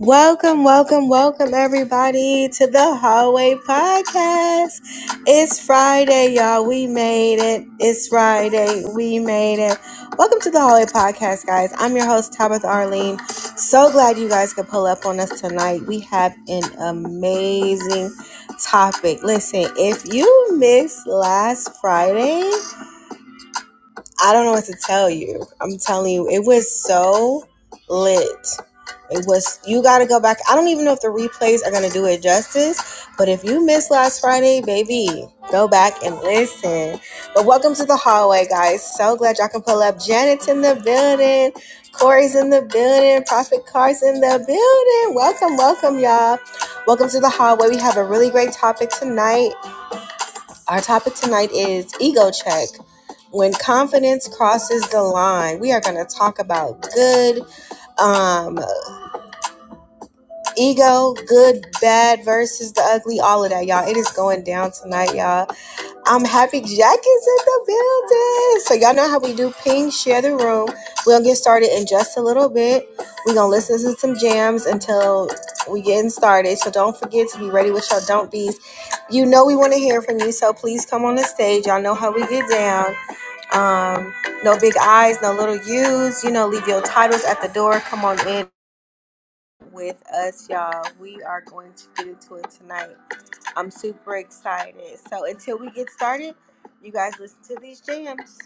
Welcome, welcome, welcome, everybody, to the Hallway Podcast. It's Friday, y'all. We made it. It's Friday. We made it. Welcome to the Hallway Podcast, guys. I'm your host, Tabitha Arlene. So glad you guys could pull up on us tonight. We have an amazing topic. Listen, if you missed last Friday, I don't know what to tell you. I'm telling you, it was so lit. It was, you got to go back. I don't even know if the replays are going to do it justice, but if you missed last Friday, baby, go back and listen. But welcome to the hallway, guys. So glad y'all can pull up. Janet's in the building, Corey's in the building, Prophet Car's in the building. Welcome, welcome, y'all. Welcome to the hallway. We have a really great topic tonight. Our topic tonight is ego check. When confidence crosses the line, we are going to talk about good um, ego, good, bad versus the ugly, all of that, y'all. It is going down tonight, y'all. I'm Happy Jack is in the building. So y'all know how we do ping, share the room. We'll get started in just a little bit. We're gonna listen to some jams until we getting started. So don't forget to be ready with your don't be's. You know we want to hear from you, so please come on the stage. Y'all know how we get down. Um, no big eyes, no little U's. You know, leave your titles at the door. Come on in with us, y'all. We are going to get into it tonight. I'm super excited. So until we get started, you guys listen to these jams.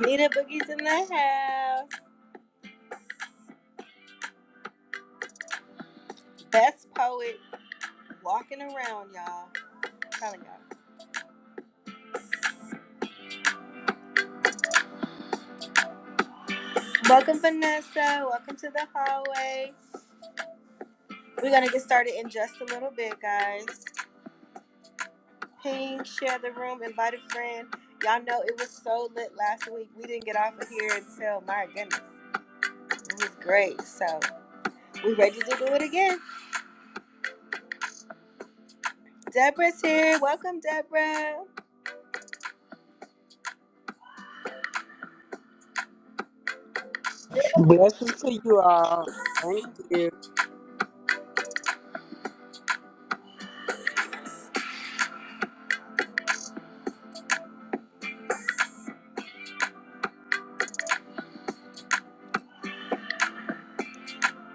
Nita Boogie's in the house. Best poet walking around, y'all. I'm telling y'all. Welcome, Vanessa. Welcome to the hallway. We're gonna get started in just a little bit, guys. Ping, share the room, invite a friend. Y'all know it was so lit last week. We didn't get off of here until my goodness. It was great. So we are ready to do it again. Deborah's here. Welcome, Deborah. Blessings to you all. Thank you.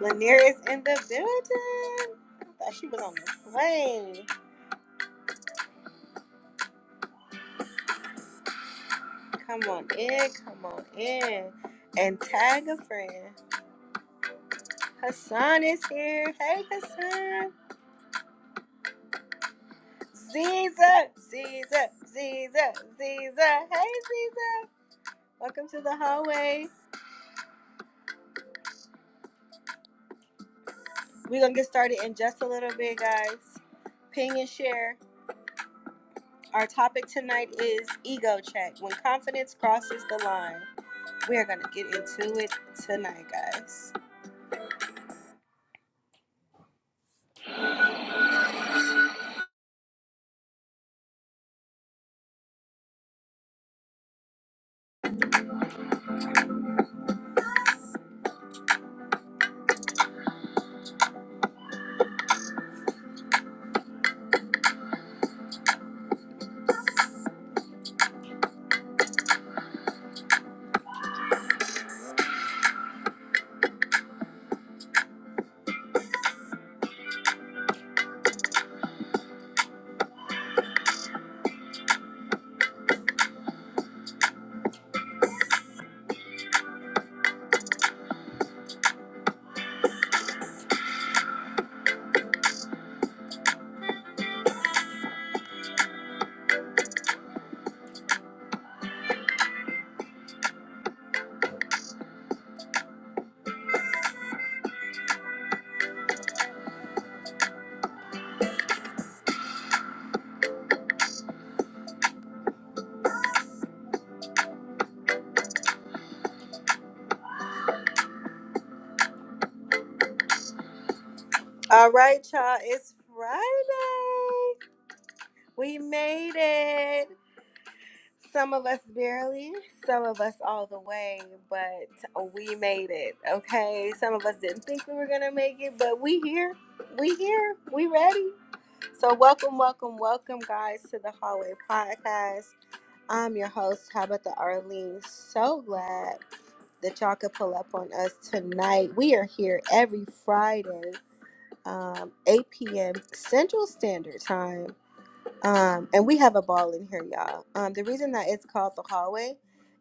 Lanier is in the building. I thought she was on the plane. Come on in, come on in. And tag a friend. Hassan is here. Hey, Hassan. Ziza, Ziza, Ziza, Ziza. Hey, Ziza. Welcome to the hallway. We're going to get started in just a little bit, guys. Ping and share. Our topic tonight is ego check when confidence crosses the line. We are going to get into it tonight, guys. All right, y'all. It's Friday. We made it. Some of us barely, some of us all the way, but we made it. Okay. Some of us didn't think we were gonna make it, but we here. We here. We ready. So welcome, welcome, welcome, guys, to the Hallway Podcast. I'm your host, Tabitha Arlene. So glad that y'all could pull up on us tonight. We are here every Friday um, 8 p.m. Central Standard Time. Um, and we have a ball in here, y'all. Um, the reason that it's called the hallway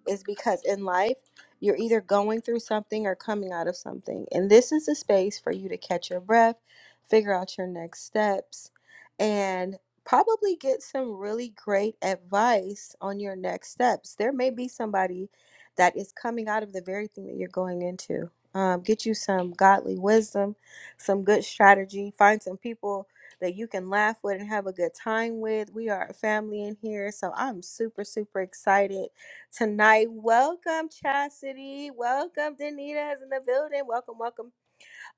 is because in life, you're either going through something or coming out of something. And this is a space for you to catch your breath, figure out your next steps, and probably get some really great advice on your next steps. There may be somebody that is coming out of the very thing that you're going into. Um, get you some godly wisdom, some good strategy, find some people that you can laugh with and have a good time with. We are a family in here, so I'm super, super excited tonight. Welcome, Chastity. Welcome, Danita is in the building. Welcome, welcome.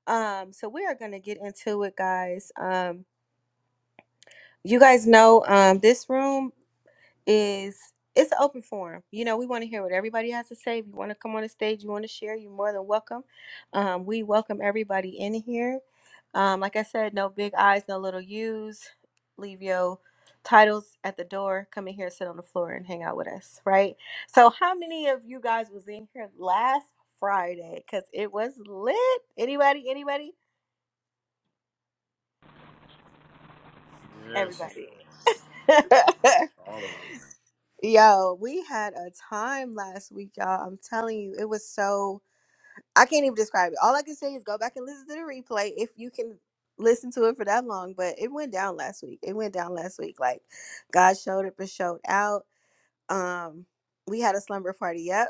Um, so we are gonna get into it, guys. Um, you guys know um this room is it's an open forum. You know, we want to hear what everybody has to say. If you want to come on the stage, you want to share, you're more than welcome. Um, we welcome everybody in here. Um, like I said, no big eyes, no little U's. Leave your titles at the door. Come in here, sit on the floor, and hang out with us, right? So, how many of you guys was in here last Friday? Cause it was lit. Anybody? Anybody? Yes, Everybody. yes. All of us. Yo, we had a time last week, y'all. I'm telling you, it was so I can't even describe it. All I can say is go back and listen to the replay if you can listen to it for that long. But it went down last week. It went down last week. Like God showed up and showed out. Um, we had a slumber party. Yep,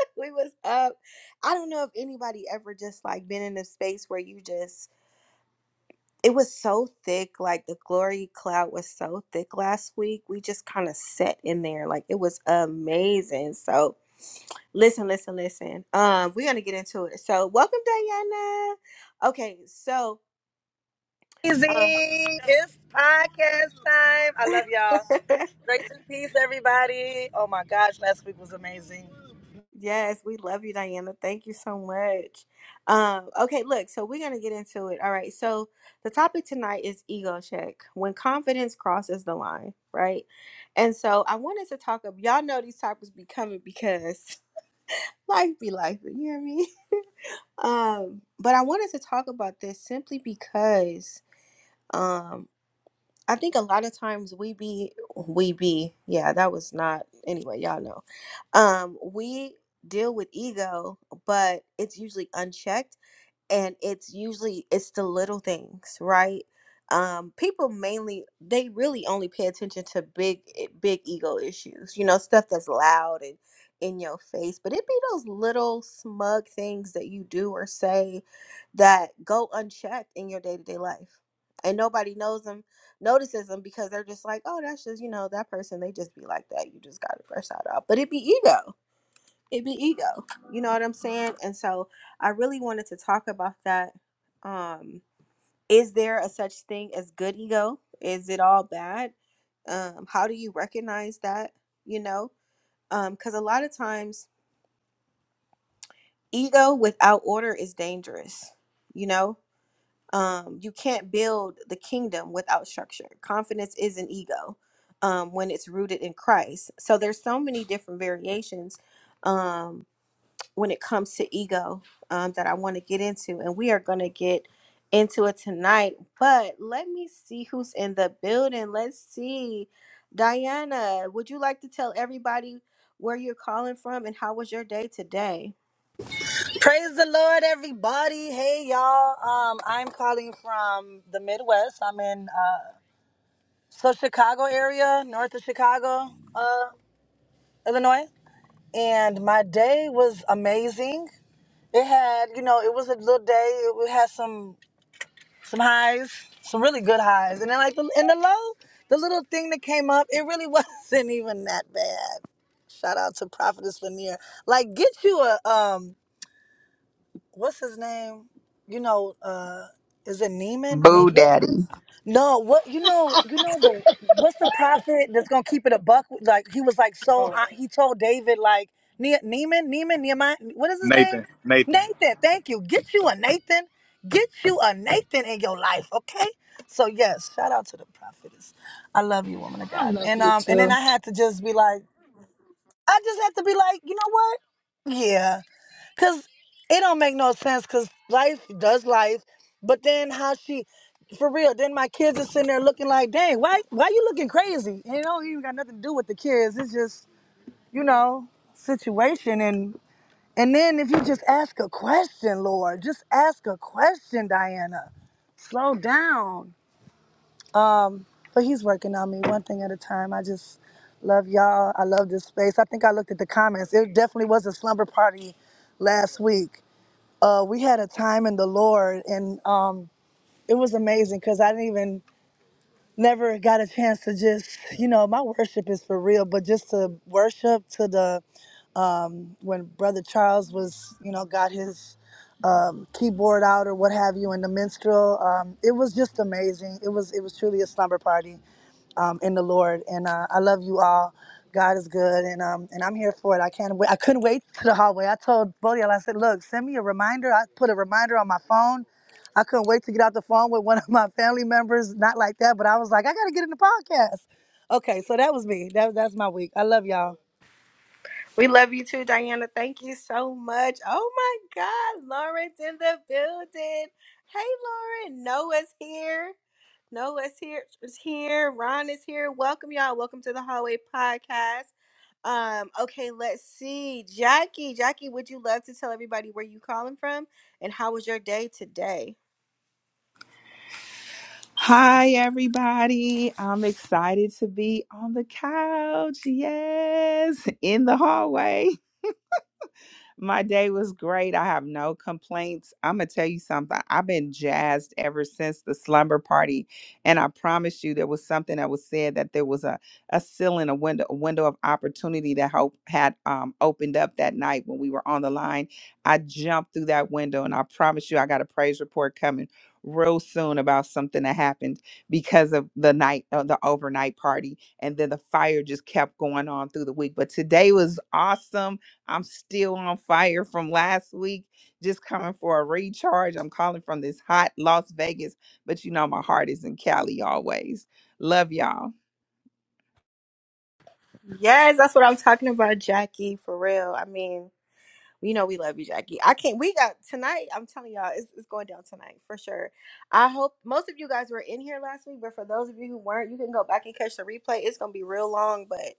we was up. I don't know if anybody ever just like been in a space where you just it was so thick. Like the glory cloud was so thick last week. We just kind of sat in there. Like it was amazing. So Listen, listen, listen. Um, we're gonna get into it. So, welcome, Diana. Okay, so um, amazing. It's podcast time. I love y'all. Grace and peace, everybody. Oh my gosh, last week was amazing. yes, we love you, Diana. Thank you so much. Um, okay, look, so we're gonna get into it. All right, so the topic tonight is ego check when confidence crosses the line, right? And so I wanted to talk of y'all know these topics be coming because life be life, you hear me? Um, but I wanted to talk about this simply because. um. I think a lot of times we be we be yeah that was not anyway y'all know um we deal with ego but it's usually unchecked and it's usually it's the little things right um people mainly they really only pay attention to big eh, big ego issues you know stuff that's loud and in your face but it be those little smug things that you do or say that go unchecked in your day-to-day life and nobody knows them notices them because they're just like oh that's just you know that person they just be like that you just gotta brush that out but it be ego it be ego. You know what I'm saying? And so I really wanted to talk about that. Um, is there a such thing as good ego? Is it all bad? Um, how do you recognize that? You know, because a lot of times ego without order is dangerous. You know, um, you can't build the kingdom without structure. Confidence is an ego um, when it's rooted in Christ. So there's so many different variations. Um, when it comes to ego um, that I want to get into, and we are going to get into it tonight. But let me see who's in the building. Let's see. Diana, would you like to tell everybody where you're calling from and how was your day today? Praise the Lord, everybody. Hey, y'all. Um, I'm calling from the Midwest. I'm in uh, so Chicago area, north of Chicago, uh, Illinois, and my day was amazing. It had, you know, it was a little day. It had some. some highs, some really good highs, and then like the and the low, the little thing that came up, it really wasn't even that bad. Shout out to Prophetess Lanier. Like, get you a um, what's his name? You know, uh, is it Neiman? Ne- Boo what? Daddy. No, what you know, you know the what's the prophet that's gonna keep it a buck? Like he was like so uh, he told David like ne- Neiman, Neiman, Nehemiah, what is his name? Nathan, Nathan. Nathan. Thank you. Get you a Nathan. Get you a Nathan in your life, okay? So yes, shout out to the prophetess. I love you, woman of I God. love And you um, and then too. I had to just be like, I just had to be like, you know what? Yeah. Cause it don't make no sense. Cause life does life, but then how she, for real? Then my kids are sitting there looking like, dang, why, why you looking crazy? And it don't even got nothing to do with the kids. It's just you know situation and and then if you just ask a question, Lord, just ask a question, Diana. Slow down. Um, but he's working on me one thing at a time. I just love y'all. I love this space. I think I looked at the comments. It definitely was a slumber party last week uh, we had a time in the Lord, and um, it was amazing because I didn't even never got a chance to just you know my worship is for real, but just to worship to the when Brother Charles was you know got his um, keyboard out or what have you in the minstrel, um, it was just amazing. It was it was truly a slumber party um, in the Lord. And uh, I love you all. God is good, and um, and I'm here for it. I can't wait. I couldn't wait to the hallway. I told Bodial, I said, "Look, send me a reminder." I put a reminder on my phone. I couldn't wait to get out the phone with one of my family members. Not like that, but I was like, "I got to get in the podcast." Okay, so that was me. That that's my week. I love y'all. We love you too, Diana. Thank you so much. Oh my God, Lauren's in the building. Hey, Lauren. Noah's here. Noah's here. Is here. Ron is here. Welcome, y'all. Welcome to the Hallway Podcast. Um, okay, let's see. Jackie, Jackie, would you love to tell everybody where you calling from and how was your day today? Hi, everybody. I'm excited to be on the couch. Yes, in the hallway. My day was great. I have no complaints. I'm going to tell you something. I've been jazzed ever since the slumber party. And I promise you, there was something that was said that there was a, a ceiling, a window, a window of opportunity that Hope had um, opened up that night when we were on the line. I jumped through that window, and I promise you, I got a praise report coming real soon about something that happened because of the night, uh, the overnight party. And then the fire just kept going on through the week. But today was awesome. I'm still on fire from last week, just coming for a recharge. I'm calling from this hot Las Vegas, but you know my heart is in Cali always. Love y'all. Yes, that's what I'm talking about, Jackie, for real. I mean, you know we love you, Jackie. I can't we got tonight, I'm telling y'all, it's, it's going down tonight for sure. I hope most of you guys were in here last week, but for those of you who weren't, you can go back and catch the replay. It's gonna be real long, but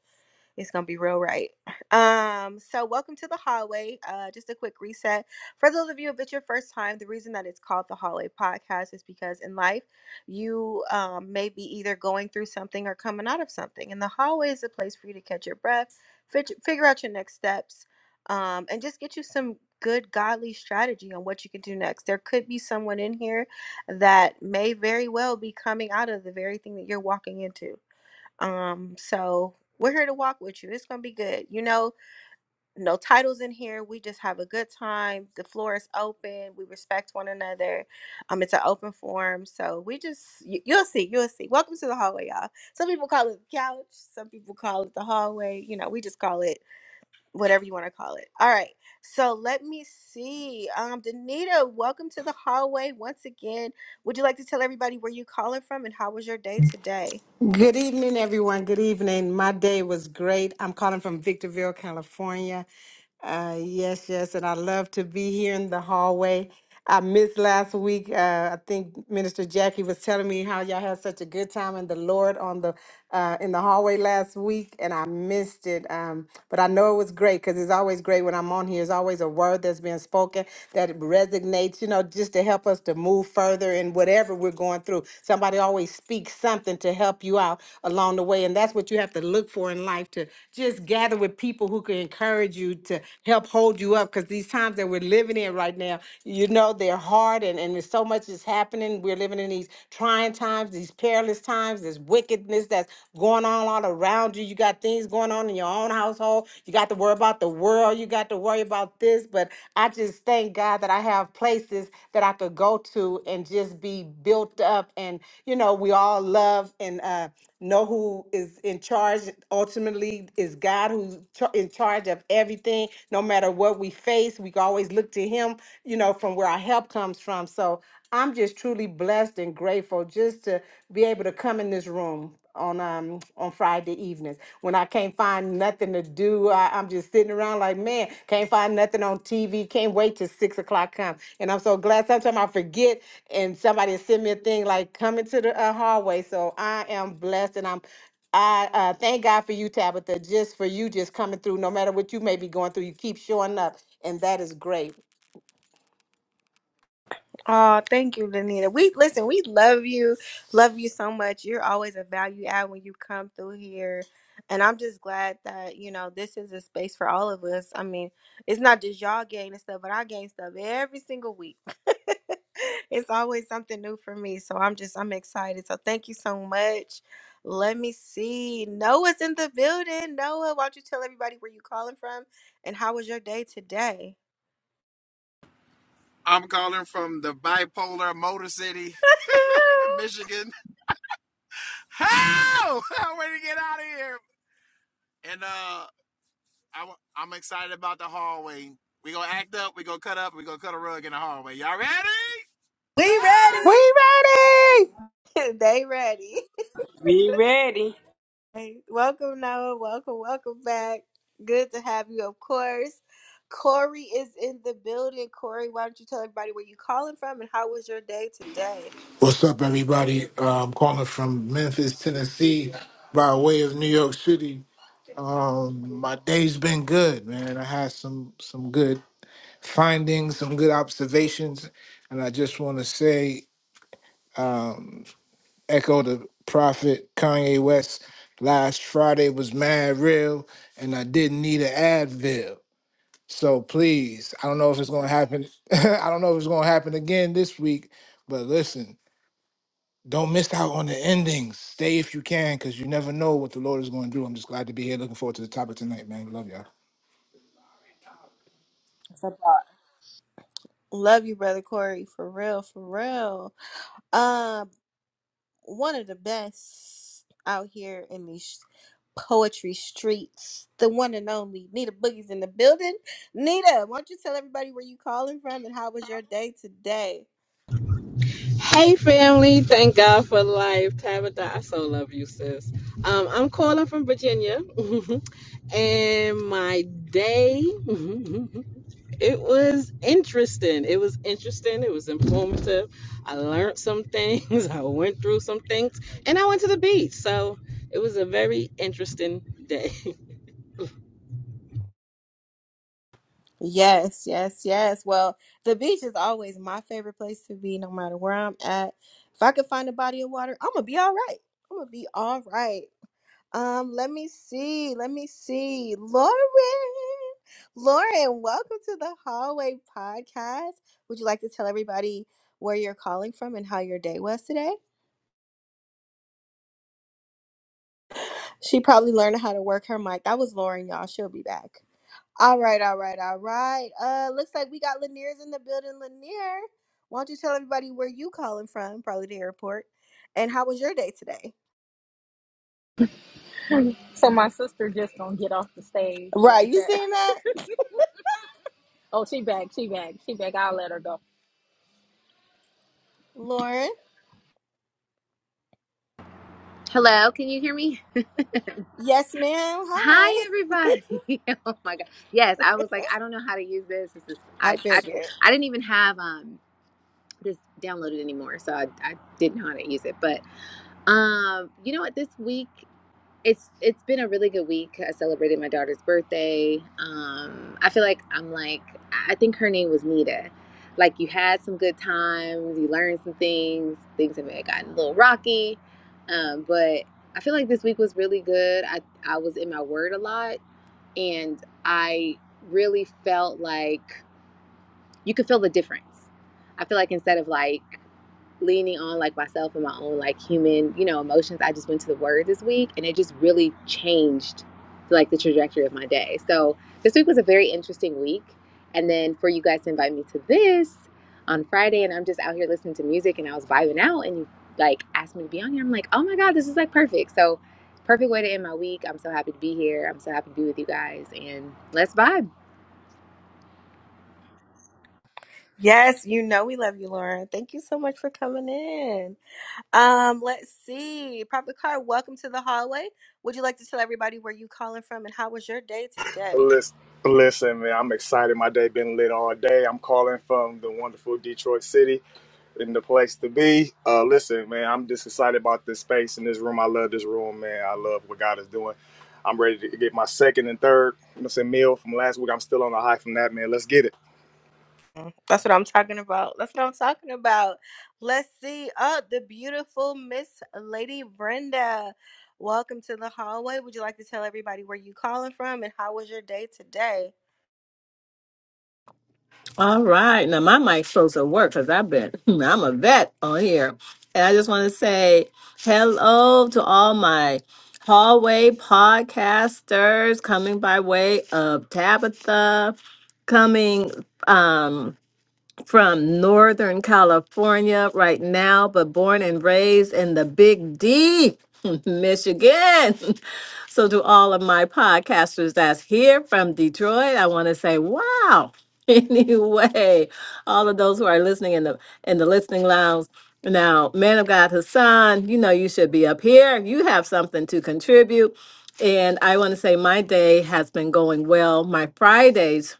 It's gonna be real right. Um, so welcome to the hallway. Uh, just a quick reset for those of you if it's your first time. The reason that it's called the hallway podcast is because in life you um, may be either going through something or coming out of something, and the hallway is a place for you to catch your breath, fig- figure out your next steps, um, and just get you some good godly strategy on what you can do next. There could be someone in here that may very well be coming out of the very thing that you're walking into. Um, so we're here to walk with you. It's gonna be good. You know, no titles in here. We just have a good time. The floor is open. We respect one another. Um, it's an open forum. So we just you, you'll see, you'll see. Welcome to the hallway, y'all. Some people call it the couch. Some people call it the hallway. You know, we just call it whatever you want to call it. All right. So let me see. Um, Danita, welcome to the hallway once again. Would you like to tell everybody where you calling from and how was your day today? Good evening, everyone. Good evening. My day was great. I'm calling from Victorville, California. Uh, yes, yes, and I love to be here in the hallway. I missed last week. Uh, I think Minister Jackie was telling me how y'all had such a good time in the Lord on the uh, in the hallway last week and I missed it. Um, but I know it was great because it's always great when I'm on here. It's always a word that's been spoken that resonates, you know, just to help us to move further in whatever we're going through. Somebody always speaks something to help you out along the way. And that's what you have to look for in life to just gather with people who can encourage you to help hold you up because these times that we're living in right now, you know, they're hard and, and there's so much is happening. We're living in these trying times trying times, these perilous times, this wickedness that's going on all around you. You got things going on in your own household. You got to worry about the world. You got to worry about this. But I just thank God that I have places that I could go to and just be built up. And, you know, we all love and uh, know who is in charge ultimately is God who's char- in charge of everything no matter what we face we can always look to him you know from where our help comes from so I'm just truly blessed and grateful just to be able to come in this room on um on Friday evenings when I can't find nothing to do. I, I'm just sitting around like man, can't find nothing on TV. Can't wait till six o'clock comes. And I'm so glad. Sometimes I forget, and somebody send me a thing like coming to the uh, hallway. So I am blessed, and I'm. I uh, thank God for you, Tabitha, just for you just coming through. No matter what you may be going through, you keep showing up, and that is great. Oh, thank you, Lenita. We listen, we love you. Love you so much. You're always a value add when you come through here. And I'm just glad that, you know, this is a space for all of us. I mean, it's not just y'all gaining stuff, but I gain stuff every single week. it's always something new for me. So I'm just I'm excited. So thank you so much. Let me see. Noah's in the building. Noah, why don't you tell everybody where you calling from and how was your day today? I'm calling from the bipolar Motor City, Michigan. How? I'm ready to get out of here. And uh, I'm, I'm excited about the hallway. We gonna act up. We gonna cut up. We gonna cut a rug in the hallway. Y'all ready? We We Ah! ready. ready? they ready. Be ready. Hey, welcome, Noah. Welcome, welcome back. Good to have you, of course. Corey is in the building. Corey, why don't you tell everybody where you calling from and how was your day today? What's up, everybody? Uh, I'm calling from Memphis, Tennessee, by way of New York City. Um, my day's been good, man. I had some some good findings, some good observations, and I just want to say, um, echo the prophet Kanye West. Last Friday was mad real, and I didn't need an Advil. So please, I don't know if it's gonna happen. I don't know if it's gonna happen again this week, but listen. Don't miss out on the endings. Stay if you can, because you never know what the Lord is going to do. I'm just glad to be here. Looking forward to the topic tonight, man. Love y'all. What's up, y'all? Love you, brother Corey, for real, for real. Um, one of the best out here in these poetry streets. The one and only Nita Boogie's in the building. Nita, why don't you tell everybody where you calling from and how was your day today? Hey family, thank God for life. Tabitha, I so love you, sis. Um, I'm calling from Virginia, and my day it was interesting. It was interesting. It was informative. I learned some things. I went through some things, and I went to the beach. So it was a very interesting day. Yes, yes, yes. Well, the beach is always my favorite place to be, no matter where I'm at. If I could find a body of water, I'm gonna be all right. I'm gonna be all right. Um, let me see. Let me see. Lauren, Lauren, welcome to the Hallway Podcast. Would you like to tell everybody where you're calling from and how your day was today? She probably learned how to work her mic. That was Lauren, y'all. She'll be back. All right, all right, all right. Uh, looks like we got Lanier's in the building. Lanier, why don't you tell everybody where you calling from? Probably the airport. And how was your day today? So my sister just gonna get off the stage Right, like you that. seen that, Oh, she back, she back, she back. I'll let her go. Lauren? Hello, can you hear me? Yes, ma'am. Hi. Hi, everybody. oh my god. Yes, I was like, I don't know how to use this. This is I I I, figured. I didn't even have um this downloaded anymore, so I, I didn't know how to use it. But um, you know what? This week it's it's been a really good week. I celebrated my daughter's birthday. Um, I feel like I'm like I think her name was Nita. Like you had some good times, you learned some things. Things that may have gotten a little rocky, um, but I feel like this week was really good. I I was in my word a lot, and I really felt like you could feel the difference. I feel like instead of like leaning on like myself and my own like human, you know, emotions, I just went to the word this week and it just really changed like the trajectory of my day. So this week was a very interesting week. And then for you guys to invite me to this on Friday and I'm just out here listening to music and I was vibing out and you like asked me to be on here. I'm like, oh my God, this is like perfect. So perfect way to end my week. I'm so happy to be here. I'm so happy to be with you guys and let's vibe. Yes, you know we love you, Lauren. Thank you so much for coming in. Um, let's see, Prophet Car, welcome to the hallway. Would you like to tell everybody where you calling from and how was your day today? Listen, listen, man, I'm excited. My day been lit all day. I'm calling from the wonderful Detroit city in the place to be. Uh, listen, man, I'm just excited about this space in this room. I love this room, man. I love what God is doing. I'm ready to get my second and third, you know, what I'm saying meal from last week. I'm still on the high from that, man. Let's get it. Mm, That's what I'm talking about. That's what I'm talking about. Let's see. Oh, the beautiful Miss Lady Brenda. Welcome to the hallway. Would you like to tell everybody where you calling from and how was your day today? All right. Now my mic's supposed to work because I've been I'm a vet on here. And I just want to say hello to all my hallway podcasters coming by way of Tabitha, coming um from Northern California right now, but born and raised in the Big D, Michigan. So, to all of my podcasters that's here from Detroit, I want to say, wow. Anyway, all of those who are listening in the in the listening lounge. Now, man of God Hassan, you know you should be up here. You have something to contribute. And I want to say my day has been going well. My Fridays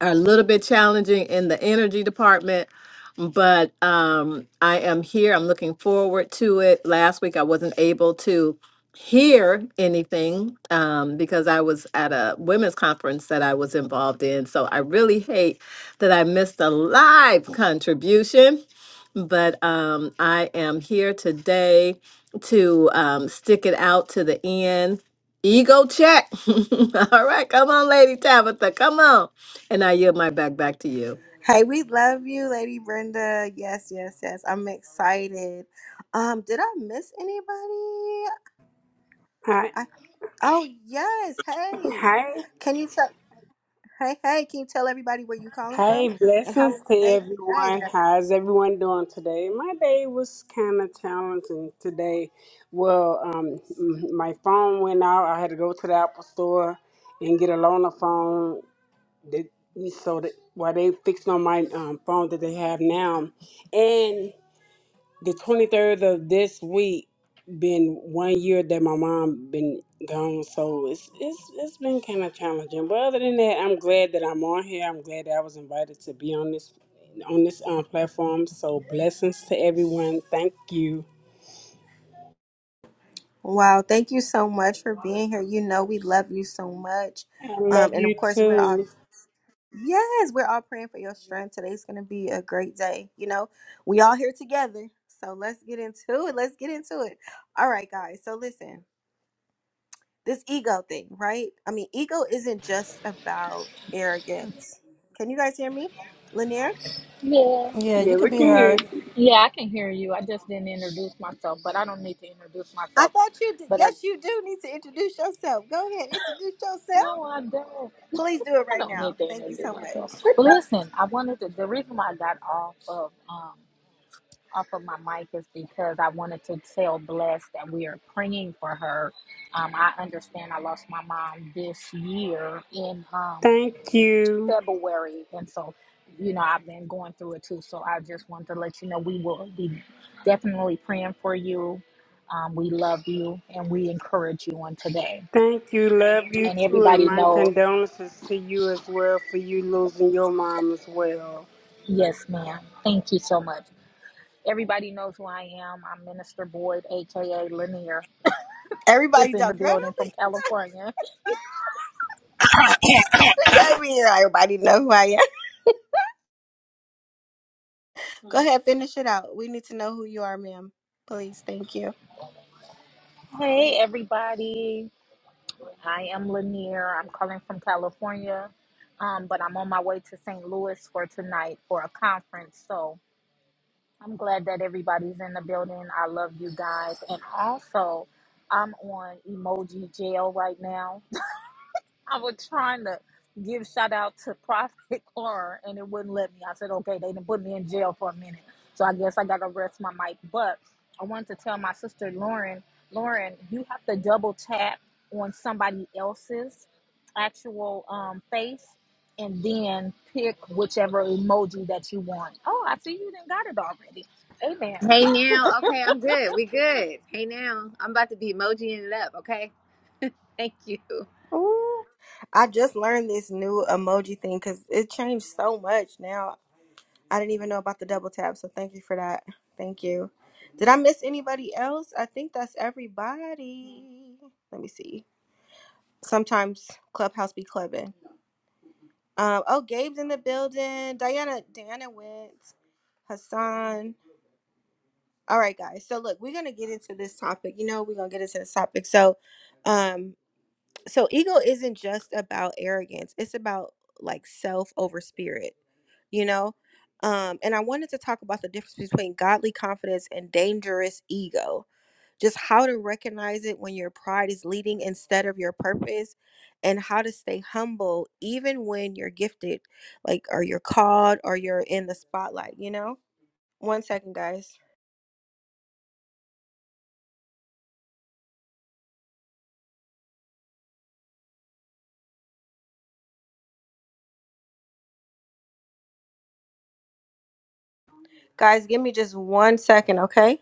are a little bit challenging in the energy department, but um, I am here. I'm looking forward to it. Last week I wasn't able to hear anything um, because I was at a women's conference that I was involved in. So I really hate that I missed a live contribution but um, I am here today to um, stick it out to the end. Ego check. All right, come on, Lady Tabitha, come on. And I yield my back back to you. Hey, we love you, Lady Brenda. Yes, yes, yes. I'm excited. Um, did I miss anybody? Hi. I, oh yes. Hey, Hi. can you tell? Hey, hey, can you tell everybody where you calling from Hi. and how Blessings was to your day today? everyone. How's everyone doing today? My day was kind of challenging today. Well, um, m- my phone went out. I had to go to the Apple store and get a loaner phone. That, so that while they fixed on my um, phone that they have now, the 23rd of this week been one year that my mom been gone so it's it's it's been kind of challenging but other than that i'm glad that i'm on here i'm glad that i was invited to be on this on this um, platform so blessings to everyone thank you Wow, thank you so much for being here. You know we love you so much. i Um love and of you course we're all too yes, we're all praying for your strength. Today's going to be a great day, you know. We all here together. So let's get into it. Let's get into it. All right, guys. So listen. This ego thing, right? I mean, ego isn't just about arrogance. Can you guys hear me? Lanier? Yeah, Yeah, you yeah can we be can hear heard. you. yeah, I can hear you. I just didn't introduce myself, but I don't need to introduce I myself. thought you did. But I Yes, you do need to introduce yourself. Go ahead, introduce yourself. no, I don't. Please do it I right don't now. need to Thank you introduce so much. myself. But listen, I wanted to. The reason why I got off of um off of my mic is because I wanted to tell Bless that we are praying for her. Um, I understand I lost my mom this year in um thank you February. And so, you know, I've been going through it too. So I just wanted to let you know we will be definitely praying for you. Um, we love you and we encourage you on today. thank you love you And too and everybody my knows, condolences to you as well for you losing your mom as well yes, ma'am. Thank you so much. Everybody knows who I am. I'm Minister Boyd, aka Lanier, Everybody is in the don't girl building don't from be California. look at me. Everybody know who I am. Go ahead, finish it out. We need to know who you are, ma'am. Please, thank you. Hey, everybody. I am Lanier. I'm calling from California um, but I'm on my way to St. Louis for tonight for a conference. So I'm glad that everybody's in the building. I love you guys. And also, I'm on Emoji Jail right now. I was trying to give shout out to Prophet Clara and it wouldn't let me. I said, okay, they didn't put me in jail for a minute. So I guess I gotta rest my mic. But I wanted to tell my sister Lauren, Lauren, you have to double tap on somebody else's actual um, face and then pick whichever emoji that you want. Oh, I see you didn't got it already. Amen. Hey now. Okay, I'm good. We good. Hey now. I'm about to be emojiing it up, okay? Thank you. Ooh, I just learned this new emoji thing because it changed so much now. I didn't even know about the double tap, so thank you for that. Thank you. Did I miss anybody else? I think that's everybody. Let me see. Sometimes Clubhouse be clubbing. Um, oh, Gabe's in the building. Diana, Diana went. Hassan. All right, guys. So look, we're gonna get into this topic. You know, we're gonna get into this topic. So, um, so ego isn't just about arrogance. It's about like self over spirit. You know, um, and I wanted to talk about the difference between godly confidence and dangerous ego. Just how to recognize it when your pride is leading instead of your purpose, and how to stay humble even when you're gifted, like or you're called or you're in the spotlight. You know. One second, guys. Guys, give me just one second, okay?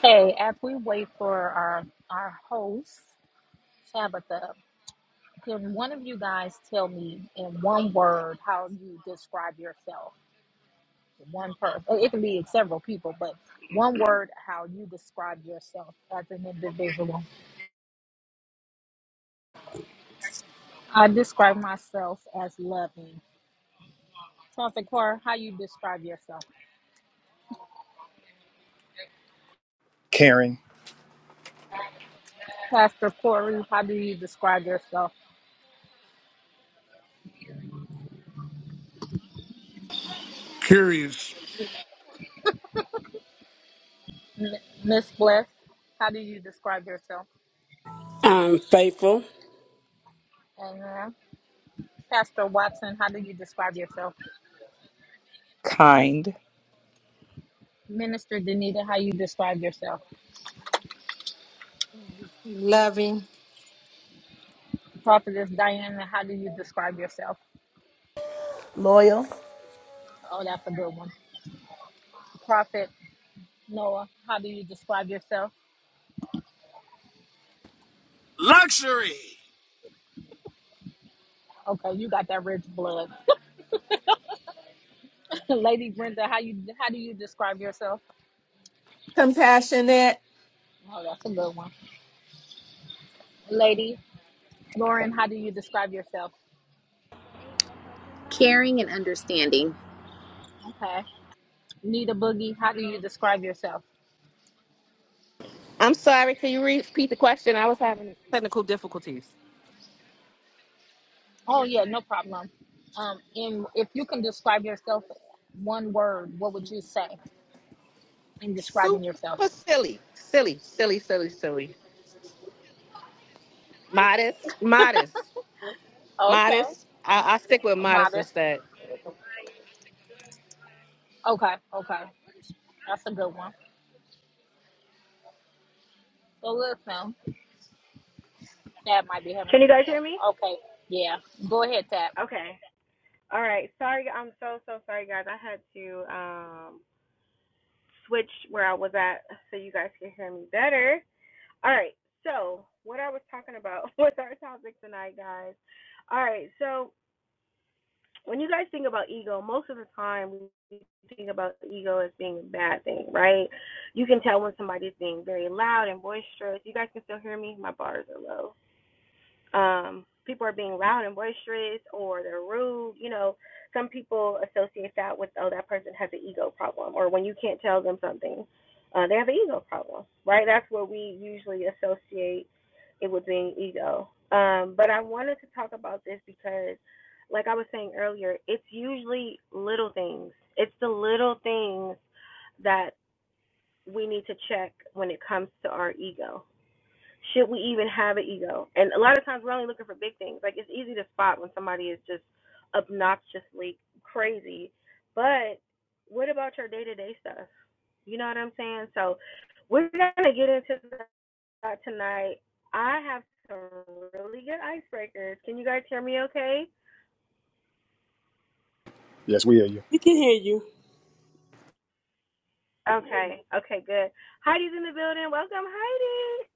Hey, as we wait for our our host, Tabitha, Can one of you guys tell me in one word how you describe yourself? One person. It can be several people, but one word how you describe yourself as an individual. I describe myself as loving. Pastor Corey, how you describe yourself? Karen. Pastor Corey, how do you describe yourself? Curious. M- Miss Bliss, how do you describe yourself? i'm faithful And uh, Pastor Watson, how do you describe yourself? Kind. Minister Danita, how you describe yourself? Love you. Prophetess Diana, how do you describe yourself? Loyal. Oh, that's a good one. Prophet Noah, how do you describe yourself? Luxury. Okay, you got that rich blood. Lady Brenda, how you how do you describe yourself? Compassionate. Oh, that's a good one. Lady Lauren, how do you describe yourself? caring and understanding. Okay. Nita Boogie, how do you describe yourself? I'm sorry. Can you repeat the question? I was having technical difficulties. Oh yeah, no problem. Um, and if you can describe yourself one word, what would you say in describing yourself? Super silly, silly, silly, silly, silly. Modest, modest, Okay, modest. I, I stick with modest modest. instead. Okay, okay, that's a good one. So listen. That might be having Can you some guys hear trouble. me? Okay, yeah. Go ahead, Tap. Okay. All right. Sorry, I'm so so sorry, guys. I had to um switch where I was at so you guys could hear me better. All right. So what I was talking about was our topic tonight, guys. All right. So when you guys think about ego, most of the time we think about ego as being a bad thing, right? You can tell when somebody's being very loud and boisterous. You guys can still hear me. My bars are low. um people are being loud and boisterous or they're rude you know some people associate that with oh that person has an ego problem or when you can't tell them something uh they have an ego problem right that's what we usually associate it with being ego um but i wanted to talk about this because like i was saying earlier it's usually little things it's the little things that we need to check when it comes to our ego should we even have an ego? And a lot of times we're only looking for big things. Like it's easy to spot when somebody is just obnoxiously crazy. But what about your day to day stuff? You know what I'm saying? So we're gonna get into that tonight. I have some really good icebreakers. Can you guys hear me okay? Yes, we hear you. we can hear you Okay. Okay, good. Heidi's in the building. Welcome,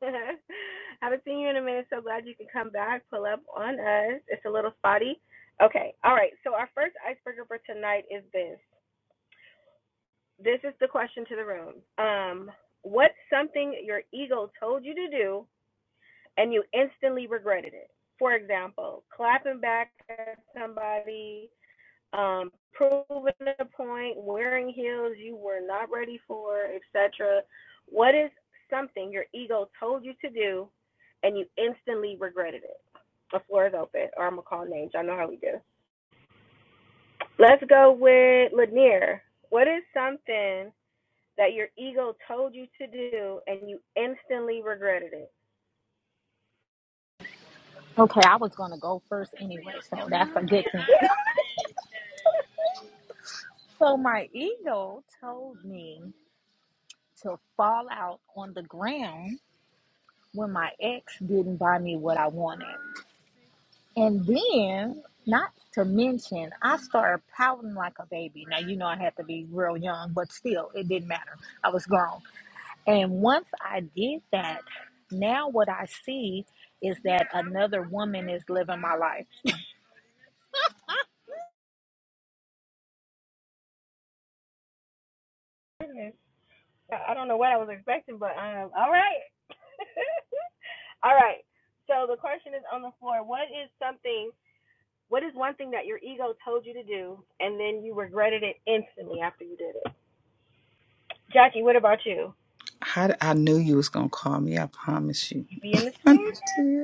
Heidi. Haven't seen you in a minute. So glad you could come back, pull up on us. It's a little spotty. Okay. All right. So our first icebreaker for tonight is this. This is the question to the room. Um, what's something your ego told you to do and you instantly regretted it? For example, clapping back at somebody, um, proving a point, wearing heels you were not ready for, etc. What is something your ego told you to do and you instantly regretted it? The floor is open, or I'm gonna call names. I know how we do. Let's go with Lanier. What is something that your ego told you to do and you instantly regretted it? Okay, I was gonna go first anyway, so that's a good thing. So my ego told me to fall out on the ground when my ex didn't buy me what I wanted. And then, not to mention, I started pouting like a baby. Now you know I had to be real young, but still, it didn't matter. I was grown. And once I did that, now what I see is that another woman is living my life Yeah. I don't know what I was expecting, but um, all right. all right. So the question is on the floor. What is something? What is one thing that your ego told you to do, and then you regretted it instantly after you did it? Jackie, what about you? I, I knew you was gonna call me. I promise you. You be in the spirit.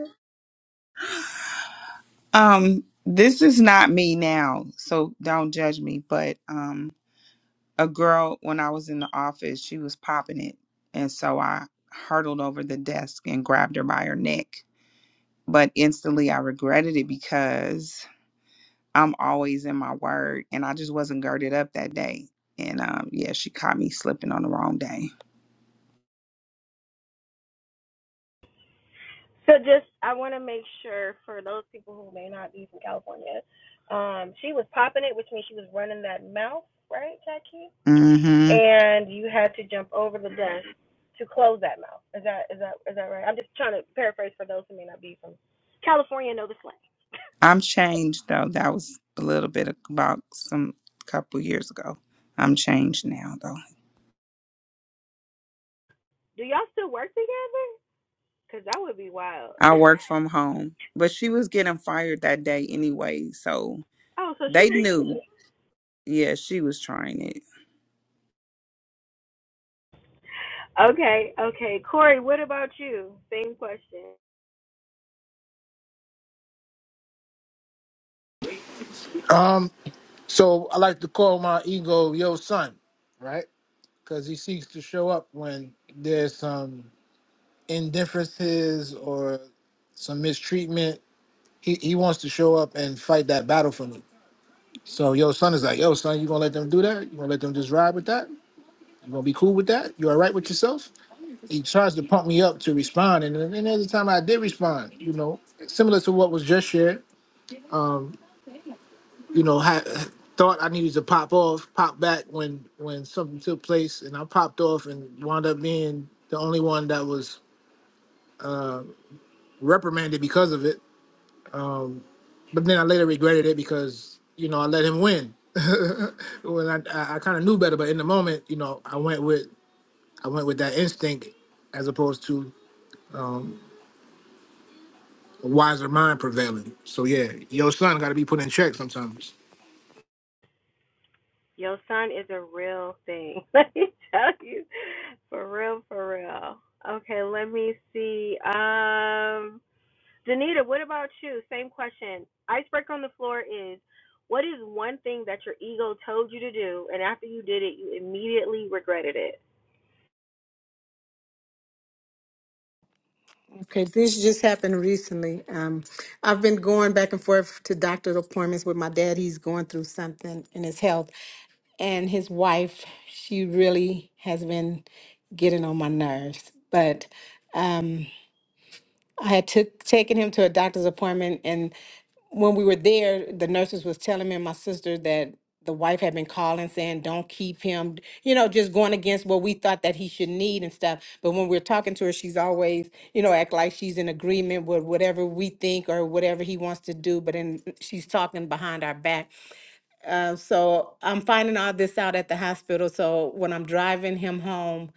Um, this is not me now, so don't judge me. But um, a girl when I was in the office, she was popping it, and so I hurtled over the desk and grabbed her by her neck. But instantly, I regretted it because I'm always in my word, and I just wasn't girded up that day. And um, yeah, she caught me slipping on the wrong day. So just, I want to make sure for those people who may not be from California, um, she was popping it, which means she was running that mouth, right, Jackie? Mm-hmm. and you had to jump over the desk to close that mouth. Is that is that is that right? I'm just trying to paraphrase for those who may not be from California and know the slang. I'm changed though. That was a little bit about some couple years ago. I'm changed now though. Do y'all still work together? Cause that would be wild. I work from home. But she was getting fired that day anyway. So oh, so she they was knew, yeah, she was trying it. okay. Okay, Corey, what about you? Same question. Um, so I like to call my ego yo son, right? Because he seeks to show up when there's some indifferences or some mistreatment. He he wants to show up and fight that battle for me. So yo son is like, yo son, you gonna let them do that? You gonna let them just ride with that? You gonna be cool with that? You all right with yourself? he tries to pump me up to respond, and then and every time I did respond, you know, similar to what was just shared, um, you know, had thought I needed to pop off, pop back when when something took place, and I popped off and wound up being the only one that was uh, reprimanded because of it. Um, but then I later regretted it because you know I let him win. when I I, I kind of knew better, but in the moment, you know, I went with I went with that instinct as opposed to a wiser mind prevailing. So yeah, your son got to be put in check sometimes. Your son is a real thing. Let me tell you, for real, for real. Okay, let me see. Um. Danita, what about you? Same question. Icebreaker on the floor is what is one thing that your ego told you to do, and after you did it, you immediately regretted it? Okay, this just happened recently. Um, I've been going back and forth to doctor appointments with my dad. He's going through something in his health, and his wife, she really has been getting on my nerves. But um, I had took taken him to a doctor's appointment, and when we were there, the nurses was telling me and my sister that the wife had been calling saying, "Don't keep him," you know, just going against what we thought that he should need and stuff. But when we're talking to her, she's always, you know, act like she's in agreement with whatever we think or whatever he wants to do. But then she's talking behind our back. And So I'm finding all this out at the hospital. So when I'm driving him home,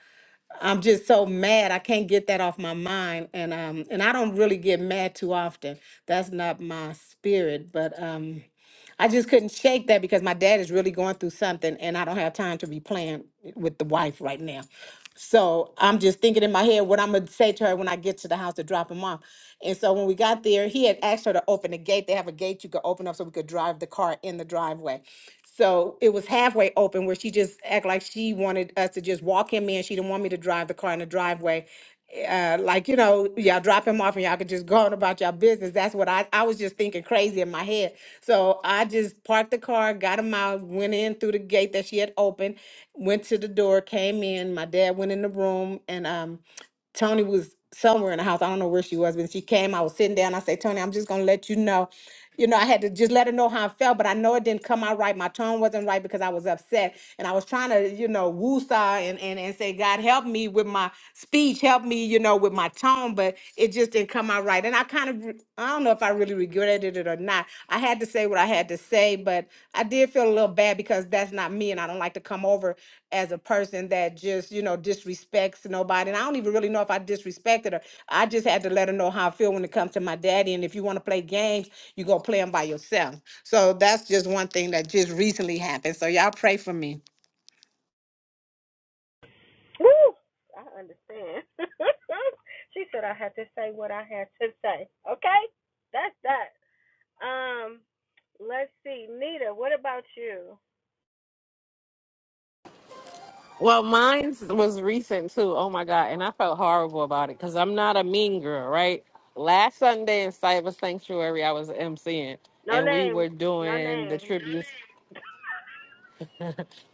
I'm just so mad. I can't get that off my mind. And um, and I don't really get mad too often. That's not my spirit. But um, I just couldn't shake that because my dad is really going through something and I don't have time to be playing with the wife right now. So I'm just thinking in my head what I'm gonna say to her when I get to the house to drop him off. And so when we got there, he had asked her to open the gate. They have a gate you could open up so we could drive the car in the driveway. So it was halfway open where she just act like she wanted us to just walk him in. She didn't want me to drive the car in the driveway uh, like you know, y'all drop him off and y'all can just go on about your business. That's what I I was just thinking crazy in my head. So I just parked the car, got him out, went in through the gate that she had opened, went to the door, came in. My dad went in the room, and um. Tony was somewhere in the house. I don't know where she was, but she came. I was sitting down. I said, Tony, I'm just gonna let you know. You know, I had to just let her know how I felt, but I know it didn't come out right. My tone wasn't right because I was upset. And I was trying to, you know, woo saw and, and, and say, God help me with my speech, help me, you know, with my tone, but it just didn't come out right. And I kind of, re- I don't know if I really regretted it or not. I had to say what I had to say, but I did feel a little bad because that's not me. And I don't like to come over as a person that just, you know, disrespects nobody. And I don't even really know if I disrespected her. I just had to let her know how I feel when it comes to my daddy. And if you want to play games, you go play them by yourself. So that's just one thing that just recently happened. So y'all pray for me. Woo! I understand. she said I had to say what I had to say. Okay? That's that. Um, let's see. Nita, what about you? Well, mine was recent too. Oh my god, and I felt horrible about it because I'm not a mean girl, right? Last Sunday in Cyber Sanctuary, I was emceeing, No and we names. were No doing the names. tributes.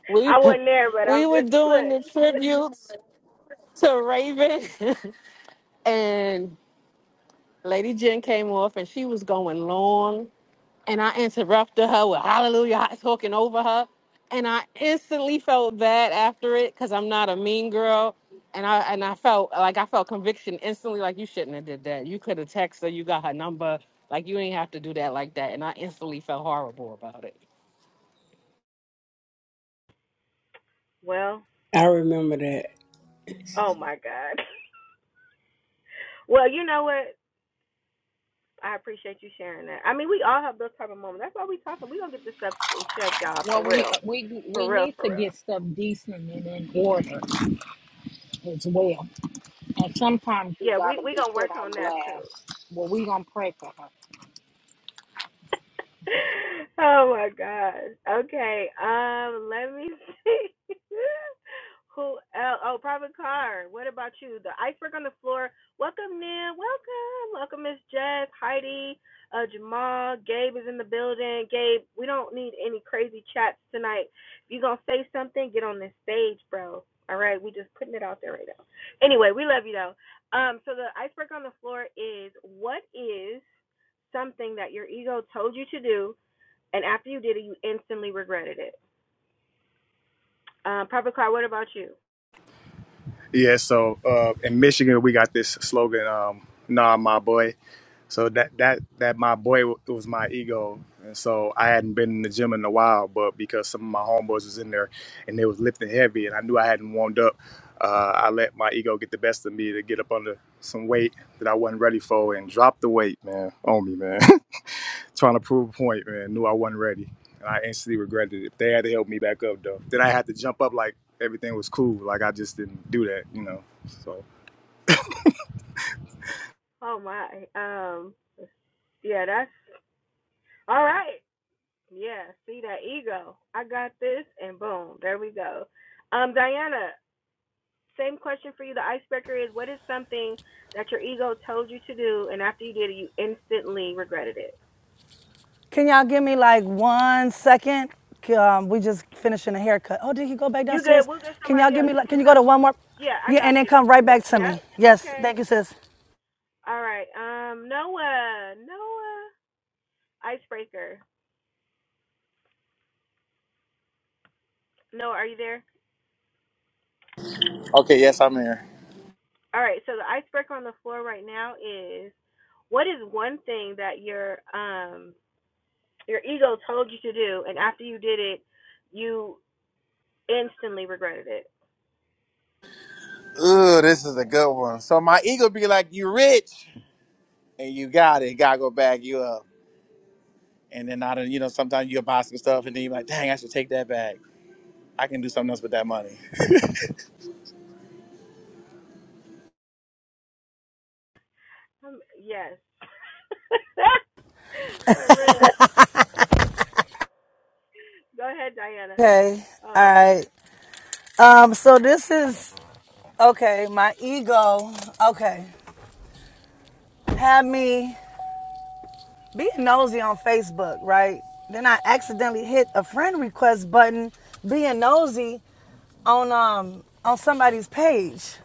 We I wasn't there, but I'm we were just doing the look. tributes to Raven, and Lady Jen came off, and she was going long and I interrupted her with hallelujah, talking over her. And I instantly felt bad after it because I'm not a mean girl. And I and I felt like I felt conviction instantly, like you shouldn't have did that. You could have texted her, you got her number, like you ain't have to do that like that. And I instantly felt horrible about it. Well, I remember that. oh my God. Well, you know what? I appreciate you sharing that. I mean, we all have those type of moments. That's why we talking. We gonna get this stuff in check, y'all, Well, for we uh, real, we for we real, need for to real. get stuff decent and in order as well. And sometimes you Yeah, we gotta we be gonna put work on on that too. blast. Well, we gonna pray for her. oh my gosh. Okay. Um, let me see. Who else? Oh, Private Car. What about you? The iceberg on the floor. Welcome, Nan. Welcome. Welcome, Miss Jess, Heidi, uh, Jamal. Gabe is in the building. Gabe, we don't need any crazy chats tonight. If you're going to say something, get on this stage, bro. All right. We just putting it out there right now. Anyway, we love you, though. Um, so the iceberg on the floor is what is something that your ego told you to do, and after you did it, you instantly regretted it. Um, Papa Car, what about you? Yeah, so uh, in Michigan we got this slogan, um, "Nah, my boy." So that that that my boy was my ego, and so I hadn't been in the gym in a while. But because some of my homeboys was in there and they was lifting heavy, and I knew I hadn't warmed up, uh, I let my ego get the best of me to get up under some weight that I wasn't ready for and drop the weight, man, on me, man. trying to prove a point, man. Knew I wasn't ready, and I instantly regretted it. They had to help me back up though. Then I had to jump up like everything was cool, like I just didn't do that, you know. So Oh my. Um, yeah, that's all right. Yeah, see that ego. I got this, and boom, there we go. Um, Diana, same question for you. The icebreaker is: What is something that your ego told you to do, and after you did it, you instantly regretted it? Can y'all give me like one second? Um, we just finishing a haircut. Oh, did he go back You good? downstairs? We'll get Can y'all somebody give else. me You like? can Can you go come. to one more? Yeah, I Yeah, got and then you. come right back to Yep. me. Yes, Okay. thank you, sis. All right. Um, Noah. Noah. Icebreaker. No, are you there? Okay, yes, I'm here. All right. So the icebreaker on the floor right now is, what is one thing that your um your ego told you to do, and after you did it, you instantly regretted it. Ooh, this is a good one. So my ego be like, you rich, and you got it. Gotta go bag you up. And then I don't, you know, sometimes you'll buy some stuff, and then you're like, dang, I should take that back. I can do something else with that money. Um, yes. For real. Go ahead, Diana. Okay, all Oh man. right. Um, so this is okay. My ego. Okay, had me being nosy on Facebook, right? Then I accidentally hit a friend request button, being nosy on um on somebody's page.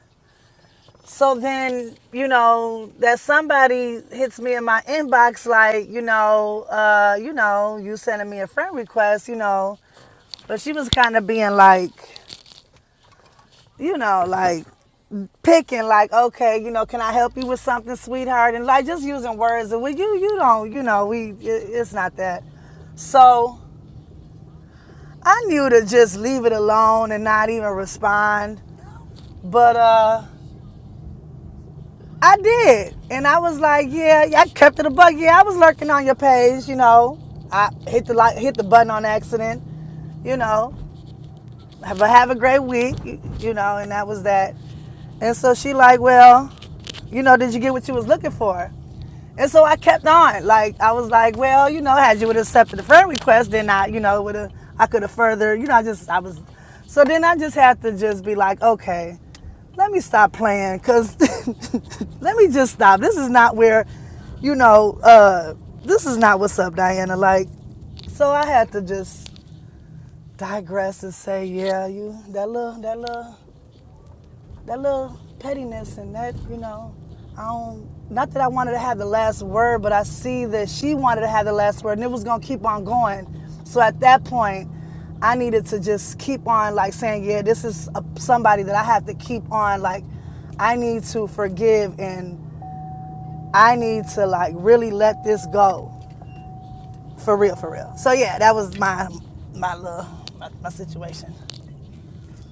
So then, you know, that somebody hits me in my inbox like, you know, uh, you know, you sending me a friend request, you know, but she was kind of being like, you know, like picking like, okay, you know, can I help you with something, sweetheart? And like just using words that well, you you don't, you know, we it, it's not that. So I knew to just leave it alone and not even respond. But uh I did, and I was like, yeah, yeah, I kept it a bug. Yeah, I was lurking on your page, you know. I hit the like, hit the button on accident, you know. Have a have a great week, you you know, and that was that. And so she like, well, you know, did you get what you was looking for? And so I kept on. Like I was like, well, you know, had you would have accepted the friend request, then I, you know, would have I could have further, you know, I just I was so then I just had to just be like, okay, let me stop playing cuz let me just stop. This is not where, you know, uh this is not what's up, Diana. Like so I had to just digress and say, yeah, you that little that little that little pettiness and that, you know, I don't. Not that I wanted to have the last word, but I see that she wanted to have the last word, and it was gonna keep on going. So at that point, I needed to just keep on like saying, yeah, this is a, somebody that I have to keep on like. I need to forgive and I need to like really let this go for real, for real. So yeah, that was my my little my, my situation.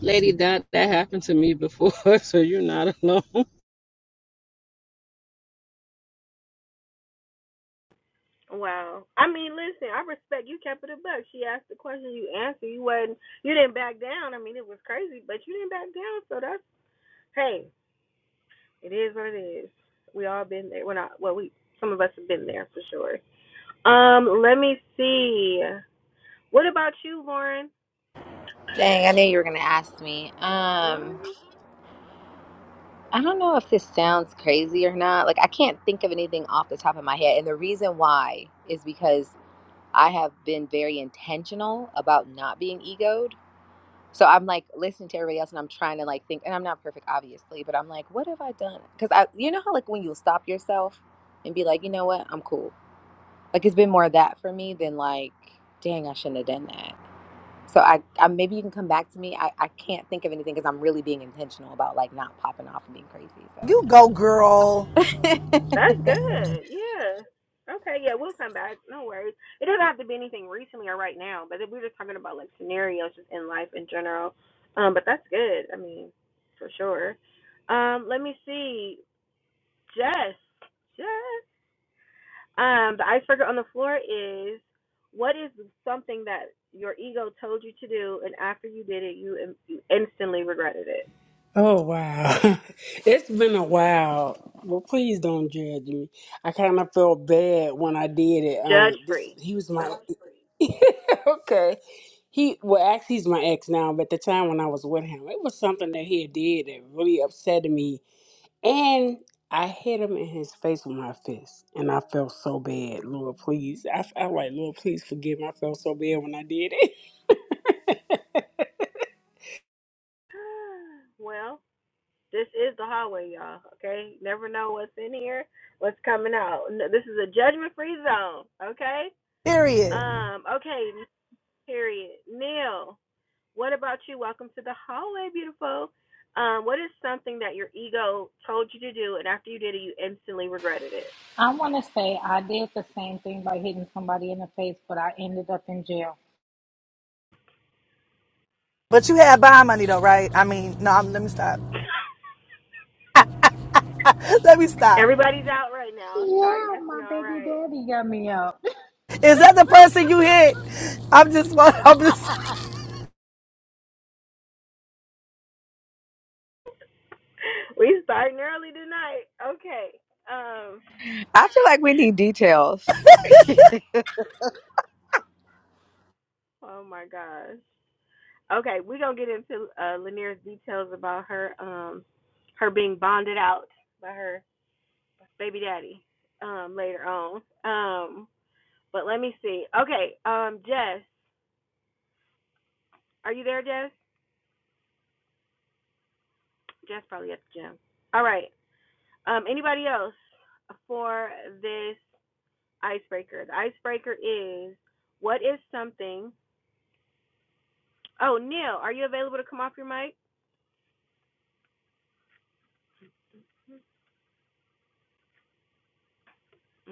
Lady, that that happened to me before, so you're not alone. Wow. I mean, listen. I respect you. Kept it a buck. She asked the question. You answered. You wasn't. You didn't back down. I mean, it was crazy, but you didn't back down. So that's hey. It is what it is. We all been there. We're not. Well, we some of us have been there for sure. Um, let me see. What about you, Lauren? Dang, I knew you were gonna ask me. Um, Mm, I don't know if this sounds crazy or not. Like, I can't think of anything off the top of my head, and the reason why is because I have been very intentional about not being egoed. So I'm like listening to everybody else, and I'm trying to like think, and I'm not perfect, obviously, but I'm like, what have I done? Because I, you know how like when you stop yourself and be like, you know what, I'm cool. Like it's been more of that for me than like, dang, I shouldn't have done that. So I, I maybe you can come back to me. I, I can't think of anything because I'm really being intentional about like not popping off and being crazy. You go, girl. So that's good. Yeah. Okay. Yeah, we'll come back. No worries. It doesn't have to be anything recently or right now, but if we're just talking about like scenarios just in life in general. Um, but that's good. I mean, for sure. Um, let me see. Jess. Jess. Um, the icebreaker on the floor is what is something that your ego told you to do, and after you did it, you, you instantly regretted it. Oh wow, it's been a while. Well, please don't judge me. I kind of felt bad when I did it. Uh, Judge this free. he was my So, okay. He well, actually, he's my ex now. But at the time when I was with him, it was something that he did that really upset me, and I hit him in his face with my fist, and I felt so bad. Lord, please, I, I like Lord, please forgive me. I felt so bad when I did it. well, this is the hallway, y'all. Okay, never know what's in here, what's coming out. N- This is a judgment free zone. Okay. Period. Um. Okay. Period. Neil, what about you? Welcome to the hallway, beautiful. Um, what is something that your ego told you to do, and after you did it, you instantly regretted it? I want to say I did the same thing by hitting somebody in the face, but I ended up in jail. But you had bond money though, right? I mean, no. I'm, let me stop. Let me stop. Everybody's out right now, so I Yeah, guess we my all baby right. daddy got me out. Is that the person you hit? I'm just. I'm just. We starting early tonight. Okay. Um. I feel like we need details. Oh my gosh. Okay, we're gonna get into uh, Lanier's details about her um her being bonded out by her baby daddy um later on. Um. But let me see. Okay. Um. Jess, are you there, Jess? Jess probably at the gym. All right. Um. Anybody else for this icebreaker? The icebreaker is what is something Oh, Neil, are you available to come off your mic?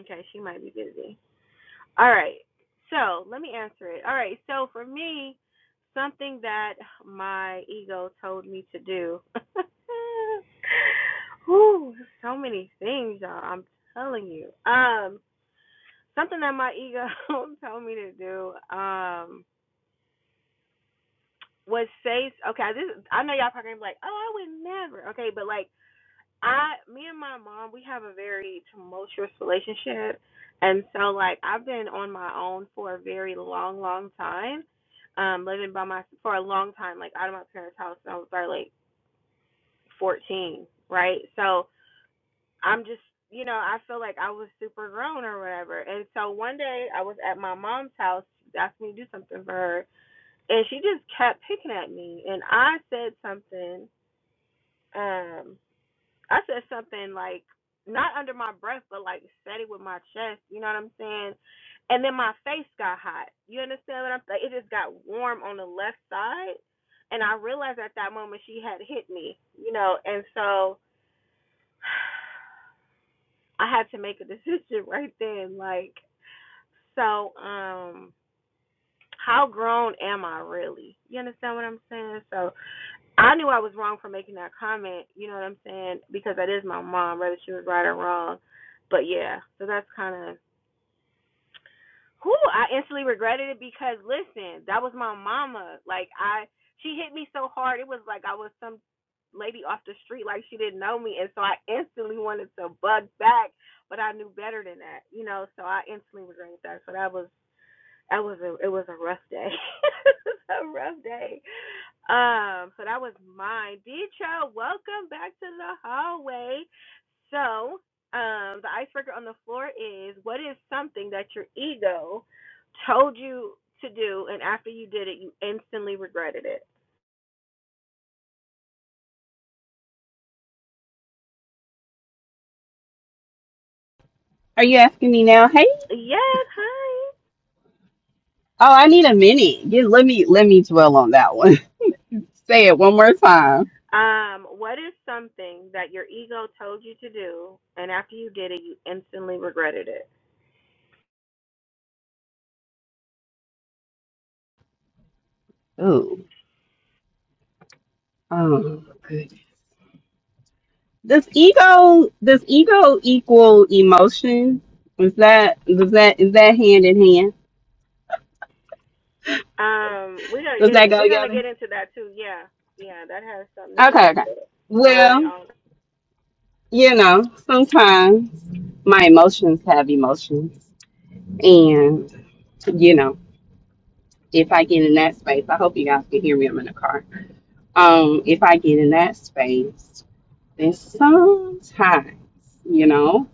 Okay, she might be busy. All right. So let me answer it. All right. So for me, something that my ego told me to do. Ooh, so many things, y'all. I'm telling you. Um, something that my ego told me to do. Um, was say okay. This I know y'all probably gonna be like, oh, I would never. Okay, but like I, me and my mom, we have a very tumultuous relationship, and so like I've been on my own for a very long, long time, um, living by my for a long time, like out of my parents' house, and I was probably like fourteen, right? So I'm just, you know, I feel like I was super grown or whatever, and so one day I was at my mom's house, she asked me to do something for her, and she just kept picking at me, and I said something, um. I said something like not under my breath, but like said it with my chest. You know what I'm saying? And then my face got hot. You understand what I'm saying? It just got warm on the left side, and I realized at that moment she had hit me. You know, and so I had to make a decision right then. Like, so um, how grown am I really? You understand what I'm saying? So. I knew I was wrong for making that comment, you know what I'm saying? Because that is my mom, whether she was right or wrong. But yeah, so that's kind of who I instantly regretted it because listen, that was my mama. Like I she hit me so hard, it was like I was some lady off the street like she didn't know me and so I instantly wanted to bug back, but I knew better than that, you know, so I instantly regretted that. So that was I was a it was a rough day. it was a rough day. Um, so that was mine. Deetra, welcome back to the hallway. So, um, the icebreaker on the floor is what is something that your ego told you to do and after you did it you instantly regretted it? Are you asking me now? Hey. Yes, hi. Oh, I need a minute. Get, let me let me dwell on that one. Say it one more time. Um, what is something that your ego told you to do and after you did it you instantly regretted it? Oh, Oh, good. Does ego does ego equal emotion? Is that does that is that hand in hand? Um, we're gonna Does get that it. go We're gonna together? get into that too. Yeah, yeah, that has something to do Okay, with okay. pride. Well, On you know, sometimes my emotions have emotions. And you know, if I get in that space, I hope you guys can hear me. I'm in the car. Um, if I get in that space And sometimes, you know,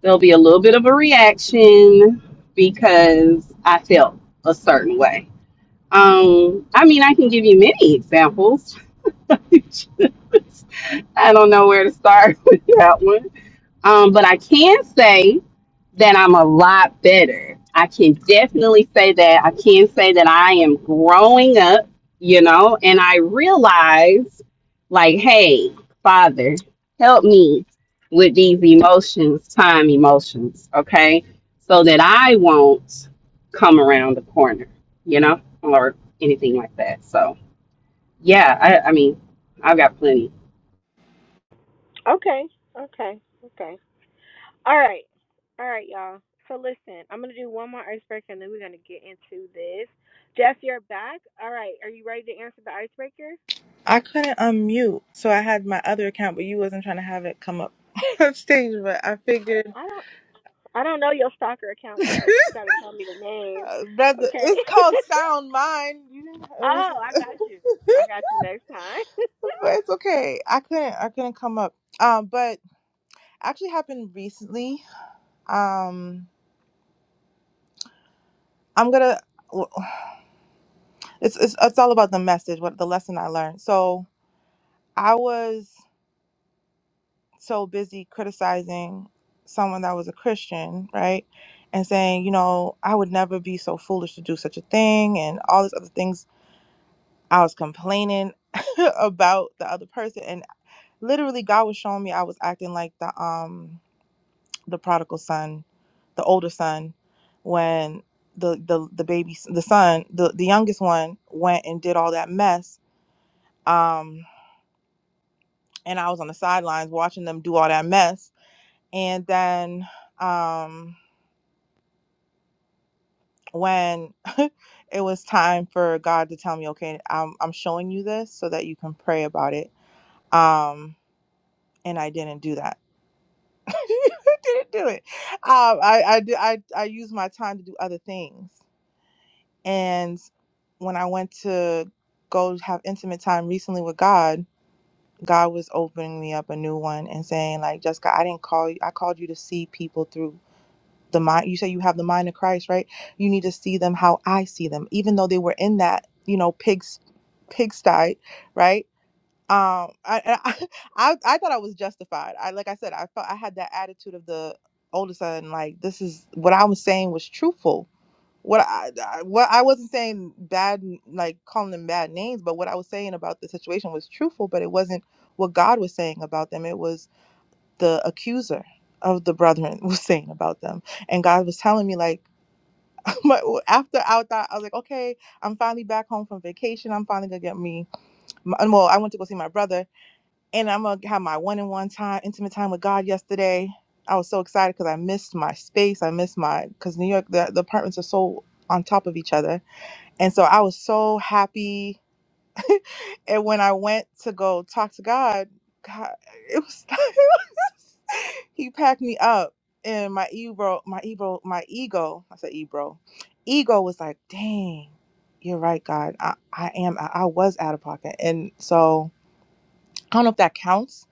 there'll be a little bit of a reaction because I felt a certain way. Um, I mean, I can give you many examples. I don't know where to start with that one. Um, but I can say that I'm a lot better. I can definitely say that. I can say that I am growing up, you know, and I realize, like, hey, Father, help me with these emotions, time emotions, okay? So that I won't come around the corner, you know, or anything like that. So, yeah, I, I mean, I've got plenty. okay, okay, okay. All right, all right, y'all. So listen, I'm gonna do one more icebreaker, and then we're gonna get into this. Jeff, you're back. All right, are you ready to answer the icebreaker? I couldn't unmute, so I had my other account, but you wasn't trying to have it come up on stage. But I figured, I don't, I don't know your stalker account, Jeff. You gotta tell me the name, brother, okay? it's called Sound Mind. You didn't, it was, oh, I got you. I got you next time. but it's okay. I couldn't, I couldn't come up. Um, but actually happened recently. Um, I'm gonna. well, It's it's it's all about the message, what the lesson I learned. So I was. so busy criticizing someone that was a Christian, right? And saying, you know, I would never be so foolish to do such a thing and all these other things. I was complaining about the other person and literally God was showing me I was acting like the um the prodigal son, the older son when the the the baby the son, the the youngest one went and did all that mess um and I was on the sidelines watching them do all that mess and then um when it was time for God to tell me, okay, I'm, I'm showing you this so that you can pray about it. Um, and I didn't do that. I didn't do it. Um, I, I, d- I, I used my time to do other things. And when I went to go have intimate time recently with God, God was opening me up a new one and saying, like, Jessica, I didn't call you. I called you to see people through the mind you say you have the mind of christ right you need to see them how i see them even though they were in that you know pigs pigsty right um i i i, I thought i was justified i like i said i felt i had that attitude of the older son like this is what i was saying was truthful what I, I what I wasn't saying bad like calling them bad names, but what I was saying about the situation was truthful, but it wasn't what God was saying about them. It was the accuser of the brethren was saying about them. And God was telling me, like, my, after I thought, I was like, okay, I'm finally back home from vacation. I'm finally gonna get me. My, well, I went to go see my brother, and I'm gonna have my one on one time, intimate time with God yesterday. I was so excited because I missed my space. I missed my because New York, the, the apartments are so on top of each other, and so I was so happy and when I went to go talk to God, God it was he packed me up and my ebro my ebro my ego I said ebro ego was like dang you're right God I, I am I, I was out of pocket and so I don't know if that counts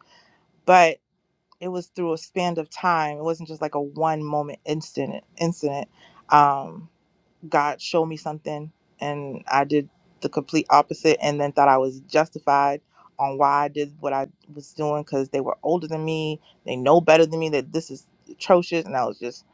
but it was through a span of time it wasn't just like a one moment incident incident um God showed me something and I did the complete opposite and then thought I was justified on why I did what I was doing because they were older than me. They know better than me that this is atrocious. And I was just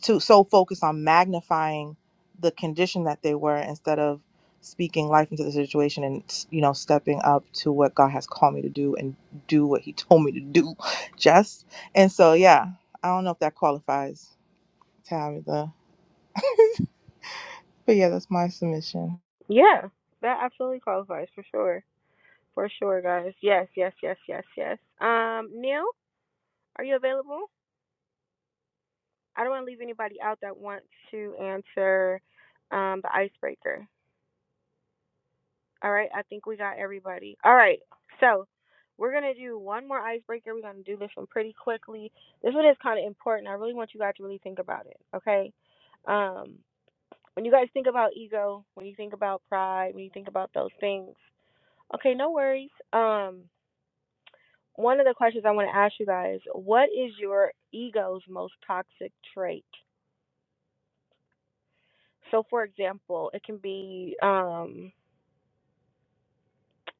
too so focused on magnifying the condition that they were instead of speaking life into the situation and you know stepping up to what God has called me to do and do what he told me to do just and so yeah I don't know if that qualifies Tabitha but yeah that's my submission yeah, that absolutely qualifies for sure. For sure, guys. Yes, yes, yes, yes, yes. Um, Neil, are you available? I don't want to leave anybody out that wants to answer um, the icebreaker. All right, I think we got everybody. All right, so we're going to do one more icebreaker. We're going to do this one pretty quickly. This one is kind of important. I really want you guys to really think about it, okay? Um, when you guys think about ego, when you think about pride, when you think about those things, okay, no worries. Um, One of the questions I want to ask you guys what is your ego's most toxic trait? So, for example, it can be um,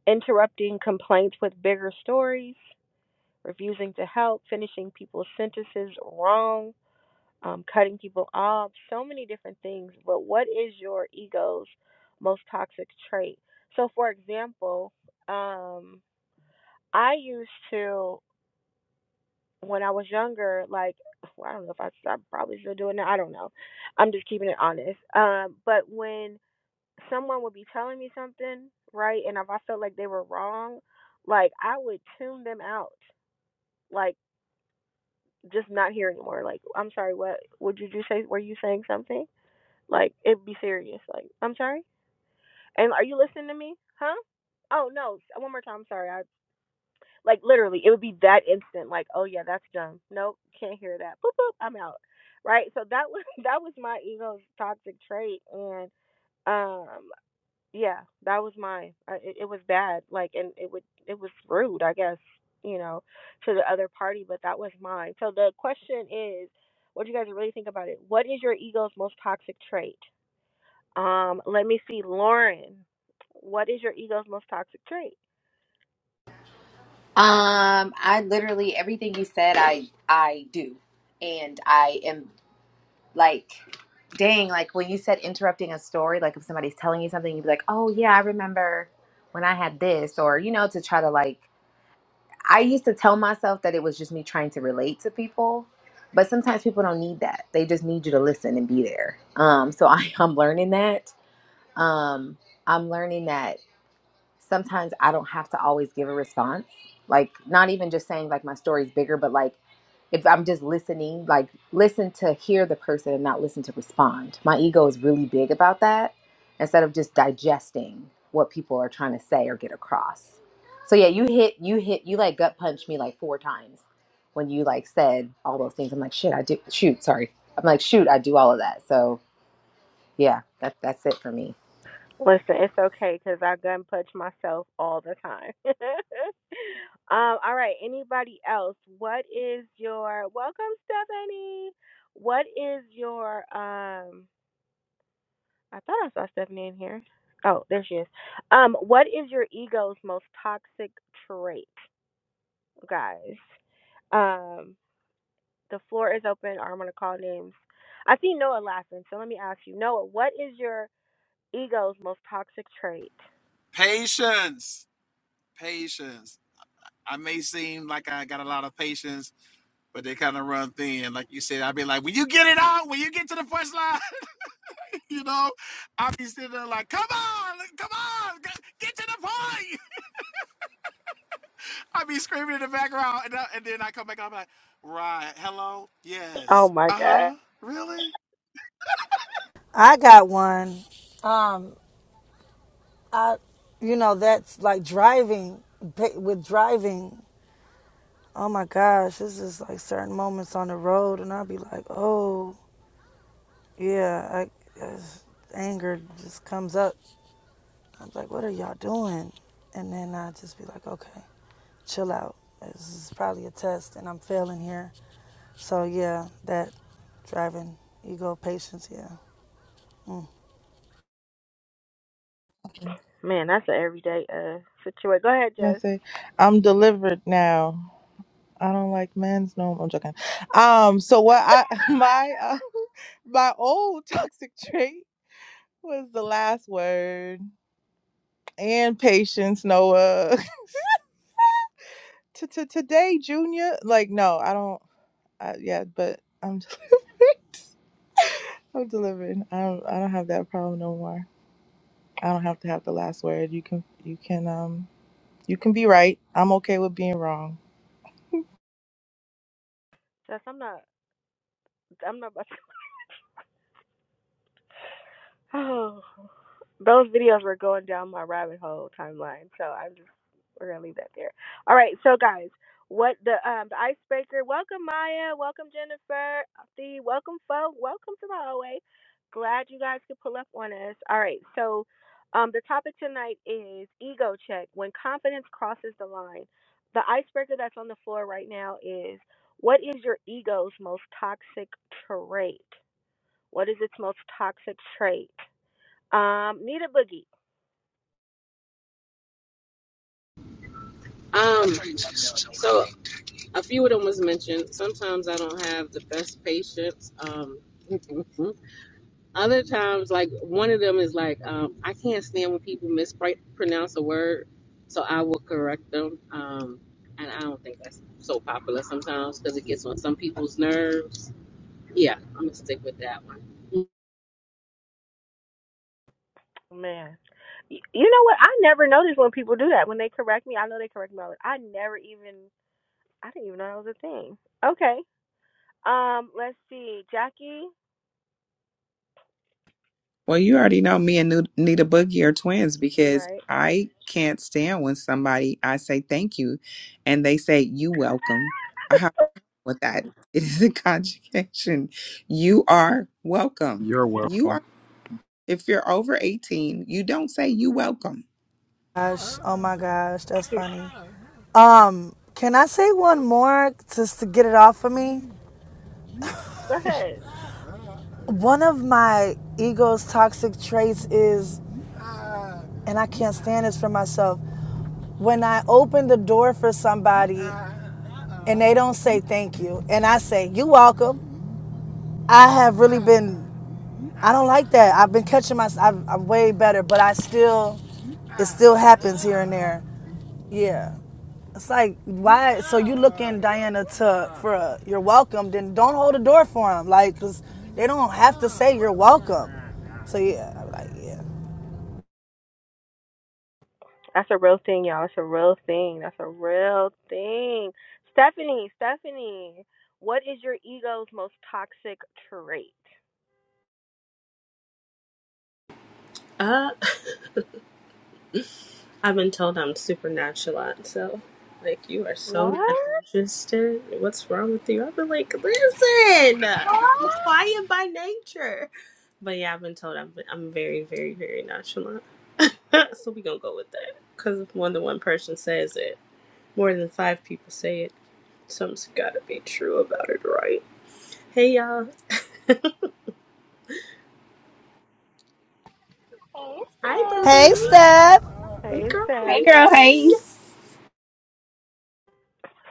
interrupting complaints with bigger stories, refusing to help, finishing people's sentences wrong, um, cutting people off, so many different things. But what is your ego's most toxic trait? So, for example, um, I used to. when I was younger, like well, I don't know if I, I probably still do it now. I don't know. I'm just keeping it honest. Um, but when someone would be telling me something, right, and if I felt like they were wrong, like I would tune them out, like just not hear anymore. Like I'm sorry, what? Would you just say? Were you saying something? Like it'd be serious. Like I'm sorry. And are you listening to me? Huh? Oh no. One more time. Sorry. I Like literally, it would be that instant. Like, oh yeah, that's done. Nope, can't hear that. Boop boop, I'm out. Right. So that was that was my ego's toxic trait, and um, yeah, that was mine. I, it, it was bad. Like, and it would it was rude, I guess, you know, to the other party, but that was mine. So the question is, what do you guys really think about it? What is your ego's most toxic trait? Um, let me see, Lauren. What is your ego's most toxic trait? um, I literally everything you said, I I do, and I am like, dang, like when you said interrupting a story, like if somebody's telling you something, you'd be like, oh yeah, I remember when I had this, or you know, to try to like I used to tell myself that it was just me trying to relate to people, but sometimes people don't need that. They just need you to listen and be there. Um, so I, I'm learning that. Um, I'm learning that sometimes I don't have to always give a response. Like, not even just saying like my story's bigger, but like if I'm just listening, like listen to hear the person and not listen to respond. My ego is really big about that instead of just digesting what people are trying to say or get across. So yeah, you hit you hit you like gut punched me like four times when you like said all those things. I'm like, shit, I do shoot, sorry. I'm like, shoot, I do all of that. So yeah, that that's it for me. Listen, it's okay because I gun punch myself all the time. um, all right. Anybody else? What is your welcome, Stephanie? What is your um? I thought I saw Stephanie in here. Oh, there she is. Um, what is your ego's most toxic trait, guys? Um, the floor is open. Or I'm gonna call names. I see Noah laughing, so let me ask you, Noah, what is your ego's most toxic trait? Patience. patience. I may seem like I got a lot of patience, but they kind of run thin. Like you said, I'd be like, when you get it out, when you get to the first line, you know, I'd be sitting there like, come on, come on, g- get to the point. I'd be screaming in the background. And, I, and then I come back, I'm like, right, hello, Oh yes, my uh god. huh, really? I got one. Um, I, you know, that's like driving with driving. Oh my gosh, this is like certain moments on the road, and I'll be like, oh yeah, I, I- anger just comes up. I am like, what are y'all doing? And then I just be like, okay, chill out. This is probably a test and I'm failing here. So yeah, that driving ego patience, yeah. Mm. Man, that's an everyday uh situation. Go ahead, Jess. That's it. I'm delivered now. I don't like men's no. I'm joking. Um. So what I my uh, my old toxic trait was the last word and patience. Noah. to to today, Junior. Like no, I don't. I, yeah, but I'm delivered. I'm delivered. I don't. I don't have that problem no more. I don't have to have the last word. You can. You can. Um. You can be right. I'm okay with being wrong. Jess, I'm not. I'm not about to. Oh. those videos were going down my rabbit hole timeline. So I'm just we're gonna leave that there. All right, so guys, what the um the icebreaker? Welcome Maya, welcome Jennifer, the welcome folk, welcome to the hallway. Glad you guys could pull up on us. All right, so um the topic tonight is ego check when confidence crosses the line. The icebreaker that's on the floor right now is what is your ego's most toxic trait? What is its most toxic trait? Um, Nita Boogie. Um, so a few of them was mentioned. Sometimes I don't have the best patience. Um, Other times, like one of them is like, um, I can't stand when people mispronounce a word, so I will correct them. Um, and I don't think that's so popular sometimes because it gets on some people's nerves. Yeah, I'm gonna stick with that one. Man, Y- you know what? I never noticed when people do that. When they correct me, I know they correct me. all the- I never even, I didn't even know that was a thing. Okay. Um, let's see. Jackie, Well, you already know me and Nu- Nita Boogie are twins you because right. I can't stand when somebody, I say thank you and they say you welcome. I have with that. It is a conjugation. You are welcome. you're You welcome. are, if you're over 18, you don't say you welcome Gosh, oh my gosh, that's funny. Um, can I say one more just to get it off of me? Go ahead. One of my ego's toxic traits is, and I can't stand this for myself, when I open the door for somebody and they don't say thank you, and I say, you welcome, I have really been. I don't like that. I've been catching my. i am way better, but I still. It still happens here and there. Yeah. It's like why? So you looking Diana to for a, you're welcome? Then don't hold the door for them, like, 'cause they don't have to say you're welcome. So yeah, I'm like yeah. That's a real thing, y'all. That's a real thing. That's a real thing. Stephanie, Stephanie, what is your ego's most toxic trait? Uh, I've been told I'm super nonchalant, so like you are so not What? interested. What's wrong with you? I've been like, listen, I'm quiet by nature. But yeah, I've been told I'm I'm very, very, very nonchalant. so we gonna go with that because if more than one person says it, more than five people say it, something's gotta be true about it, right? Hey y'all, Hey, hi boo Steph. Hey, boo, Steph. hey Hey, girl, hey. Hey, Steph. girl, hey.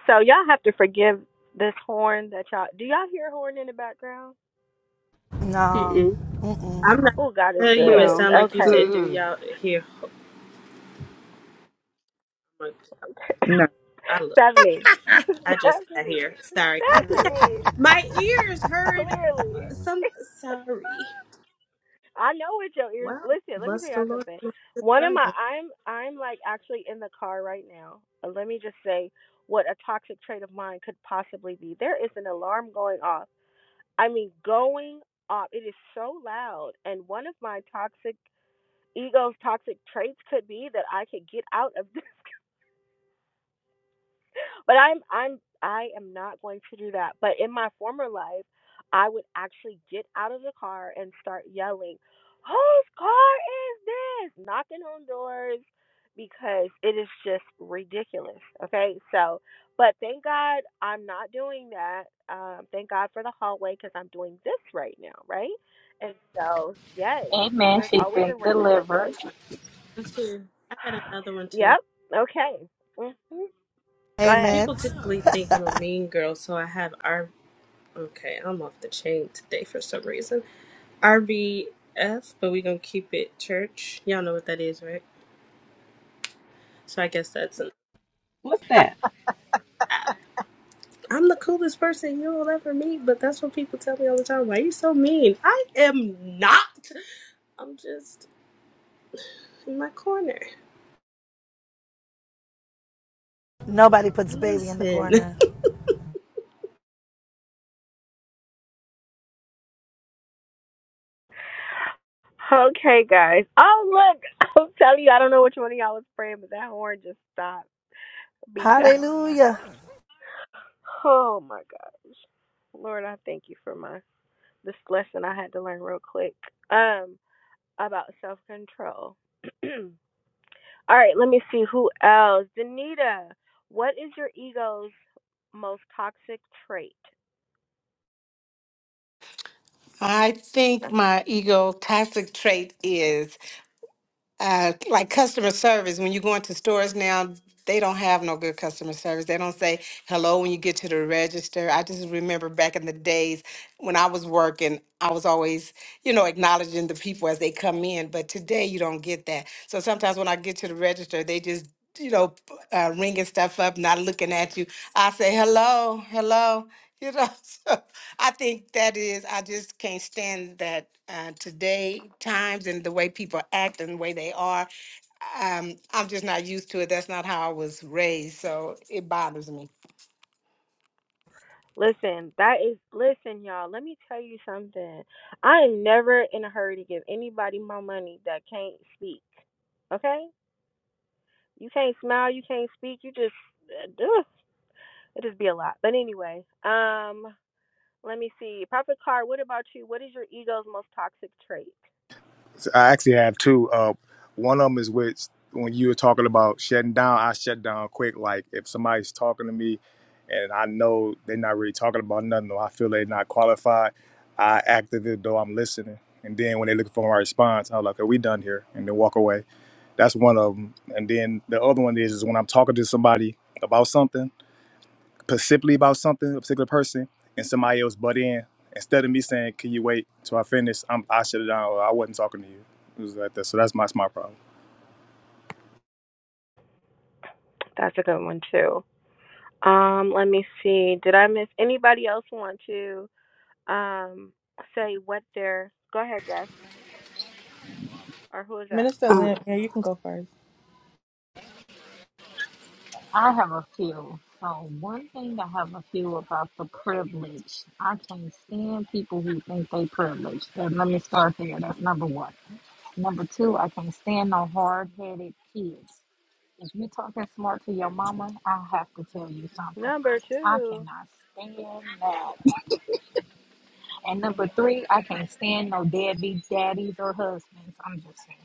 So y'all have to forgive this horn that y'all. Do y'all hear horn in the background? No. Mm-mm. I'm Mm-mm. not Oh, God is gonna tell you. It good. No. sound like you Okay. said, do Mm-mm. y'all hear? No, I look. Stephanie. I just got Stephanie. here. Sorry. I just got Stephanie. my ears heard Clearly. some. Sorry. I know what your ears Wow. listen, let me tell Bless the y'all Lord. something. Bless the One of my Friday. I'm I'm like actually in the car right now. Uh, Let me just say what a toxic trait of mine could possibly be. There is an alarm going off. I mean going off. It is so loud and one of my toxic ego's toxic traits could be that I could get out of the but I'm I'm I am not going to do that. But in my former life, I would actually get out of the car and start yelling, "Whose car is this?" knocking on doors because it is just ridiculous. Okay? So, but thank God I'm not doing that. Um thank God for the hallway cuz I'm doing this right now, right? And so, yes, Amen. there's She's always a been ram in the delivered. bush. One, Too. I got another one too. yep. Okay. hmm Go Hey, ahead. Mint. People typically think I'm a mean girl, so I have R. Okay, I'm off the chain today for some reason. RBF, but we gonna keep it church. Y'all know what that is, right? So I guess that's an What's that? app. I'm the coolest person you'll ever meet, but that's what people tell me all the time. Why are you so mean? I am not. I'm just in my corner. Nobody puts baby in the Listen. corner. Okay, guys. Oh, look. I'm telling you, I don't know which one of y'all was praying, but that horn just stopped because, Hallelujah. oh my gosh. Lord, I thank you for my this lesson I had to learn real quick um about self control. All right, let me see who else. Danita, what is your ego's most toxic trait? I think my egotastic trait is uh, like customer service, when you go into stores now, they don't have no good customer service. They don't say hello when you get to the register. I just remember back in the days when I was working, I was always, you know, acknowledging the people as they come in. But today you don't get that. So sometimes when I get to the register, they just you know, uh, ringing stuff up, not looking at you. I say, hello, hello. You know, so I think that is, I just can't stand that uh, today times and the way people act and the way they are. Um, I'm just not used to it. That's not how I was raised. So it bothers me. Listen, that is listen, y'all. Let me tell you something. I am never in a hurry to give anybody my money that can't speak. Okay? You can't smile, you can't speak, you just uh, ugh, it just be a lot. But anyway, um, let me see. Prophet Card, what about you? What is your ego's most toxic trait? So I actually have two. Uh, one of them is which when you were talking about shutting down, I shut down quick. Like if somebody's talking to me, and I know they're not really talking about nothing, or I feel they're not qualified, I act as though I'm listening. And then when they're looking for my response, I'm like, "Are we done here?" And then walk away That's one of them. And then the other one is, is when I'm talking to somebody about something, specifically about something, a particular person, and somebody else butt in. Instead of me saying, "Can you wait till I finish?" I'm, I shut it down. Or I wasn't talking to you. It was like that. So that's my, that's my problem. That's a good one too. Um, let me see. Did I miss anybody else want to um say what their go ahead, Jeff. Or who is that? Minister Uh, Lynn, yeah, you can go first. I have a few. So one thing I have a few about the privilege. I can't stand people who think they privileged. And let me start there. That's number one. Number two, I can't stand no hard headed kids. If you're talking smart to your mama, I have to tell you something. Number I two. cannot stand that. And number three, I can't stand no deadbeat daddies or husbands. I'm just saying.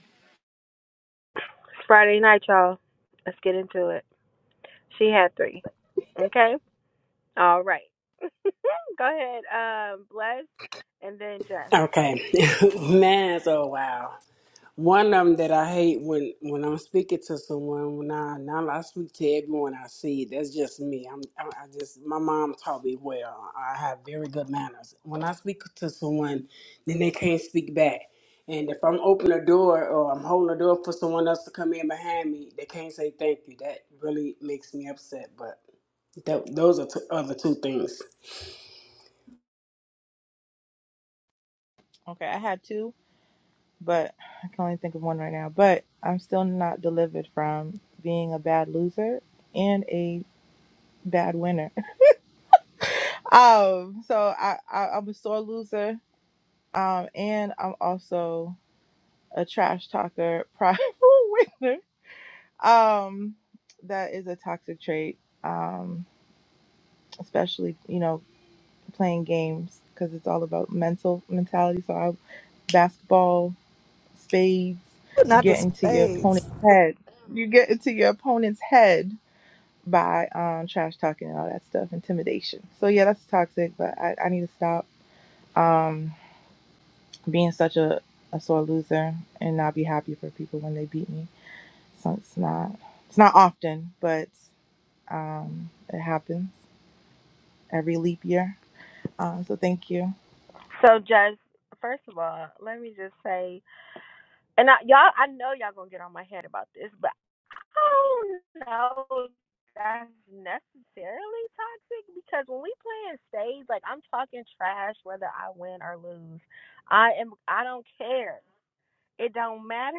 Friday night, y'all. Let's get into it. She had three. Okay. All right. Go ahead. Um, bless and then Jess. Okay, man's oh wow. One of them that I hate when when I'm speaking to someone when I now I speak to everyone I see. That's just me. I'm I I just my mom taught me well. I have very good manners. When I speak to someone, then they can't speak back. And if I'm open a door or I'm holding a door for someone else to come in behind me, they can't say thank you. That really makes me upset. But that, those are two, other two things. Okay, I had two, but I can only think of one right now. But I'm still not delivered from being a bad loser and a bad winner. Um, so I, I I'm a sore loser. Um, and I'm also a trash talker, prideful winner. Um, that is a toxic trait. Um, especially you know playing games because it's all about mental mentality. So I basketball. spades, you Not the get into your spades. opponent's head. You get into your opponent's head by um, trash talking and all that stuff, intimidation. So yeah, that's toxic, but I, I need to stop um, being such a, a sore loser and not be happy for people when they beat me. So it's not it's not often, but um, it happens every leap year. Um, so thank you. So Jess, first of all, let me just say, and I, y'all, I know y'all gonna get on my head about this, but I don't know if that's necessarily toxic because when we play in stage, like I'm talking trash whether I win or lose. I am. I don't care. It don't matter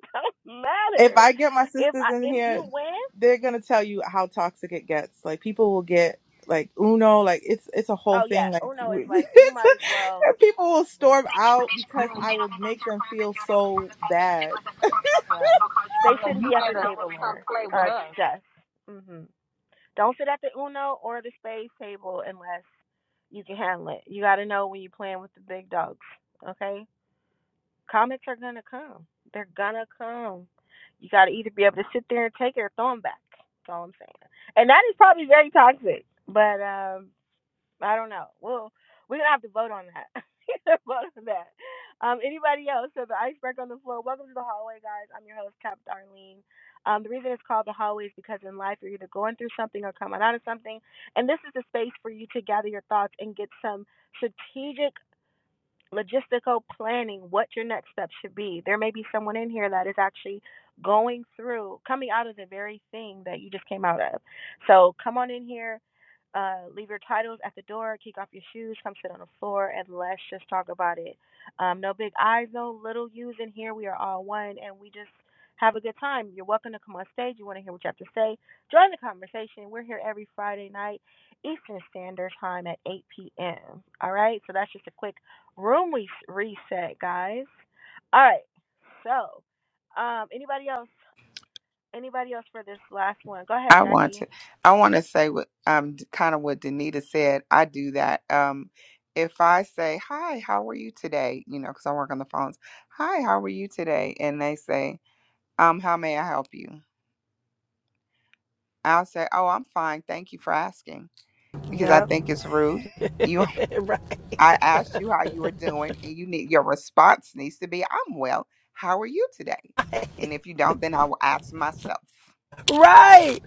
don't if matter. I get my If sisters I in if here, you win, they're gonna tell you how toxic it gets. Like people will get like Uno, like it's it's a whole oh yeah, thing. Like Uno is we- like you it's might as well. and people will storm Listen, out because I will make them feel so bad. well, they Well, shouldn't you be at the better table, come Lauren. play with Uh, us. Jess. Mhm. Don't sit at the Uno or the spades table unless you can handle it. You got to know when you're playing with the big dogs. Okay. Comments are gonna come. They're gonna come. You got to either be able to sit there and take it or throw them back. That's all I'm saying. And that is probably very toxic. But um. I don't know. Well, we're gonna have to vote on that. We're gonna vote on that. Um, anybody else? So the iceberg on the floor. Welcome to the hallway, guys. I'm your host, Cap Darlene. Um, the reason it's called the hallway is because in life you're either going through something or coming out of something, and this is the space for you to gather your thoughts and get some strategic logistical planning, what your next steps should be. There may be someone in here that is actually going through, coming out of the very thing that you just came out of. So come on in here, uh, leave your titles at the door, kick off your shoes, come sit on the floor, and let's just talk about it. Um, no big I's, no little U's in here. We are all one, and we just have a good time. You're welcome to come on stage. You want to hear what you have to say? Join the conversation. We're here every Friday night, Eastern Standard Time at 8 p.m. All right, so that's just a quick Room we reset, guys. All right. So, um, anybody else? Anybody else for this last one? Go ahead, I want Jackie. to. I want to say what um kind of what Danita said. I do that. Um, if I say hi, how are you today? You know, because I work on the phones. Hi, how are you today? And they say, um, how may I help you? I'll say, oh, I'm fine. Thank you for asking, because I Yep. think it's rude. You I asked you how you were doing, and you need your response needs to be, "I'm well. How are you today?" And if you don't, then I will ask myself. Right.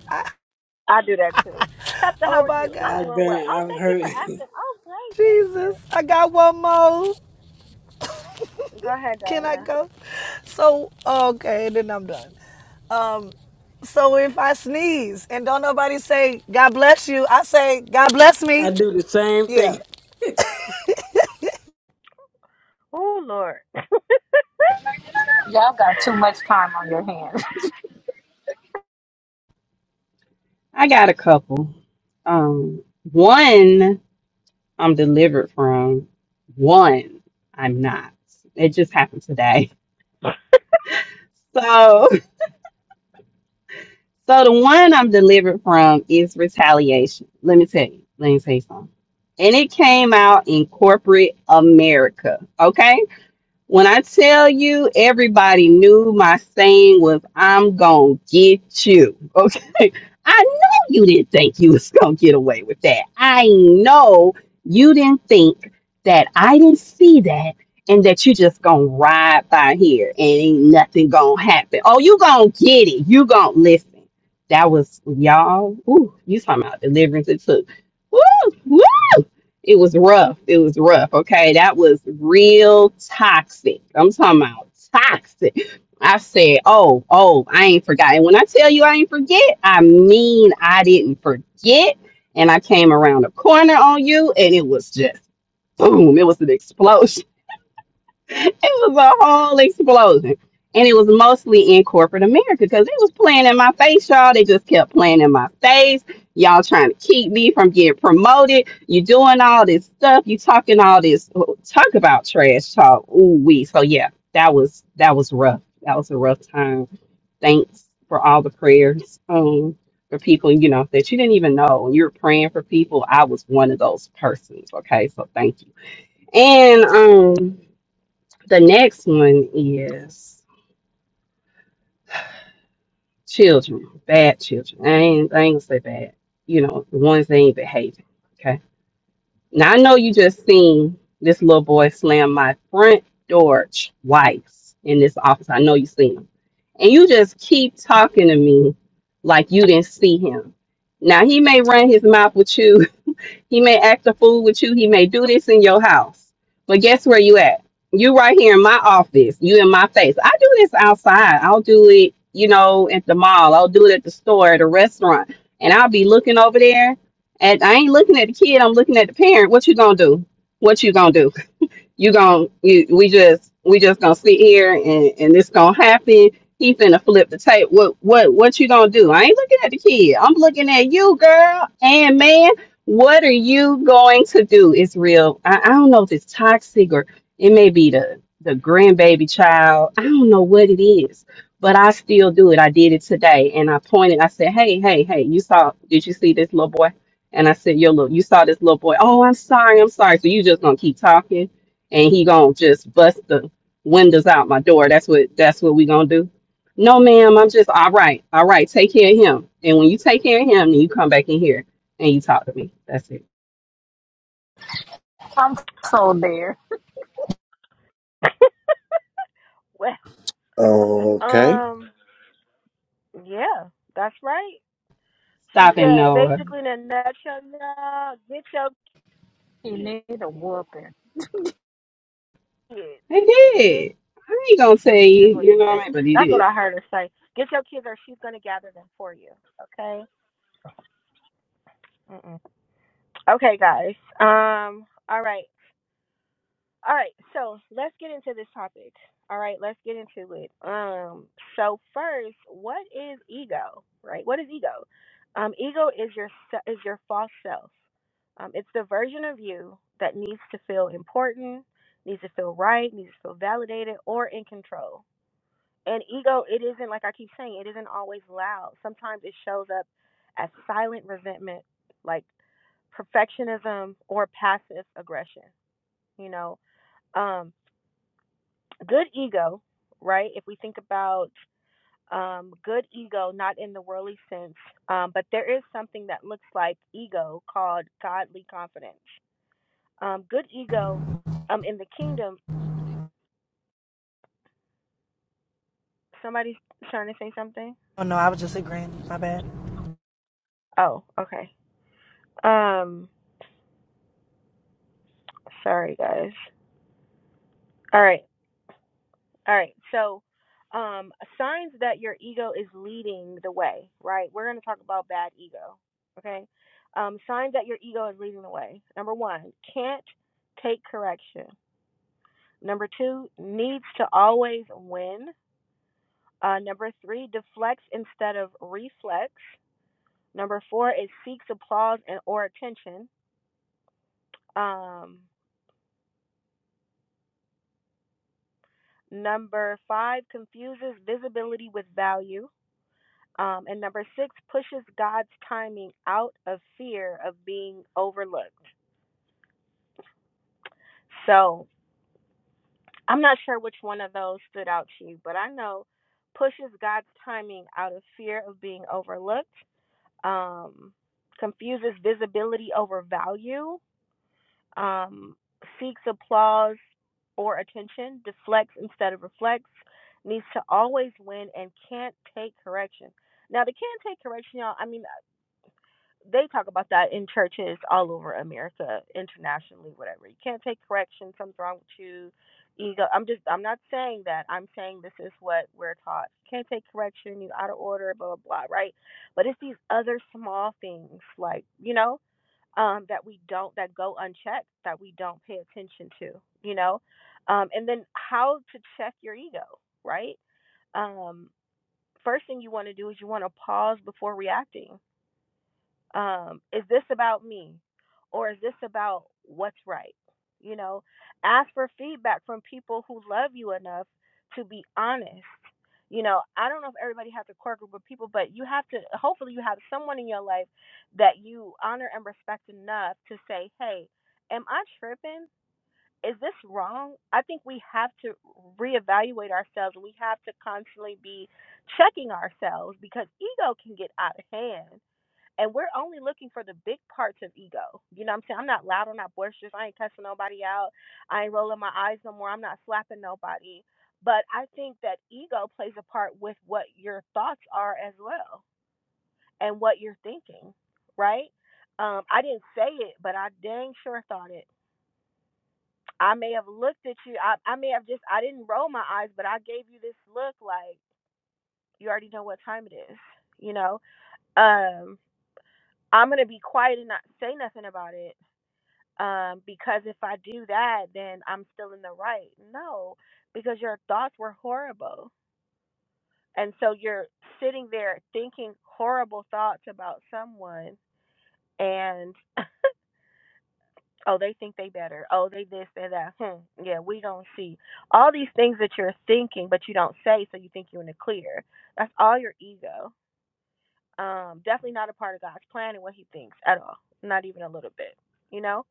I do that too. Topta, Oh how are my you? I'm God. I've doing well. been Oh, I've thank you heard for asking. Oh, great. Thank Jesus. you. I got one more. Go ahead, Can I Diana. go? So, okay, and then I'm done. So if I sneeze and don't nobody say, God bless you, I say, God bless me. I do the same Yeah. thing. Oh, Lord. Y'all got too much time on your hands. I got a couple. Um, one I'm delivered from. One I'm not. It just happened today. So, so the one I'm delivered from is retaliation. Let me tell you. Let me tell you something. And it came out in corporate America. Okay. When I tell you everybody knew my saying was I'm gonna get you. Okay. I know you didn't think you was gonna get away with that. I know you didn't think that I didn't see that and that you just gonna ride by here and ain't nothing gonna happen. Oh, you gonna get it. You gonna listen. That was y'all. Ooh, you talking about deliverance it took. Woo! It was rough. It was rough. Okay. That was real toxic. I'm talking about toxic. I said, oh, oh, I ain't forgot. And when I tell you I ain't forget, I mean I didn't forget. And I came around a corner on you and it was just boom. It was an explosion it was a whole explosion. And it was mostly in corporate America because it was playing in my face, y'all. They just kept playing in my face. Y'all trying to keep me from getting promoted. You doing all this stuff. You talking all this oh, talk about trash talk. Ooh wee. So yeah, that was that was rough. That was a rough time. Thanks for all the prayers. Um for people, you know, that you didn't even know. When you were praying for people, I was one of those persons. Okay. So thank you. And um the next one is children, bad children. I ain't, I ain't gonna say bad. You know, the ones that ain't behaving. Okay. Now I know you just seen this little boy slam my front door twice in this office. I know you seen him, and you just keep talking to me like you didn't see him. Now he may run his mouth with you He may act a fool with you. He may do this in your house. But guess where you at? You right here in my office. You in my face. I do this outside. I'll do it, you know, at the mall. I'll do it at the store, at a restaurant. And I'll be looking over there. And I ain't looking at the kid. I'm looking at the parent. What you gonna do? What you gonna do? you gonna you, we just we just gonna sit here and and this gonna happen. He finna flip the tape. What what what you gonna do? I ain't looking at the kid. I'm looking at you, girl and man. What are you going to do? It's real. I, I don't know if it's toxic or it may be the the grandbaby child. I don't know what it is, but I still do it. I did it today, and I pointed. I said, "Hey, hey, hey! You saw? Did you see this little boy?" And I said, "Yo, look, you saw this little boy. Oh, I'm sorry, I'm sorry. So you just gonna keep talking?" and he gonna just bust the windows out my door. That's what that's what we gonna do. No, ma'am, I'm just all right, all right, take care of him. And when you take care of him, then you come back in here and you talk to me. That's it. I'm so there. well, Okay. um, yeah, that's right. She Stop and said, Noah. basically, in a nutshell, y'all, get your He needed a whooping. kids. They Get did. I ain't gonna tell your kids. That's you, what you she know what said. I mean, but he That's what did. I heard her say. Get your kids, or she's gonna gather them for you. Okay. Mm-mm. Okay, guys. Um. All right. All right. So let's get into this topic. All right. Let's get into it. Um. So first, what is ego? Right. What is ego? Um. Ego is your se- is your false self. Um. It's the version of you that needs to feel important, needs to feel right, needs to feel validated or in control And ego, it isn't like I keep saying, it isn't always loud. Sometimes it shows up as silent resentment, like perfectionism or passive aggression, you know. Um good ego, right? If we think about um good ego not in the worldly sense, um but there is something that looks like ego called godly confidence. Um good ego um in the kingdom, somebody's trying to say something. Oh no, I was just agreeing. My bad. Oh, okay. Um sorry guys. All right. All right. So, um, signs that your ego is leading the way, right? We're going to talk about bad ego. Okay. Um, signs that your ego is leading the way. Number one, can't take correction. Number two, needs to always win. Uh, number three, deflects instead of reflects. Number four is seeks applause and or attention. Um, number five, confuses visibility with value. Um, and number six pushes God's timing out of fear of being overlooked. So I'm not sure which one of those stood out to you, but I know pushes God's timing out of fear of being overlooked, um, confuses visibility over value, um, seeks applause or attention, deflects instead of reflects, needs to always win, and can't take correction. Now, the can't take correction, y'all, I mean, they talk about that in churches all over America, internationally, whatever. You can't take correction. Something's wrong with you. Ego. I'm just. I'm not saying that. I'm saying this is what we're taught. You Can't take correction. You out of order. Blah blah blah. Right. But it's these other small things, like you know, um, that we don't that go unchecked, that we don't pay attention to. You know, um, and then how to check your ego. Right. Um, first thing you want to do is you want to pause before reacting um, is this about me or is this about what's right? You know, ask for feedback from people who love you enough to be honest. You know, I don't know if everybody has a core group of people, but you have to, hopefully, you have someone in your life that you honor and respect enough to say, hey, am I tripping? Is this wrong? I think we have to reevaluate ourselves. We have to constantly be checking ourselves because ego can get out of hand and we're only looking for the big parts of ego. You know what I'm saying? I'm not loud, I'm not boisterous, I ain't cussing nobody out, I ain't rolling my eyes no more, I'm not slapping nobody. But I think that ego plays a part with what your thoughts are as well and what you're thinking, right? Um, I didn't say it, but I dang sure thought it. I may have looked at you, I, I may have just, I didn't roll my eyes, but I gave you this look like you already know what time it is, you know? Um, I'm going to be quiet and not say nothing about it um, because if I do that, then I'm still in the right. No, because your thoughts were horrible. And so you're sitting there thinking horrible thoughts about someone and oh, they think they better. Oh, they this, they that. Hmm. Yeah, we don't see. All these things that you're thinking, but you don't say, so you think you're in the clear. That's all your ego. Um, definitely not a part of God's plan and what he thinks at all. Not even a little bit. You know?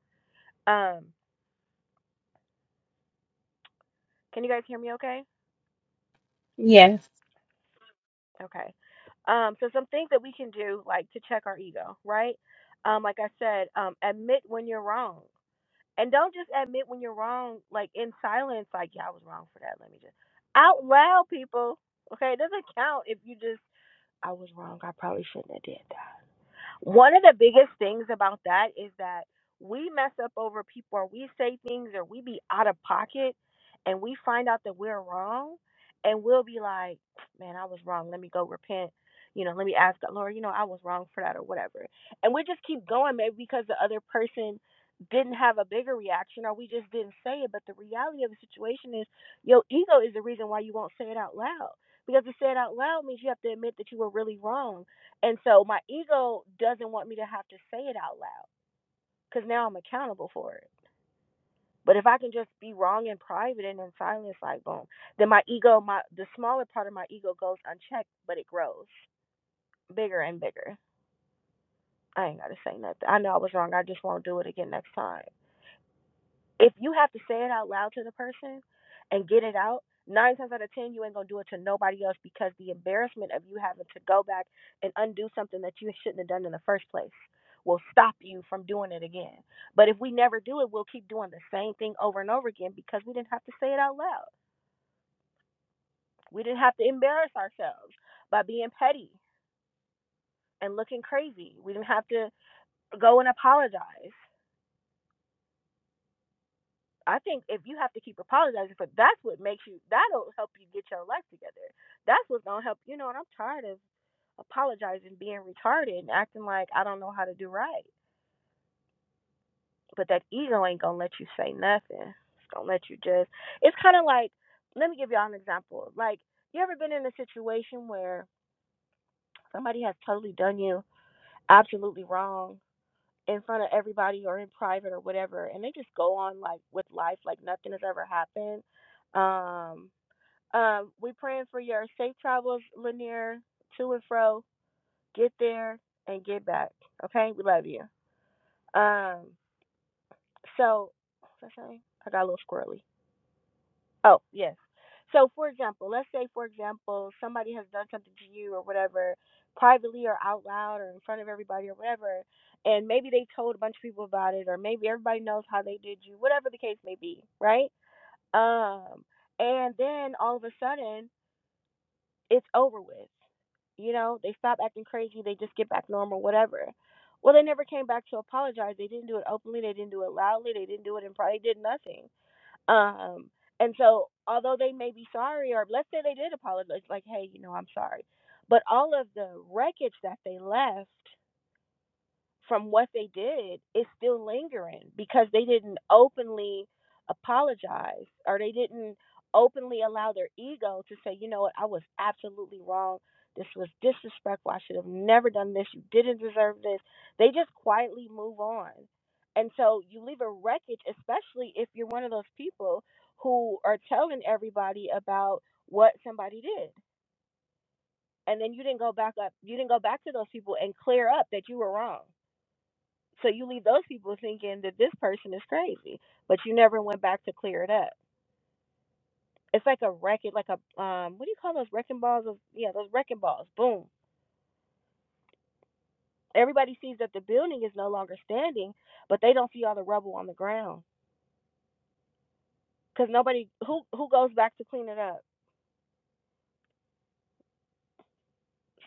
Um, can you guys hear me okay? Yes. Okay. Um, so some things that we can do, like to check our ego, right? Um, like I said, um, admit when you're wrong, and don't just admit when you're wrong, like in silence, like yeah, I was wrong for that. Let me just out loud, people. Okay, it doesn't count if you just I was wrong. I probably shouldn't have did one of the biggest things about that is that we mess up over people or we say things or we be out of pocket and we find out that we're wrong and we'll be like, man, I was wrong. Let me go repent. You know, let me ask God, Lord, you know, I was wrong for that or whatever. And we just keep going, maybe because the other person didn't have a bigger reaction or we just didn't say it. But the reality of the situation is your ego is the reason why you won't say it out loud. Because to say it out loud means you have to admit that you were really wrong and so my ego doesn't want me to have to say it out loud because now I'm accountable for it. But if I can just be wrong in private and in silence, like boom, then my ego, my the smaller part of my ego goes unchecked, but it grows bigger and bigger. I ain't gotta say nothing. I know I was wrong. I just won't do it again next time. If you have to say it out loud to the person and get it out, nine times out of ten, you ain't gonna do it to nobody else because the embarrassment of you having to go back and undo something that you shouldn't have done in the first place will stop you from doing it again. But if we never do it, we'll keep doing the same thing over and over again because we didn't have to say it out loud. We didn't have to embarrass ourselves by being petty and looking crazy. We didn't have to go and apologize. I think if you have to keep apologizing for that's what makes you that'll help you get your life together. That's what's gonna help you know, and I'm tired of apologizing, being retarded and acting like I don't know how to do right. But that ego ain't gonna let you say nothing. It's gonna let you just it's kinda like let me give y'all an example. Like you ever been in a situation where somebody has totally done you absolutely wrong in front of everybody or in private or whatever and they just go on like with life like nothing has ever happened. Um Um, we praying for your safe travels, Lanier, to and fro. Get there and get back. Okay, we love you. Um, so what's I saying? I got a little squirrely. Oh yes. So for example, let's say for example somebody has done something to you or whatever, privately or out loud or in front of everybody or whatever, and maybe they told a bunch of people about it or maybe everybody knows how they did you, whatever the case may be, right? Um, and then all of a sudden it's over with. You know, they stop acting crazy, they just get back normal, whatever. Well, they never came back to apologize. They didn't do it openly, they didn't do it loudly, they didn't do it in private, they did nothing. Um, and so although they may be sorry, or let's say they did apologize, like, hey, you know, I'm sorry. But all of the wreckage that they left from what they did is still lingering because they didn't openly apologize or they didn't openly allow their ego to say, you know what, I was absolutely wrong. This was disrespectful. I should have never done this. You didn't deserve this. They just quietly move on. And so you leave a wreckage, especially if you're one of those people who are telling everybody about what somebody did. And then you didn't go back up, you didn't go back to those people and clear up that you were wrong so you leave those people thinking that this person is crazy, but you never went back to clear it up. It's like a racket, like a um, what do you call those wrecking balls? Of yeah, those wrecking balls. Boom. Everybody sees that the building is no longer standing, but they don't see all the rubble on the ground because nobody who who goes back to clean it up.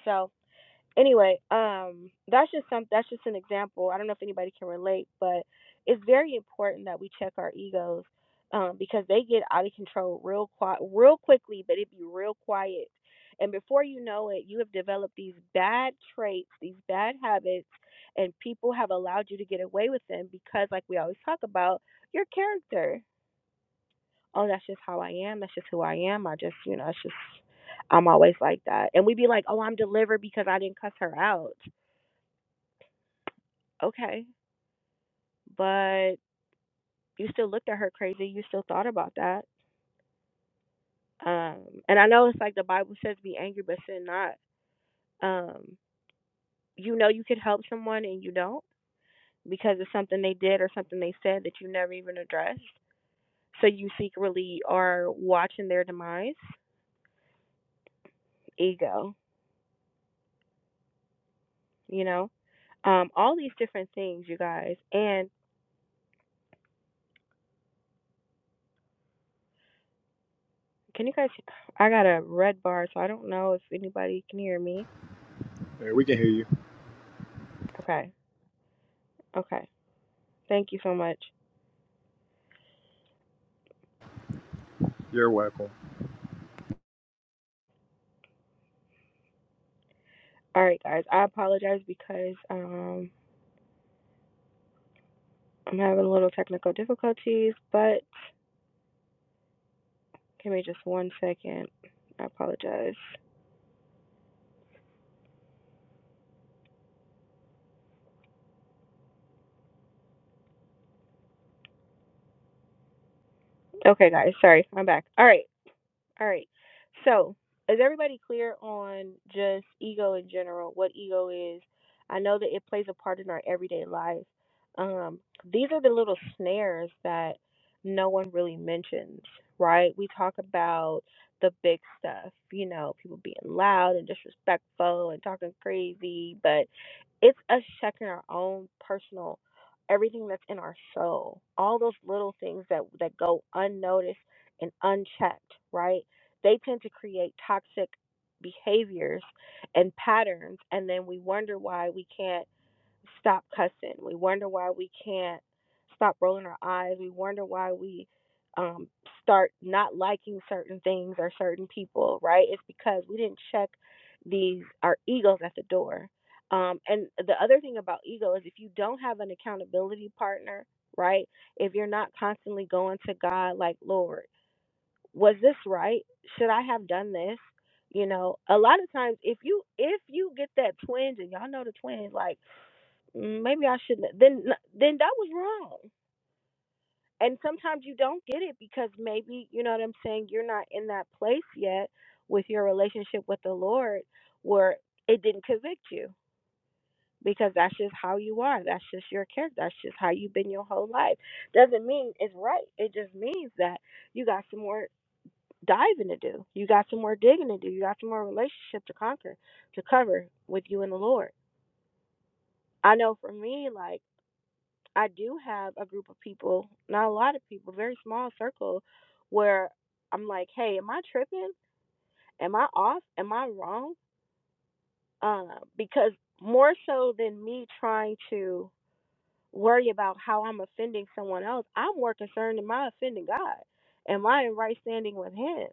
So anyway, um, that's just some that's just an example. I don't know if anybody can relate, but it's very important that we check our egos um, because they get out of control real qui- real quickly, but it be real quiet. And before you know it, you have developed these bad traits, these bad habits, and people have allowed you to get away with them because, like we always talk about, your character. Oh, that's just how I am. That's just who I am. I just, you know, it's just I'm always like that. And we be like, oh, I'm delivered because I didn't cuss her out. Okay, but you still looked at her crazy. You still thought about that. Um, and I know it's like the Bible says, be angry, but sin not. Um, you know you could help someone and you don't because it's something they did or something they said that you never even addressed. So you secretly are watching their demise, ego, you know, um, all these different things, you guys. And can you guys? I got a red bar, so I don't know if anybody can hear me. Yeah, we can hear you. Okay, okay. Thank you so much. You're welcome. All right, guys. I apologize because um I'm having a little technical difficulties, but give me just one second. I apologize. Okay, guys. Sorry. I'm back. All right. All right. So, is everybody clear on just ego in general, what ego is? I know that it plays a part in our everyday life. Um, these are the little snares that no one really mentions, right? We talk about the big stuff, you know, people being loud and disrespectful and talking crazy, but it's us checking our own personal everything that's in our soul all those little things that that go unnoticed and unchecked right they tend to create toxic behaviors and patterns and then we wonder why we can't stop cussing we wonder why we can't stop rolling our eyes we wonder why we um, start not liking certain things or certain people right it's because we didn't check these our egos at the door um, and the other thing about ego is if you don't have an accountability partner right if you're not constantly going to god like lord was this right? Should I have done this? You know, a lot of times if you if you get that twinge and y'all know the twinge, like "Mm, maybe I shouldn't, then then that was wrong. And sometimes you don't get it because maybe you know what I'm saying. You're not in that place yet with your relationship with the Lord where it didn't convict you because that's just how you are. That's just your character. That's just how you've been your whole life. Doesn't mean it's right. It just means that you got some more diving to do. You got some more digging to do. You got some more relationship to conquer, to cover with you and the Lord. I know for me, like, I do have a group of people, not a lot of people, very small circle, where I'm like, hey, am I tripping? Am I off? Am I wrong? Uh, because more so than me trying to worry about how I'm offending someone else. I'm more concerned am I offending God? Am I in right standing with Him?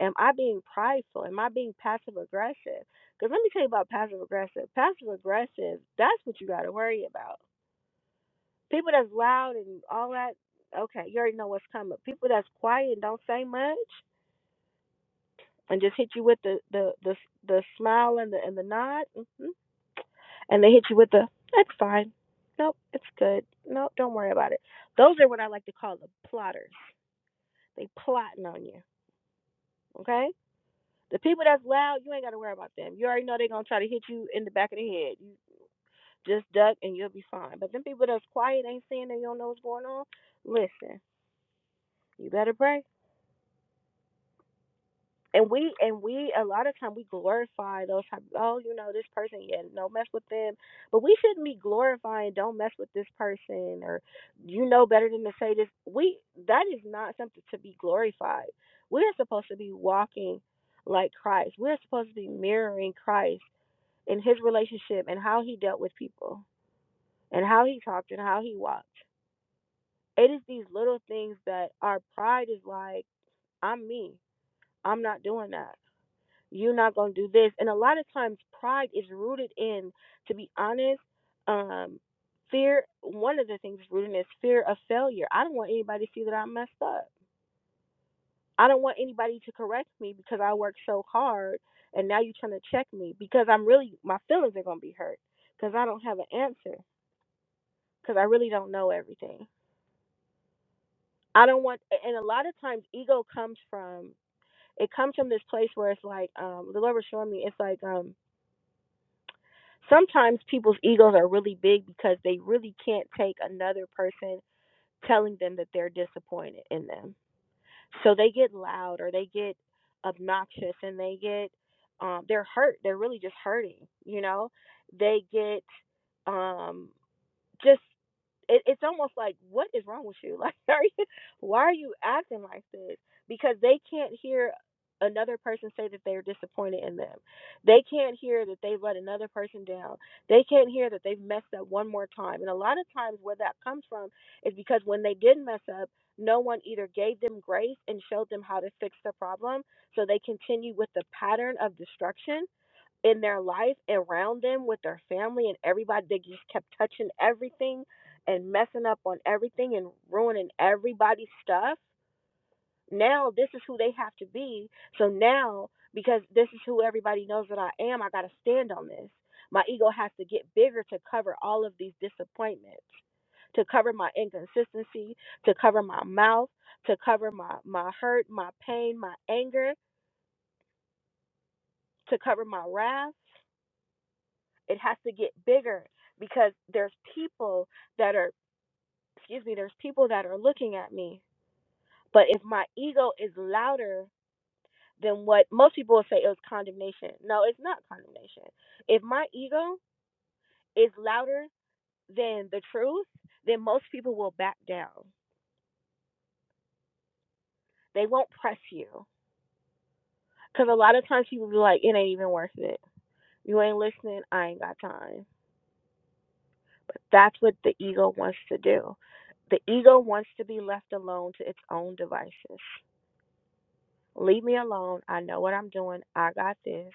Am I being prideful? Am I being passive aggressive? Because let me tell you about passive aggressive. Passive aggressive, that's what you got to worry about. People that's loud and all that, okay, you already know what's coming. People that's quiet and don't say much, and just hit you with the the the, the smile and the and the nod, hmm and they hit you with the "That's fine, nope, it's good, nope, don't worry about it." Those are what I like to call the plotters. They plotting on you, okay? The people that's loud, you ain't got to worry about them. You already know they're gonna try to hit you in the back of the head. You just duck and you'll be fine. But them people that's quiet, ain't saying that you don't know what's going on. Listen, you better pray. and we and we a lot of time we glorify those type oh you know this person yeah no mess with them but we shouldn't be glorifying don't mess with this person or you know better than to say this we that is not something to be glorified we're supposed to be walking like christ we're supposed to be mirroring christ in his relationship and how he dealt with people and how he talked and how he walked it is these little things that our pride is like i'm me i'm not doing that you're not going to do this and a lot of times pride is rooted in to be honest um fear one of the things rooted in is fear of failure i don't want anybody to see that i messed up i don't want anybody to correct me because i worked so hard and now you're trying to check me because i'm really my feelings are going to be hurt because i don't have an answer because i really don't know everything i don't want and a lot of times ego comes from it comes from this place where it's like um the lord was showing me it's like um Sometimes people's egos are really big because they really can't take another person telling them that they're disappointed in them. So they get loud or they get obnoxious and they get um they're hurt. They're really just hurting, you know? They get um just it, it's almost like what is wrong with you like are you why are you acting like this because they can't hear another person say that they're disappointed in them they can't hear that they've let another person down they can't hear that they've messed up one more time and a lot of times where that comes from is because when they did mess up no one either gave them grace and showed them how to fix the problem so they continue with the pattern of destruction in their life around them with their family and everybody they just kept touching everything and messing up on everything and ruining everybody's stuff now this is who they have to be so now because this is who everybody knows that i am i got to stand on this my ego has to get bigger to cover all of these disappointments to cover my inconsistency to cover my mouth to cover my my hurt my pain my anger to cover my wrath It has to get bigger because there's people that are, excuse me, there's people that are looking at me. But if my ego is louder than what most people would say it was condemnation. No, it's not condemnation. If my ego is louder than the truth, then most people will back down. They won't press you. Because a lot of times people be like, it ain't even worth it. You ain't listening. I ain't got time. But that's what the ego wants to do. The ego wants to be left alone to its own devices. Leave me alone. I know what I'm doing. I got this.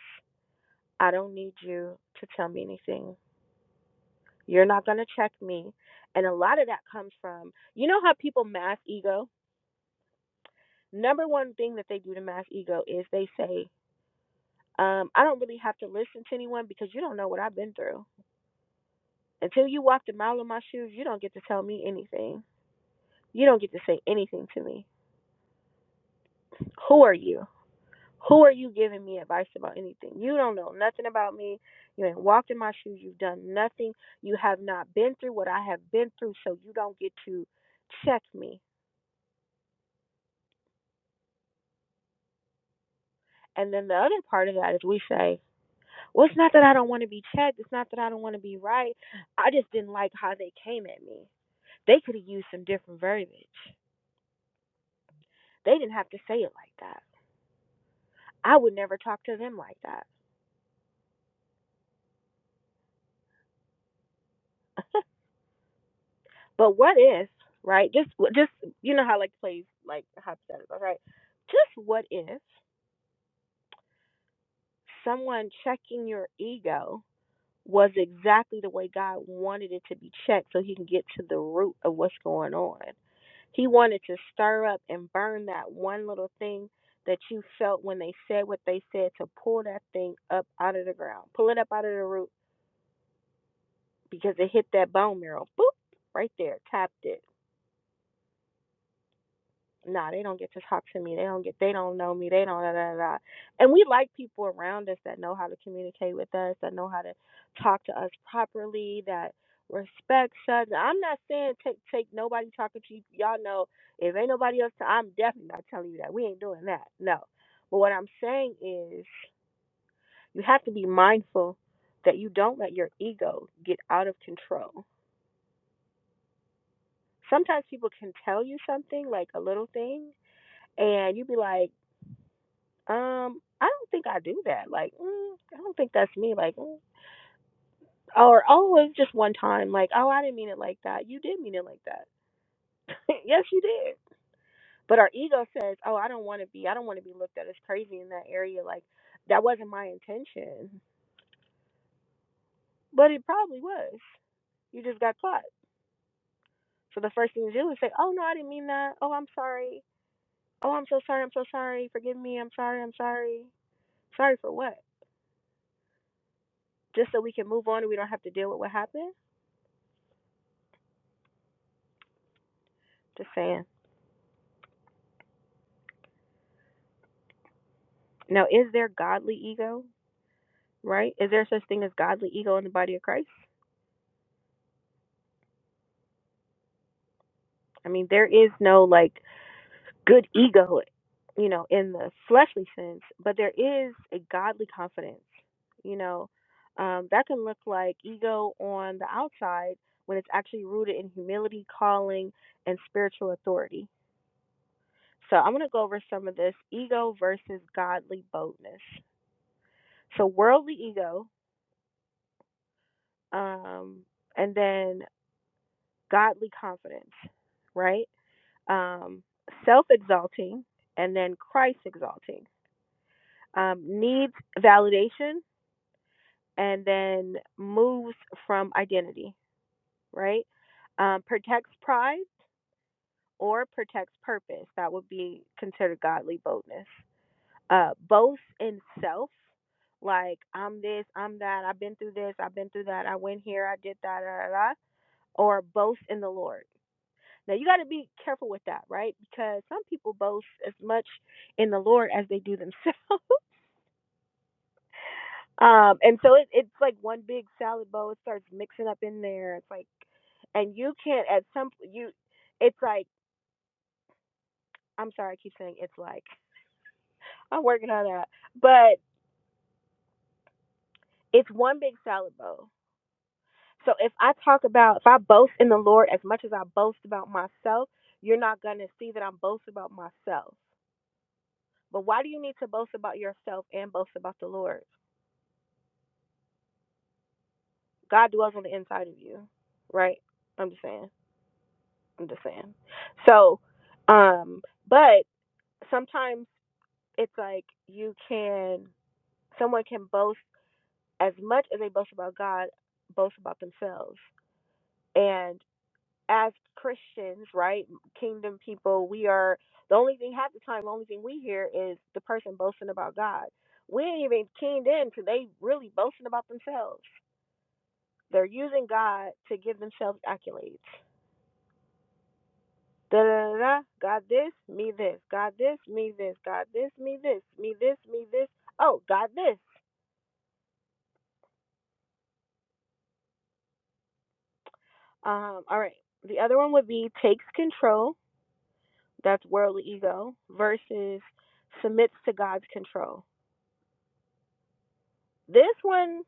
I don't need you to tell me anything. You're not going to check me. And a lot of that comes from, you know, how people mask ego? Number one thing that they do to mask ego is they say, um, I don't really have to listen to anyone because you don't know what I've been through. Until you walked a mile in my shoes, you don't get to tell me anything. You don't get to say anything to me. Who are you? Who are you giving me advice about anything? You don't know nothing about me. You ain't walked in my shoes. You've done nothing. You have not been through what I have been through, so you don't get to check me. And then the other part of that is we say, well, it's not that I don't want to be checked. It's not that I don't want to be right. I just didn't like how they came at me. They could have used some different verbiage. They didn't have to say it like that. I would never talk to them like that. But what if, right? Just, just you know how like plays like hypothetical, right? Just what if someone checking your ego was exactly the way God wanted it to be checked, so He can get to the root of what's going on. He wanted to stir up and burn that one little thing that you felt when they said what they said to pull that thing up out of the ground, pull it up out of the root because it hit that bone marrow, boop, right there, tapped it nah, they don't get to talk to me. They don't get. They don't know me. They don't. Da, da, da. And we like people around us that know how to communicate with us, that know how to talk to us properly, that respects us. I'm not saying take take nobody talking to you. Y'all know if ain't nobody else, I'm definitely not telling you that. We ain't doing that. No. But what I'm saying is, you have to be mindful that you don't let your ego get out of control. Sometimes people can tell you something like a little thing, and you be like Um, I don't think I do that. Like, mm, I don't think that's me. Like, mm. or oh, it was just one time. Like, oh, I didn't mean it like that. You did mean it like that. yes, you did. But our ego says, oh, I don't want to be. I don't want to be looked at as crazy in that area. Like, that wasn't my intention, but it probably was. You just got caught. So the first thing you do is say, oh no, I didn't mean that. Oh, I'm sorry. Oh, I'm so sorry. I'm so sorry. Forgive me. I'm sorry. I'm sorry. Sorry for what? Just so we can move on and we don't have to deal with what happened. Just saying. Now, is there godly ego, right? Is there such thing as godly ego in the body of Christ? I mean, there is no like good ego, you know, in the fleshly sense, but there is a godly confidence, you know, um, that can look like ego on the outside when it's actually rooted in humility, calling, and spiritual authority. So I'm going to go over some of this ego versus godly boldness. So worldly ego, um, and then godly confidence, right? Um, Self exalting and then Christ exalting. Um, needs validation and then moves from identity, right? Um, protects pride or protects purpose. That would be considered godly boldness. Uh, boasts in self, like I'm this, I'm that, I've been through this, I've been through that, I went here, I did that, da, da, da. or boast in the Lord Now you got to be careful with that, right? Because some people boast as much in the Lord as they do themselves. um, and so it, it's like one big salad bowl. It starts mixing up in there. It's like, and you can't at some you, it's like I'm sorry, I keep saying it's like I'm working on that, but it's one big salad bowl. So if I talk about if I boast in the Lord as much as I boast about myself, you're not gonna see that I'm boasting about myself. But why do you need to boast about yourself and boast about the Lord? God dwells on the inside of you, right? I'm just saying. I'm just saying. So, um, but sometimes it's like you can, someone can boast as much as they boast about God, boast about themselves. And as Christians, right, kingdom people, we are the only thing half the time, the only thing we hear is the person boasting about God. We ain't even keyed in to they really boasting about themselves. They're using God to give themselves accolades Da-da-da-da. God this, me this. God this, me this. God this, me this. Me this, me this. Oh, God this. Um, all right. The other one would be takes control. That's worldly ego versus submits to God's control. This one,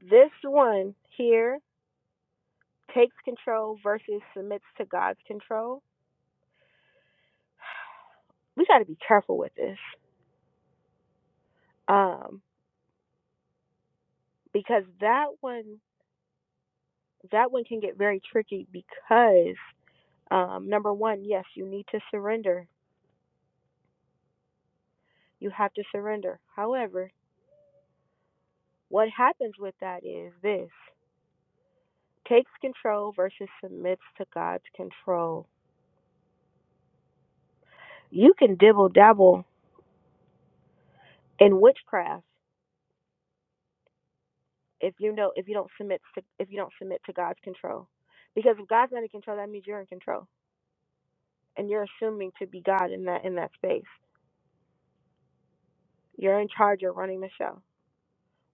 this one here takes control versus submits to God's control. We got to be careful with this. Um, because that one, that one can get very tricky because Um, number one, yes, you need to surrender. You have to surrender. However, what happens with that is this takes control versus submits to God's control. You can dibble dabble in witchcraft if you know if you don't submit to if you don't submit to God's control. Because if God's not in control, that means you're in control. And you're assuming to be God in that in that space. You're in charge, you're running the show.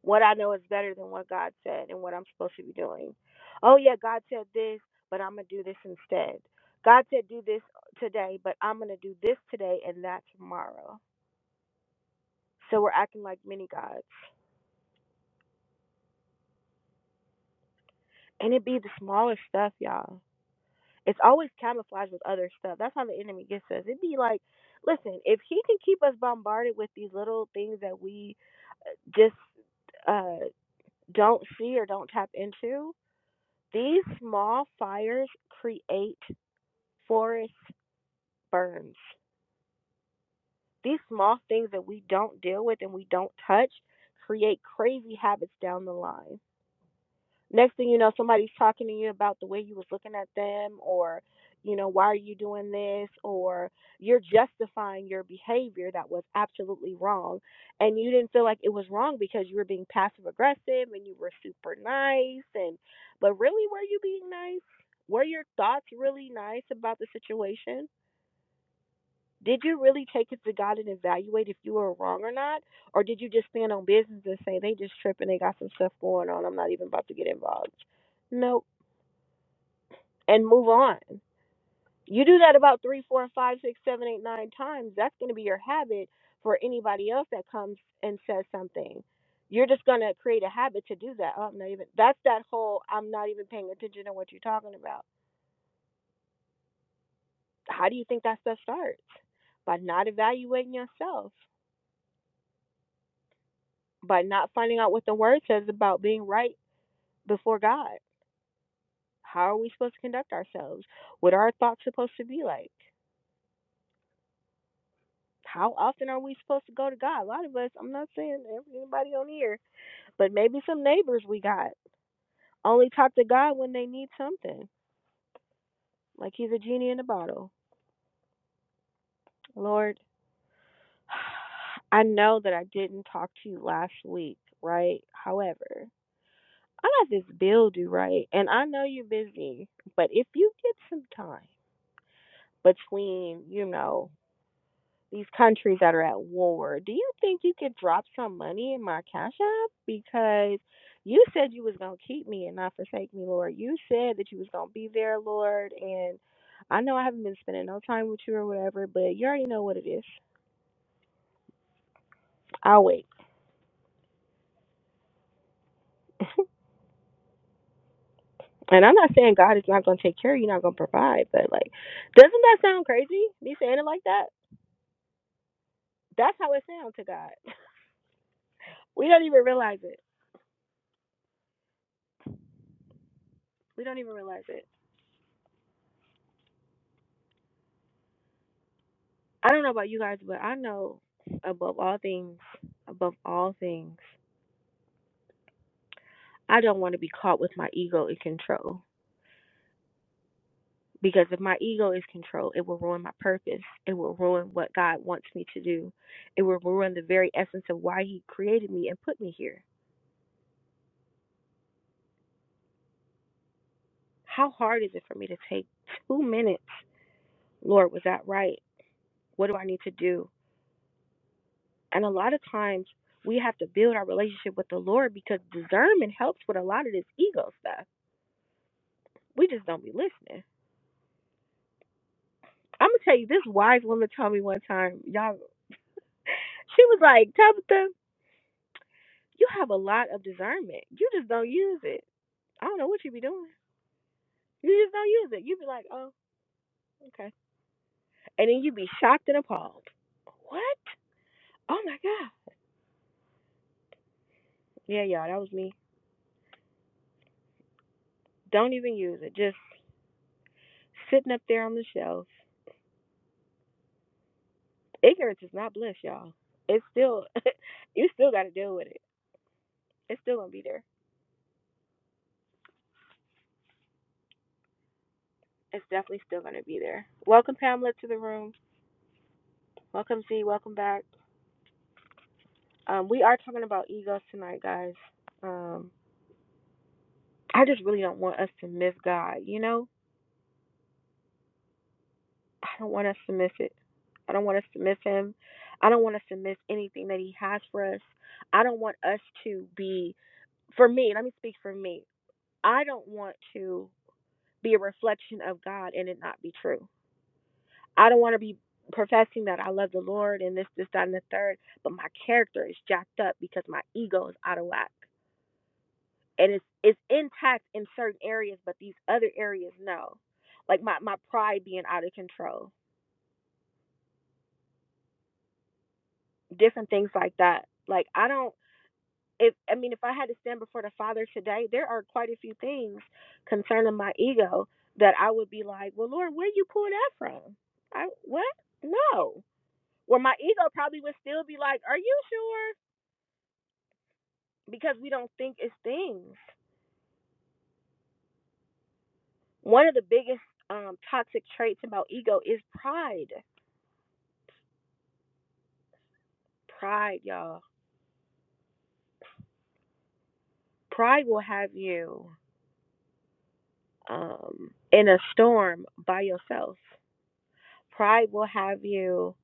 What I know is better than what God said and what I'm supposed to be doing. Oh, yeah, God said this, but I'm going to do this instead. God said do this today, but I'm going to do this today and that tomorrow. So we're acting like mini gods. And it be the smallest stuff, y'all. It's always camouflaged with other stuff. That's how the enemy gets us. It'd be like, listen, if he can keep us bombarded with these little things that we just uh, don't see or don't tap into, these small fires create Forest burns. These small things that we don't deal with and we don't touch create crazy habits down the line. Next thing you know, somebody's talking to you about the way you was looking at them or you know, why are you doing this? Or you're justifying your behavior that was absolutely wrong. And you didn't feel like it was wrong because you were being passive aggressive and you were super nice. And, but really, were you being nice? Were your thoughts really nice about the situation? Did you really take it to God and evaluate if you were wrong or not? Or did you just stand on business and say, they just tripping, they got some stuff going on, I'm not even about to get involved? Nope. And move on. You do that about three, four, five, six, seven, eight, nine times. That's going to be your habit for anybody else that comes and says something. You're just going to create a habit to do that. Oh, I'm not even, that's that whole, I'm not even paying attention to what you're talking about. How do you think that stuff starts? By not evaluating yourself. by not finding out what the word says about being right before God. How are we supposed to conduct ourselves? What are our thoughts supposed to be like? How often are we supposed to go to God? A lot of us, I'm not saying anybody on here, but maybe some neighbors we got only talk to God when they need something, like He's a genie in a bottle. Lord, I know that I didn't talk to you last week, right? However, I got this bill due, right? And I know you're busy, but if you get some time, between, you know, these countries that are at war. Do you think you could drop some money in my cash app? Because you said you was gonna keep me and not forsake me, Lord. You said that you was gonna be there, Lord, and I know I haven't been spending no time with you or whatever, but you already know what it is. I'll wait. And I'm not saying God is not gonna take care of you, not gonna provide, but like doesn't that sound crazy? Me saying it like that? That's how it sounds to God. we don't even realize it. We don't even realize it. I don't know about you guys, but I know above all things, above all things, I don't want to be caught with my ego in control. Because if my ego is controlled, it will ruin my purpose. It will ruin what God wants me to do. It will ruin the very essence of why He created me and put me here. How hard is it for me to take two minutes? Lord, was that right? What do I need to do? And a lot of times we have to build our relationship with the Lord because discernment helps with a lot of this ego stuff. We just don't be listening I'm gonna tell you, this wise woman told me one time, y'all. She was like, Tabitha, you have a lot of discernment. You just don't use it. I don't know what you be doing. You just don't use it. You be like, oh, okay, and then you be shocked and appalled. What? Oh my god. Yeah, y'all, that was me. Don't even use it. Just sitting up there on the shelf. Ignorance is not bliss, y'all. It's still, you still got to deal with it. It's still gonna be there. It's definitely still gonna be there. Welcome Pamela to the room. Welcome Z. Welcome back. Um, we are talking about egos tonight, guys. Um, I just really don't want us to miss God. You know, I don't want us to miss it. I don't want us to miss Him. I don't want us to miss anything that He has for us. I don't want us to be, for me, let me speak for me. I don't want to be a reflection of God and it not be true. I don't want to be professing that I love the Lord and this, this, that, and the third, but my character is jacked up because my ego is out of whack. and it's it's intact in certain areas, but these other areas no. Like my my pride being out of control, different things like that. Like I don't. If I mean, if I had to stand before the Father today, there are quite a few things concerning my ego that I would be like, "Well, Lord, where you pull that from? I what? No." Well my ego probably would still be like, "Are you sure?" Because we don't think it's things. One of the biggest um, toxic traits about ego is pride. Pride, y'all Pride will have you um, in a storm by yourself. Pride will have you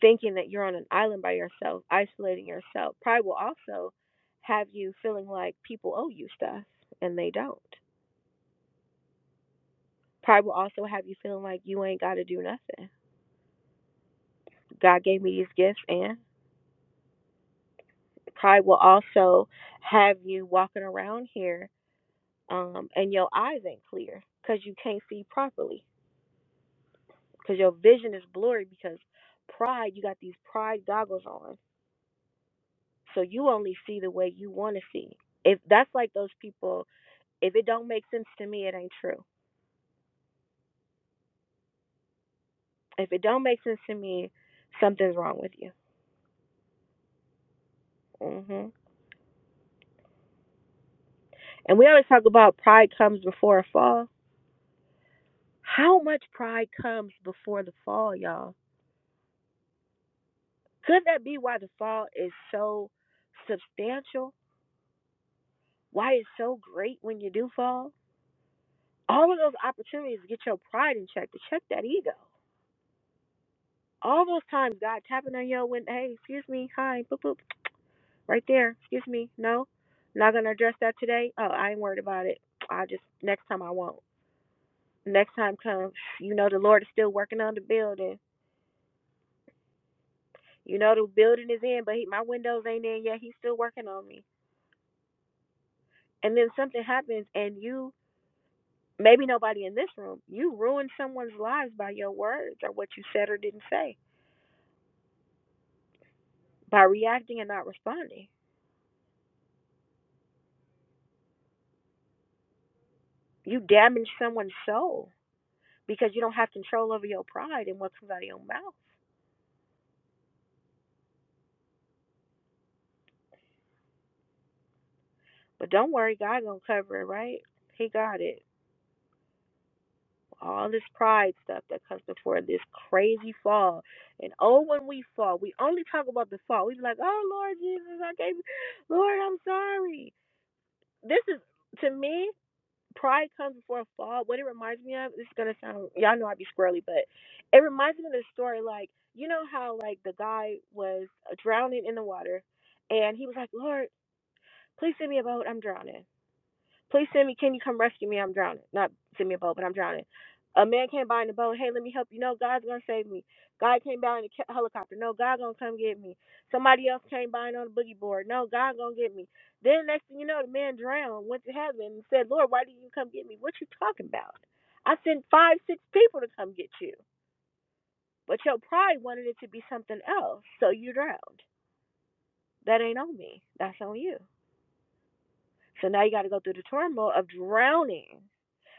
thinking that you're on an island by yourself, isolating yourself. Pride will also have you feeling like people owe you stuff and they don't. Pride will also have you feeling like you ain't got to do nothing. God gave me these gifts, and pride will also have you walking around here um, and your eyes ain't clear because you can't see properly because your vision is blurry because pride you got these pride goggles on so you only see the way you want to see if that's like those people if it don't make sense to me it ain't true if it don't make sense to me something's wrong with you hmm and we always talk about pride comes before a fall how much pride comes before the fall y'all could that be why the fall is so substantial why it's so great when you do fall all of those opportunities to get your pride in check to check that ego All those times God tapping on your window, hey, excuse me, hi, boop boop, right there, excuse me, no, not gonna address that today. Oh, I ain't worried about it. I just next time I won't. Next time comes, you know the Lord is still working on the building. You know the building is in, but he, my windows ain't in yet. He's still working on me. And then something happens, and you maybe nobody in this room, you ruined someone's lives by your words or what you said or didn't say by reacting and not responding. You damaged someone's soul because you don't have control over your pride and what comes out of your mouth. But don't worry, God gonna cover it, right? He got it. All this pride stuff that comes before this crazy fall. And oh when we fall, we only talk about the fall. We be like, Oh Lord Jesus, I gave you Lord, I'm sorry. This is to me, pride comes before a fall. What it reminds me of, this is gonna sound y'all know I be squirrely, but it reminds me of the story like you know how like the guy was drowning in the water and he was like, Lord, Please send me a boat. I'm drowning. Please send me. Can you come rescue me? I'm drowning. Not send me a boat, but I'm drowning. A man came by in a boat. Hey, let me help you. No, God's gonna save me. God came by in a helicopter. No, God gonna come get me. Somebody else came by on a boogie board. No, God gonna get me. Then next thing you know, the man drowned, went to heaven, and said, Lord, why didn't you come get me? What you talking about? I sent five, six people to come get you, but your pride wanted it to be something else, so you drowned. That ain't on me. That's on you. So now you got to go through the turmoil of drowning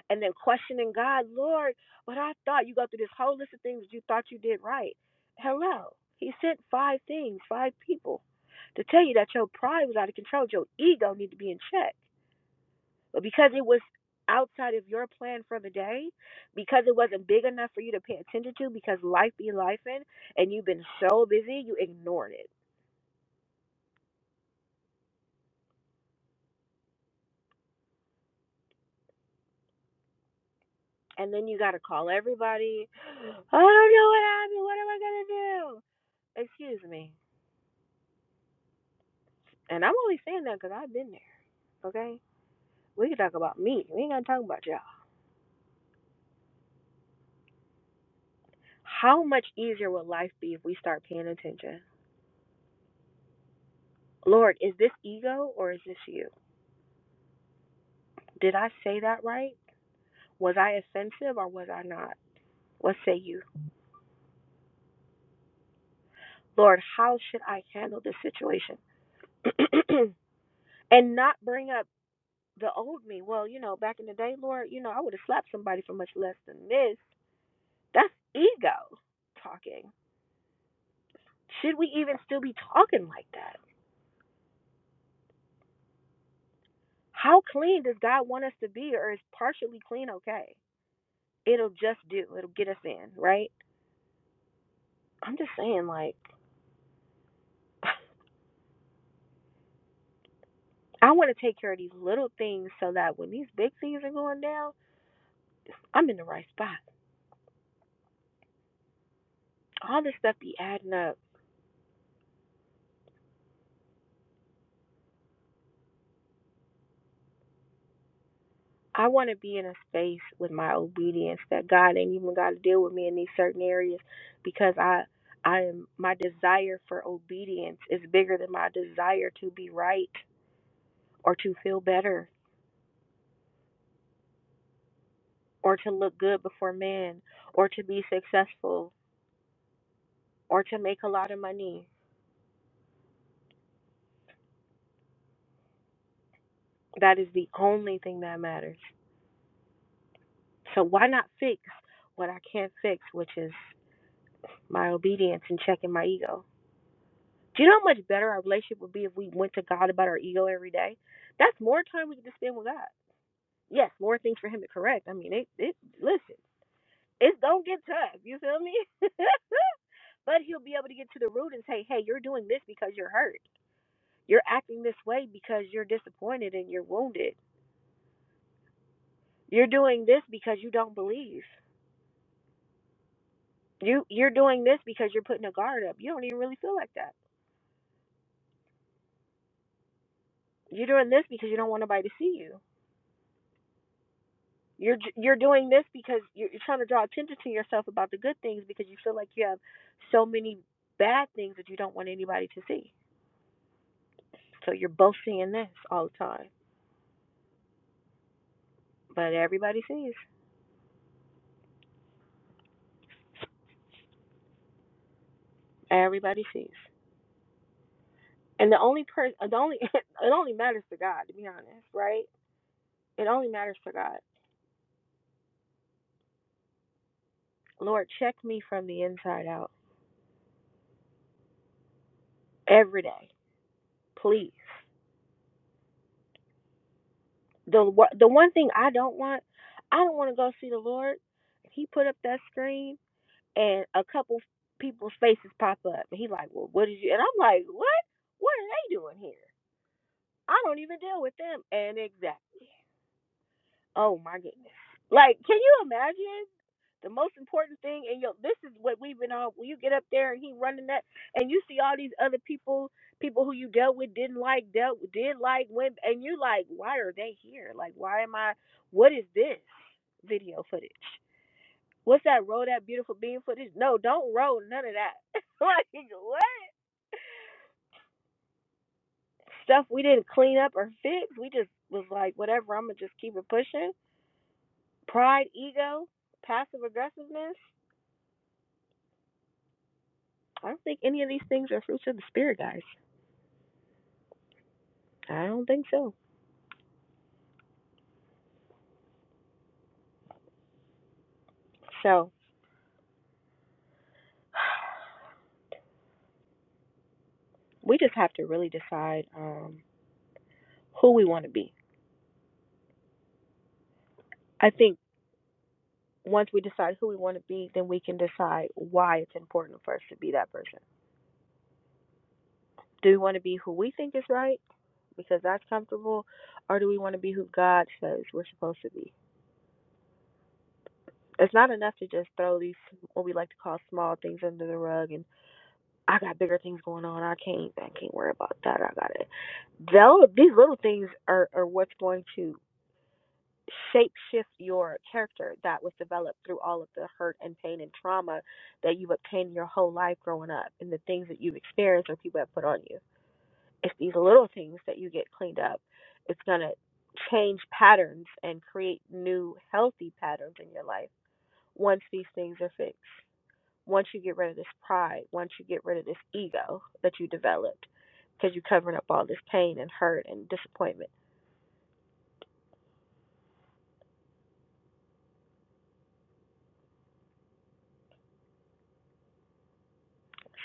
and then questioning God, Lord, but I thought you go through this whole list of things you thought you did right. Hello. He sent five things, five people to tell you that your pride was out of control, your ego needed to be in check. But because it was outside of your plan for the day, because it wasn't big enough for you to pay attention to, because life be life in, and you've been so busy, you ignored it and then you got to call everybody. I don't know what happened. What am I going to do? Excuse me. And I'm only saying that because I've been there, okay? We can talk about me. We ain't going to talk about y'all. How much easier would life be if we start paying attention? Lord, is this ego or is this you? Did I say that right? Was I offensive or was I not? What say you? Lord, how should I handle this situation? and not bring up The old me, well, you know, back in the day, Lord, you know, I would have slapped somebody for much less than this. That's ego talking. Should we even still be talking like that? How clean does God want us to be, or is partially clean okay? It'll just do, it'll get us in, right? I'm just saying, like, I want to take care of these little things so that when these big things are going down, I'm in the right spot. All this stuff be adding up I want to be in a space with my obedience that God ain't even got to deal with me in these certain areas because I I am my desire for obedience is bigger than my desire to be right or to feel better or to look good before men or to be successful or to make a lot of money. That is the only thing that matters. So why not fix what I can't fix, which is my obedience and checking my ego? Do you know how much better our relationship would be if we went to God about our ego every day? That's more time we could just spend with God. Yes, more things for Him to correct. I mean, it, it listen, it's gonna get tough. You feel me? but He'll be able to get to the root and say, hey, you're doing this because you're hurt. You're acting this way because you're disappointed and you're wounded. You're doing this because you don't believe. You you're doing this because you're putting a guard up. You don't even really feel like that. You're doing this because you don't want nobody to see you You're you're doing this because you're, you're trying to draw attention to yourself about the good things because you feel like you have so many bad things that you don't want anybody to see. So you're both seeing this all the time, but everybody sees. Everybody sees. And the only person, the only, it only matters to God, to be honest, right? It only matters to God. Lord, check me from the inside out every day, please. The the one thing I don't want, I don't want to go see the Lord. He put up that screen and a couple people's faces pop up. And he like, well, what did you? And I'm like, what? What are they doing here? I don't even deal with them. And exactly. Oh my goodness. Like, can you imagine? The most important thing, and yo, this is what we've been on. When you get up there and he running that, and you see all these other people, people who you dealt with didn't like, dealt with, did like, went, and you like, why are they here? Like, why am I? What is this video footage? What's that? Roll that beautiful bean footage? No, don't roll none of that. like what? Stuff we didn't clean up or fix. We just was like, whatever. I'm gonna just keep it pushing. Pride, ego, passive aggressiveness. I don't think any of these things are fruits of the spirit, guys. I don't think so. So we just have to really decide um, who we want to be. I think once we decide who we want to be, then we can decide why it's important for us to be that person. Do we want to be who we think is right? because that's comfortable, or do we want to be who God says we're supposed to be? It's not enough to just throw these what we like to call small things under the rug and I got bigger things going on. I can't I can't worry about that. I got it. Though these little things are, are what's going to shape shift your character that was developed through all of the hurt and pain and trauma that you've obtained your whole life growing up and the things that you've experienced or people have put on you. it's these little things that you get cleaned up. It's going to change patterns and create new healthy patterns in your life once these things are fixed. Once you get rid of this pride, once you get rid of this ego that you developed because you're covering up all this pain and hurt and disappointment.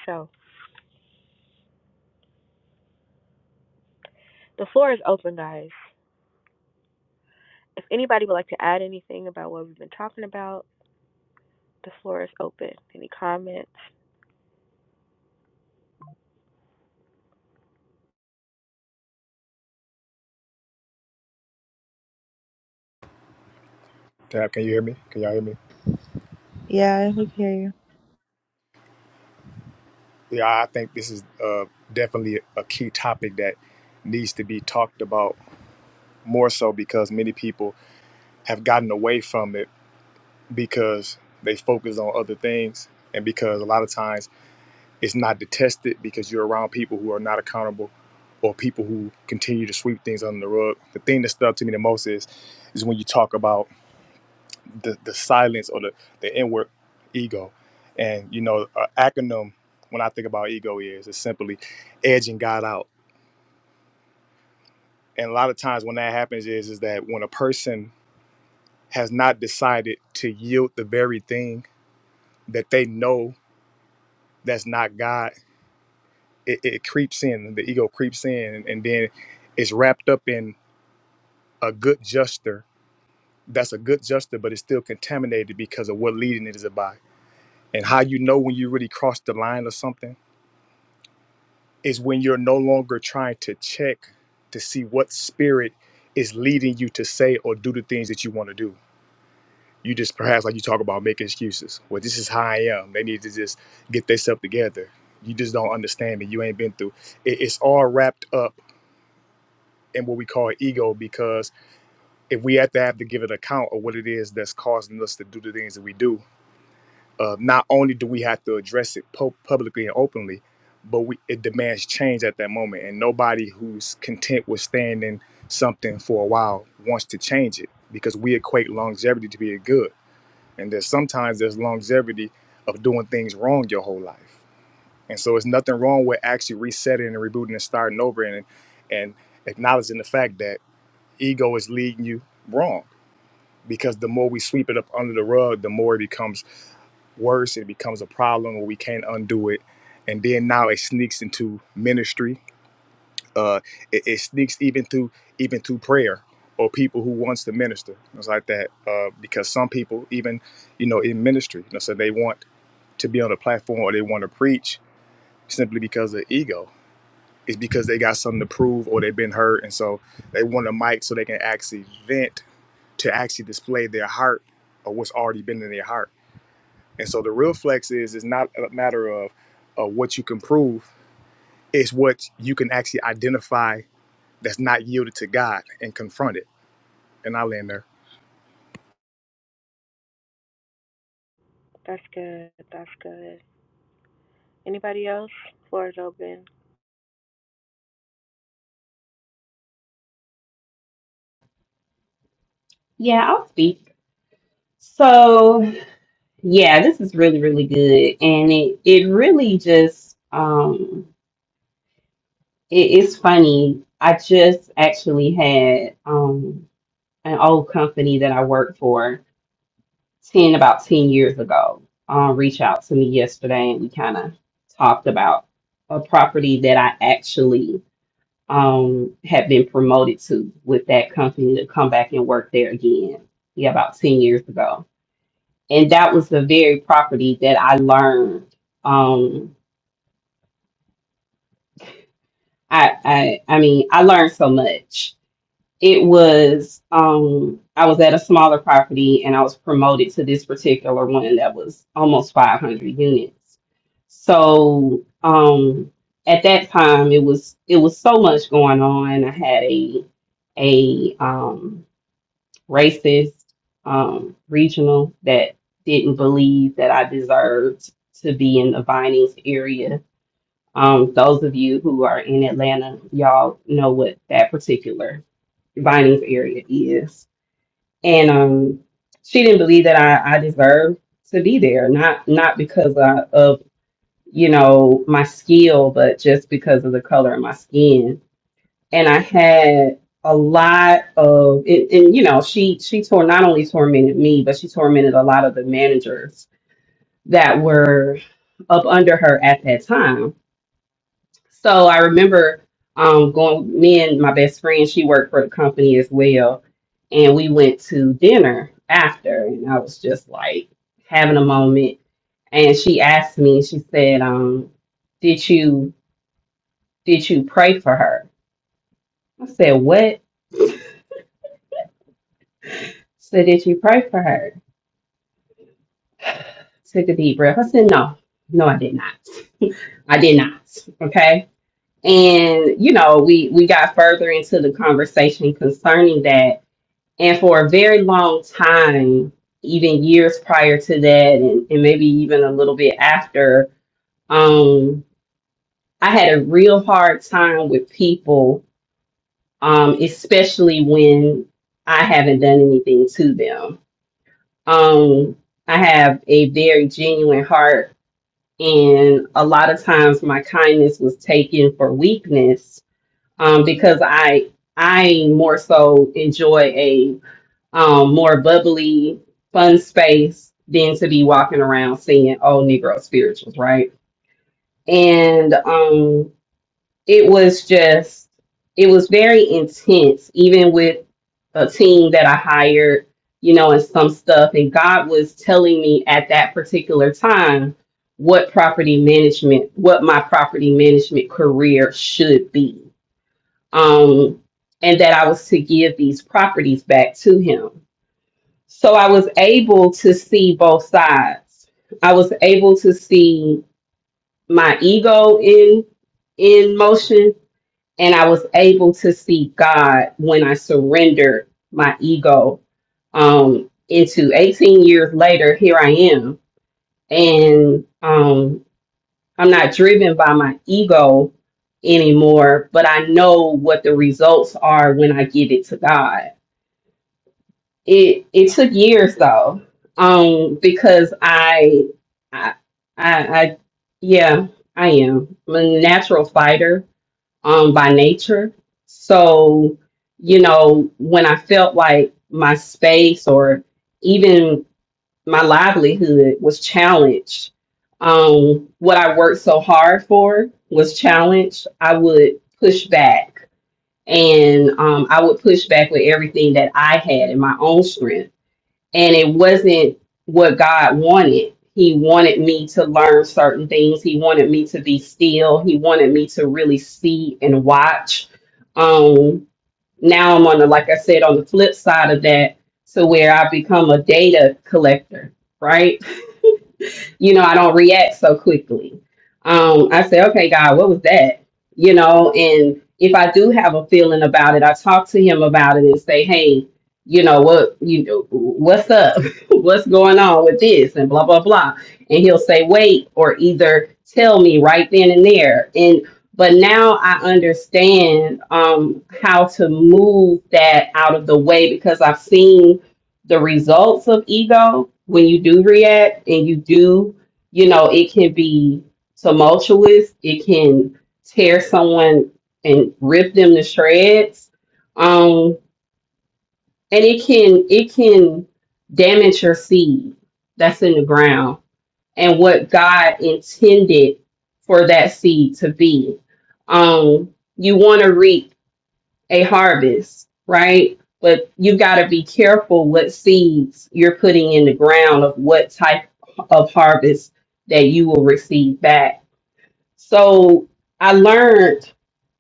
So the floor is open, guys. If anybody would like to add anything about what we've been talking about, the floor is open. Any comments? Tab, can you hear me? Can y'all hear me? Yeah, we can hear Yeah, I think this is uh, definitely a key topic that needs to be talked about more so because many people have gotten away from it because they focus on other things and because a lot of times It's not detested because you're around people who are not accountable or people who continue to sweep things under the rug. The thing that stuck to me the most is is when you talk about the, the silence or the, the inward ego. And you know, an acronym when I think about ego is is simply edging God out. And a lot of times when that happens is is that when a person has not decided to yield the very thing that they know that's not God, it, it creeps in. The ego creeps in and then it's wrapped up in. a good juster that's a good juster but it's still contaminated because of what leading it is by and how you know when you really cross the line or something is when you're no longer trying to check to see what spirit is leading you to say or do the things that you want to do you just perhaps like you talk about making excuses well this is how i am they need to just get themselves together you just don't understand it you ain't been through it, it's all wrapped up in what we call ego because if we have to have to give an account of what it is that's causing us to do the things that we do uh, not only do we have to address it pu- publicly and openly, but we, it demands change at that moment. And nobody who's content with staying in something for a while wants to change it because we equate longevity to be a good. And there's sometimes there's longevity of doing things wrong your whole life. And so it's nothing wrong with actually resetting and rebooting and starting over and and acknowledging the fact that ego is leading you wrong. Because the more we sweep it up under the rug, the more it becomes worse. It becomes a problem where we can't undo it. And then now it sneaks into ministry. Uh, it, it sneaks even through even through prayer or people who wants to minister. It's like that uh, because some people even you know in ministry, you know, so they want to be on a platform or they want to preach simply because of ego. It's because they got something to prove or they've been hurt, and so they want a mic so they can actually vent to actually display their heart or what's already been in their heart. And so the real flex is is not a matter of uh, what you can prove; it's what you can actually identify that's not yielded to God and confront it. And I land there. That's good. That's good. Anybody else? Floor is open. Yeah, I'll speak. So yeah, this is really, really good. And it it really just um it is funny. I just actually had um an old company that I worked for 10 about 10 years ago um, reached out to me yesterday and we kind of talked about a property that I actually um, had been promoted to with that company to come back and work there again. Yeah, about 10 years ago. And that was the very property that I learned. Um, I, I, I mean, I learned so much It was um I was at a smaller property and I was promoted to this particular one that was almost 500 units. So um at that time it was it was so much going on. I had a a um racist um regional that didn't believe that I deserved to be in the Vinings area. Um, those of you who are in Atlanta, y'all know what that particular Vining's area is. And um, she didn't believe that I, I deserved to be there, not not because I, of you know my skill, but just because of the color of my skin. And I had a lot of, and, and you know, she she tore not only tormented me, but she tormented a lot of the managers that were up under her at that time so I remember um, going, me and my best friend, she worked for the company as well. And we went to dinner after. And I was just like having a moment. And she asked me, she said, um, did you, did you pray for her? I said, what? She said, did you pray for her? Took a deep breath. I said, no, no, I did not. I did not. Okay. And, you know, we, we got further into the conversation concerning that And for a very long time, even years prior to that, and, and maybe even a little bit after, um, I had a real hard time with people, um, especially when I haven't done anything to them. Um, I have a very genuine heart, and a lot of times my kindness was taken for weakness um, because I I more so enjoy a. um, more bubbly, fun space than to be walking around singing old Negro spirituals, right? And um, it was just, it was very intense, even with a team that I hired, you know, and some stuff. And God was telling me at that particular time what property management, what my property management career should be. Um, and that I was to give these properties back to him so I was able to see both sides. I was able to see my ego in in motion and I was able to see God when I surrendered my ego um into 18 years later here I am and um I'm not driven by my ego anymore, but I know what the results are when I give it to God it it took years though um because i i i, I yeah i am i'm a natural fighter um by nature so you know when i felt like my space or even my livelihood was challenged um what i worked so hard for was challenged i would push back and um, i would push back with everything that i had in my own strength and it wasn't what God wanted. He wanted me to learn certain things. He wanted me to be still. He wanted me to really see and watch. Um, now I'm on the, like I said, on the flip side of that, to where I become a data collector, right? you know, I don't react so quickly. Um, I say, okay, God, what was that? You know, and if I do have a feeling about it, I talk to him about it and say, hey, you know what, you know, what's up? what's going on with this? And blah blah blah. And he'll say, wait, or either tell me right then and there. And but now I understand um, how to move that out of the way because I've seen the results of ego when you do react and you do, you know, it can be tumultuous. It can tear someone and rip them to shreds. Um, and it can it can damage your seed that's in the ground and what God intended for that seed to be. Um, you want to reap a harvest, right? But you've got to be careful what seeds you're putting in the ground of what type of harvest that you will receive back. So I learned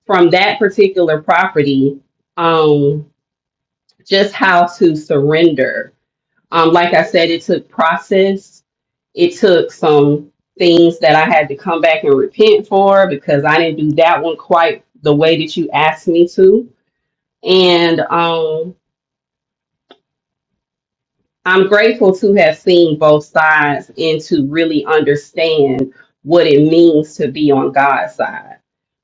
from that particular property um, just how to surrender. Um, like I said, it took process, it took some things that I had to come back and repent for because I didn't do that one quite the way that you asked me to. And um, I'm grateful to have seen both sides and to really understand what it means to be on God's side,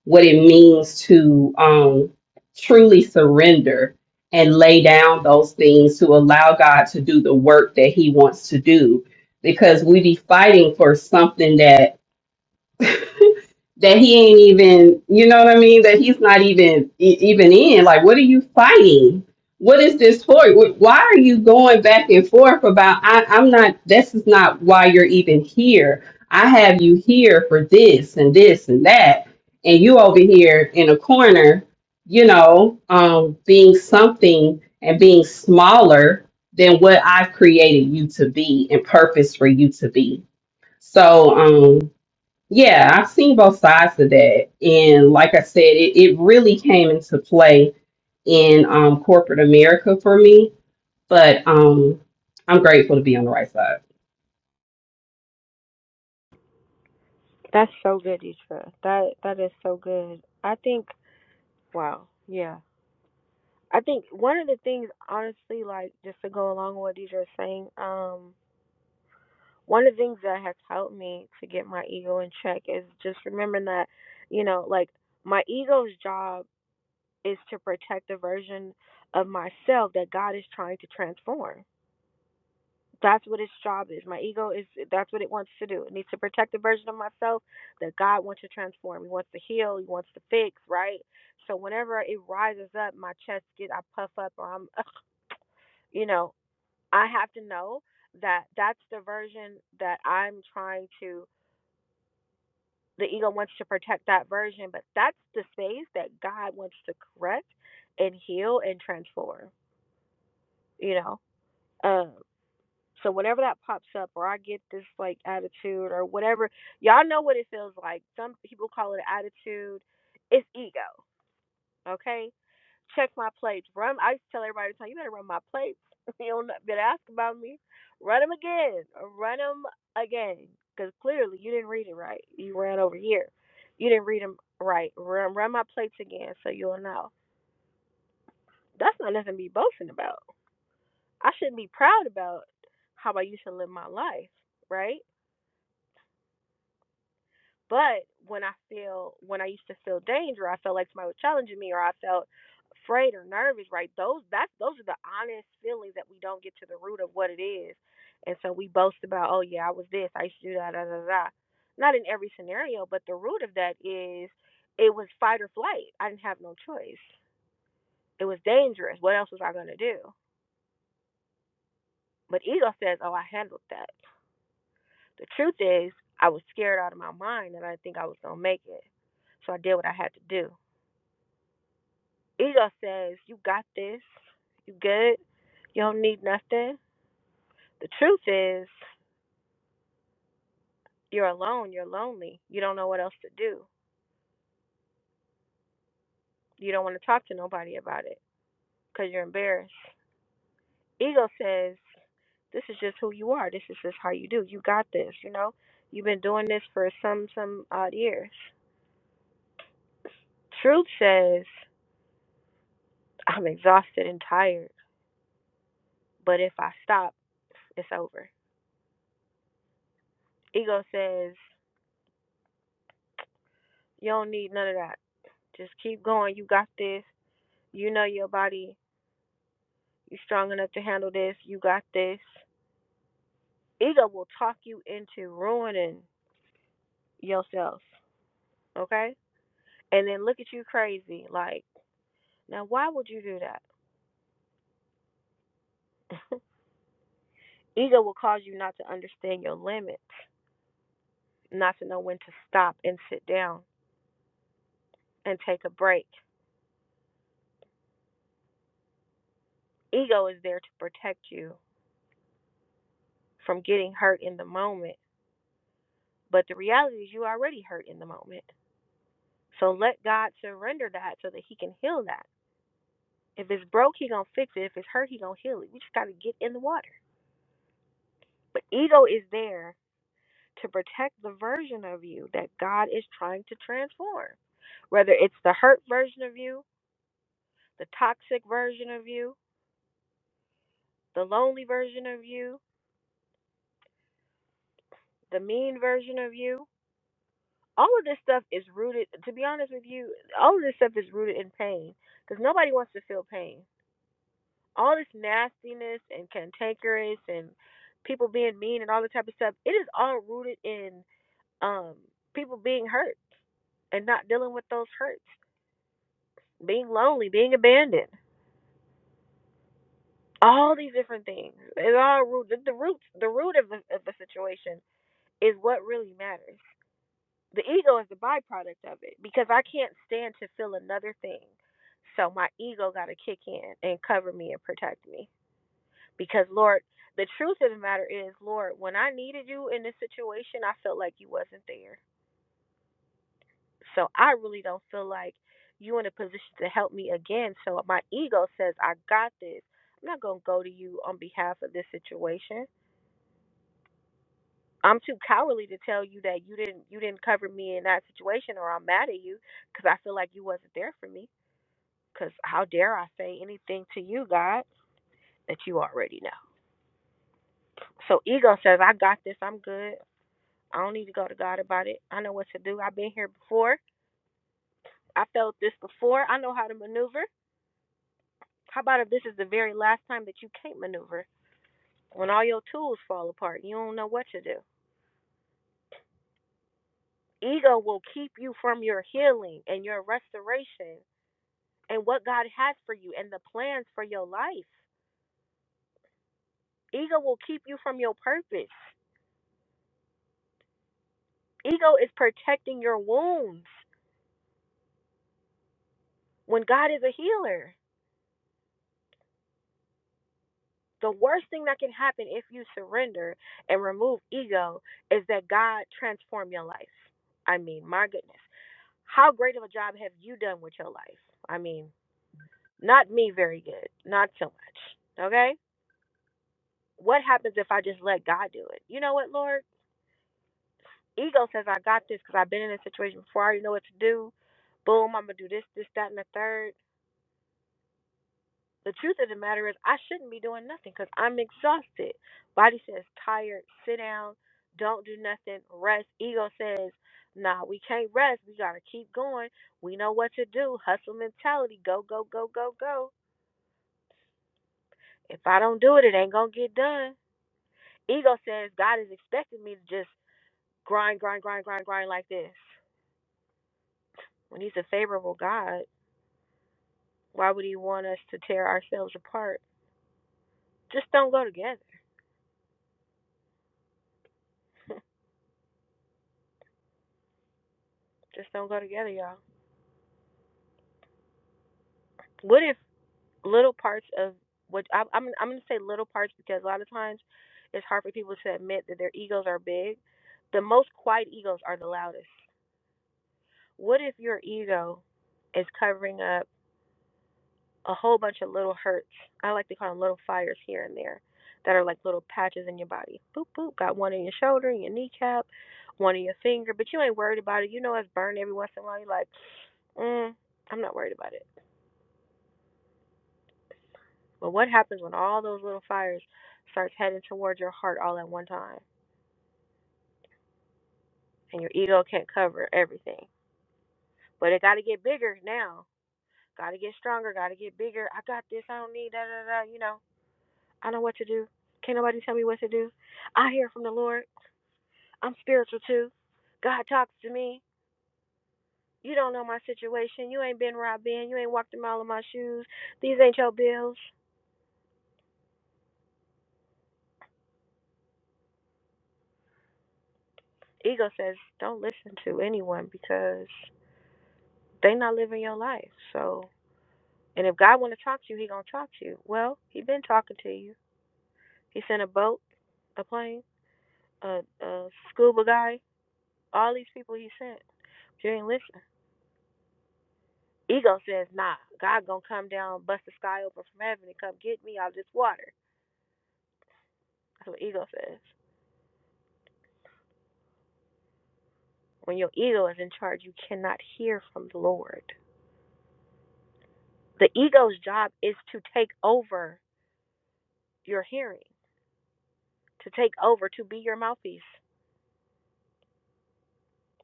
what it means to um, truly surrender and lay down those things to allow God to do the work that He wants to do. Because we be fighting for something that that he ain't even, you know what I mean? That he's not even e- even in. Like, what are you fighting? What is this for? Wh- Why are you going back and forth about? I, I'm not. This is not why you're even here. I have you here for this and this and that, and you over here in a corner, you know, um, being something and being smaller than what I've created you to be and purpose for you to be. So, um, yeah, I've seen both sides of that. And like I said, it, it really came into play in um, corporate America for me. But um, I'm grateful to be on the right side. That's so good, Isra. That that is so good. I think wow, yeah. I think one of the things honestly, like just to go along with what Deidre is saying, um, one of the things that has helped me to get my ego in check is just remembering that, you know, like my ego's job is to protect the version of myself that God is trying to transform That's what its job is. My ego is that's what it wants to do. It needs to protect the version of myself that God wants to transform. He wants to heal. He wants to fix, right? So whenever it rises up, my chest get I puff up or I'm ugh, you know, I have to know that that's the version that I'm trying to the ego wants to protect that version, but that's the space that God wants to correct and heal and transform, you know. Um, So whenever that pops up, or I get this like attitude, or whatever, y'all know what it feels like. Some people call it attitude. It's ego. Okay, check my plates. Run. I used to tell everybody, time you better run my plates. you don't better ask about me. Run them again. Run them again. Because clearly you didn't read it right. You ran over here. You didn't read them right. Run, run my plates again, so you'll know. That's not nothing to be boasting about. I shouldn't be proud about how I used to live my life, right? But when I feel when I used to feel danger, I felt like somebody was challenging me, or I felt afraid or nervous. Right? Those that's those are the honest feelings that we don't get to the root of what it is, and so we boast about, oh yeah, I was this, I used to do that, da da da. Not in every scenario, but the root of that is it was fight or flight. I didn't have no choice. It was dangerous. What else was I gonna do? But ego says, oh, I handled that. The truth is, I was scared out of my mind, and I didn't think I was gonna make it, so I did what I had to do Ego says, You got this. You good. You don't need nothing. The truth is, you're alone. You're lonely. You don't know what else to do. You don't want to talk to nobody about it because you're embarrassed. Ego says, This is just who you are. This is just how you do. You got this. You know, you've been doing this for some, some odd years. Truth says, I'm exhausted and tired, but if I stop, it's over. Ego says, You don't need none of that. Just keep going. You got this. You know your body. You're strong enough to handle this. You got this. Ego will talk you into ruining yourself. Okay? And then look at you crazy. Like, now why would you do that? Ego will cause you not to understand your limits, not to know when to stop and sit down and take a break. Ego is there to protect you from getting hurt in the moment. But the reality is, you already hurt in the moment. So let God surrender that so that He can heal that If it's broke, he gonna fix it. If it's hurt, he gonna heal it. We just gotta get in the water. But ego is there to protect the version of you that God is trying to transform. Whether it's the hurt version of you, the toxic version of you, the lonely version of you, the mean version of you. All of this stuff is rooted, to be honest with you, all of this stuff is rooted in pain because nobody wants to feel pain. All this nastiness and cantankerous and people being mean and all this type of stuff, it is all rooted in Um, people being hurt and not dealing with those hurts, being lonely, being abandoned, all these different things. It's all root. The, the roots, the root of the of the situation is what really matters. The ego is the byproduct of it because I can't stand to feel another thing. So my ego got to kick in and cover me and protect me because Lord, the truth of the matter is, Lord, when I needed you in this situation, I felt like you wasn't there So I really don't feel like you in a position to help me again. So my ego says, I got this. I'm not gonna go to you on behalf of this situation. I'm too cowardly to tell you that you didn't you didn't cover me in that situation, or I'm mad at you because I feel like you wasn't there for me. Because how dare I say anything to you, God, that you already know? So ego says, I got this. I'm good. I don't need to go to God about it. I know what to do. I've been here before. I felt this before. I know how to maneuver. How about if this is the very last time that you can't maneuver? When all your tools fall apart, you don't know what to do. Ego will keep you from your healing and your restoration and what God has for you and the plans for your life. Ego will keep you from your purpose. Ego is protecting your wounds when God is a healer. The worst thing that can happen if you surrender and remove ego is that God transform your life. I mean, my goodness. How great of a job have you done with your life? I mean, Not me very good. Not so much. Okay? What happens if I just let God do it? You know what, Lord? Ego says I got this because I've been in this situation before. I already know what to do. Boom, I'm going to do this, this, that, and the third. The truth of the matter is, I shouldn't be doing nothing because I'm exhausted. Body says, tired, sit down, don't do nothing, rest. Ego says, nah, we can't rest. We got to keep going. We know what to do. Hustle mentality. Go, go, go, go, go. If I don't do it, it ain't going to get done Ego says God is expecting me to just grind, grind, grind, grind, grind like this. When He's a favorable God, why would He want us to tear ourselves apart? Just don't go together. Just don't go together, y'all. What if little parts of what I, I'm I'm gonna say little parts because a lot of times it's hard for people to admit that their egos are big. The most quiet egos are the loudest. What if your ego is covering up? a whole bunch of little hurts. I like to call them little fires here and there that are like little patches in your body. Boop, boop. Got one in your shoulder, in your kneecap, one in your finger, but you ain't worried about it. You know it's burned every once in a while. You're like, mm, I'm not worried about it. But what happens when all those little fires starts heading towards your heart all at one time and your ego can't cover everything? But it got to get bigger now. Got to get stronger. Got to get bigger. I got this. I don't need da da da. You know, I know what to do. Can't nobody tell me what to do. I hear from the Lord. I'm spiritual too. God talks to me. You don't know my situation. You ain't been where I've been. You ain't walked a mile in my shoes. These ain't your bills. Ego says, don't listen to anyone because they not living your life. So, and if God want to talk to you, he gonna talk to you. Well, he been talking to you. He sent a boat, a plane, a, a scuba guy, all these people he sent. But you ain't listen. Ego says, nah, God gonna come down, bust the sky open from heaven and come get me out of this water. That's what ego says. When your ego is in charge, you cannot hear from the Lord. The ego's job is to take over your hearing, to take over, to be your mouthpiece.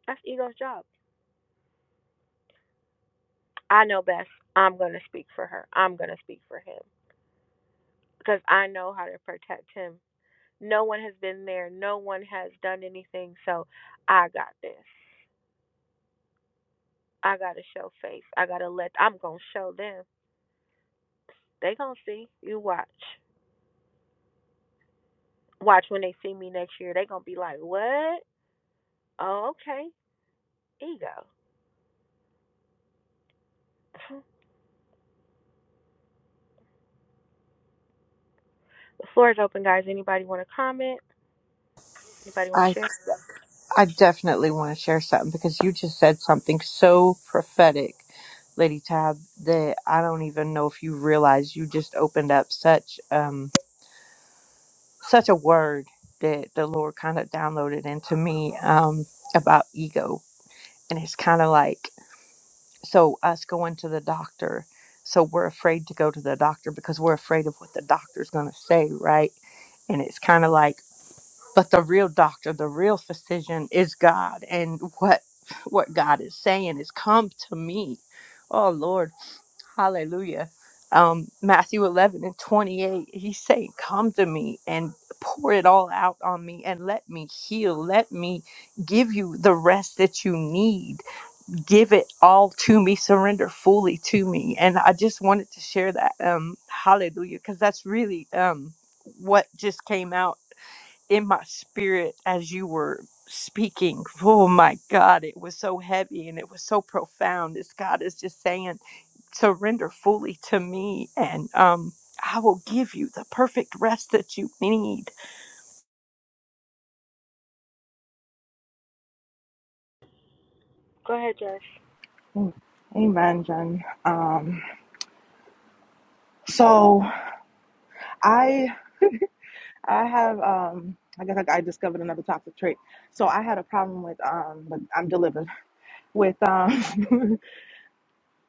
That's ego's job. I know best. I'm going to speak for her. I'm going to speak for him because I know how to protect him. No one has been there. No one has done anything. So I got this. I got to show face. I got to let, I'm going to show them. They going to see. You watch. Watch when they see me next year. They going to be like, what? Oh, okay. ego. The floor is open, guys. Anybody want to comment? Anybody want to I share? I definitely want to share something because you just said something so prophetic, Lady Tab, that I don't even know if you realize you just opened up such um such a word that the Lord kind of downloaded into me um about ego. And it's kind of like so us going to the doctor, so we're afraid to go to the doctor because we're afraid of what the doctor's going to say, right? And it's kind of like but the real doctor the real physician is god and what what god is saying is come to me oh lord hallelujah um matthew 11 and 28 he's saying come to me and pour it all out on me and let me heal let me give you the rest that you need give it all to me surrender fully to me and i just wanted to share that um hallelujah because that's really um what just came out in my spirit as you were speaking. Oh my God, it was so heavy and it was so profound. This God is just saying, surrender fully to me and um I will give you the perfect rest that you need. Go ahead, Jess. you. Amen, Jen. Um, so I I have um I guess I, I discovered another toxic trait. So I had a problem with um but I'm delivered with um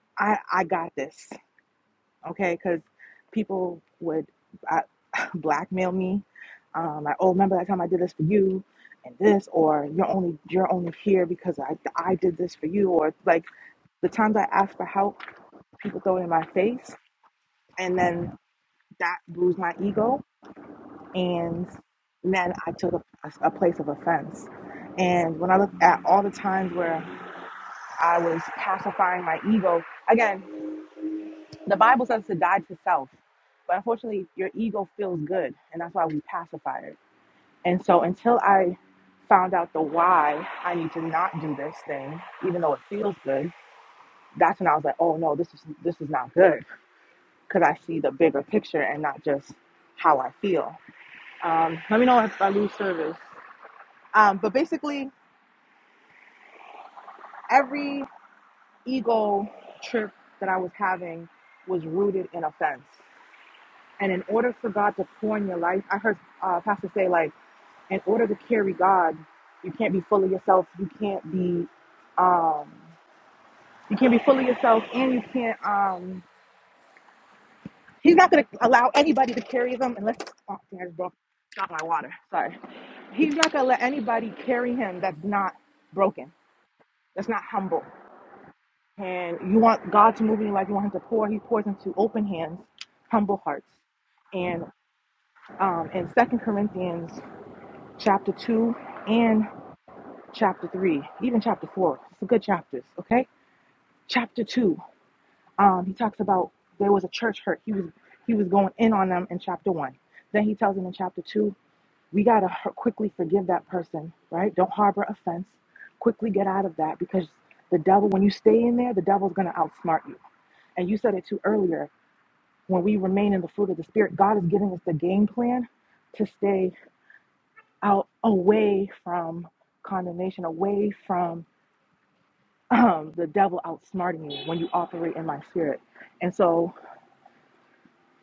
I I got this. okay? Because people would I, blackmail me. Um, like, oh, remember that time I did this for you, and this, or you're only you're only here because I I did this for you, or like the times I ask for help, people throw it in my face, and then that bruised my ego, and then I took a, a place of offense. And when I look at all the times where I was pacifying my ego, again, The Bible says to die to self, but unfortunately, your ego feels good, and that's why we pacify it. And so, until I found out the why I need to not do this thing, even though it feels good, that's when I was like, oh no, this is this is not good because I see the bigger picture and not just how I feel. Um, let me know if I lose service. Um, but basically, every ego trip that I was having was rooted in offense. And in order for God to pour in your life, I heard uh, Pastor say, like, in order to carry God, you can't be full of yourself. You can't be, um, you can't be full of yourself, and you can't. Um, he's not going to allow anybody to carry them unless. Oh, I just broke. Got my water. Sorry. He's not going to let anybody carry him that's not broken. That's not humble. And you want God to move in your life. You want Him to pour. He pours into open hands, humble hearts. And um, in Second Corinthians chapter 2 and chapter 3, even chapter 4. It's a good chapters, okay? Chapter 2, um, he talks about there was a church hurt. He was he was going in on them in chapter 1. Then he tells them in chapter 2, we got to quickly forgive that person, right? Don't harbor offense. Quickly get out of that because the devil when you stay in there, the devil's going to outsmart you. And you said it too earlier, when we remain in the fruit of the spirit, God is giving us the game plan to stay out away from condemnation, away from um, the devil outsmarting you when you operate in my spirit. And so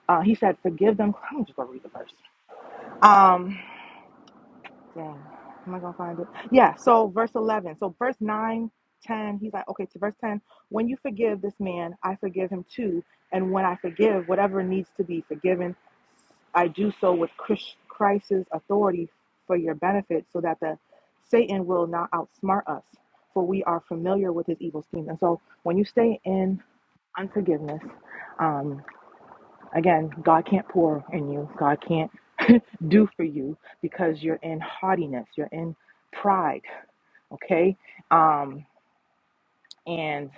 uh, he said, Forgive them. I'm just going to read the verse. Um, Dang, am I gonna find it? Yeah, so verse 11. So verse 9, 10. he's like, okay, to verse 10, when you forgive this man, I forgive him too. And when I forgive whatever needs to be forgiven, I do so with Chris- Christ's authority for your benefit so that the Satan will not outsmart us, for we are familiar with his evil schemes. And so when you stay in unforgiveness, um, Again, God can't pour in you. God can't do for you because you're in haughtiness. You're in pride. Okay. Um, and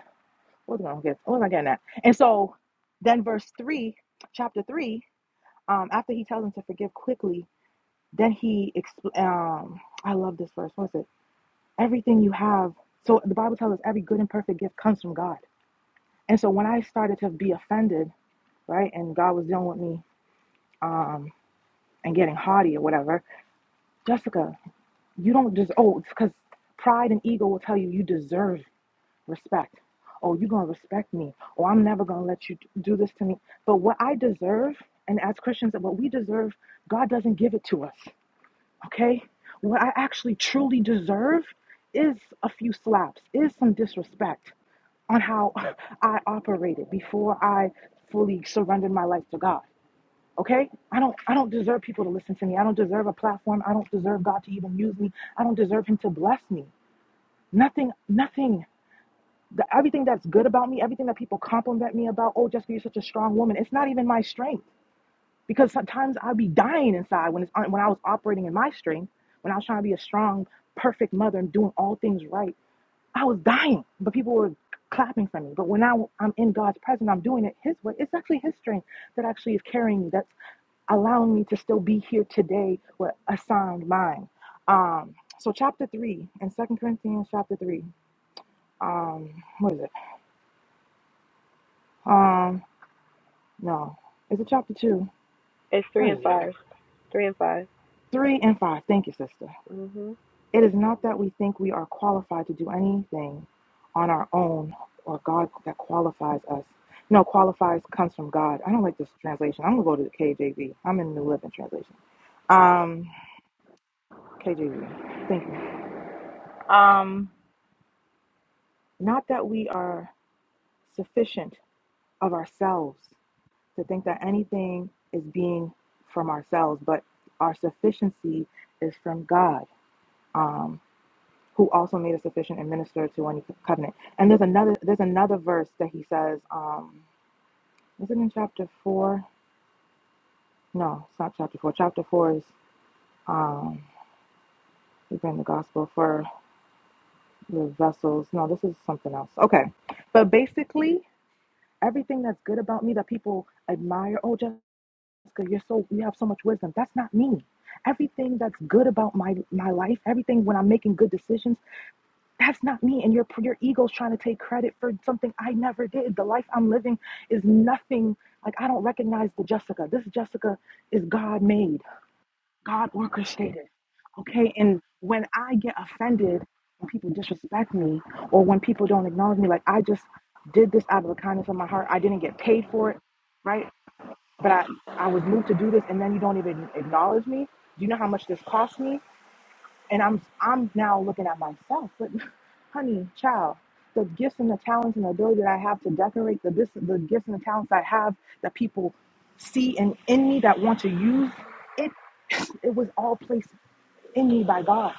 what am I getting? What am I getting at? And so then verse three, chapter three, um, after he tells him to forgive quickly, then he expl- um I love this verse. What is it? Everything you have. So the Bible tells us every good and perfect gift comes from God. And so when I started to be offended, right, and God was dealing with me um and getting haughty or whatever, Jessica, you don't just oh, it's because pride and ego will tell you you deserve respect. Oh, you're gonna respect me. Oh, I'm never gonna let you do this to me. But what I deserve, and as Christians, what we deserve, God doesn't give it to us. Okay? What I actually truly deserve is a few slaps, is some disrespect on how I operated before I fully surrendered my life to God. Okay? I don't I don't deserve people to listen to me. I don't deserve a platform. I don't deserve God to even use me. I don't deserve him to bless me. Nothing, nothing. The, everything that's good about me, everything that people compliment me about, oh, Jessica, you're such a strong woman. It's not even my strength because sometimes I'd be dying inside when it's when I was operating in my strength, when I was trying to be a strong, perfect mother and doing all things right. I was dying, but people were clapping for me. But when I, I'm in God's presence, I'm doing it His way. It's actually His strength that actually is carrying me. That's allowing me to still be here today with a sound mind. Um, so chapter three in Second Corinthians chapter three. Um, what is it? Um, no, is it chapter two? It's three What and is it? five. Three and five. Three and five. Thank you, sister. Mhm. It is not that we think we are qualified to do anything on our own, or God that qualifies us. No, qualifies comes from God. I don't like this translation. I'm gonna go to the KJV. I'm in the New Living Translation. Um, KJV. Thank you. Um, Not that we are sufficient of ourselves to think that anything is being from ourselves, but our sufficiency is from God, um, who also made us sufficient and ministered to any covenant. And there's another there's another verse that he says, um, is it in chapter four? No, it's not chapter four. Chapter four is um, we bring the gospel for the vessels. No, this is something else. Okay, but basically everything that's good about me that people admire. Oh, Jessica, you're so you have so much wisdom. That's not me. Everything that's good about my my life, everything when I'm making good decisions, that's not me. And your your ego's trying to take credit for something I never did. The life I'm living is nothing. Like I don't recognize the Jessica. This Jessica is God made, God orchestrated. Okay, and when I get offended when people disrespect me or when people don't acknowledge me, like I just did this out of the kindness of my heart. I didn't get paid for it, right? but I, I was moved to do this and then you don't even acknowledge me. Do you know how much this cost me? And I'm I'm now looking at myself, but honey, child, the gifts and the talents and the ability that I have to decorate the this the gifts and the talents I have that people see in in me that want to use it it was all placed in me by God.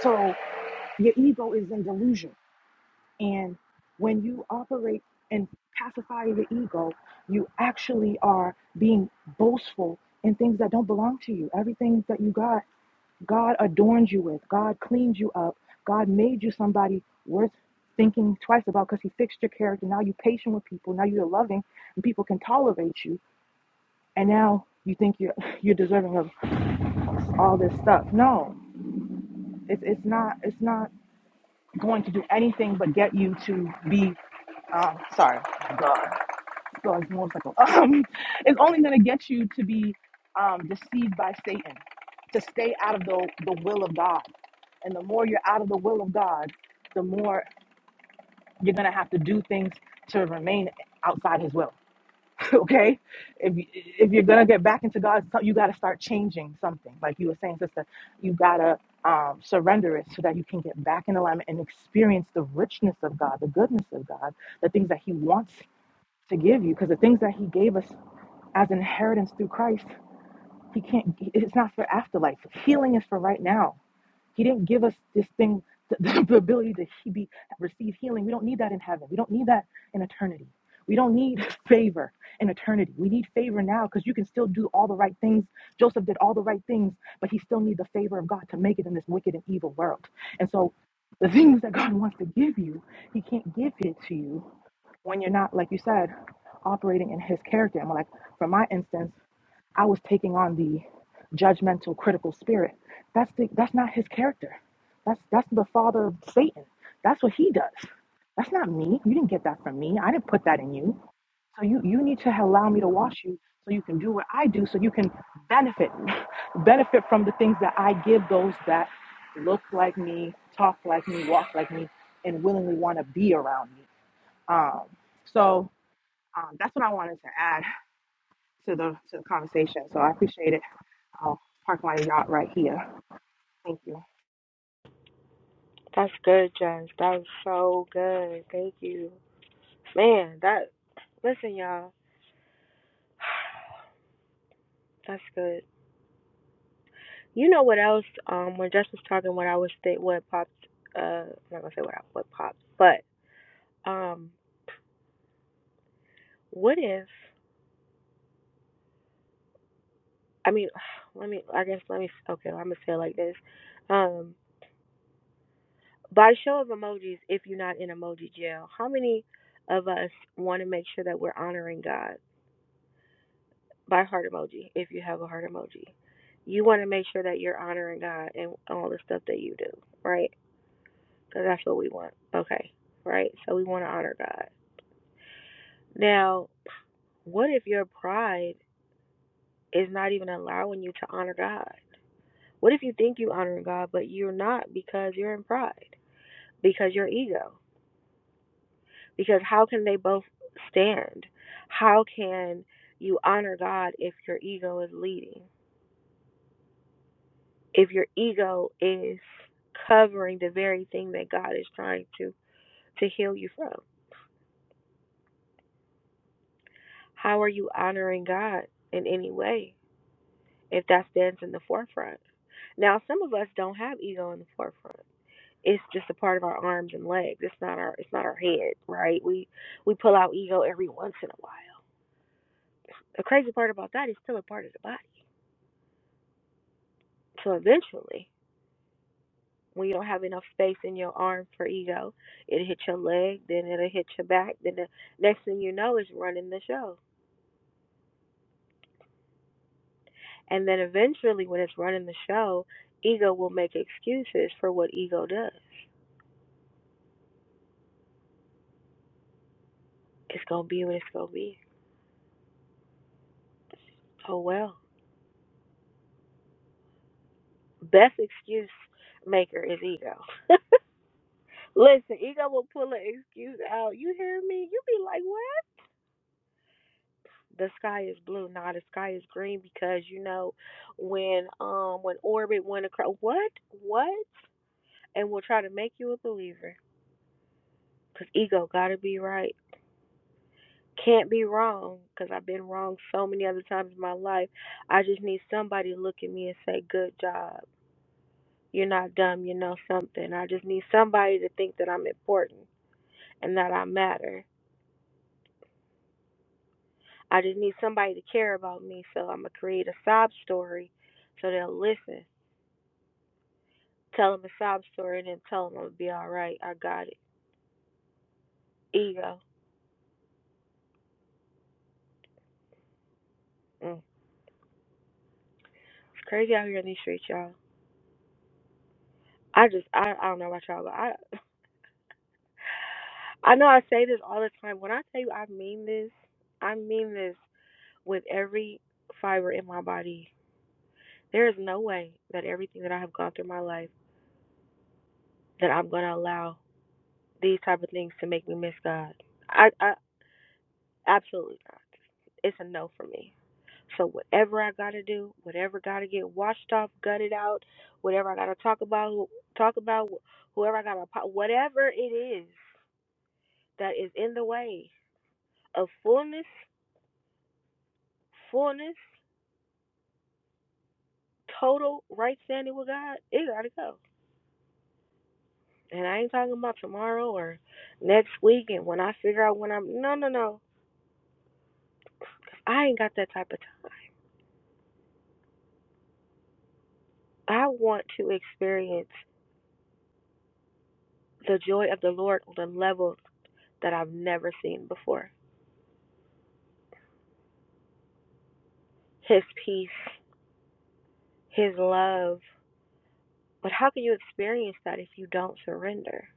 So your ego is in delusion and when you operate and pacify the ego, you actually are being boastful in things that don't belong to you. Everything that you got, God adorned you with, God cleaned you up, God made you somebody worth thinking twice about because He fixed your character. Now you're patient with people, now you're loving, and people can tolerate you. And now you think you're you're deserving of all this stuff. No, it's it's not it's not going to do anything but get you to be um, sorry. So it's more like, um, it's only going to get you to be um, deceived by Satan, to stay out of the, the will of God. And the more you're out of the will of God, the more you're going to have to do things to remain outside his will. okay? If, you- if you're going to get back into God's, you got to start changing something. Like you were saying, sister, you got to um, surrender it so that you can get back in alignment and experience the richness of God, the goodness of God, the things that he wants to give you. Because the things that he gave us as inheritance through Christ. He can't, it's not for afterlife. Healing is for right now. He didn't give us this thing, the, the ability to he be, receive healing. We don't need that in heaven. We don't need that in eternity. We don't need favor in eternity. We need favor now because you can still do all the right things. Joseph did all the right things, but he still needs the favor of God to make it in this wicked and evil world. And so the things that God wants to give you, he can't give it to you when you're not, like you said, operating in his character. And like, for my instance, I was taking on the judgmental, critical spirit. That's the that's not his character. That's that's the father of Satan. That's what he does. That's not me. You didn't get that from me. I didn't put that in you. So you you need to allow me to wash you so you can do what I do so you can benefit benefit from the things that I give those that look like me, talk like me, walk like me, and willingly want to be around me. Um, so um, that's what I wanted to add to the to the conversation. So I appreciate it. I'll park my yacht right here. Thank you. That's good, Jess. That was so good. Thank you, man. That. Listen, y'all. That's good. You know what else? Um, when Jess was talking, what I was think, what popped. Uh, I'm not gonna say what I, what popped, but um, what if? I mean, let me. I guess let me. Okay, I'm gonna say it like this. Um, By show of emojis, if you're not in emoji jail, how many of us want to make sure that we're honoring God? By heart emoji, if you have a heart emoji. You want to make sure that you're honoring God and all the stuff that you do, right? Because that's what we want. Okay, right? So we want to honor God. Now, what if your pride is not even allowing you to honor God? What if you think you honor God, but you're not because you're in pride, because your ego? because how can they both stand? How can you honor God if your ego is leading? If your ego is covering the very thing that God is trying to to heal you from? How are you honoring God in any way if that stands in the forefront? Now, some of us don't have ego in the forefront. It's just a part of our arms and legs. It's not our it's not our head, right? We we pull out ego every once in a while. The crazy part about that is still a part of the body. So eventually when you don't have enough space in your arm for ego. It'll hit your leg, then it'll hit your back, then the next thing you know is running the show. And then eventually when it's running the show, ego will make excuses for what ego does. It's gonna be what it's gonna be. Oh well. Best excuse maker is ego. Listen, ego will pull an excuse out. You hear me? You be like, what? the sky is blue, now the sky is green because you know when um when orbit went across what what and we will try to make you a believer because ego gotta be right, can't be wrong because I've been wrong so many other times in my life. I just need somebody to look at me and say good job. You're not dumb, you know something. I just need somebody to think that I'm important and that I matter. I just need somebody to care about me, so I'm gonna create a sob story so they'll listen Tell him a sob story and then tell him I'm gonna be all right. I got it. Ego. Mm. It's crazy out here in these streets, y'all. I just I, I don't know about y'all, but I I know I say this all the time. When I tell you I mean this, I mean this with every fiber in my body. There is no way that everything that I have gone through my life that I'm gonna allow these type of things to make me miss God. I I absolutely not. It's a no for me. So whatever I gotta do, whatever gotta get washed off, gutted out, whatever I gotta talk about, talk about whoever I gotta, apo- whatever it is that is in the way of fullness, fullness, total right standing with God, it gotta go. And I ain't talking about tomorrow or next week and when I figure out when I'm. No, no, no. I ain't got that type of time. I want to experience the joy of the Lord on a level that I've never seen before. His peace his love. But how can you experience that if you don't surrender?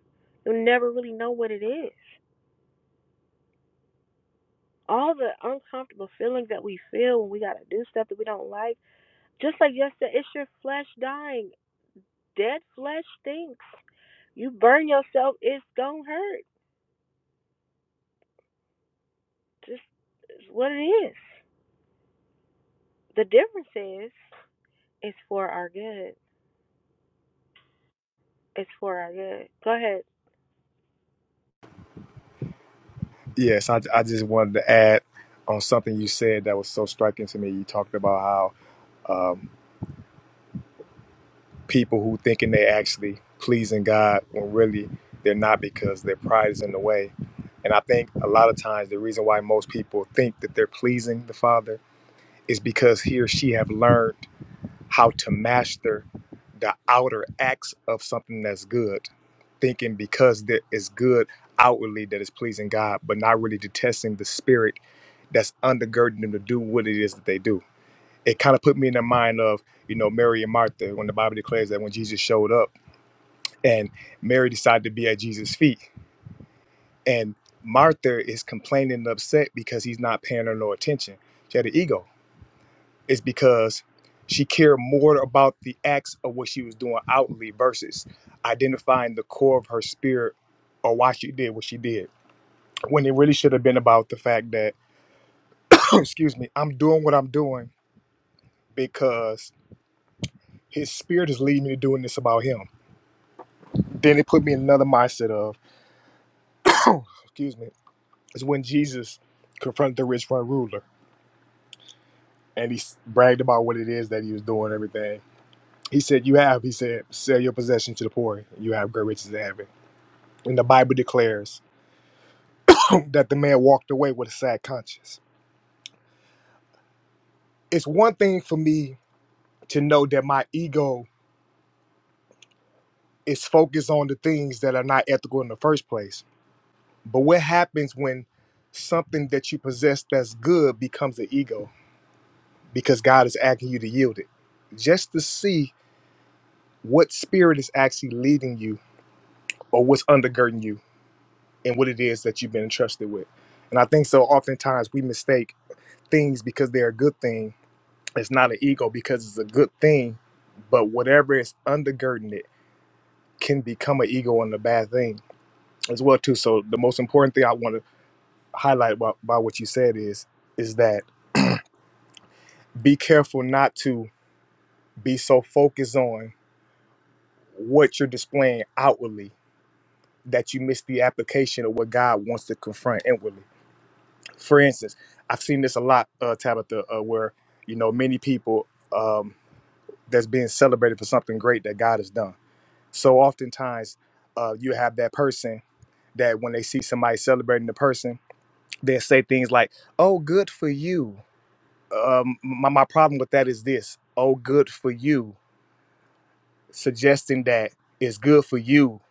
You'll never really know what it is. All the uncomfortable feelings that we feel when we got to do stuff that we don't like, just like yesterday, it's your flesh dying. Dead flesh stinks. You burn yourself, it's going to hurt. Just it's what it is. The difference is, it's for our good. It's for our good. Go ahead. Yes, I, I just wanted to add on something you said that was so striking to me. You talked about how um, people who thinking they actually pleasing God when really they're not because their pride is in the way. And I think a lot of times the reason why most people think that they're pleasing the Father is because he or she have learned how to master the outer acts of something that's good, thinking because that is good outwardly that is pleasing God, but not really detesting the spirit that's undergirding them to do what it is that they do. It kind of put me in the mind of, you know, Mary and Martha when the Bible declares that when Jesus showed up and Mary decided to be at Jesus' feet. And Martha is complaining and upset because he's not paying her no attention. She had an ego is because she cared more about the acts of what she was doing outwardly versus identifying the core of her spirit or why she did what she did. When it really should have been about the fact that, excuse me, I'm doing what I'm doing because his spirit is leading me to doing this about him. Then it put me in another mindset of, excuse me, is when Jesus confronted the rich front ruler and he s- bragged about what it is that he was doing, everything. He said, You have, he said, sell your possession to the poor, you have great riches in heaven And the Bible declares that the man walked away with a sad conscience. It's one thing for me to know that my ego is focused on the things that are not ethical in the first place. But what happens when something that you possess that's good becomes an ego because God is asking you to yield it? Just to see what spirit is actually leading you or what's undergirding you and what it is that you've been entrusted with. And I think so oftentimes we mistake things because they're a good thing It's not an ego because it's a good thing, but whatever is undergirding it can become an ego and a bad thing as well too. So the most important thing I want to highlight by, by what you said is is that be careful not to be so focused on what you're displaying outwardly that you miss the application of what God wants to confront inwardly. For instance, I've seen this a lot, uh, Tabitha, uh, where you know many people um, that's being celebrated for something great that God has done So oftentimes, uh, you have that person that when they see somebody celebrating the person, they say things like, "Oh, good for you." Um, my my problem with that is this: "Oh, good for you," suggesting that it's good for you,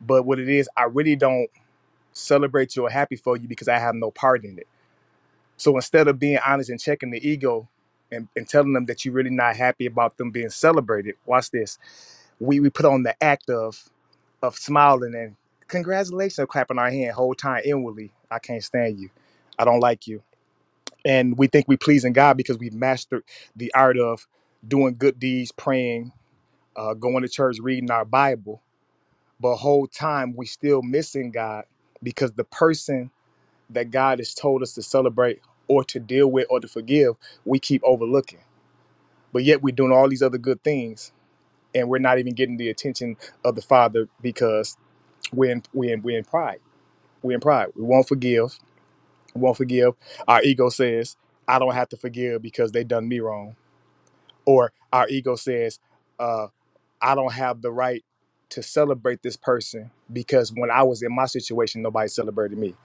but what it is, I really don't celebrate you or happy for you because I have no part in it. So instead of being honest and checking the ego. And, and telling them that you're really not happy about them being celebrated. Watch this. We, we put on the act of of smiling and congratulations, of clapping our hand whole time inwardly. I can't stand you. I don't like you. And we think we pleasing God because we've mastered the art of doing good deeds, praying, uh, going to church, reading our Bible. But whole time we still missing God because the person that God has told us to celebrate or to deal with or to forgive, we keep overlooking. But yet we're doing all these other good things and we're not even getting the attention of the Father because we're in, we're in, we're in pride We're in pride. We won't forgive. We won't forgive. Our ego says, I don't have to forgive because they done me wrong. Or our ego says, uh, I don't have the right to celebrate this person because when I was in my situation, nobody celebrated me.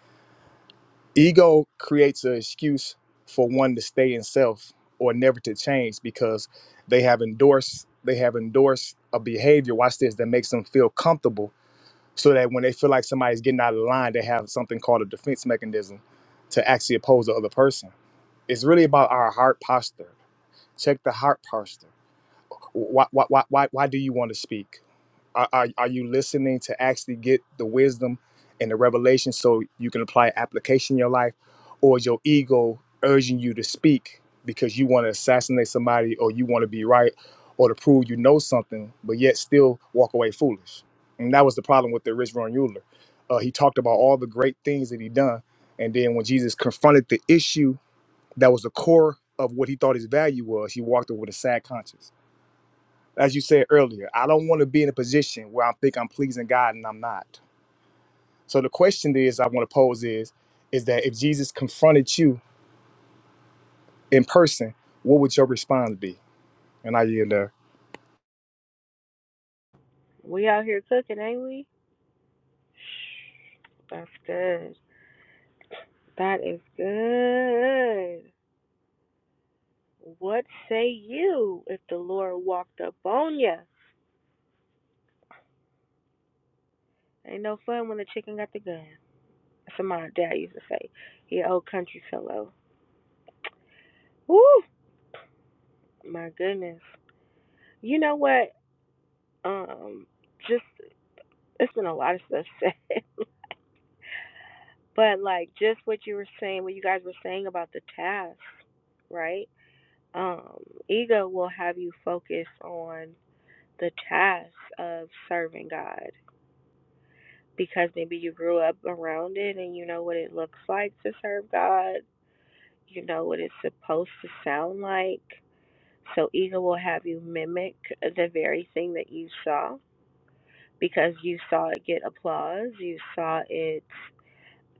Ego creates an excuse for one to stay in self or never to change because they have endorsed they have endorsed a behavior, watch this, that makes them feel comfortable so that when they feel like somebody's getting out of line, they have something called a defense mechanism to actually oppose the other person. It's really about our heart posture. Check the heart posture. Why, why, why, why, why do you want to speak? Are, are, are you listening to actually get the wisdom and the revelation so you can apply application in your life? Or is your ego urging you to speak because you want to assassinate somebody or you want to be right or to prove you know something, but yet still walk away foolish? And that was the problem with the rich young ruler. Uh, he talked about all the great things that he done. And then when Jesus confronted the issue that was the core of what he thought his value was, he walked away with a sad conscience as you said earlier, I don't want to be in a position where I think I'm pleasing God and I'm not. So the question is I want to pose is is that if Jesus confronted you in person, what would your response be? And I yield there. We out here cooking, ain't we? That's good. That is good. What say you if the Lord walked up on ya? Ain't no fun when the chicken got the gun. That's what my dad used to say. He an old country fellow. Woo! My goodness. You know what? Um, just it's been a lot of stuff said, but like just what you were saying, what you guys were saying about the task, right? Um, ego will have you focus on the task of serving God because maybe you grew up around it and you know what it looks like to serve God. You know what it's supposed to sound like. So ego will have you mimic the very thing that you saw because you saw it get applause, you saw it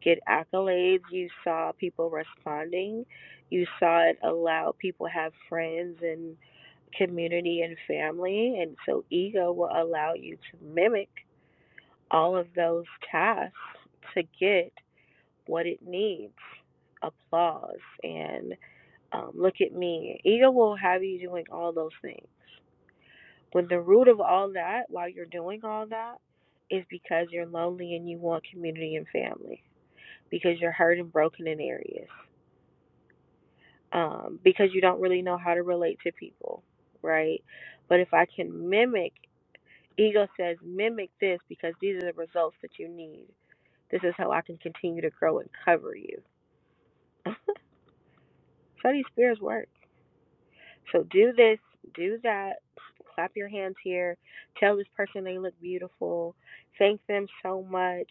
get accolades, you saw people responding, you saw it allow people have friends and community and family and so ego will allow you to mimic all of those tasks to get what it needs applause and um, look at me. Ego will have you doing all those things. When the root of all that, while you're doing all that, is because you're lonely and you want community and family, because you're hurt and broken in areas, um, because you don't really know how to relate to people, right? But if I can mimic, ego says, mimic this because these are the results that you need. This is how I can continue to grow and cover you. That's how these spirits work. So do this, do that, clap your hands here, tell this person they look beautiful, thank them so much,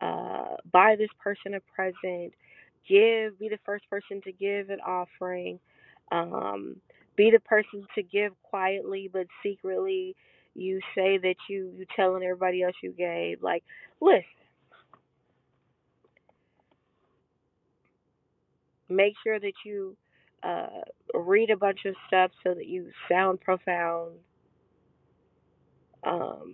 uh, buy this person a present, give, be the first person to give an offering, um, be the person to give quietly but secretly. You say that you you telling everybody else you gave. Like, listen, make sure that you uh, read a bunch of stuff so that you sound profound. Um,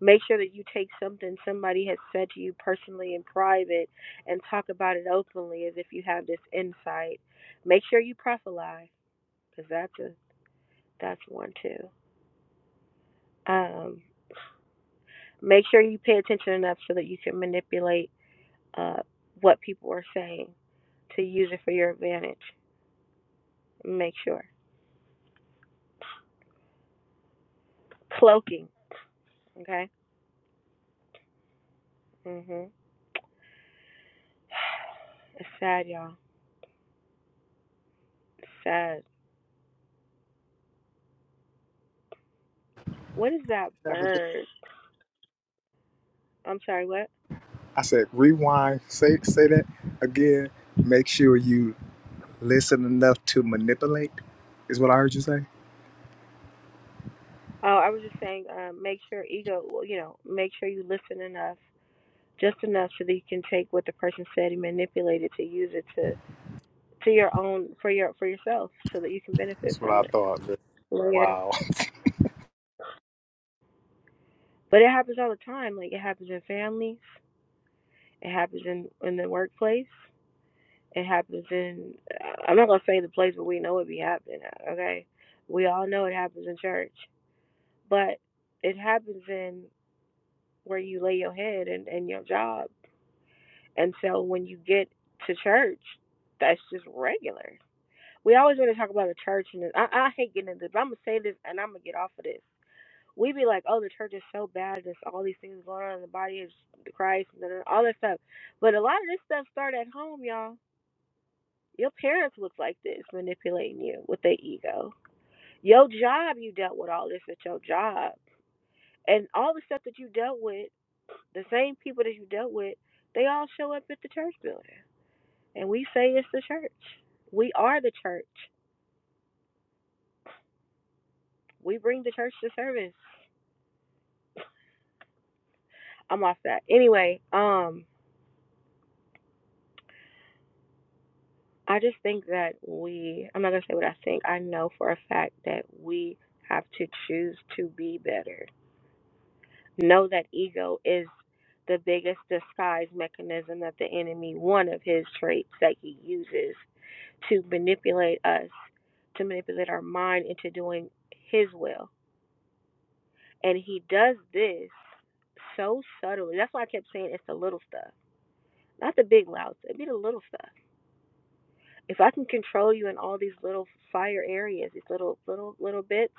Make sure that you take something somebody has said to you personally in private and talk about it openly as if you have this insight. Make sure you proselytize, because that's a that's one too. Um, make sure you pay attention enough so that you can manipulate uh, what people are saying to use it for your advantage. Make sure cloaking, okay? Mhm. It's sad, y'all. It's sad. What is that Yeah, but just- bird? I'm sorry. What? I said rewind. Say say that again. Make sure you listen enough to manipulate. Is what I heard you say. Oh, I was just saying, um, make sure ego, well, you know, make sure you listen enough, just enough so that you can take what the person said and manipulate it to use it to to your own for your for yourself, so that you can benefit That's what from I it thought. later. Wow. But it happens all the time. Like it happens in families, it happens in in the workplace, it happens in. I'm not gonna say the place but we know it be happening. Okay, we all know it happens in church, but it happens in where you lay your head and and your job And so when you get to church, that's just regular. We always want to talk about the church, and I, I hate getting into this, but I'm going to say this and I'm going to get off of this. We be like, oh, the church is so bad. There's all these things going on in the body of Christ and all that stuff. But a lot of this stuff started at home, y'all. Your parents look like this, manipulating you with their ego. Your job, you dealt with all this at your job. And all the stuff that you dealt with, the same people that you dealt with, they all show up at the church building. And we say it's the church. We are the church. We bring the church to service. I'm off that. Anyway, um, I just think that we I'm not gonna say what I think. I know for a fact that we have to choose to be better. Know that ego is the biggest disguise mechanism that the enemy, one of his traits that he uses to manipulate us, to manipulate our mind into doing his will. And he does this so subtly. That's why I kept saying it's the little stuff, not the big louds. It'd be the little stuff. If I can control you in all these little fire areas, these little little little bits,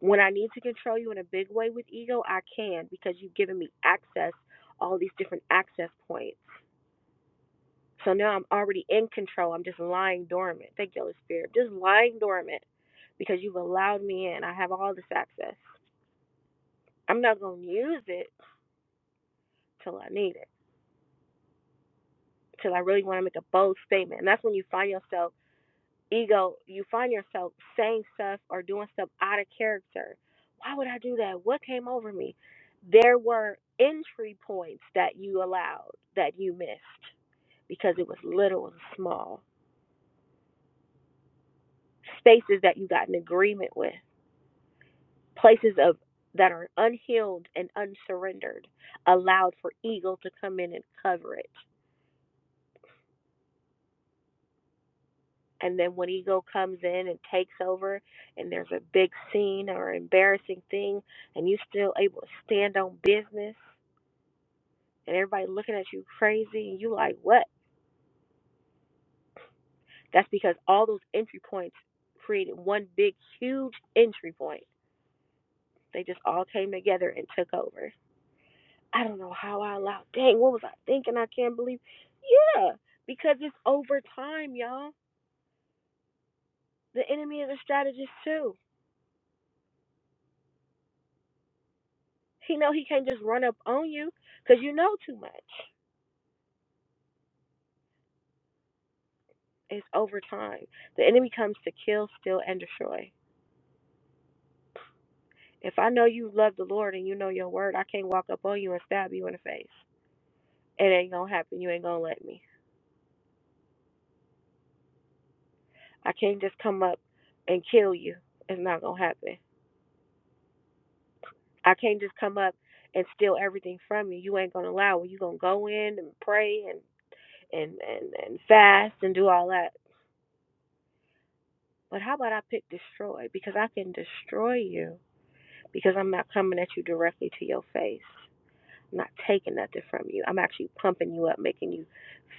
when I need to control you in a big way with ego, I can because you've given me access, all these different access points. So now I'm already in control. I'm just lying dormant. Thank you, Holy Spirit. Just lying dormant because you've allowed me in. I have all this access. I'm not going to use it till I need it. because I really want to make a bold statement. And that's when you find yourself ego, you find yourself saying stuff or doing stuff out of character. Why would I do that? What came over me? There were entry points that you allowed that you missed because it was little and small. Spaces that you got in agreement with, places of that are unhealed and unsurrendered, allowed for ego to come in and cover it. and then when ego comes in and takes over and there's a big scene or embarrassing thing and you still able to stand on business and everybody looking at you crazy and you like what that's because all those entry points created one big huge entry point they just all came together and took over i don't know how i allowed dang what was i thinking i can't believe yeah because it's over time y'all the enemy is a strategist too he know he can't just run up on you because you know too much It's over time. The enemy comes to kill, steal, and destroy. If I know you love the Lord and you know your word, I can't walk up on you and stab you in the face. It ain't gonna happen. You ain't gonna let me. I can't just come up and kill you. It's not gonna happen. I can't just come up and steal everything from you. You ain't gonna allow it. You gonna go in and pray and and and and fast and do all that. But how about I pick destroy because I can destroy you because I'm not coming at you directly to your face. I'm not taking nothing from you. I'm actually pumping you up, making you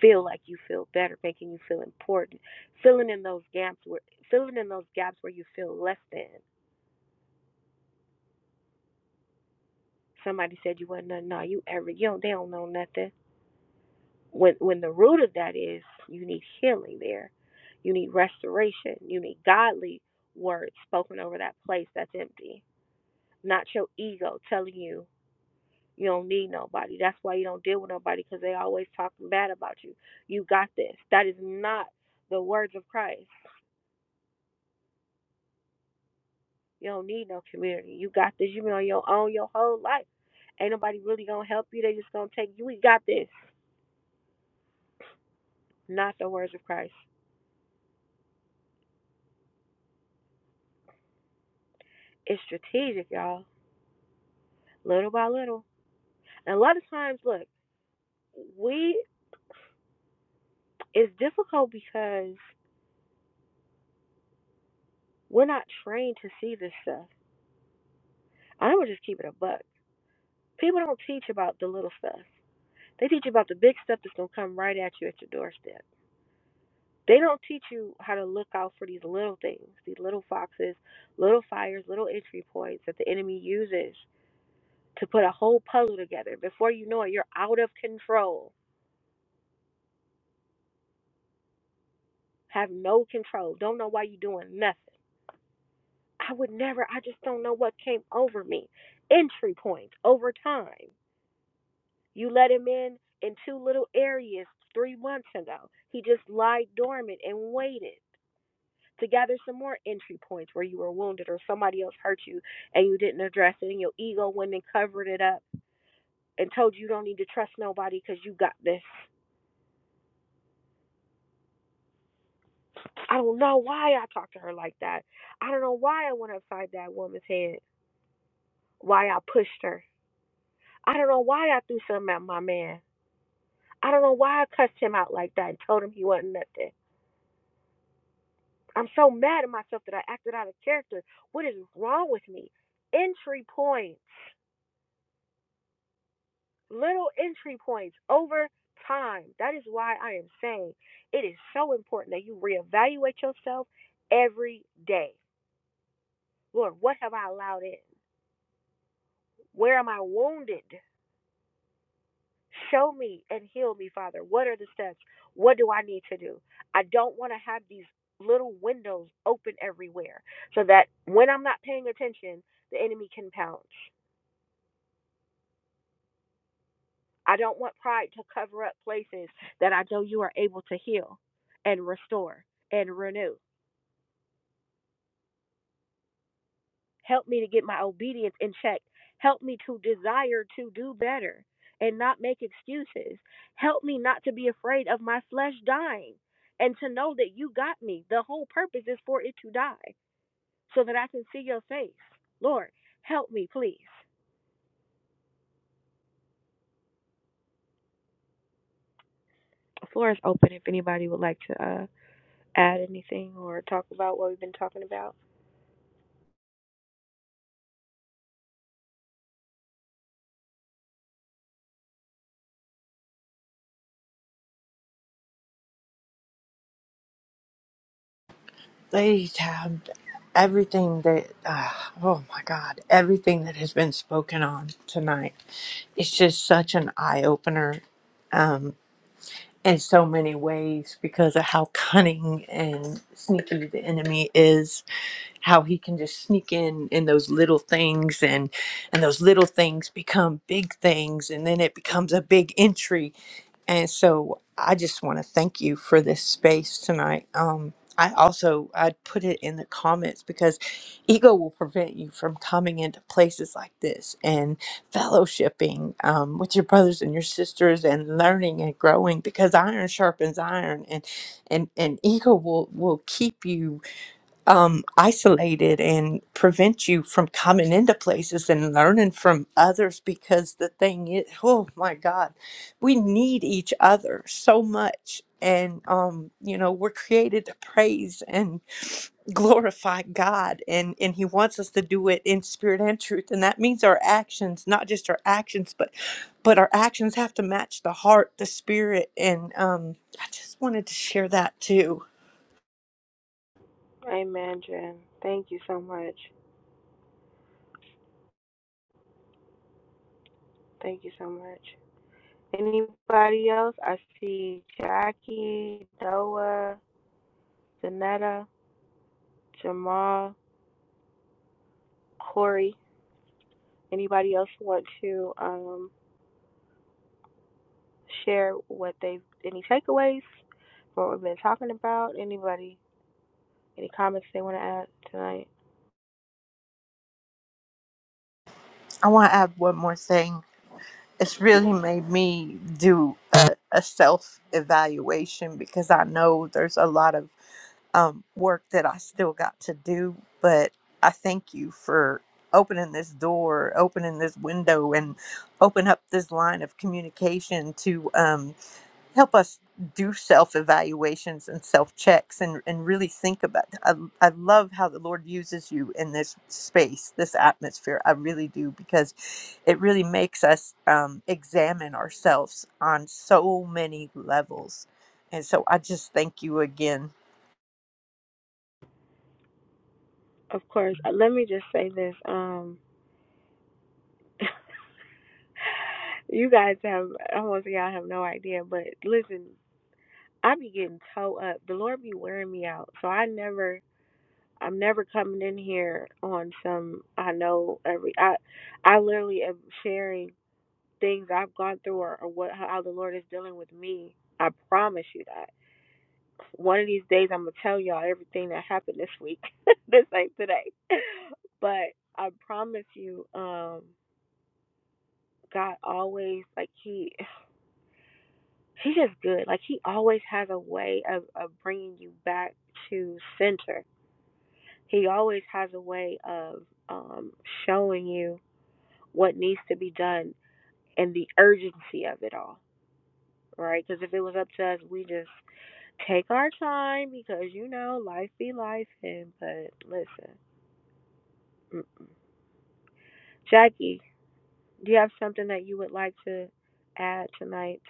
feel like you feel better, making you feel important, filling in those gaps where filling in those gaps where you feel less than. Somebody said you wasn't nothing. No, you ever you don't they don't know nothing. When when the root of that is you need healing there. You need restoration. You need godly words spoken over that place that's empty. Not your ego telling you You don't need nobody. That's why you don't deal with nobody because they always talking bad about you. You got this. That is not the words of Christ. You don't need no community. You got this. You've been on your own your whole life. Ain't nobody really gonna help you. They just gonna take you. We got this. Not the words of Christ. It's strategic, y'all. Little by little. And a lot of times, look, we it's difficult because we're not trained to see this stuff. I'm gonna just keep it a buck. People don't teach about the little stuff. They teach you about the big stuff that's going to come right at you at your doorstep. They don't teach you how to look out for these little things, these little foxes, little fires, little entry points that the enemy uses to put a whole puzzle together. Before you know it, you're out of control, have no control, don't know why you're doing nothing. I would never, I just don't know what came over me. Entry points over time. You let him in in two little areas three months ago. He just lied dormant and waited. to gather some more entry points where you were wounded or somebody else hurt you and you didn't address it and your ego went and covered it up and told you you don't need to trust nobody because you got this. I don't know why I talked to her like that. I don't know why I went upside that woman's head, why I pushed her. I don't know why I threw something at my man. I don't know why I cussed him out like that and told him he wasn't nothing. I'm so mad at myself that I acted out of character. What is wrong with me? Entry points. little entry points over time. That is why I am saying it is so important that you reevaluate yourself every day. Lord, what have I allowed in? Where am I wounded? Show me and heal me, Father. What are the steps? What do I need to do? I don't want to have these little windows open everywhere so that when I'm not paying attention, the enemy can pounce. I don't want pride to cover up places that I know you are able to heal and restore and renew. Help me to get my obedience in check. Help me to desire to do better and not make excuses. Help me not to be afraid of my flesh dying and to know that you got me. The whole purpose is for it to die so that I can see your face. Lord, help me, please. The floor is open if anybody would like to uh, add anything or talk about what we've been talking about. They have everything that, uh, oh my God, everything that has been spoken on tonight. It's just such an eye opener. in so many ways because of how cunning and sneaky the enemy is how he can just sneak in in those little things and and those little things become big things and then it becomes a big intrigue and so I just want to thank you for this space tonight. Um, I also I'd put it in the comments because ego will prevent you from coming into places like this and fellowshipping um, with your brothers and your sisters and learning and growing because iron sharpens iron and and and ego will will keep you um, isolated and prevent you from coming into places and learning from others because the thing is, oh my God, we need each other so much. And, um, you know, we're created to praise and glorify God, and, and He wants us to do it in spirit and truth. And that means our actions, not just our actions, but but our actions have to match the heart, the spirit. And um, I just wanted to share that too. Amen, Jen. Thank you so much. Thank you so much. Anybody else? I see Jackie, Doa, Danetta, Jamal, Corey. Anybody else want to um, share what they any takeaways from what we've been talking about? Anybody, any comments they want to add tonight? I want to add one more thing it's really made me do a, a self evaluation because I know there's a lot of um, work that I still got to do. But I thank you for opening this door, opening this window, and open up this line of communication to. Um, help us do self evaluations and self checks and, and really think about I, I love how the lord uses you in this space this atmosphere i really do because it really makes us um, examine ourselves on so many levels and so i just thank you again Of course. Uh, Let me just say this. Um, you guys have, I want to say y'all have no idea, but listen, I be getting toe up. The Lord be wearing me out. So I never I'm never coming in here on some I know every I I literally am sharing things I've gone through or, or what how the Lord is dealing with me. I promise you that. One of these days I'm gonna tell y'all everything that happened this week. this ain't today. But I promise you, um, God always like he he just good. Like he always has a way of, of bringing you back to center. He always has a way of um showing you what needs to be done and the urgency of it all, right? Because if it was up to us, we just take our time because you know life be life. And but listen, Mm. Jackie, do you have something that you would like to add tonight?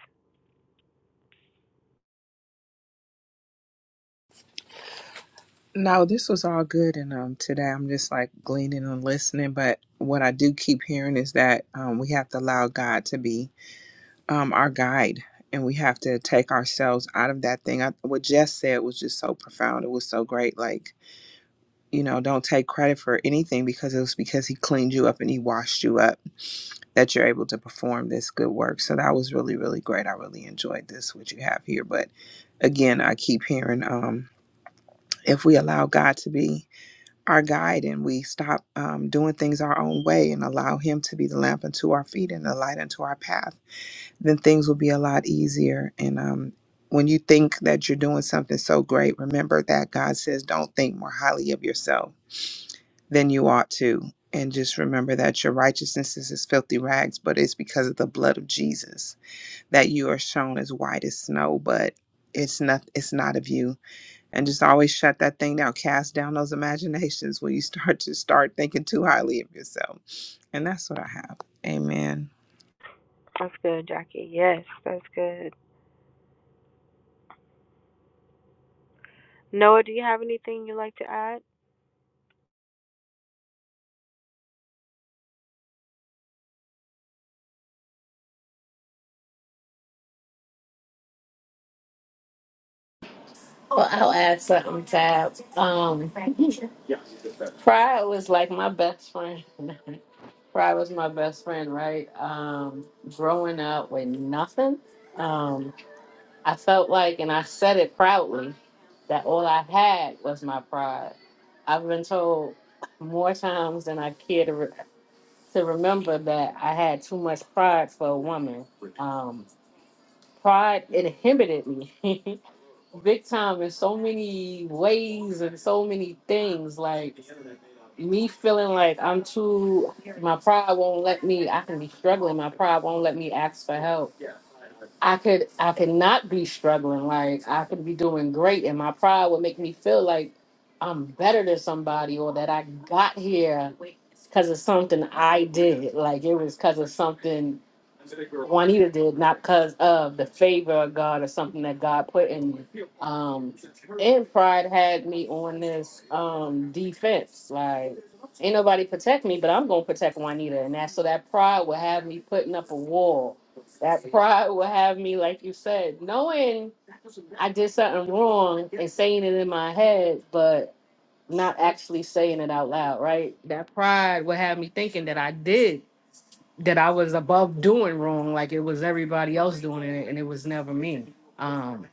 No, this was all good, and um, today I'm just like gleaning and listening. But what I do keep hearing is that um, we have to allow God to be um our guide, and we have to take ourselves out of that thing. I, what Jess said was just so profound. It was so great. Like you know, don't take credit for anything because it was because He cleaned you up and He washed you up. that you're able to perform this good work. So that was really, really great. I really enjoyed this, what you have here. But again, I keep hearing um, if we allow God to be our guide and we stop um, doing things our own way and allow Him to be the lamp unto our feet and the light unto our path, then things will be a lot easier. And um, when you think that you're doing something so great, remember that God says, don't think more highly of yourself than you ought to. And just remember that your righteousness is as filthy rags, but it's because of the blood of Jesus that you are shown as white as snow, but it's not it's not of you. And just always shut that thing down. Cast down those imaginations when you start to start thinking too highly of yourself. And that's what I have. Amen. That's good, Jackie. Yes, that's good. Noah, do you have anything you'd like to add? Well, I'll add something, Tab. Um, Pride was like my best friend. Pride was my best friend, right? Um, growing up with nothing. I felt like, and I said it proudly, that all I had was my pride. I've been told more times than I care to, re- to remember that I had too much pride for a woman. Um, pride inhibited me big time in so many ways and so many things. Like me feeling like I'm too, my pride won't let me, I can be struggling, my pride won't let me ask for help I could I could not be struggling. Like I could be doing great and my pride would make me feel like I'm better than somebody or that I got here because of something I did. Like it was because of something did because of the favor of God or something that God put in me. Um pride had me fence. Like ain't nobody protect me, but I'm gonna protect Juanita and that so that pride will have me putting up a wall. That pride will have me, like you said, knowing I did something wrong and saying it in my head, but not actually saying it out loud, right? That pride would have me thinking that I did, that I was above doing wrong, like it was everybody else doing it, and it was never me. Um,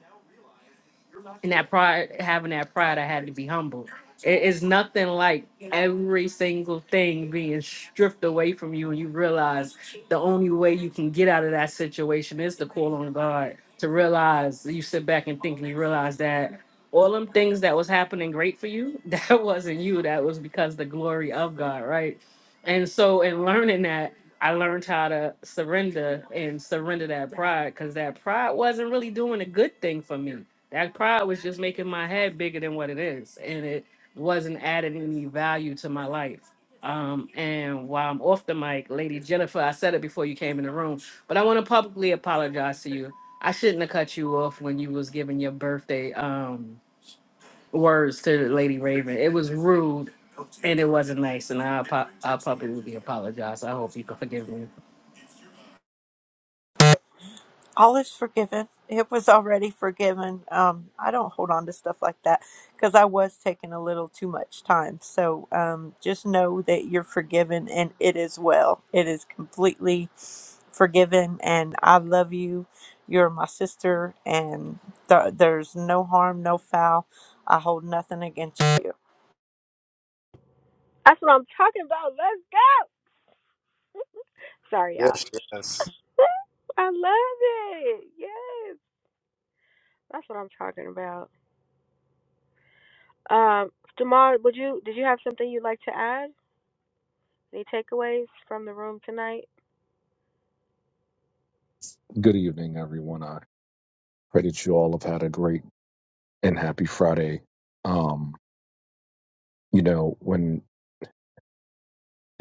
and that pride having that pride i had to be humble it is nothing like every single thing being stripped away from you and you realize the only way you can get out of that situation is to call on god to realize you sit back and think and you realize that all them things that was happening great for you that wasn't you that was because the glory of god right and so in learning that I learned how to surrender and surrender that pride because that pride wasn't really doing a good thing for me. That pride was just making my head bigger than what it is, and it wasn't adding any value to my life. Um, and while I'm off the mic, Lady Jennifer, I said it before you came in the room, but I want to publicly apologize to you. I shouldn't have cut you off when you was giving your birthday um, words to Lady Raven. It was rude, and it wasn't nice, and I apo- I publicly apologize. I hope you can forgive me. All is forgiven. It was already forgiven. Um, I don't hold on to stuff like that because I was taking a little too much time. So um, just know that you're forgiven and it is well. It is completely forgiven and I love you. You're my sister and th- there's no harm, no foul. I hold nothing against you. That's what I'm talking about. Let's go. Sorry, y'all. Yes, yes. I love it. Yes, that's what I'm talking about. Um, Jamal, would you did you have something you'd like to add? Any takeaways from the room tonight? Good evening, everyone. I pray that you all have had a great and happy Friday. Um, you know, when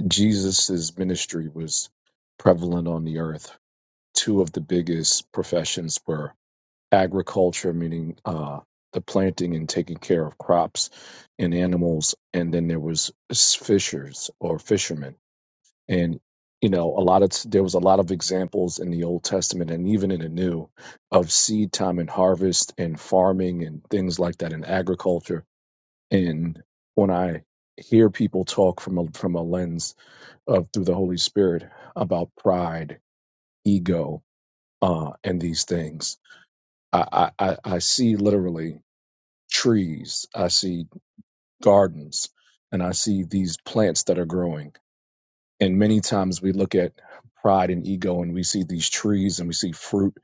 Jesus's ministry was prevalent on the earth, two of the biggest professions were agriculture, meaning uh, the planting and taking care of crops and animals, and then there was s- fishers or fishermen and you know a lot of t- there was a lot of examples in the old testament and even in the new of seed time and harvest and farming and things like that in agriculture and when i hear people talk from a from a lens of through the holy spirit about pride ego uh and these things i i i I see literally trees i see gardens and i see these plants that are growing And many times we look at pride and ego and we see these trees and we see fruit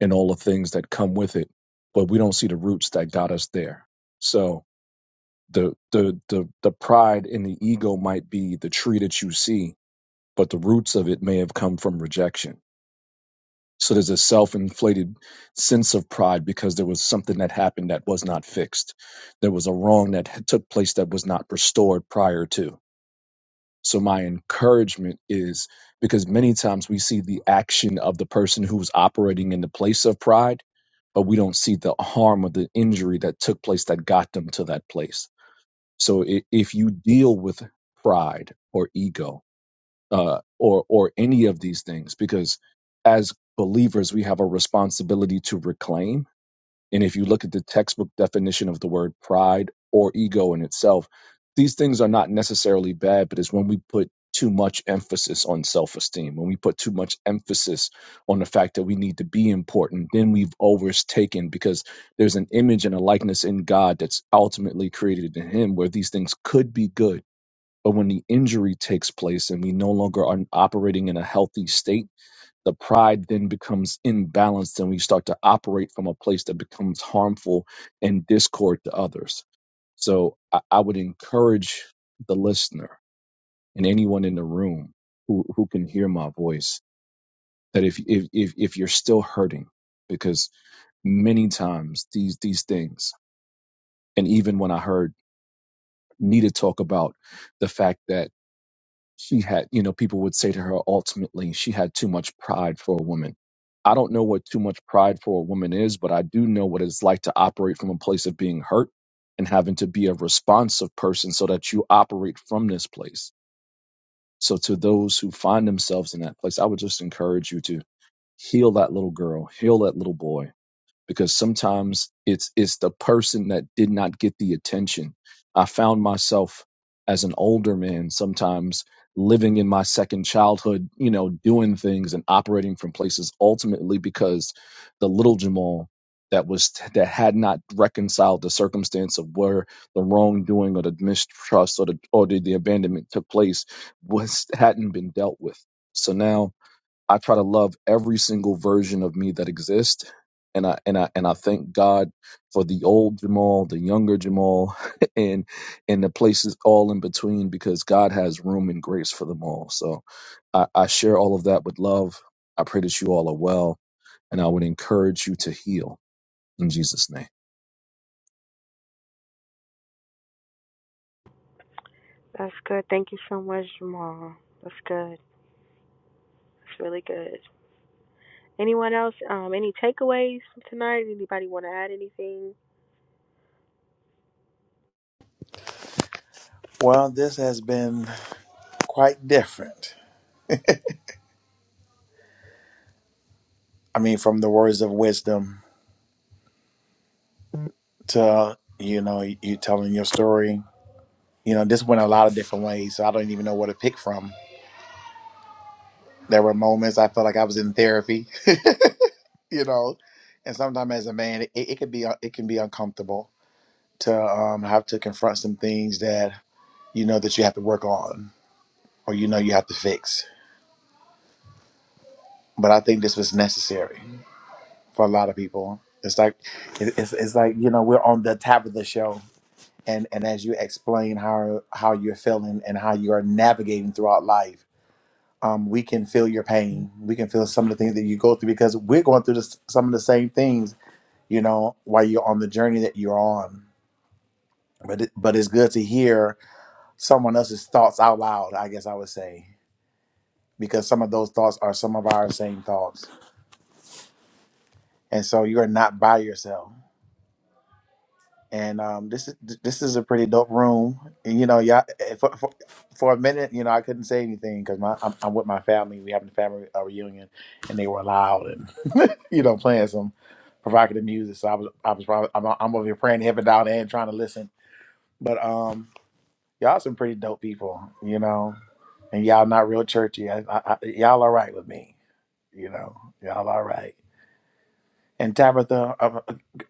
and all the things that come with it, but we don't see the roots that got us there. So the the the the pride and the ego might be the tree that you see, but the roots of it may have come from rejection. So there's a self-inflated sense of pride because there was something that happened that was not fixed. There was a wrong that had- took place that was not restored prior to. So my encouragement is because many times we see the action of the person who's operating in the place of pride, but we don't see the harm or the injury that took place that got them to that place. So i- if you deal with pride or ego uh, or or any of these things, because as believers we have a responsibility to reclaim and if you look at the textbook definition of the word pride or ego in itself, these things are not necessarily bad, but it's when we put too much emphasis on self esteem, when we put too much emphasis on the fact that we need to be important, then we've overtaken because there's an image and a likeness in God that's ultimately created in Him where these things could be good. But when the injury takes place and we no longer are operating in a healthy state, the pride then becomes imbalanced and we start to operate from a place that becomes harmful and discord to others. So I, I would encourage the listener and anyone in the room who, who can hear my voice that if, if, if, if you're still hurting, because many times these, these things, and even when I heard Nita talk about the fact that she had, you know, people would say to her ultimately, she had too much pride for a woman. I don't know what too much pride for a woman is, but I do know what it's like to operate from a place of being hurt and having to be a responsive person so that you operate from this place. So, to those who find themselves in that place, I would just encourage you to heal that little girl, heal that little boy, because sometimes it's it's the person that did not get the attention. I found myself as an older man sometimes living in my second childhood, you know, doing things and operating from places ultimately because the little Jamal that was that had not reconciled the circumstance of where the wrongdoing or the mistrust or the or the, the abandonment took place was hadn't been dealt with. So now I try to love every single version of me that exists. And I and I and I thank God for the old Jamal, the younger Jamal, and and the places all in between because God has room and grace for them all. So I, I share all of that with love. I pray that you all are well, and I would encourage you to heal in Jesus' name. That's good. Thank you so much, Jamal. That's good. That's really good. Anyone else? Um, any takeaways from tonight? Anybody want to add anything? Well, this has been quite different. I mean, from the words of wisdom to, you know, you telling your story. You know, this went a lot of different ways. So I don't even know where to pick from. There were moments I felt like I was in therapy, you know, and sometimes as a man, it, it could be uh, it can be uncomfortable to um, have to confront some things that you know that you have to work on or you know you have to fix. But I think this was necessary for a lot of people. It's like it- it's, it's like you know we're on the top of the show, and and as you explain how how you're feeling and how you are navigating throughout life um, we can feel your pain. We can feel some of the things that you go through because we're going through this, some of the same things, you know, while you're on the journey that you're on. But it, but it's good to hear someone else's thoughts out loud. I guess I would say because some of those thoughts are some of our same thoughts, and so you are not by yourself. and um, this is this is a pretty dope room. And you know, yeah, eh, for, for, for a minute, you know, I couldn't say anything because my I'm, I'm with my family. We having a family uh, reunion, and they were loud and you know playing some provocative music. So I was I was probably I'm, I'm over here praying to heaven down and trying to listen. But um, y'all some pretty dope people, you know, and y'all not real churchy. I, I, I, y'all all right with me, you know, y'all all right. And Tabitha, uh,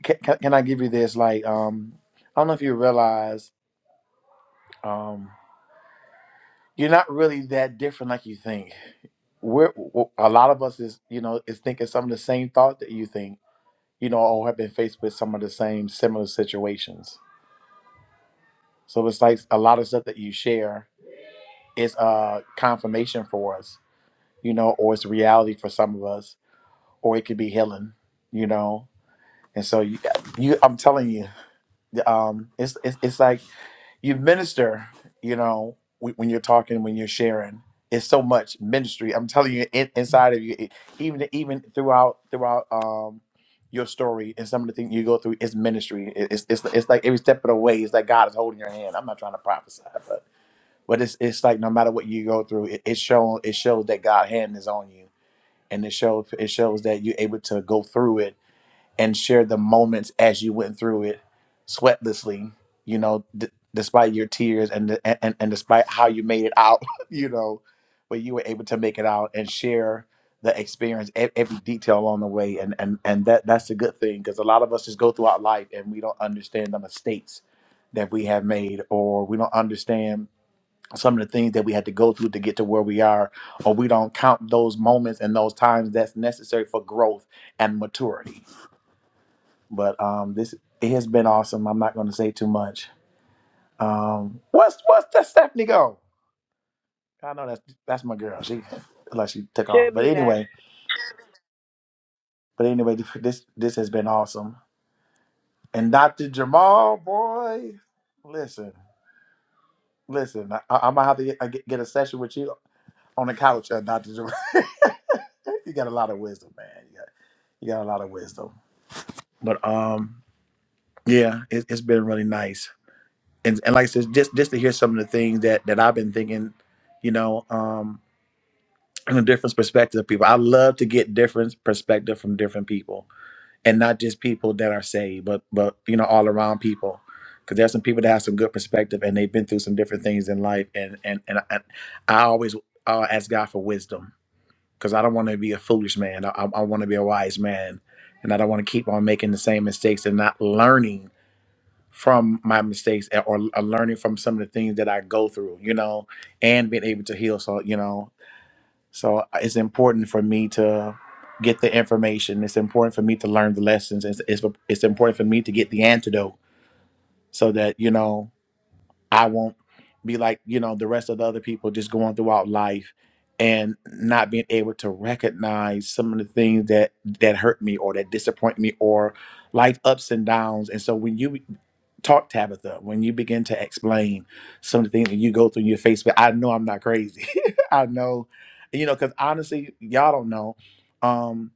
can, can I give you this? Like, um, I don't know if you realize, um, you're not really that different like you think. We're w- a lot of us is you know is thinking some of the same thought that you think. You know, or have been faced with some of the same similar situations. So it's like a lot of stuff that you share is uh confirmation for us, you know, or it's reality for some of us, or it could be healing, you know. And so you, you I'm telling you. um, it's, it's it's like you minister, you know, wh- when you're talking, when you're sharing, it's so much ministry. I'm telling you, in, inside of you, it- even even throughout throughout um your story and some of the things you go through is ministry. It- It's it's it's like every step of the way, it's like God is holding your hand. I'm not trying to prophesy, but but it's it's like no matter what you go through, it, it shows it shows that God's hand is on you, and it shows it shows that you're able to go through it and share the moments as you went through it sweatlessly you know d- despite your tears and, and and despite how you made it out you know but you were able to make it out and share the experience e- every detail along the way and and and that that's a good thing because a lot of us just go throughout life and we don't understand the mistakes that we have made or we don't understand some of the things that we had to go through to get to where we are or we don't count those moments and those times that's necessary for growth and maturity but um, this it has been awesome. I'm not going to say too much. Um, what's what's that Stephanie go? I know that's that's my girl. She like she took off. Should But be back. anyway, but anyway, this this has been awesome. And Dr. Jamal, boy, listen, listen. I, I'm gonna have to get, I get get a session with you on the couch, uh, Dr. Jamal. you got a lot of wisdom, man. You got you got a lot of wisdom. But um, yeah, it, it's been really nice and, and like I said, just just to hear some of the things that that I've been thinking, you know, um, from a different perspective of people. I love to get different perspective from different people, and not just people that are saved, but but you know, all around people. Because there's some people that have some good perspective, and they've been through some different things in life, and and and I, I always uh, ask God for wisdom because I don't want to be a foolish man. I, I want to be a wise man, and I don't want to keep on making the same mistakes and not learning from my mistakes a- or, or learning from some of the things that I go through, you know, and being able to heal. So, you know, so uh, it's important for me to get the information. It's important for me to learn the lessons. It's, it's, it's important for me to get the antidote so that, you know, I won't be like, you know, the rest of the other people just going throughout life and not being able to recognize some of the things that that hurt me or that disappoint me or life ups and downs. And so when you talk Tabitha, when you begin to explain some of the things that you go through in your Facebook, I know I'm not crazy. I know, you know, because honestly, y'all don't know. um,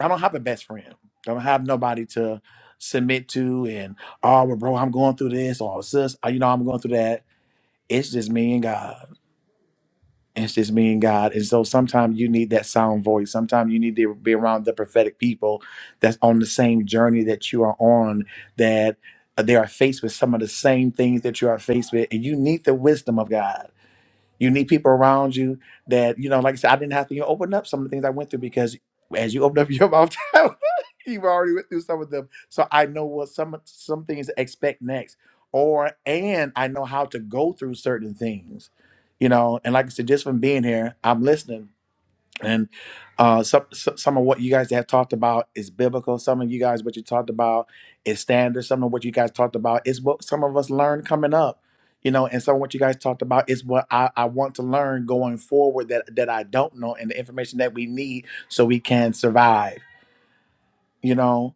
I don't have a best friend. I don't have nobody to submit to and oh well, bro, I'm going through this or sis, uh, you know, I'm going through that. It's just me and God. It's just me and God. And so sometimes you need that sound voice. Sometimes you need to be around the prophetic people that's on the same journey that you are on, that uh, they are faced with some of the same things that you are faced with. And you need the wisdom of God. You need people around you that, you know, like I said, I didn't have to even open up some of the things I went through because as you open up your mouth, you've already went through some of them. So I know what some some things to expect next. Or and I know how to go through certain things. You know, and like I said, just from being here, I'm listening and uh, some so- some of what you guys have talked about is biblical. Some of you guys, what you talked about is standard. Some of what you guys talked about is what some of us learned coming up, you know. And some of what you guys talked about is what I, I want to learn going forward that that I don't know, and the information that we need so we can survive, you know.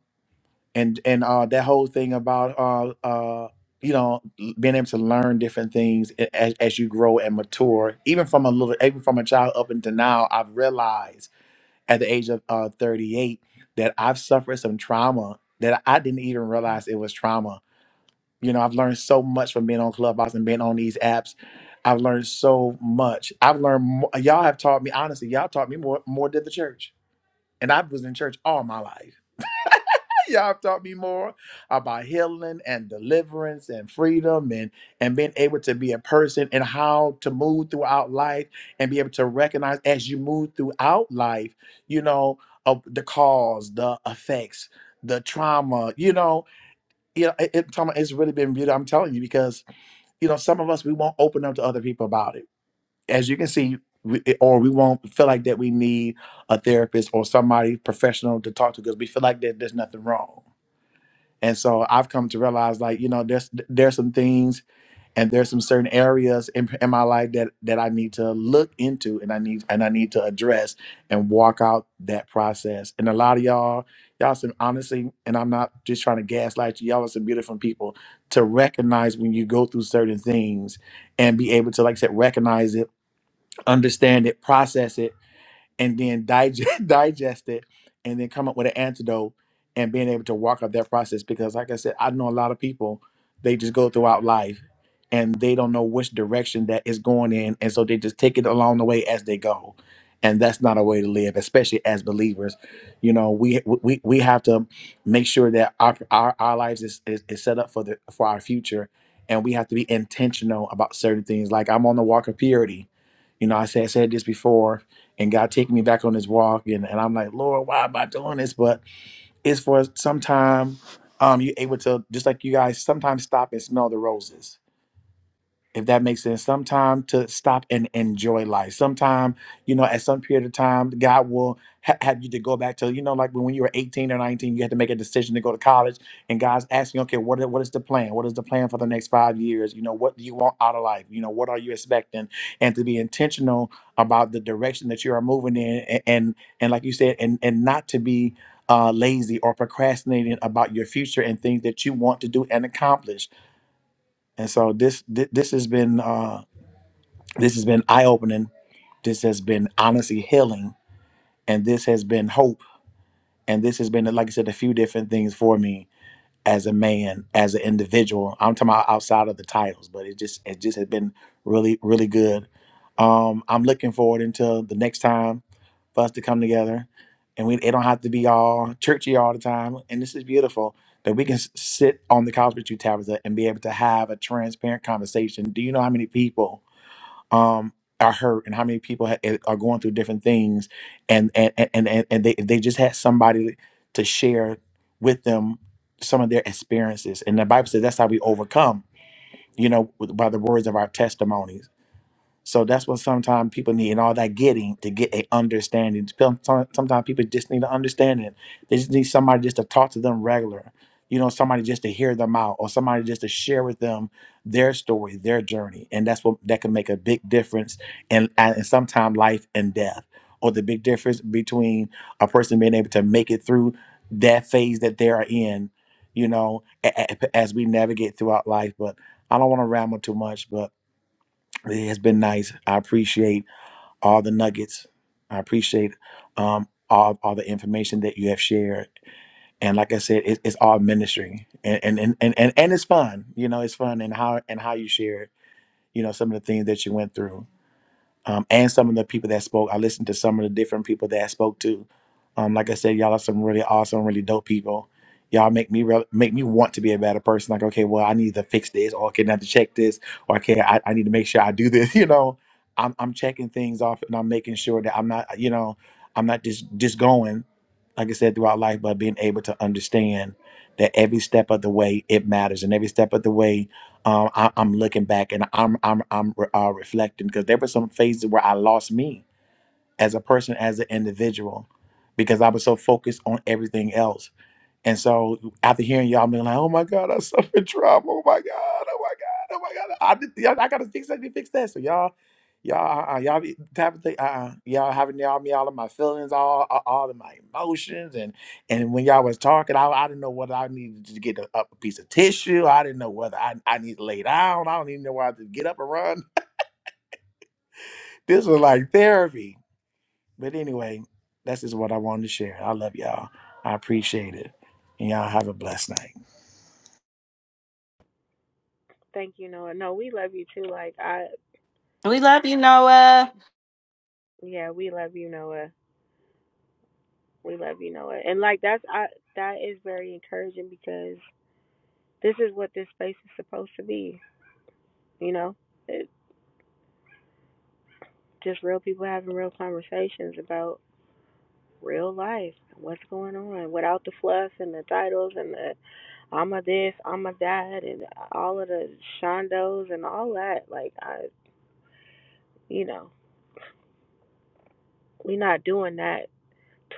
And and uh, that whole thing about uh, uh, you know being able to learn different things a- as, as you grow and mature, even from a little, even from a child up until now, I've realized at the age of uh, 38 that I've suffered some trauma that I didn't even realize it was trauma. You know, I've learned so much from being on Clubhouse and being on these apps. I've learned so much. I've learned mo- y'all have taught me honestly. Y'all taught me more more than the church, and I was in church all my life. Y'all taught me more about healing and deliverance and freedom and and being able to be a person and how to move throughout life and be able to recognize as you move throughout life, you know, of the cause, the effects, the trauma, you know, you know, it, it- Tama, it's really been beautiful. I'm telling you because you know some of us we won't open up to other people about it, as you can see, we, or we won't feel like that we need a therapist or somebody professional to talk to because we feel like that there's nothing wrong and so I've come to realize, like you know, there's there's some things and there's some certain areas in, in my life that that I need to look into and I need and I need to address and walk out that process. And a lot of y'all, y'all some honestly, and I'm not just trying to gaslight you. Y'all are some beautiful people to recognize when you go through certain things and be able to, like I said, recognize it, understand it, process it, and then digest digest it and then come up with an antidote and being able to walk up that process because like I said, I know a lot of people they just go throughout life and they don't know which direction that is going in and so they just take it along the way as they go. And that's not a way to live, especially as believers. You know, we we, we have to make sure that our our, our lives is, is, is set up for the for our future and we have to be intentional about certain things. Like I'm on the walk of purity. You know, I said I said this before and God taking me back on this walk. And, and I'm like, Lord, why am I doing this? But it's for some time um, you're able to, just like you guys, sometimes stop and smell the roses if that makes sense some to stop and enjoy life sometime you know at some period of time god will ha- have you to go back to you know like when you were 18 or 19 you had to make a decision to go to college and god's asking okay what, i- what is the plan what is the plan for the next five years you know what do you want out of life you know what are you expecting and to be intentional about the direction that you are moving in and and, and like you said and and not to be uh, lazy or procrastinating about your future and things that you want to do and accomplish and so this thi- this has been uh, this has been eye opening. This has been honestly healing. And this has been hope. And this has been, like I said, a few different things for me as a man, as an individual. I'm talking about outside of the titles, but it just it just has been really, really good. Um, I'm looking forward until the next time for us to come together. And we it don't have to be all churchy all the time. And this is beautiful that we can s- sit on the couch with you, Tabitha, and be able to have a transparent conversation. Do you know how many people? um are hurt and how many people ha- eh, are going through different things and and and and, and they, they just had somebody to share with them some of their experiences and the bible says that's how we overcome you know with- by the words of our testimonies so that's what sometimes people need, and all that getting to get a understanding. Sometimes people just need an understanding. They just need somebody just to talk to them regular. You know, somebody just to hear them out, or somebody just to share with them their story, their journey, and that's what that can make a big difference. And and sometimes life and death, or the big difference between a person being able to make it through that phase that they are in. You know, a- a- as we navigate throughout life. But I don't want to ramble too much, but. It has been nice. I appreciate all the nuggets. I appreciate um, all, all the information that you have shared. And like I said, it, it's all ministry, and and, and and and and it's fun. You know, it's fun and how and how you share. You know, some of the things that you went through um, and some of the people that spoke. I listened to some of the different people that I spoke to. Um, like I said, y'all are some really awesome, really dope people. Y'all make me re- make me want to be a better person. Like, okay, well, I need to fix this, or okay, I can have to check this, or okay, I, I need to make sure I do this. You know, I'm I'm checking things off, and I'm making sure that I'm not, you know, I'm not just just going, like I said, throughout life, but being able to understand that every step of the way it matters, and every step of the way um, I, I'm looking back and I'm I'm I'm re- uh, reflecting because there were some phases where I lost me as a person, as an individual, because I was so focused on everything else and so after hearing y'all being like, oh my God, I suffered trauma. Oh my God. Oh my God. Oh my God. I did, you I gotta fix that. I need to Fix that. So y'all, y'all, uh, uh, y'all be type of thing. Uh, uh, y'all having y'all me all of my feelings, all, all all of my emotions, and and when y'all was talking, I, I didn't know whether I needed to get a, up a piece of tissue. I didn't know whether I I need to lay down. I don't even know why to get up and run. This was like therapy. But anyway, that's just what I wanted to share. I love y'all. I appreciate it, and y'all have a blessed night. Thank you, Noah. No, we love you too. Like I, We love you, Noah. yeah, we love you, Noah. We love you, Noah. And like that's I that is very encouraging because this is what this space is supposed to be. You know, it, just real people having real conversations about real life. What's going on without the fluff and the titles and the I'm a this, I'm a that, and all of the shondos and all that. Like I, you know, we are not doing that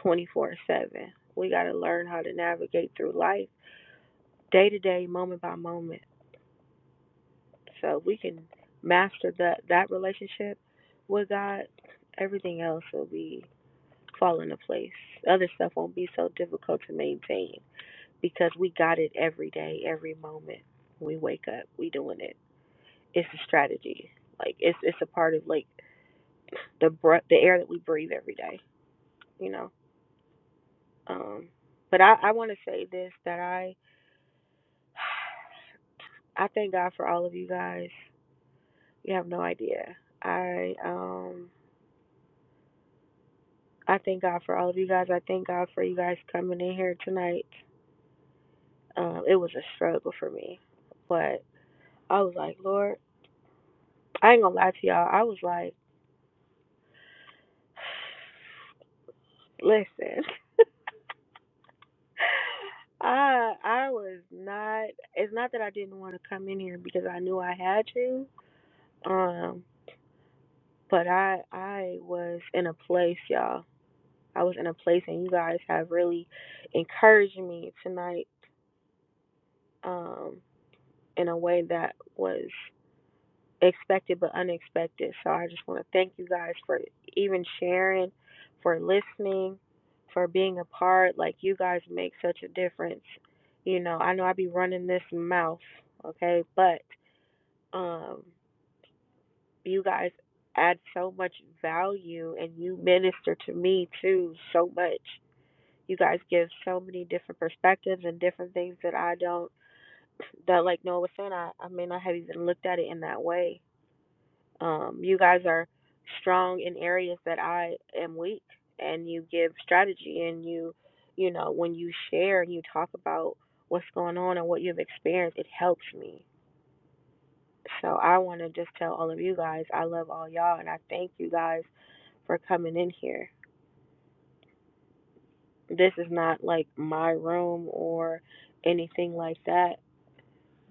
24 seven. We got to learn how to navigate through life day to day, moment by moment. So we can master that that relationship with God. Everything else will be fall into place. Other stuff won't be so difficult to maintain. because we got it every day, every moment we wake up. We doing it. It's a strategy. Like it's it's a part of like the br- the air that we breathe every day. You know. Um, but I I want to say this that I I thank God for all of you guys. You have no idea. I um I thank God for all of you guys. I thank God for you guys coming in here tonight. Um, it was a struggle for me, but I was like, Lord, I ain't gonna lie to y'all. I was like. Listen, I I was not. It's not that I didn't want to come in here because I knew I had to. Um, but I I was in a place, y'all. I was in a place, and you guys have really encouraged me tonight. Um, in a way that was expected but unexpected. So I just want to thank you guys for even sharing, for listening, for being a part. Like you guys make such a difference. You know, I know I be running this mouth, okay, but um you guys add so much value and you minister to me too so much. You guys give so many different perspectives and different things that I don't that like Noah was saying, I, I may not have even looked at it in that way Um, you guys are strong in areas that I am weak, and you give strategy and you, you know, when you share and you talk about what's going on and what you've experienced, it helps me. So I want to just tell all of you guys, I love all y'all, and I thank you guys for coming in here. This is not like my room or anything like that.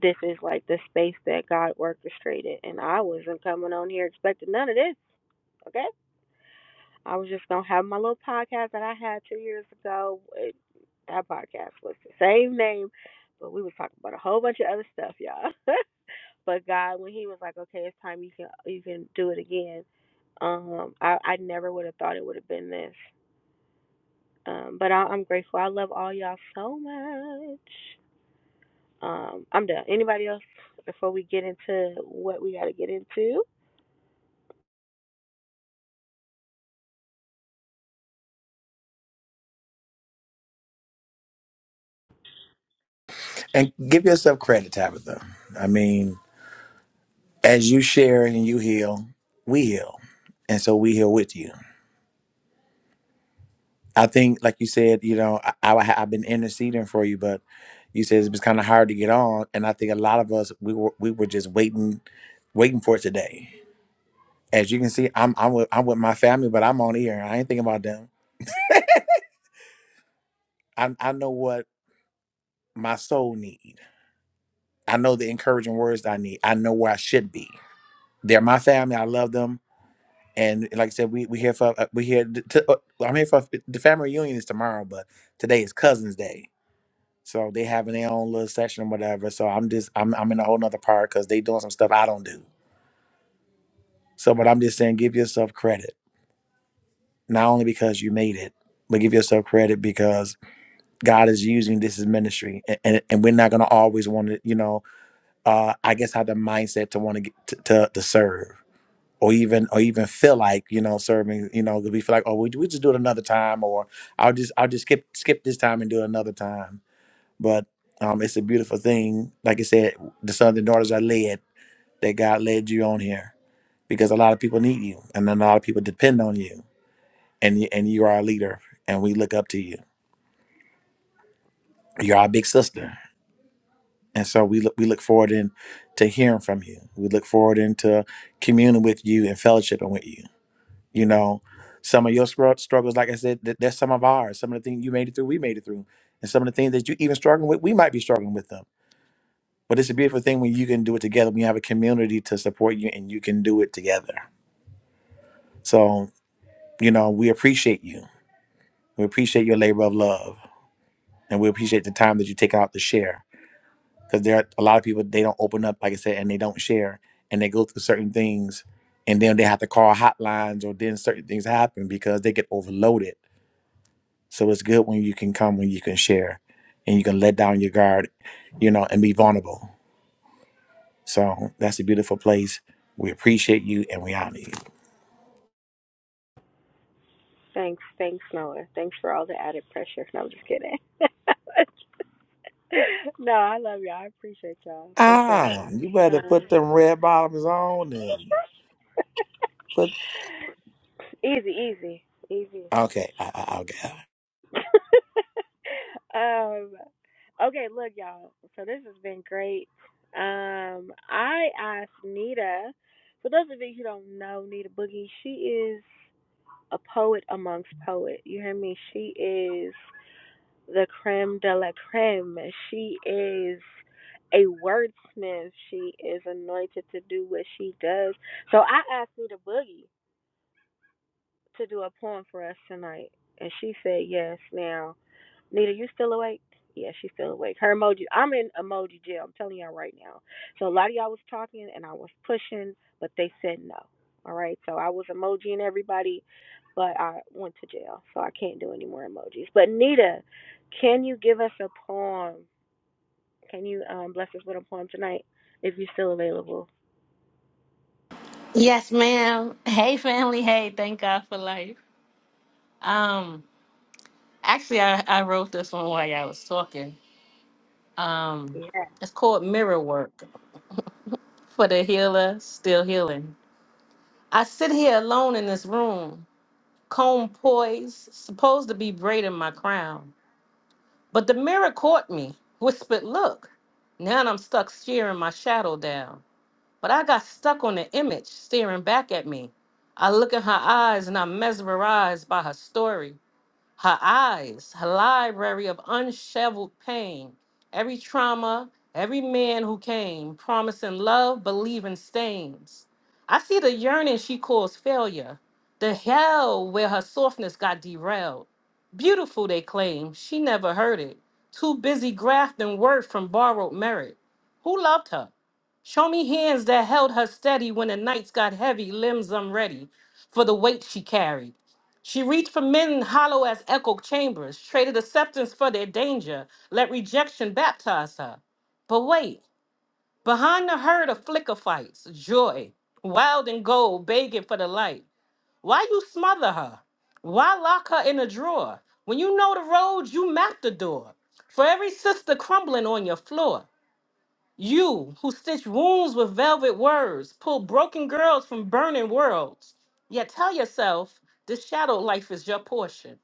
This is like the space that God orchestrated, and I wasn't coming on here expecting none of this. Okay? I was just gonna have my little podcast that I had two years ago. It, that podcast was the same name, but we was talking about a whole bunch of other stuff, y'all. but God, when He was like, "Okay, it's time you can you can do it again," um, I I never would have thought it would have been this. Um, but I, I'm grateful. I love all y'all so much. Um, I'm done. Anybody else before we get into what we got to get into? And give yourself credit, Tabitha. I mean, as you share and you heal, we heal. And so we heal with you. I think, like you said, you know, I, I, I've been interceding for you, but you said it was kind of hard to get on. And I think a lot of us, we were, we were just waiting, waiting for it today. As you can see, I'm, I'm, with, I'm with my family, but I'm on here. I ain't thinking about them. I, I know what my soul need. I know the encouraging words I need. I know where I should be. They're my family. I love them And like I said, we we here for uh, we here. t uh, I'm here for the family reunion is tomorrow, but today is Cousins Day, so they having their own little session or whatever. So I'm just I'm I'm in a whole nother part because they doing some stuff I don't do. So, but I'm just saying, give yourself credit not only because you made it, but give yourself credit because God is using this as ministry, and and, and we're not gonna always want to, you know, uh, I guess have the mindset to want to get to, to to serve. or even or even feel like you know serving you know we feel like oh we, we just do it another time or i'll just i'll just skip skip this time and do it another time but um it's a beautiful thing like i said the sons and daughters are led that god led you on here because a lot of people need you and then a lot of people depend on you and you and you are a leader and we look up to you you're our big sister and so we look we look forward in to hearing from you we look forward into communing with you and fellowshipping with you You know, some of your scru- struggles, like I said, that that's some of ours. Some of the things you made it through, we made it through, and some of the things that you even struggling with, we might be struggling with them. But it's a beautiful thing when you can do it together. When you have a community to support you, and you can do it together. So you know, we appreciate you. We appreciate your labor of love, and we appreciate the time that you take out to share. Because there are a lot of people they don't open up, like I said, and they don't share, and they go through certain things, and then they have to call hotlines, or then certain things happen because they get overloaded So it's good when you can come, when you can share, and you can let down your guard, you know, and be vulnerable. So that's a beautiful place. We appreciate you and we honor you. Thanks, thanks, Noah. Thanks for all the added pressure. No, I'm just kidding. no, I love y'all. I appreciate y'all for sure. Ah, you better Um, put them red bottoms on and put. easy, easy, easy. Okay, I, I, I'll get. um, okay, look, y'all. So this has been great. Um, I asked Nita. For those of you who don't know Nita Boogie, she is a poet amongst poets. You hear me? She is. the creme de la creme. She is a wordsmith. She is anointed to do what she does. So I asked Nita Boogie to do a poem for us tonight, and she said yes. Now Nita, you still awake? Yeah, she's still awake. Her emoji. I'm in emoji jail. I'm telling y'all right now. So a lot of y'all was talking and I was pushing, but they said no. All right. So I was emojiing everybody, but I went to jail, so I can't do any more emojis. But Nita, can you give us a poem? Can you um, bless us with a poem tonight if you're still available? Yes, ma'am. Hey, family. Hey, thank God for life. Um, Actually, I, I wrote this one while y'all was talking. Um, Yeah. it's called Mirror Work for the Healer Still Healing. I sit here alone in this room, comb poised, supposed to be braiding my crown. But the mirror caught me, whispered, Look. Now I'm stuck staring my shadow down. But I got stuck on the image staring back at me. I look in her eyes and I'm mesmerized by her story. her eyes, her library of unshoveled pain, every trauma, every man who came, promising love, believing stains. I see the yearning she calls failure, the hell where her softness got derailed. Beautiful, they claim, she never heard it. Too busy grafting word from borrowed merit. Who loved her? Show me hands that held her steady when the nights got heavy, limbs unready for the weight she carried. She reached for men hollow as echo chambers, traded acceptance for their danger, let rejection baptize her. But wait, behind the herd of flicker fights, joy, wild and gold, begging for the light. Why you smother her? Why lock her in a drawer? When you know the road, you map the door. For every sister crumbling on your floor, you who stitch wounds with velvet words, pull broken girls from burning worlds. Yet tell yourself this shadow life is your portion.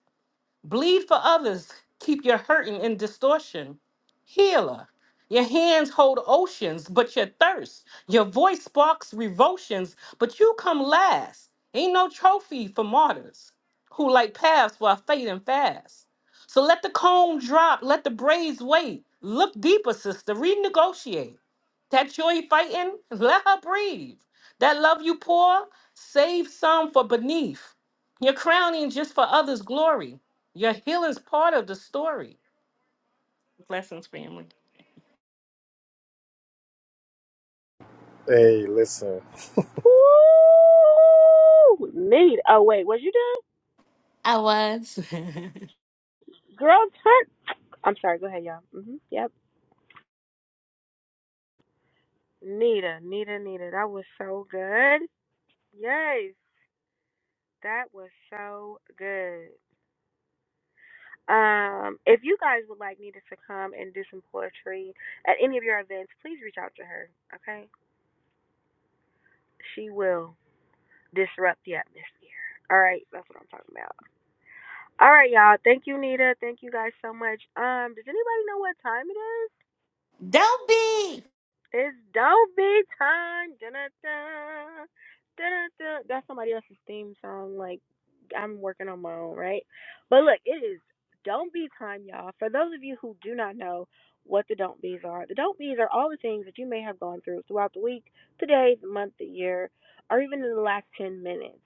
Bleed for others. Keep your hurting in distortion. Healer. Your hands hold oceans, but your thirst. Your voice sparks revulsions, but you come last. Ain't no trophy for martyrs who light paths while fading fast. So let the comb drop, let the braids wait. Look deeper, sister. Renegotiate. That joy fighting, let her breathe. That love you pour, save some for beneath. Your crowning just for others' glory. Your healing's part of the story. Blessings, family. Hey, listen. Ooh, Nita. Oh wait, was you done? Girl, turn. I'm sorry. Go ahead, y'all. Mhm. Yep. Nita, Nita, Nita. That was so good. Yes, that was so good. Um, if you guys would like Nita to come and do some poetry at any of your events, please reach out to her, okay? She will disrupt the atmosphere. All right, that's what I'm talking about. All right, y'all. Thank you, Nita. Thank you guys so much. Um, does anybody know what time it is? Don't be. It's don't be time. Dun-dun-dun. Dun-dun-dun. That's somebody else's theme song. Like I'm working on my own, right? But look, it is don't be time, y'all. For those of you who do not know what the don't be's are, the don't be's are all the things that you may have gone through throughout the week, the day, the month, the year, or even in the last ten minutes,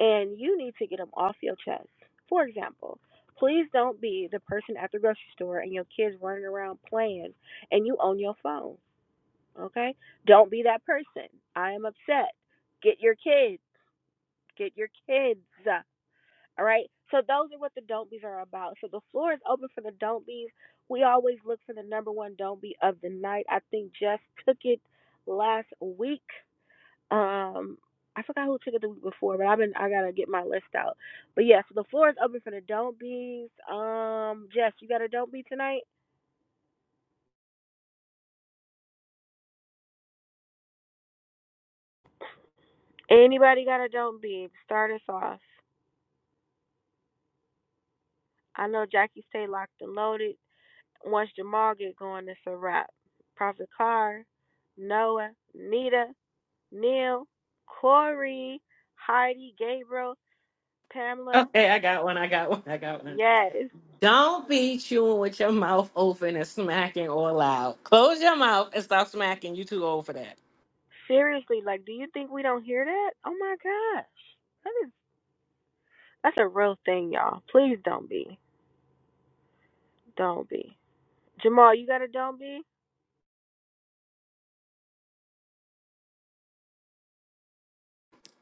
and you need to get them off your chest. For example. Please don't be the person at the grocery store and your kids running around playing and you on your phone. Okay? Don't be that person. I am upset. Get your kids. Get your kids. All right? So those are what the don't be's are about. So the floor is open for the don't be's. We always look for the number one don't be of the night. I think Jess took it last week. Um I forgot who took it the week before, but I've been I gotta get my list out. But yeah, so the floor is open for the don't be's. Um Jess, you got a don't be tonight? Anybody got a don't be? Start us off. I know Jackie stay locked and loaded. Once Jamal get going, it's a wrap. Prophet Carr, Noah, Nita, Neil, Corey, Heidi, Gabriel, Pamela. Okay, I got one. I got one. I got one. Yes. Don't be chewing with your mouth open and smacking all loud. Close your mouth and stop smacking. You too old for that. Seriously, like, do you think we don't hear that? Oh my gosh. That is, that's a real thing, y'all. Please don't be. Don't be. Jamal, you got a don't be?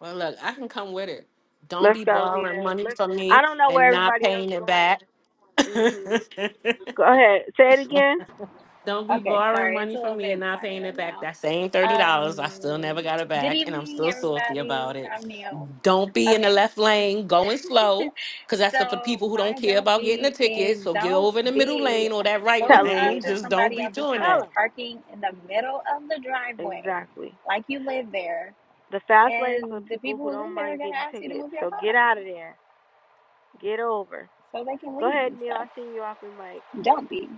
Well, look, I can come with it. Don't Let's be go, borrowing Nita. money Let's. from I me don't know and where not everybody else paying it back. going. Mhm. Go ahead. Say it again. Don't be Okay, borrowing sorry, it's money a from little me and bit not paying quieter it back. now. That same thirty dollars, I still never Um, got it good back, and I'm evening, still salty everybody. about it. I'm Neil. Don't be in the Okay, left lane going slow, cause that's the for so people who don't my care don't about getting a be is ticket. So get don't over in the middle be lane or that right Tell pulling them, up lane. to Nita. Just don't somebody be else's doing house, that. Tell parking in the middle of the them. driveway, Exactly. like you live there, The fast lane is for and the people who people who don't live there are mind gonna getting ask you to tickets. move your So car get out of there. Get over. so they can Go leave ahead, and Neil. I stuff. seen you off in mic. Don't be.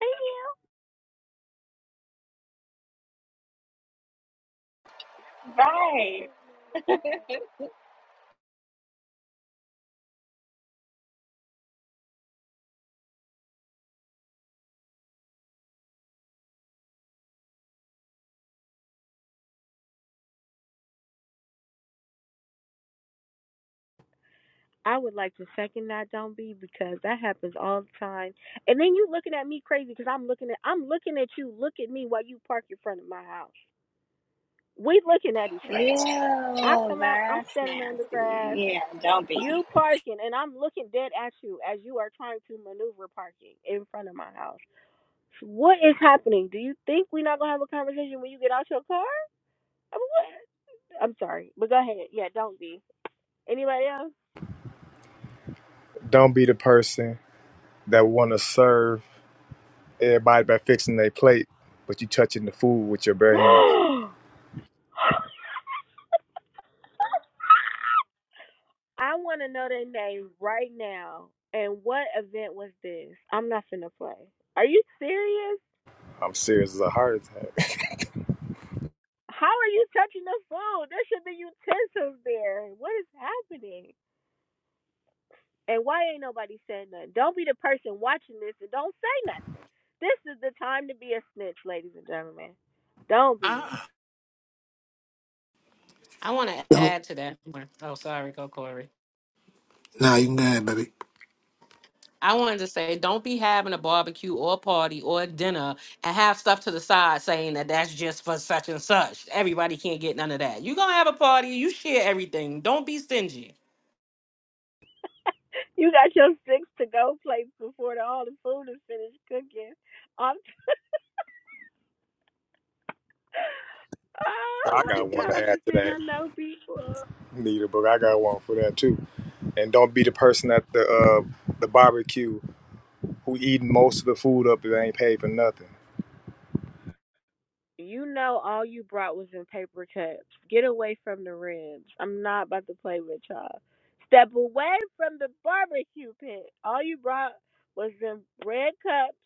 Hey, Neil. Right. I would like to second that don't be because that happens all the time. And then you looking at me crazy because I'm looking at I'm looking at you. Look at me while you park in front of my house. We looking at each other. I Ew, come out. I'm that's standing on the nasty. grass. Yeah, don't be. You parking, and I'm looking dead at you as you are trying to maneuver parking in front of my house. What is happening? Do you think we're not gonna have a conversation when you get out your car? I mean, what? I'm sorry, but go ahead. Yeah, don't be. Anybody else? Don't be the person that want to serve Everybody by fixing their plate, but you touching the food with your bare hands. I want to know their name right now. And what event was this? I'm not finna play. Are you serious? I'm serious as a heart attack. How are you touching the phone? There should be utensils there. What is happening? And why ain't nobody saying nothing? Don't be the person watching this and don't say nothing. This is the time to be a snitch, ladies and gentlemen. Don't be. Ah, I want to Don't. add to that. more. Oh, sorry, go Corey. Nah, you can go ahead, baby. I wanted to say, don't be having a barbecue or a party or a dinner and have stuff to the side saying that that's just for such and such. Everybody can't get none of that. You're going to have a party, you share everything. Don't be stingy. you got your six to go plates before the, all the food is finished cooking. I'm, So oh I my got one God, I'm to add just to saying, that, I know people. Nita, but I got one for that too. And don't be the person at the uh, the barbecue who eating most of the food up that ain't paid for nothing. You know, all you brought was in paper cups. Get away from the rims. I'm not about to play with y'all. Step away from the barbecue pit. All you brought was in red cups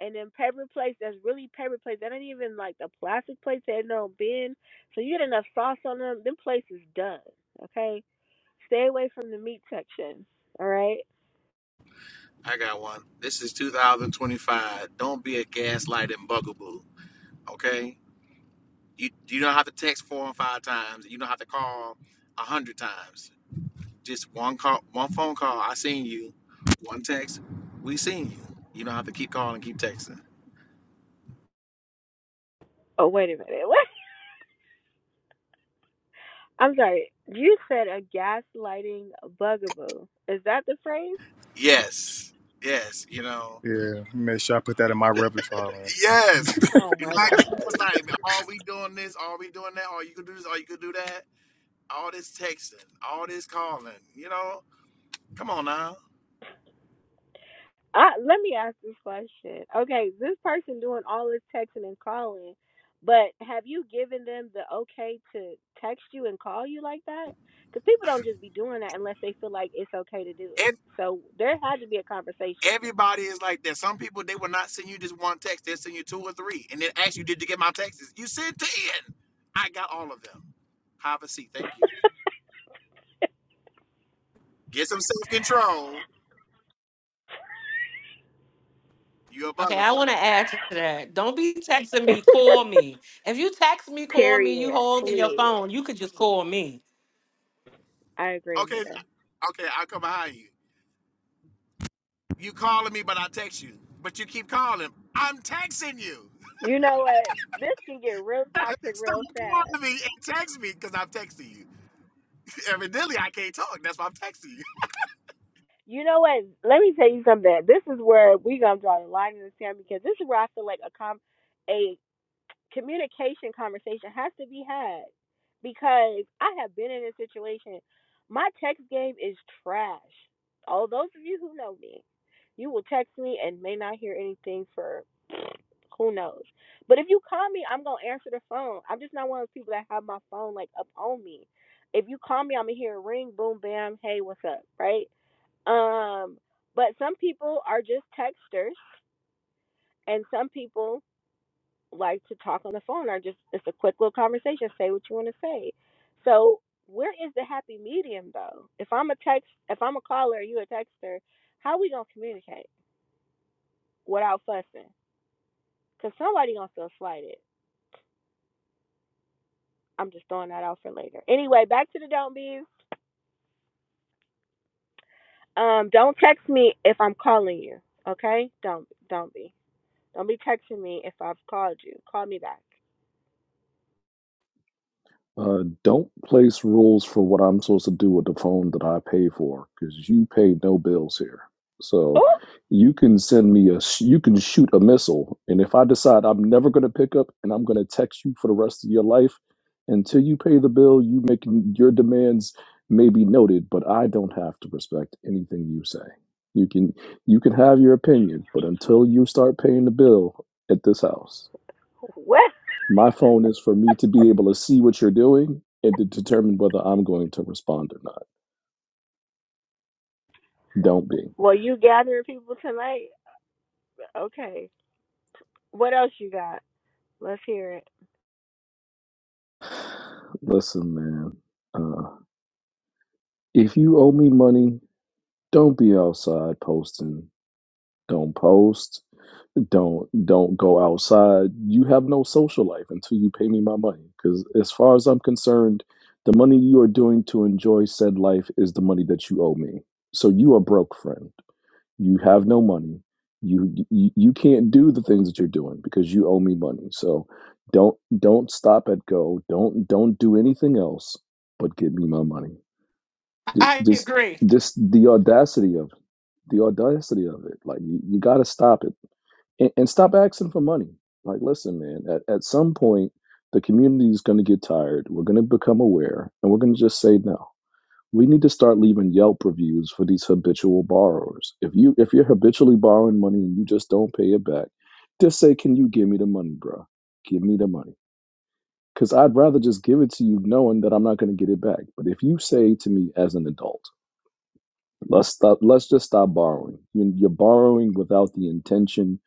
and then paper plates. That's really paper plates. That ain't even like the plastic plates that don't bend. So you get enough sauce on them. Them plates is done. Okay Stay away from the meat section. All right. I got one. This is 2025. Don't be a gaslighting bugaboo. Okay? You you don't have to text four and five times. You don't have to call a hundred times. Just one call, one phone call. I seen you. One text. We seen you. You don't have to keep calling, keep texting. Oh wait a minute. What? I'm sorry. You said a gaslighting bugaboo. Is that the phrase? Yes, yes. You know. Yeah, make sure I put that in my repertoire. man. Yes. Oh You're my not god. getting what's like. Are we doing this? Are we doing that? Are you could do this? Are you could do that? All this texting, all this calling. You know. Come on now. I, let me ask this question. Okay, this person doing all this texting and calling, but have you given them the okay to text you and call you like that? Because people don't just be doing that unless they feel like it's okay to do it. Ev- So there had to be a conversation. Everybody is like that. Some people they will not send you just one text. They'll send you two or three, and then ask you, "Did you get my texts?" You sent ten. I got all of them. Have a seat. Thank you. Get some self control. You a Okay, I bugaboo. want to add to that. Don't be texting me, call me. If you text me, call me, you Period. hold in your Please. phone, you could just call me. I agree, Okay, Nina. okay, I'll come behind you. You calling me, but I text you. But you keep calling. I'm texting you. You know what? This can get real toxic Stop real fast. calling me and text me because I'm texting you. Evidently, I can't talk. That's why I'm texting you. You know what? Let me tell you something. This is where we gonna draw the line in the sand because this is where I feel like a com a communication conversation has to be had because I have been in a situation. My text game is trash. All those of you who know me, you will text me and may not hear anything for. Who knows? But if you call me, I'm gonna answer the phone. I'm just not one of those people that have my phone like up on me. If you call me, I'm gonna hear a ring, boom, bam, hey, what's up, right? Um, but some people are just texters, and some people like to talk on the phone. Or just it's a quick little conversation. Say what you want to say. So where is the happy medium though? If I'm a text, if I'm a caller, you a texter, how we gonna communicate without fussing? Cause somebody gonna feel slighted I'm just throwing that out for later. Anyway, back to the don't be's. Um, don't text me if I'm calling you. Okay? Don't don't be. Don't be texting me if I've called you. Call me back. Uh, don't place rules for what I'm supposed to do with the phone that I pay for because you pay no bills here. So Oh, you can send me a, sh- you can shoot a missile. And if I decide I'm never going to pick up and I'm going to text you for the rest of your life until you pay the bill, you make your demands may be noted, but I don't have to respect anything you say. You can, you can have your opinion, but until you start paying the bill at this house, what? my phone is for me to be able to see what you're doing and to determine whether I'm going to respond or not. Don't be. Well, you gathering people tonight? Okay. What else you got? Let's hear it. Listen, man. Uh, if you owe me money, don't be outside posting. Don't post. Don't don't go outside. You have no social life until you pay me my money. Because as far as I'm concerned, the money you are doing to enjoy said life is the money that you owe me. So you are broke, friend. you have no money you, you you can't do the things that you're doing because you owe me money so don't don't stop at go don't don't do anything else but give me my money J- I just agree. just the audacity of the audacity of it like you, you got to stop it and, and stop asking for money like listen man at, at some point the community is going to get tired we're going to become aware and we're going to just say no we need to start leaving Yelp reviews for these habitual borrowers. If you if you're habitually borrowing money and you just don't pay it back, just say, "Can you give me the money, bro? Give me the money." Because I'd rather just give it to you knowing that I'm not going to get it back. But if you say to me as an adult, let's stop, let's just stop borrowing. You- You're borrowing without the intention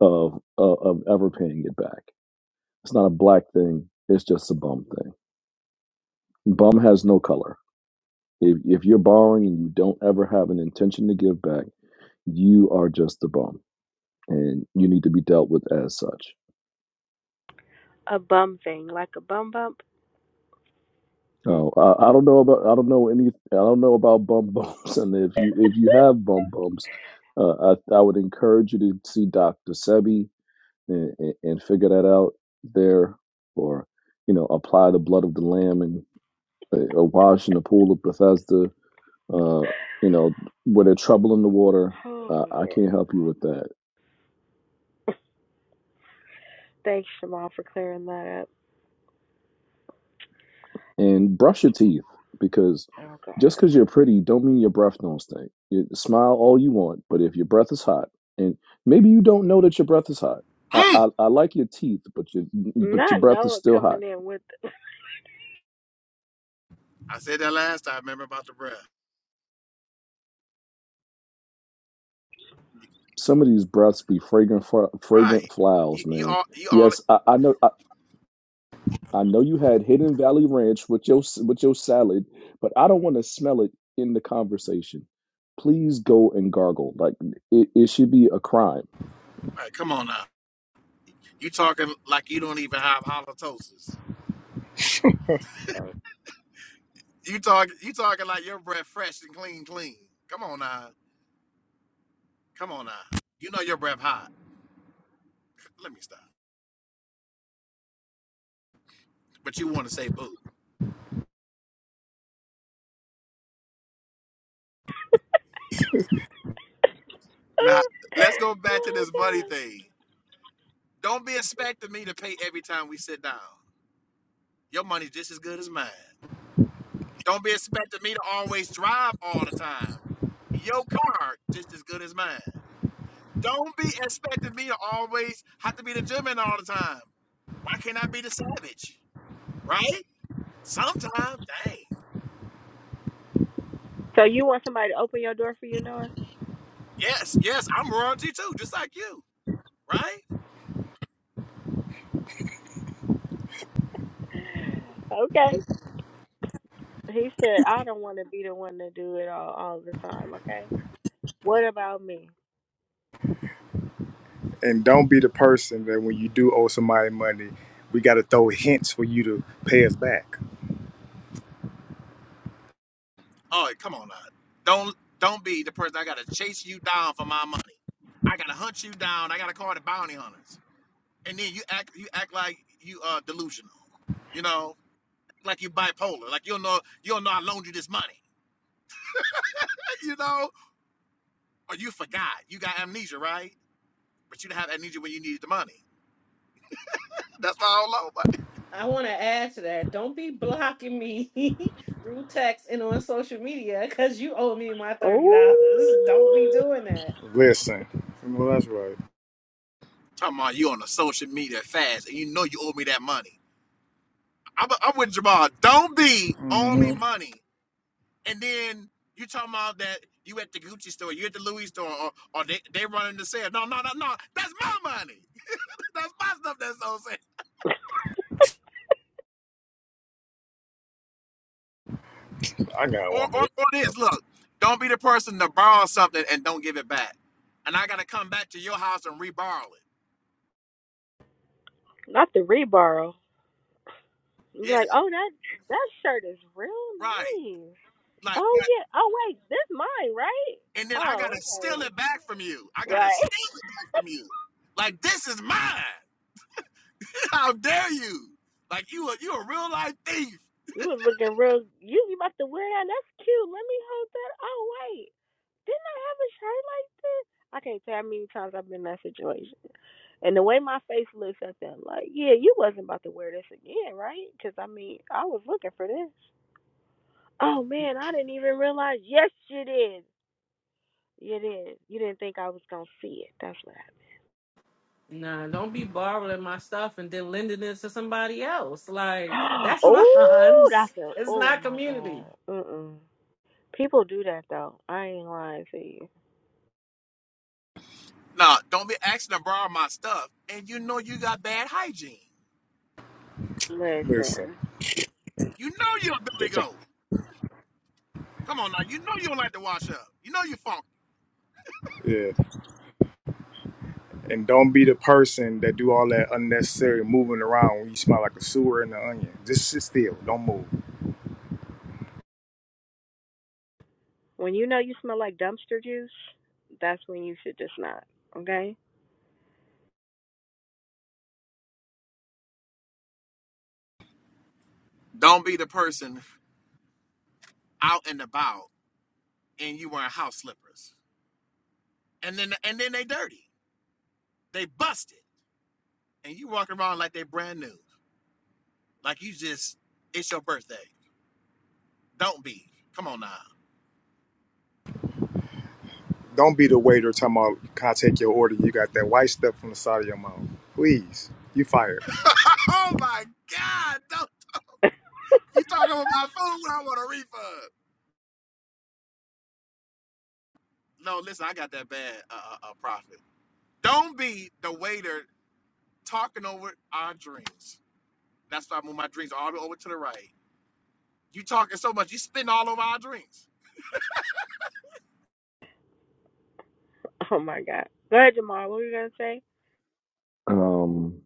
of of, of ever paying it back. It's not a black thing. It's just a bum thing. Bum has no color. If, if you're borrowing and you don't ever have an intention to give back you are just a bum and you need to be dealt with as such. A bum thing, like a bum bump. Mm. Now, I, I don't know about I don't know any I don't know about bum bumps, and if you if you have bum bumps, uh, I I would encourage you to see Doctor Sebi and, and, and figure that out there, or you know apply the blood of the lamb and uh, a wash in the pool of Bethesda. Uh, you know where there's trouble in the water. Oh, Uh, I man. can't help you with that. Thanks, Shamal, for clearing that up. And brush your teeth because Oh Just God. because you're pretty don't mean your breath don't stink. You smile all you want, but if your breath is hot, and maybe you don't know that your breath is hot. I, Mm. I, I like your teeth, but your but your Not breath is Noah still coming hot. in with. I said that last time. Remember about the breath? Some of these breaths be fragrant fra- fragrant Right. You, flowers, you man. all. You all. Yes, I, I know I, I know you had Hidden Valley Ranch with your s- with your salad, but I don't want to smell it in the conversation. Please go and gargle. Like it, it should be a crime Right, come on now. You talking like you don't even have halitosis. You talk. You talking like your breath fresh and clean, clean. Come on now. Come on now. You know your breath hot. Let me stop. But you want to say boo. Now, let's go back to this money thing. Don't be expecting me to pay every time we sit down. Your money's just as good as mine. Don't be expecting me to always drive all the time. Your car just as good as mine. Don't be expecting me to always have to be the gentleman all the time. Why can't I be the savage? Right? Sometimes, dang. so you want somebody to open your door for you, Noah? Yes, yes, I'm royalty too, just like you. Right? Okay. He said, I don't want to be the one to do it all, all the time, okay? What about me? And don't be the person that when you do owe somebody money, we got to throw hints for you to pay us back. Oh, come on now. Don't don't be the person I gotta chase you down for my money. I gotta hunt you down. I gotta call the bounty hunters. And then you act you act like you are delusional. You know, like you bipolar. Like you don't know you don't know I loaned you this money. You know, or you forgot. You got amnesia, right? But you didn't have amnesia when you needed the money. That's why I don't loan money. I want to add to that. Don't be blocking me through text and on social media because you owe me my $30. Don't be Ooh. doing that. Listen, well that's right. Talking about you on a social media fast, and you know you owe me that money. I'm, I'm with Jamal. Don't be owe me hmm money, and then you talking about that you at the Gucci store, you at the Louis store, or, or they they running the sale. No, no, no, no. That's my money. That's my stuff. That's so sad. I got Or, one or, minute. or this. Look, don't be the person to borrow something and don't give it back. And I gotta come back to your house and re-borrow it. Not the reborrow. Be Yeah, Like, oh, that that shirt is real right. nice. Like Oh, that. yeah. Oh, wait. This mine, right? And then I gotta Oh, steal okay. it back from you. I gotta Right. steal it back from you. Like this is mine. How dare you? Like you a you a real life thief. You was looking real. You, you about to wear that? That's cute. Let me hold that. Oh, wait. Didn't I have a shirt like this? I can't tell how many times I've been in that situation. And the way my face looks at them, like, yeah, you wasn't about to wear this again, right? Because I mean, I was looking for this. Oh man, I didn't even realize. Yes, you did. You did. You didn't think I was gonna see it. That's what Nah, don't be borrowing my stuff and then lending it to somebody else. Like happened. that's oh, mine. that's a. It's Oh not my god. community. Mm. People do that though. I ain't lying to you. No, don't be asking to borrow my stuff. And you know you got bad hygiene. Listen, Listen, You know you're a billy The- the- goat. Come on now. You know you don't like to wash up. You know you funky. yeah. And don't be the person that do all that unnecessary moving around when you smell like a sewer and an onion. Just sit still. Don't move. when you know you smell like dumpster juice, that's when you should just not. Okay. Don't be the person out and about and you wearing house slippers. And then and then they dirty. They busted. And you walking around like they brand new. Like you just it's your birthday. Don't be. Come on now. Don't be the waiter talking about, can I take your order? You got that white stuff on the side of your mouth. Please. You fired. Oh my God. Don't you talking about my food when I want a refund. No, listen, I got that bad uh, uh, uh profit. Don't be the waiter talking over our drinks. That's why I move my drinks all the way over to the right. You talking so much, you spitting all over our drinks. oh my god. Go ahead, Jamar. What were you gonna say? Um,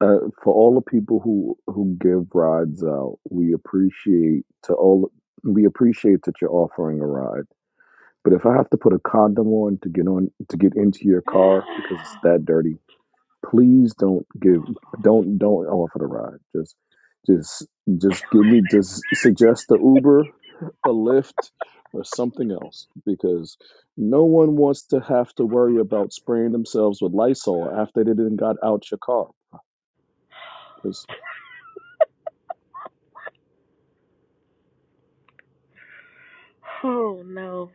uh, for all the people who who give rides out, we appreciate to all we appreciate that you're offering a ride. But if I have to put a condom on to get on to get into your car because it's that dirty, please don't give Oh, don't don't offer the ride just just just give me just suggest the uber a Lyft, or something else because no one wants to have to worry about spraying themselves with lysol after they didn't got out your car Because. Oh no.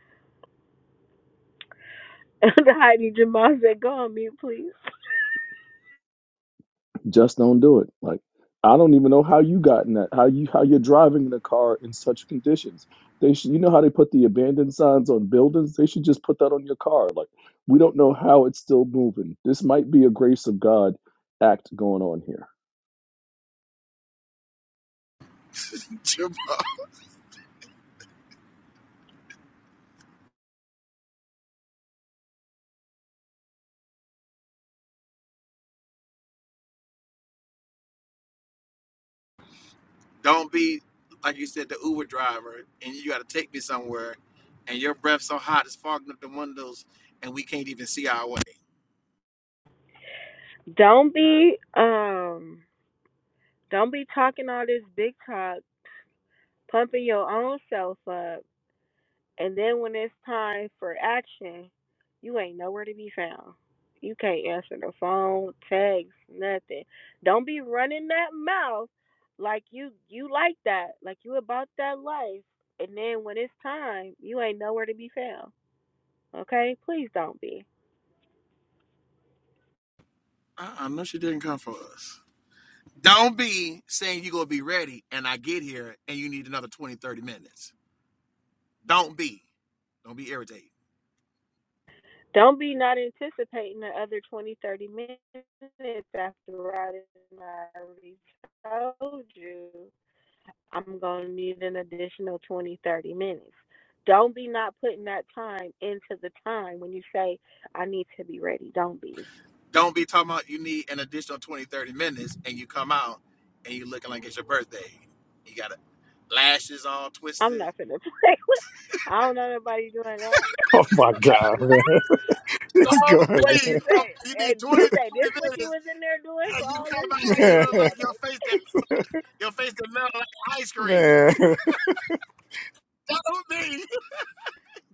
Heidi Jamal said, "Go on mute, please. Just don't do it. Like I don't even know how you got in that. How you how you're driving in a car in such conditions. They should, you know how they put the abandoned signs on buildings. They should just put that on your car. Like we don't know how it's still moving. This might be a grace of God act going on here. Don't be like you said, the Uber driver, and you got to take me somewhere, and your breath so hot it's fogging up the windows, and we can't even see our way. Don't be um, don't be talking all this big talk, pumping your own self up, and then when it's time for action, you ain't nowhere to be found. You can't answer the phone, text, nothing. Don't be running that mouth like you you like that, like you about that life, and then when it's time, you ain't nowhere to be found. Okay, please don't be." I, I know she didn't come for us. Don't be saying you're gonna be ready, and I get here, and you need another 20 30 minutes. Don't be. Don't be irritated. Don't be not anticipating the other 20 30 minutes after I already told you I'm going to need an additional 20 30 minutes. Don't be not putting that time into the time when you say, I need to be ready. Don't be. Don't be talking about you need an additional 20 30 minutes, and you come out, and you looking like it's your birthday. You got lashes all I'm twisted. not going to play with I don't know nobody doing that. Oh my God, man. This Don't good, What'd be. you man. say? Don't- you need And you 20 say this 30 what you minutes was in there doing Hey, for you all come this out time? here, You you need look to Man. go like your back. face that your face that melt like ice cream. Man. That's me.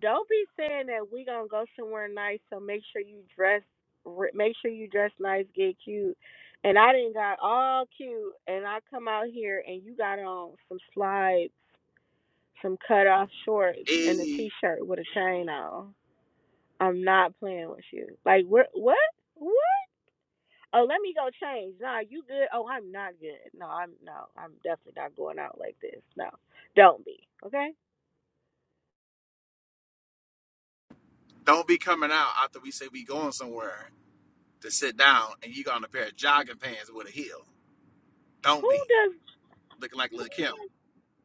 Don't be saying that we gonna go somewhere nice. So make sure you dress, re- make sure you dress nice, get cute. And I didn't got all cute, and I come out here and you got on some slides, some cut off shorts, and a t Hey, shirt with a chain on. I'm not playing with you. Like what? What? What? Oh, let me go change. Nah, you good? Oh, I'm not good. No, I'm no, I'm definitely not going out like this. No, don't be. Okay. don't be coming out after we say we going somewhere to sit down and you got on a pair of jogging pants with a heel. Don't Who be does? looking like Lil Kim.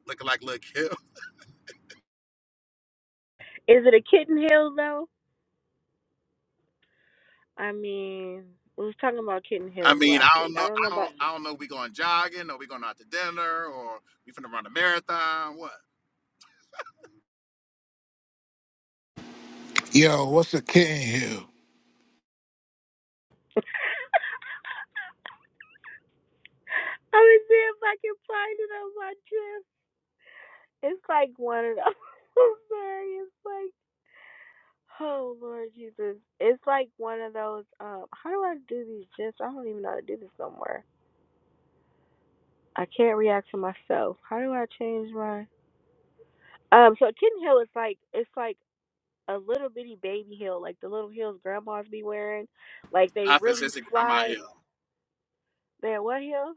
Looking like Lil Kim. Is it a kitten hill though? I mean, we was talking about Kitten I Hills mean, I last week. don't know. I don't I know about. I don't. was I don't know. If we going jogging, or we going out to dinner, or we finna run a marathon. What? Yo, what's a kitten here? see if I can find it on my trip. It's like one of those. I'm sorry. It's like, oh Lord Jesus. It's like one of those. Um, how do I do these? Just I don't even know how to do this somewhere. I can't react to myself. How do I change my? Um, so Kitten Hill is like it's like a little bitty baby hill, like the little hills grandmas be wearing. Like they I feel really it's a grandma slide. hill. They're what hill?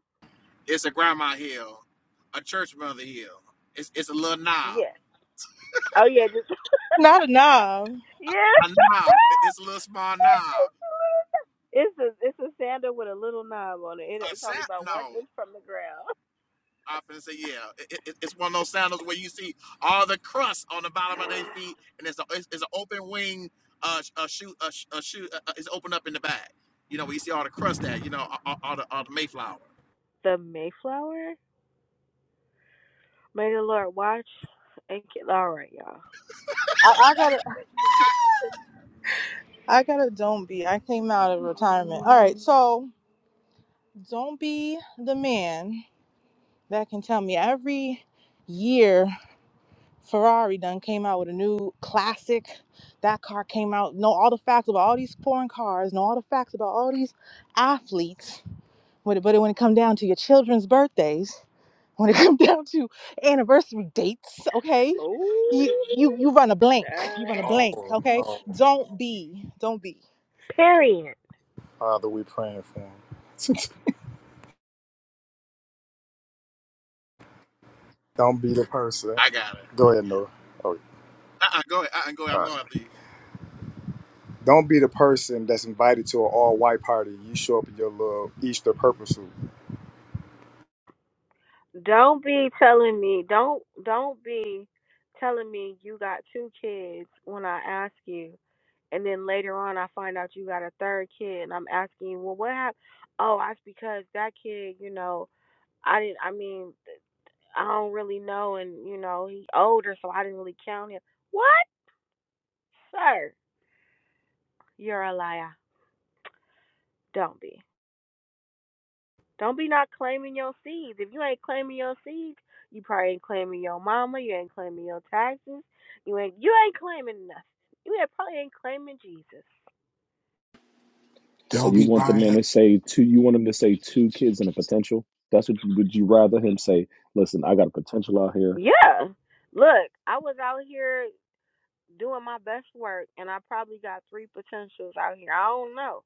It's a grandma hill. A church mother hill. It's it's a little knob. Yeah. Oh yeah, just No, Um, Yeah. A knob. It- It's a little small knob. It's a it's a sandal with a little knob on it. it. A It's only sand? about one No. inch from the ground. I finna say yeah. It, it, it's one of those sandals where you see all the crust on the bottom of their feet, and it's a it's, it's an open wing uh sh- a shoe a, sh- a shoe uh, uh, it's open up in the back. You know where you see all the crust at. You know all, all all the all the Mayflower. The Mayflower. May the Lord watch. And ki- all right, y'all. I, I gotta, I gotta. Don't be. I came out of retirement. All right, so don't be the man that can tell me every year Ferrari done came out with a new classic. That car came out. Know all the facts about all these foreign cars. Know all the facts about all these athletes. But it- but when it come down to your children's birthdays. when it comes down to anniversary dates, okay? You Ooh, you you run a blank. You run a child. blank, Oh okay? no. Don't be. Don't be. Period. Father, we praying for him. Don't be the person. I got it. Go ahead, Noah. Oh, Uh-uh, go ahead. Uh-uh, go ahead. all I'm going right. after you. Don't be the person that's invited to an all-white party. You show up in your little Easter purple suit. Don't be telling me. Don't don't be telling me you got two kids when I ask you, and then later on I find out you got a third kid, and I'm asking you, well, what happened? Oh, that's because that kid, you know, I didn't. I mean, I don't really know, and you know he older, so I didn't really count him. What, sir? You're a liar. Don't be. Don't be not claiming your seeds. If you ain't claiming your seeds, you probably ain't claiming your mama. You ain't claiming your taxes. You ain't you ain't claiming nothing. You ain't, probably ain't claiming Jesus. So Don't you be want the buying man up. to say two? You want him to say two kids and a potential? That's what would you rather him say? Listen, I got a potential out here. Yeah. Look, I was out here doing my best work, and I probably got three potentials out here. I don't know.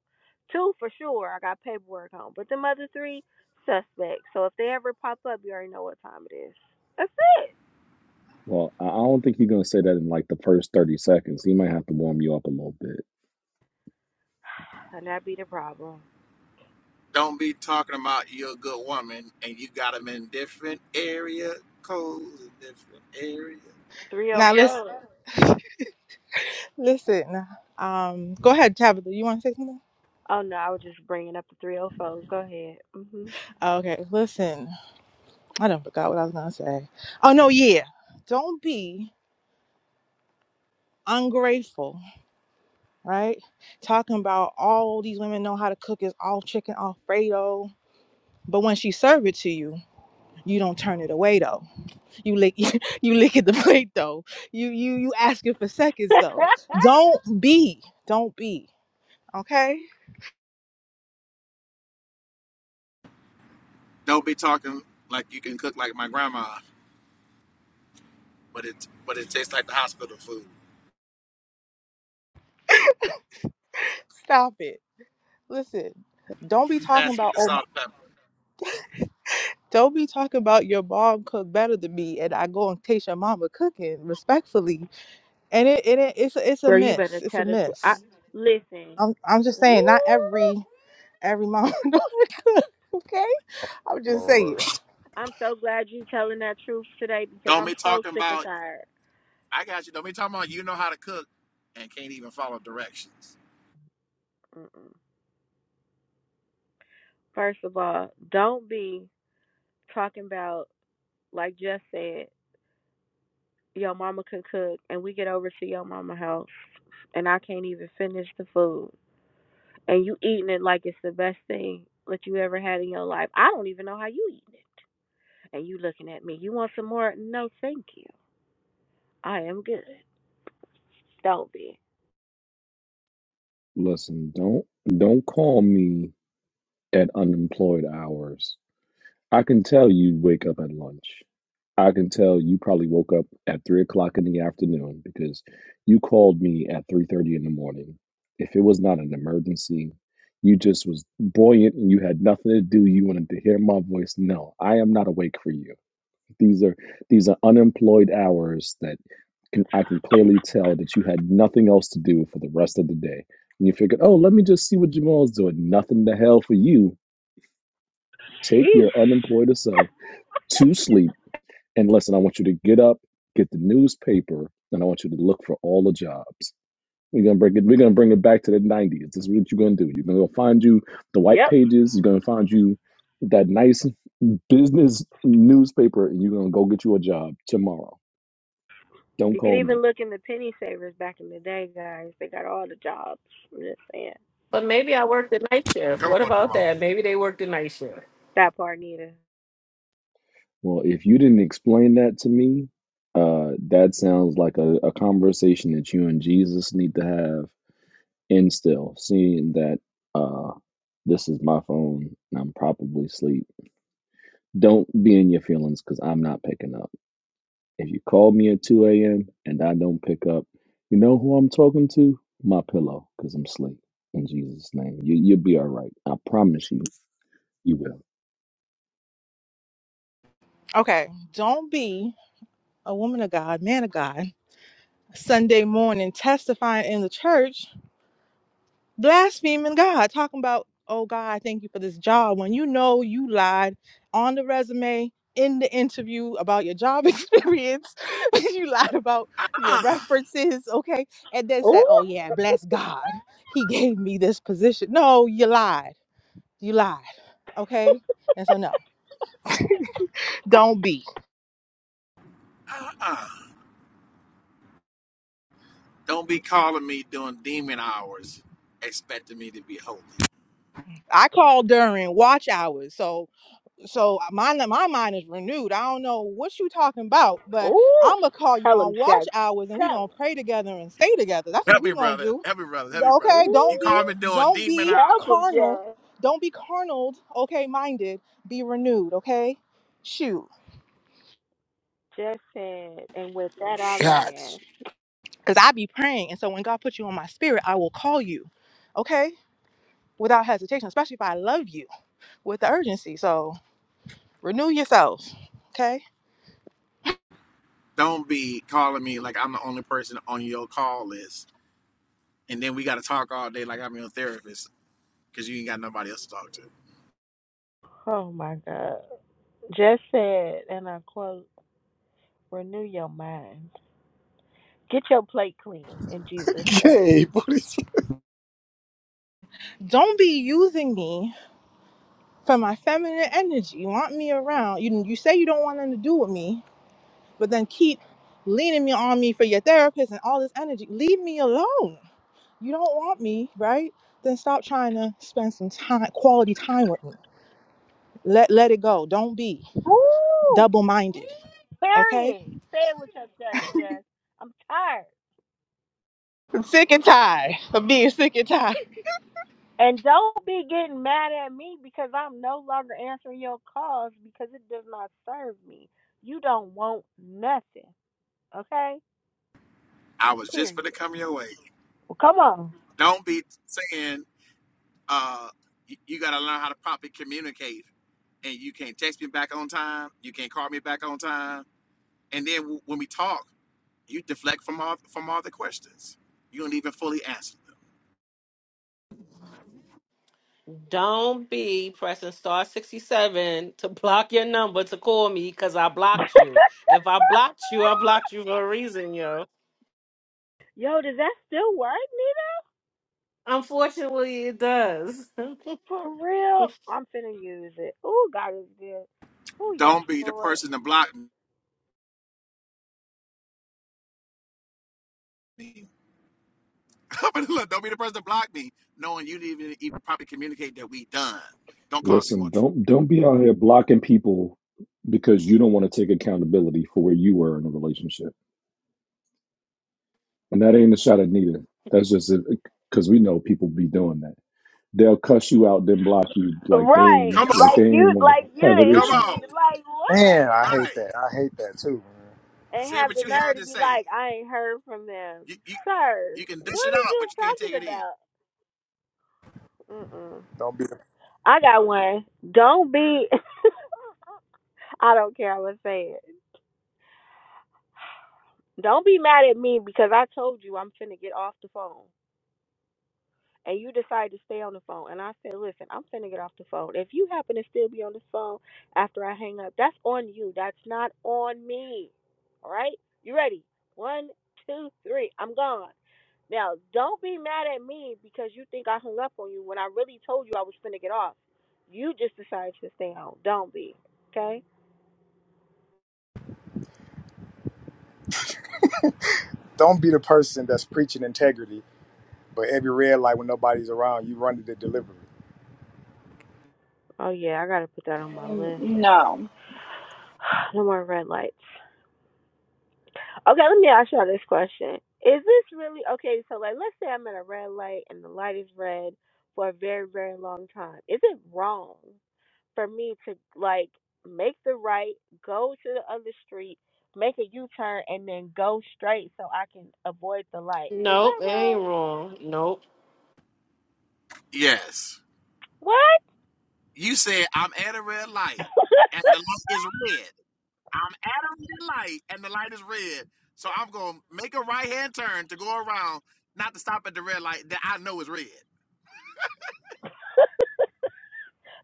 Two for sure, I got paperwork on, but them other three suspects. So if they ever pop up, you already know what time it is. That's it. Well, I I don't think he's gonna say that in like the first thirty seconds. He might have to warm you up a little bit. And that be the problem. Don't be talking about you're a good woman and you got them in different area codes in different area. Now 304. Oh listen four. listen. Um go ahead, Tabitha. You wanna say something? Oh no, I was just bringing up the 304s. Go ahead. hmm Okay, listen. I don't forgot what I was gonna say. Oh no, yeah. Don't be ungrateful, right? Talking about all these women know how to cook is all chicken Alfredo. But when she serve it to you, you don't turn it away though You lick you licking the plate though. You you you asking for seconds though. Don't be. Don't be. Okay? Don't be talking like you can cook like my grandma. but it but it tastes like the hospital food. Stop it. Listen. Don't be You talking pass me about the oh my salt and pepper. don't be talking about your mom cook better than me and I go and taste your mama cooking respectfully. And it, it it- it's a, it's a Girl, you miss. better It's a tell the truth. I miss. listen. I'm I'm just Woo. saying not every every mom knows how to cook, okay? I'm just Lord. saying. I'm so glad you telling that truth today because Don't I'm be so talking sick and about tired. I got you. Don't be talking about you know how to cook and can't even follow directions. Mm-mm. First of all, don't be talking about like Jess said, your mama can cook, and we get over to your mama house, and I can't even finish the food, and you eating it like it's the best thing that you ever had in your life. I don't even know how you eating it, and you looking at me. You want some more? No, thank you. I am good. Don't be. Listen, don't don't call me at unemployed hours. I can tell you wake up at lunch. I can tell you probably woke up at three o'clock in the afternoon because you called me at three thirty in the morning. If it was not an emergency, you just was buoyant and you had nothing to do. You wanted to hear my voice. No, I am not awake for you. These are these are unemployed hours that can I can clearly tell that you had nothing else to do for the rest of the day. And you figured, oh, let me just see what Jamal's doing. Nothing to hell for you. Take Sheesh. your unemployed self to sleep. And listen, I want you to get up, get the newspaper, and I want you to look for all the jobs. We're gonna bring it. We're gonna bring it back to the '90s. This is what you're gonna do. You're gonna go find you the white Yep. pages. You're gonna find you that nice business newspaper, and you're gonna go get you a job tomorrow Don't You could call even me. look in the penny savers back in the day, guys. They got all the jobs. I'm just saying But maybe I worked the night shift. Come What on, about Jamal. that? Maybe they worked the night shift. that part, neither. Well, if you didn't explain that to me, uh, that sounds like a, a conversation that you and Jesus need to have. And still, seeing that uh, this is my phone and I'm probably asleep, don't be in your feelings because I'm not picking up. If you call me at 2 a.m. and I don't pick up, you know who I'm talking to? My pillow because I'm asleep. In Jesus' name, you, you'll be all right. I promise you. You will. Okay. Don't be a woman of God, man of God Sunday morning testifying in the church, blaspheming God, talking about, oh God, I thank you for this job when you know you lied on the resume in the interview about your job experience. you lied about your Uh-uh, references, okay? And then said, Ooh, oh yeah, bless God. He gave me this position. No, you lied. You lied, okay? And so, no, don't be. uh-uh. Don't be calling me during demon hours, expecting me to be holy. I called during watch hours. So, So uh, my my mind is renewed. I don't know what you talking about, but Ooh, I'm gonna call you tell him, on watch Jack. hours, and we Tell gonna him. pray together and stay together. That's what Help we me, gonna brother. do. Help me, brother. Help me, brother. Okay, Ooh, You don't be call me during don't demon be help hours. him, carnal, Jack. don't be carnal. Okay, minded, be renewed. Okay, shoot, Just said, and with that I Shots. land. cause I be praying, and so when God puts you on my spirit, I will call you. Okay, without hesitation, especially if I love you with the urgency. So renew yourself. Okay, Don't be calling me like I'm the only person on your call list, and then we got to talk all day like I'm your therapist because you ain't got nobody else to talk to. Oh my God. Just said, and I quote, renew your mind. Get your plate clean in Jesus' name. Gay, booty. don't be using me for my feminine energy. You want me around. You you say you don't want nothing to do with me, but then keep leaning me on me for your therapist and all this energy. Leave me alone. You don't want me, right? Then stop trying to spend some time, quality time with me. Let let it go. Don't be Ooh, double minded. Okay. period. Say it with your chest, Jess. I'm tired. I'm sick and tired of being sick and tired. And don't be getting mad at me because I'm no longer answering your calls because it does not serve me. You don't want nothing, okay? I was just Period. gonna come your way. Well, come on. Don't be saying uh, you, you got to learn how to properly communicate, and you can't text me back on time. You can't call me back on time. And then w- when we talk, you deflect from all from all the questions. You don't even fully answer them. Don't be pressing star 67 to block your number to call me because I blocked you. If I blocked you, I blocked you for a reason, yo. Yo, does that still work, Nina? Unfortunately, it does. For real? I'm finna use it. Oh, God is good. Oh, yes, Don't be the Lord. person to block me. But Look, don't be the person to block me, knowing you didn't even, even properly communicate that we done. Don't cause me more. Listen, tr- don't don't be out here blocking people because you don't want to take accountability for where you were in a relationship. And that ain't a shot at Nita. That's just because we know people be doing that. They'll cuss you out, then block you like they Right. ain't Come like Like they on, ain't you, want like you to have an come the issue. enemy. on, Like what? Man, I hate right? that. I hate that too, man. And Say have what the you had nerve to to be say. like, I ain't heard from them. You you, Sir, you can what dish it are out, but you you can't take it in. talking about? Mm-mm. Don't be the, I got one. Don't be, I don't care. I'm going to say it. Don't be mad at me because I told you I'm finna get off the phone. and you decide to stay on the phone. And I said, listen, I'm finna get off the phone. If you happen to still be on the phone after I hang up, that's on you. That's not on me. All right? You ready? One, two, three. I'm gone. Now, don't be mad at me because you think I hung up on you when I really told you I was finna get off. You just decided to stay on. Don't be. Okay? don't be the person that's preaching integrity, but every red light when nobody's around, you run to the delivery. Oh, yeah, I gotta put that on my Mm, list. No. No more red lights. Okay, let me ask y'all this question. Is this really okay? So, like, let's say I'm at a red light and the light is red for a very, very long time. Is it wrong for me to, like, make the right, go to the other street, make a U turn, and then go straight so I can avoid the light? Is Nope, that it ain't wrong? wrong. Nope. Yes. What? You said I'm at a red light and the light is red. I'm at a red light and the light is red. So I'm gonna make a right hand turn to go around, not to stop at the red light that I know is red.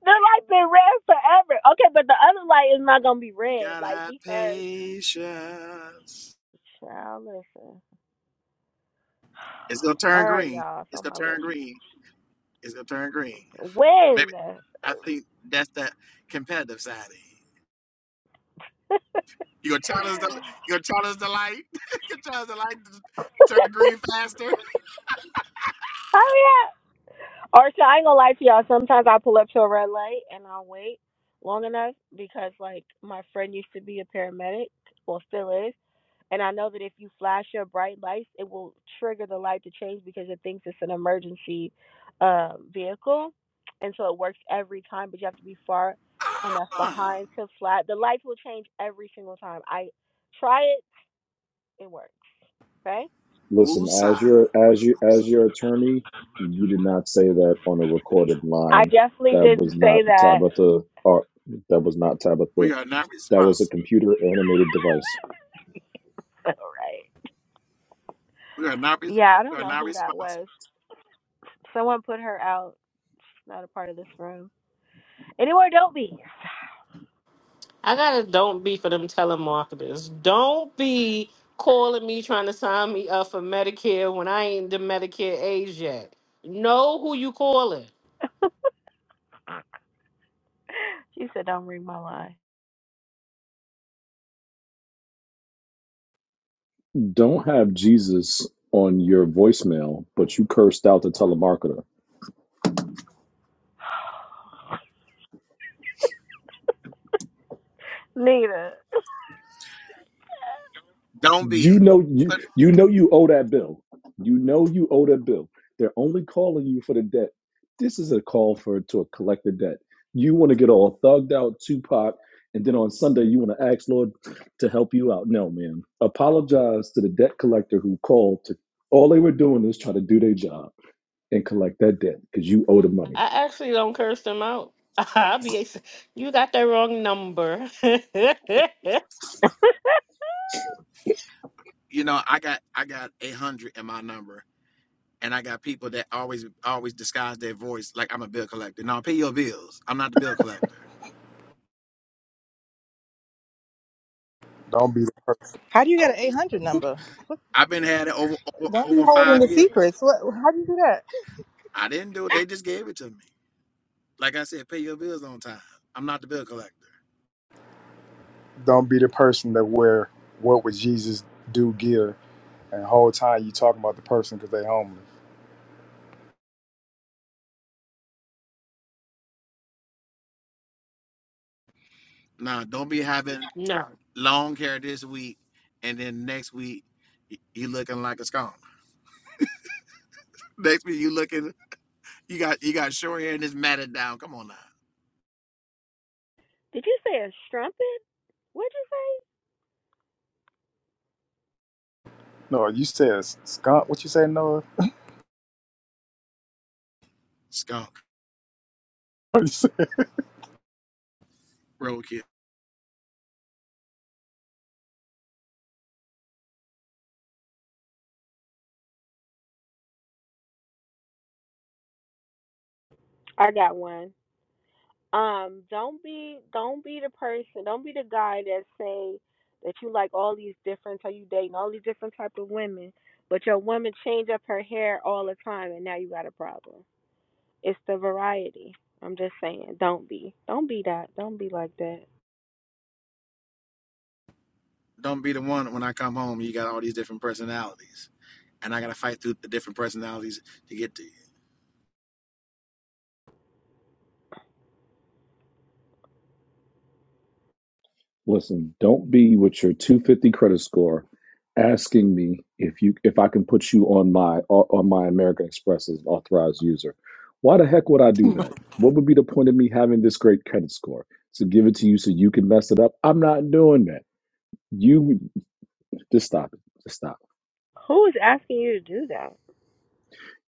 the light been red forever. Okay, but the other light is not going to be You red, gotta like, have because. patience. Child, listen. It's gonna All turn right, green. y'all. It's It's on gonna my turn list. green. It's gonna turn green. Maybe When? I think that's that competitive side of you. Hurry You gonna challenge the you gonna challenge the light? you gonna challenge the light to turn green faster? up. Or so I ain't gonna lie to y'all. Sometimes I pull up to a red light and I'll wait long enough because like my friend used to be a paramedic, well still is, and I know that if you flash your bright lights, it will trigger the light to change because it thinks it's an emergency um vehicle, and so it works every time. But you have to be far enough Ah, behind to flat. The lights will change every single time. I try it, it works. Okay. woo Listen, as your as you as your attorney, you did not say that on a recorded I line. definitely That didn't was say not that. Tabitha. Or, that was not Tabitha. We are not That was a responsible. computer animated device. All right. We are not. Re- Yeah, I we don't are know not who that responsible. was. Someone put her out. She's Not a part of this room. Anywhere, don't be. I gotta don't be for them telemarketers. Don't be calling me trying to sign me up for Medicare when I ain't the Medicare age yet. Know who you calling. she said, "Don't read my line." Don't have Jesus on your voicemail, but you cursed out the telemarketer. Nita, Don't You be. know you But you know you owe that bill. You know you owe that bill. They're only calling you for the debt. This is a call for to a collective debt. You want to get all thugged out, Tupac, and then on Sunday you want to ask Lord to help you out. No, man. Apologize to the debt collector who called to all they were doing is try to do their job and collect that debt because you owe the money. I actually don't curse them out. I'll be ex- you got the wrong number. did you know, I got I got a hundred in my number, and I got people that always always disguise their voice like I'm a bill collector. No, pay your bills. I'm not the bill collector. Don't be the per- How do you get an 800 number? I've been had it over over, Don't be over holding five the years. secrets. What? How do you do that? I didn't do it. They just gave it to me. Like I said, pay your bills on time. I'm not the bill collector. don't be the person that wear what would Jesus do gear, and the whole time you talking about the person because they homeless. Now, don't be having no. long hair this week, and then next week y- you looking like a scum. Next week you looking You got you got short hair and it's matted down. Come on now, you say a strumpet? What'd you say? No, you said s- skunk. What you say, Noah? skunk, What you say? roadkill. I got one. Um, don't be, don't be the person. Don't be the guy that say that you like all these different. How you dating all these different type of women, but your woman change up her hair all the time, and now you got a problem. It's the variety. I'm just saying, don't be. Don't be that. Don't be like that. Don't be the one when I come home. You got all these different personalities, and I gotta fight through the different personalities to get to you. Listen, don't be with your 250 credit score asking me if you if I can put you on my on my American Express as an authorized user. Why the heck would I do that? What would be the point of me having this great credit score? To give it to you so you can mess it up? I'm not doing that. You just stop it. Just stop. Who's asking you to do that?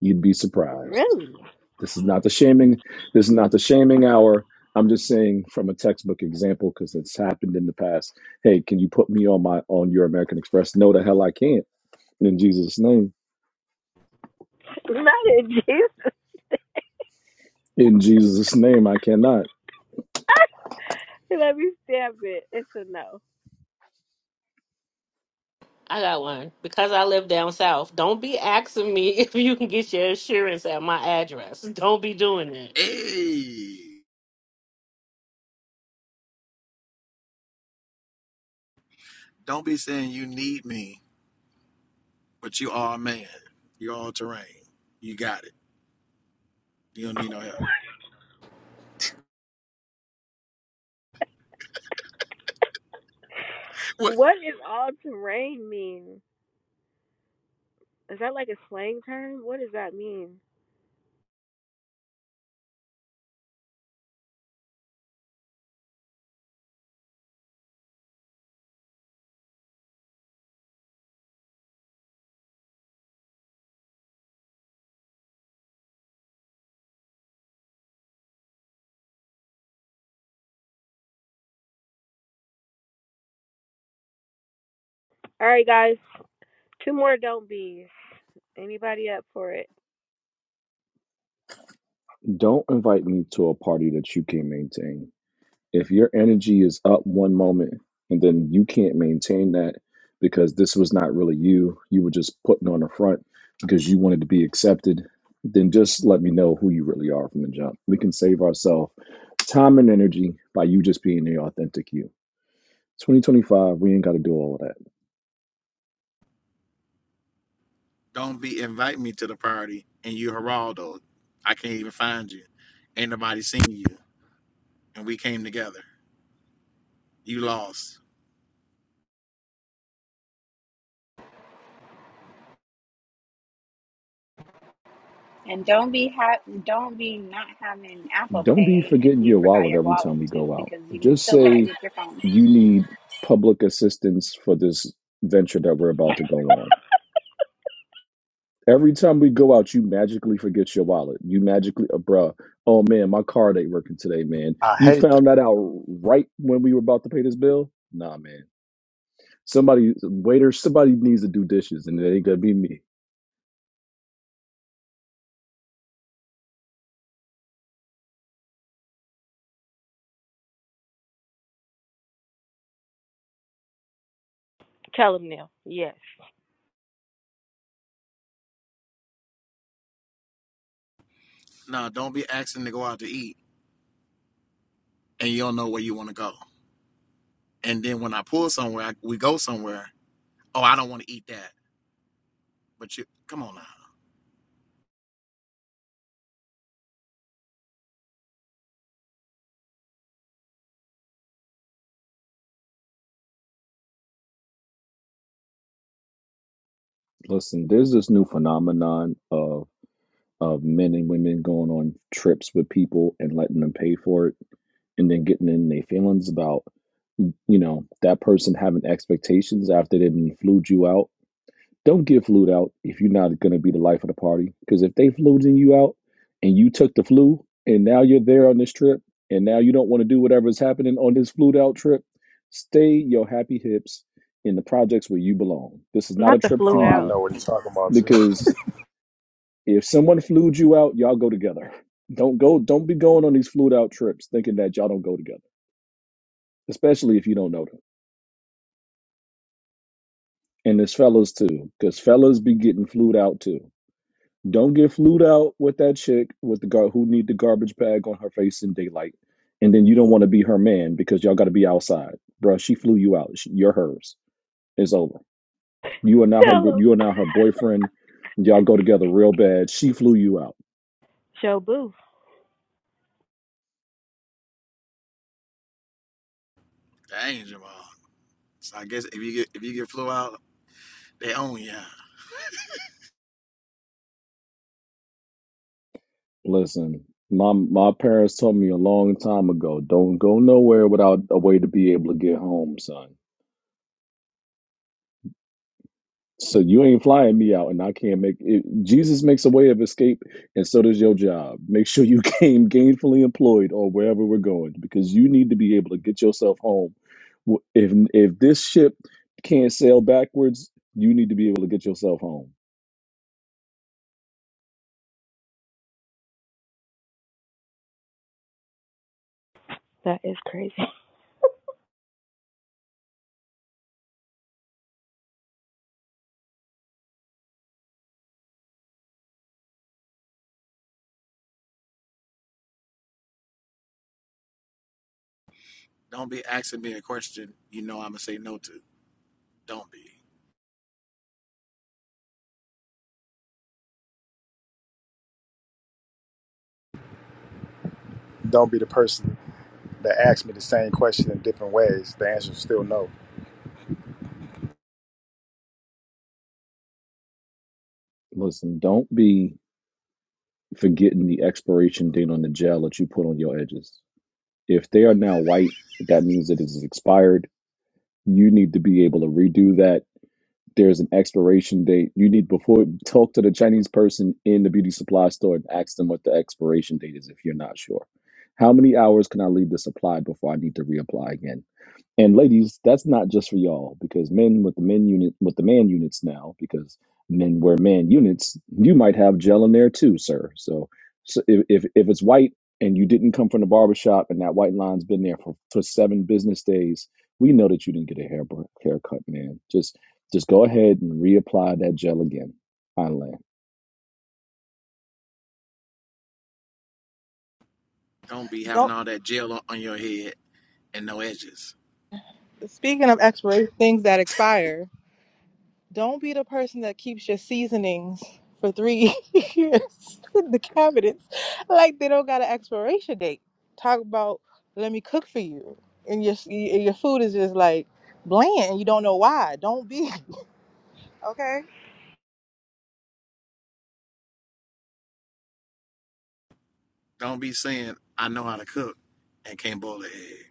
You'd be surprised. Really? This is not the shaming. This is not the shaming hour. I'm just saying from a textbook example because it's happened in the past. Hey, can you put me on my on your American Express? No, the hell I can't In Jesus' name. Not in Jesus. In Jesus' name, I cannot. Let me stamp it. It's a no. I got one. Because I live down south. Don't be asking me if you can get your insurance at my address. Don't be doing that. Hey, don't be saying you need me, but you are a man. You're all terrain. You got it. You don't need no help. What? What does all terrain mean? Is that like a slang term? What does that mean? All right, guys. Two more don't be's. Anybody up for it? Don't invite me to a party that you can't maintain. If your energy is up one moment and then you can't maintain that because this was not really you, you were just putting on a front because you wanted to be accepted, then just let me know who you really are from the jump. We can save ourselves time and energy by you just being the authentic you. 2025, we ain't got to do all of that. Don't be invite me to the party and you Geraldo. I can't even find you. Ain't nobody seen you, and we came together. You lost. And don't be ha- don't be not having Apple Don't be Pay if forgetting you your forgot wallet your every time wallet we too, go out. because you can Just still pay say with your phone. you need public assistance for this venture that we're about to go on. Every time we go out, you magically forget your wallet. You magically, uh, bruh, oh man, my card ain't working today, man. I You hate found that that. out right when we were about to pay this bill? Nah, man. Somebody, waiter, somebody needs to do dishes, and it ain't gonna be me. Tell them now. Yes. No, don't be asking to go out to eat and you don't know where you want to go. And then when I pull somewhere, I, we go somewhere. Oh, I don't want to eat that. But you, come on now, Listen, there's this new phenomenon of of men and women going on trips with people and letting them pay for it and then getting in their feelings about you know that person having expectations after they didn't flued you out. Don't get flued out if you're not going to be the life of the party. Because if they fluding you out and you took the flu and now you're there on this trip and now you don't want to do whatever is happening on this flued out trip, stay your happy hips in the projects where you belong. This is not a Not the trip for flute Oh, I you out. know what he's talking about too. because if someone flued you out, y'all go together. Don't go. Don't be going on these flued out trips thinking that y'all don't go together especially if you don't know them. And it's fellas too, because fellas be getting flued out too. Don't get flued out with that chick with the gar- who need the garbage bag on her face in daylight, and then you don't want to be her man because y'all got to be outside, bruh. She flew you out. She, you're hers. It's over. You are now her. Tell them. You are now her boyfriend. Y'all go together real bad. She flew you out. Show boo. that ain't Jamal. So I guess if you get if you get flew out, they own you. Listen, my my parents told me a long time ago, don't go nowhere without a way to be able to get home, son So you ain't flying me out, and I can't make it. Jesus makes a way of escape, and so does your job. Make sure you came gainfully employed or wherever we're going, because you need to be able to get yourself home. W- If if this ship can't sail backwards, you need to be able to get yourself home. That is crazy. Don't be asking me a question. You know I'm gonna say no to. Don't be. Don't be the person that asks me the same question in different ways. The answer's still no. Listen, don't be forgetting the expiration date on the gel that you put on your edges. If they are now white, that means that it is expired. You need to be able to redo that there's an expiration date. You need before talk to the Chinese person in the beauty supply store and ask them what the expiration date is if you're not sure. How many hours can I leave the supply before I need to reapply again? And ladies, that's not just for y'all because men with the men unit with the man units now because men wear man units, you might have gel in there too, sir. So, so if, if if it's white and you didn't come from the barber shop and that white line's been there for, for seven business days, we know that you didn't get a hair haircut, man. Just just go ahead and reapply that gel again. I land. Don't be having Don't. all that gel on, on your head and no edges. Speaking of expiration, things that expire. Don't be the person that keeps your seasonings for three years in the cabinets. Like they don't got an expiration date. Talk about let me cook for you, and your and your food is just like bland, and you don't know why. Don't be okay. Don't be saying I know how to cook and can't boil an egg.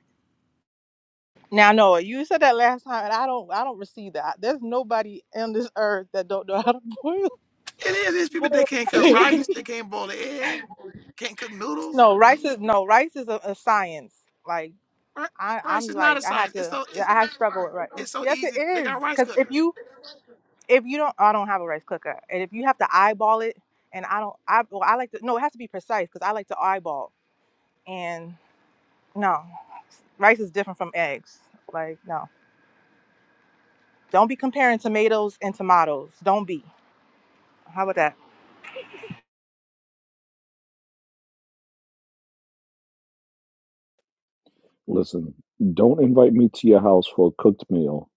Now, no, you said that last time, and I don't, I don't receive that. There's nobody on this earth that don't know how to boil. It is. It's people that boil can't cook rice. rice. They can't boil an egg. Can't cook noodles. no, rice is no rice is a, a science. Like, I, Rice I'm is not like a I had science. It's to so. it's. I had struggle with rice. It's so Yes, easy. it They is got rice because if cookers. you if you don't I don't have a rice cooker and if you have to eyeball it and I don't I well, I like to no it has to be precise because I like to eyeball and no rice is different from eggs like no don't be comparing tomatoes and tomatoes don't be how about that Listen, don't invite me to your house for a cooked meal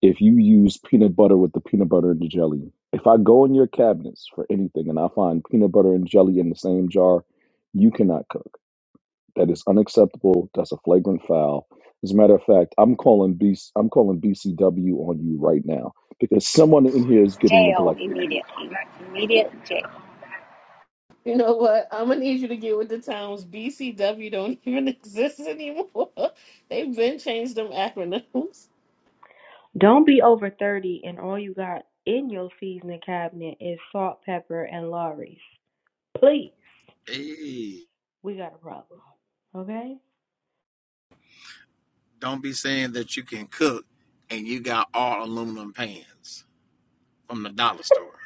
if you use peanut butter with the peanut butter and the jelly. If I go in your cabinets for anything and I find peanut butter and jelly in the same jar, you cannot cook. That is unacceptable. That's a flagrant foul. As a matter of fact, I'm calling B. am calling BCW on you right now because someone in here is getting Jail neglected. immediately. Immediate jail. You know what? I'm gonna need you to get with the times. BCW don't even exist anymore. They've been changed them acronyms. Don't be over 30 and all you got in your seasoning cabinet is salt, pepper, and Lorry's. Please. Hey, We got a problem. Okay? don't be saying that you can cook and you got all aluminum pans from the dollar store,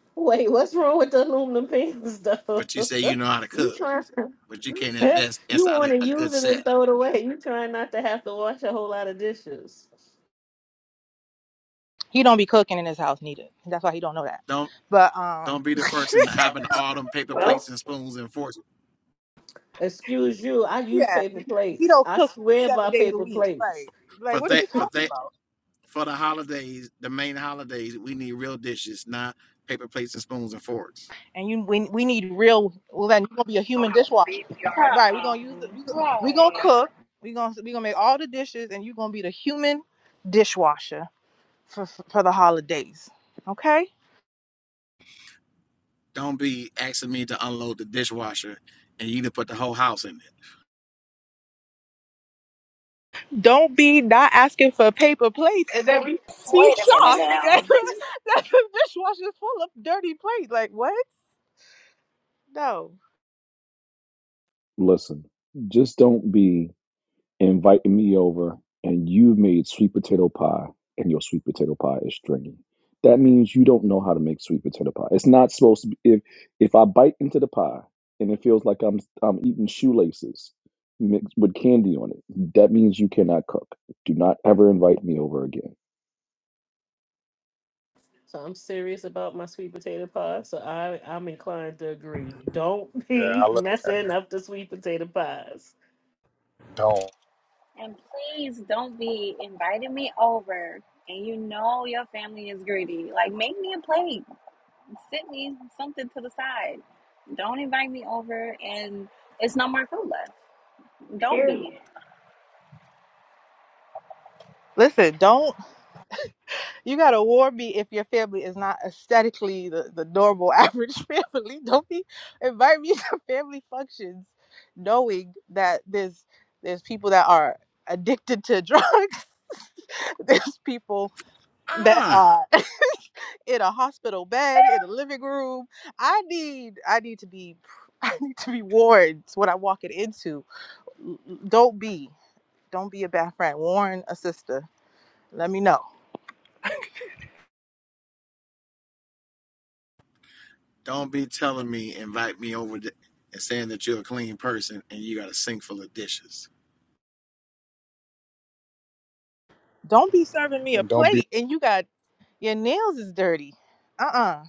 Wait, what's wrong with the aluminum pans though? but you say you know how to you cook, trying? but you can't invest you inside want to a, a good use it set. and throw it away? You trying not to have to wash a whole lot of dishes? he don't be cooking in his house neither that's why he don't know that Don't but um don't be the person having all them paper Well, plates and spoons and forks Excuse you. I use yeah paper he plates. don't I cook swear seven by days a paper week plates. like like for what that you for talking that about for the holidays, the main holidays. We need real dishes, not paper plates and spoons and forks. and you we, we need real well then you're gonna be a human Um, dishwasher right we're gonna use the we go- we gonna right. cook we're gonna we gonna make all the dishes and you're gonna be the human dishwasher for for for the holidays okay Don't be asking me to unload the dishwasher and you to put the whole house in it. don't be not asking for paper plates and then be, be Wait a minute shocked now. that, that the dishwasher's full of dirty plates like what no Listen, just don't be inviting me over and you have made sweet potato pie and your sweet potato pie is stringy. That means you don't know how to make sweet potato pie. It's not supposed to be if if I bite into the pie and it feels like I'm I'm eating shoelaces mixed with candy on it, that means you cannot cook. Do not ever invite me over again. So I'm serious about my sweet potato pie. So I I'm inclined to agree. Don't Yeah, I be love that. messing up the sweet potato pies. Don't And please don't be inviting me over and you know your family is greedy. Like make me a plate. Sit me something to the side. Don't invite me over and it's no more food left. Don't be. period. listen don't You gotta warn me if your family is not aesthetically the, the normal average family. Don't be invite me to family functions knowing that there's there's people that are addicted to drugs. there's people that Ah. are in a hospital bed, in a living room. I need I need to be I need to be warned what I'm walking into. L- l- Don't be. Don't be a bad friend. Warn a sister. Let me know. Don't be telling me invite me over to, and saying that you're a clean person and you got a sink full of dishes. Don't be serving me a and don't be plate the and you got Your nails is dirty. Uh uh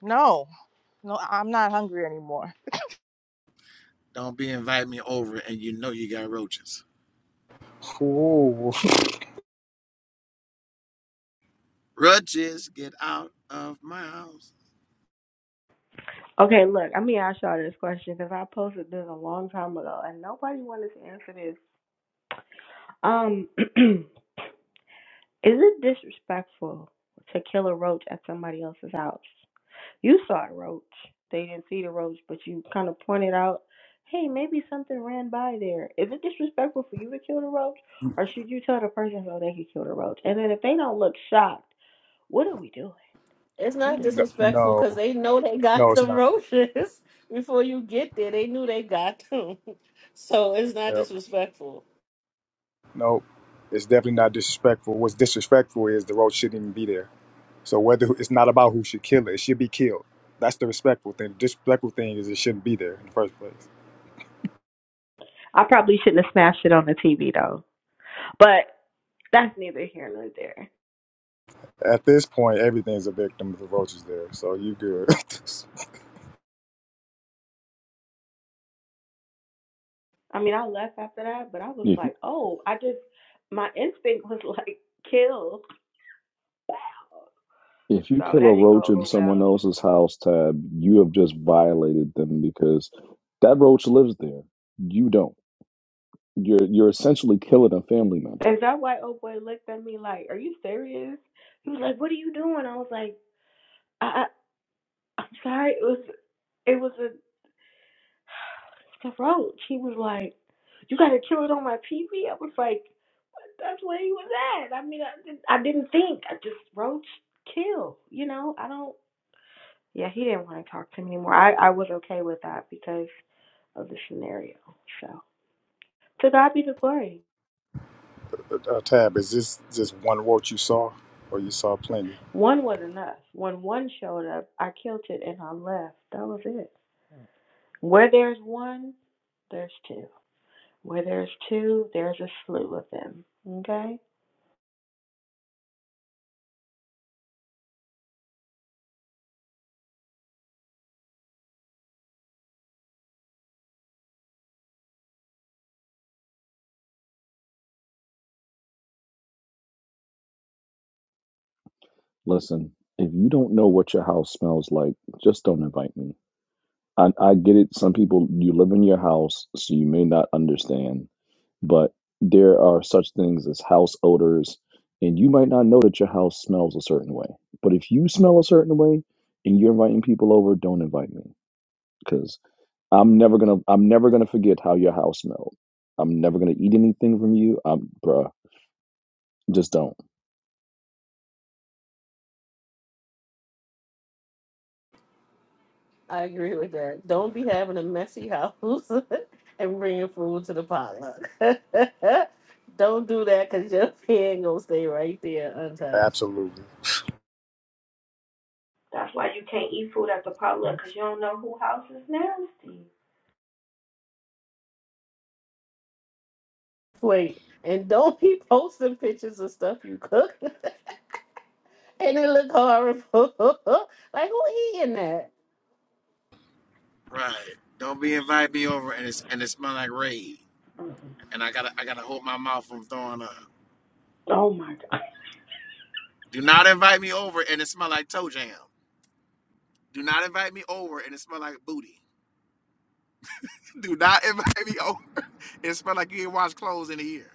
No. No, I- am not hungry anymore. Don't be invite me over and you know you got roaches. fool. Roaches, get out of my house. Okay, look, I'm gonna ask y'all this question because I posted this a long time ago and nobody wanted to answer this. Um, is it disrespectful to kill a roach at somebody else's house? You saw a roach. They didn't see the roach, but you kind of pointed out, hey, maybe something ran by there. Is it disrespectful for you to kill the roach, or should you tell the person so they can kill the roach? And then if they don't look shocked, what are we doing? It's I'm not just No, saying. disrespectful no, because they know they got no, it's them not. roaches before you get there. They knew they got them. So it's not Yep. disrespectful. Nope. It's definitely not disrespectful. What's disrespectful is the roach shouldn't even be there. So whether it's not about who should kill it, it should be killed. That's the respectful thing. The disrespectful thing is it shouldn't be there in the first place. I probably shouldn't have smashed it on the TV though, but that's neither here nor there. At this point, everything's a victim if the roach is there. So you good. I mean, I left after that, but I was If like, oh, I just my instinct was like kill. Wow. if you So kill that a didn't go roach in over well. someone else's house, Tab, you have just violated them because that roach lives there. You don't. You're you're essentially killing a family member And that white old boy looked at me like, "Are you serious?" He was like, "What are you doing?" I was like, "I, I I'm sorry. It was it was a the roach." He was like, "You got to kill it on my pee pee?" I was like, "That's where he was at." I mean, I, didn't- I didn't think. I just roach kill. You know, I don't. Yeah, he didn't want to talk to me anymore. I I was okay with that because of the scenario. So to God be the glory. uh, Tab, is this just one roach you saw, or you saw plenty? One was enough. When one showed up, I killed it and I left. That was it. Where there's one, there's two. Where there's two, there's a slew of them. Okay? Listen, if you don't know what your house smells like, just don't invite me. I, I get it. Some people, you live in your house, so you may not understand, but there are such things as house odors, and you might not know that your house smells a certain way. But if you smell a certain way and you're inviting people over, don't invite me because I'm never gonna, I'm never gonna forget how your house smelled. I'm never gonna eat anything from you. I'm, bruh, just don't. I agree with that. Don't be having a messy house and bringing food to the potluck. don't do that because your pan gonna stay right there untouched. Absolutely. That's why you can't eat food at the potluck because you don't know who house is nasty. Wait, and don't be posting pictures of stuff you cook and it look horrible. like who eating that? Right. Don't be invite me over and it's and it smell like raid. Mm. And I gotta I gotta hold my mouth from throwing up. Oh my God. Do not invite me over and it smell like toe jam. Do not invite me over and it smell like booty. Do not invite me over. It smell like you ain't washed clothes in a year.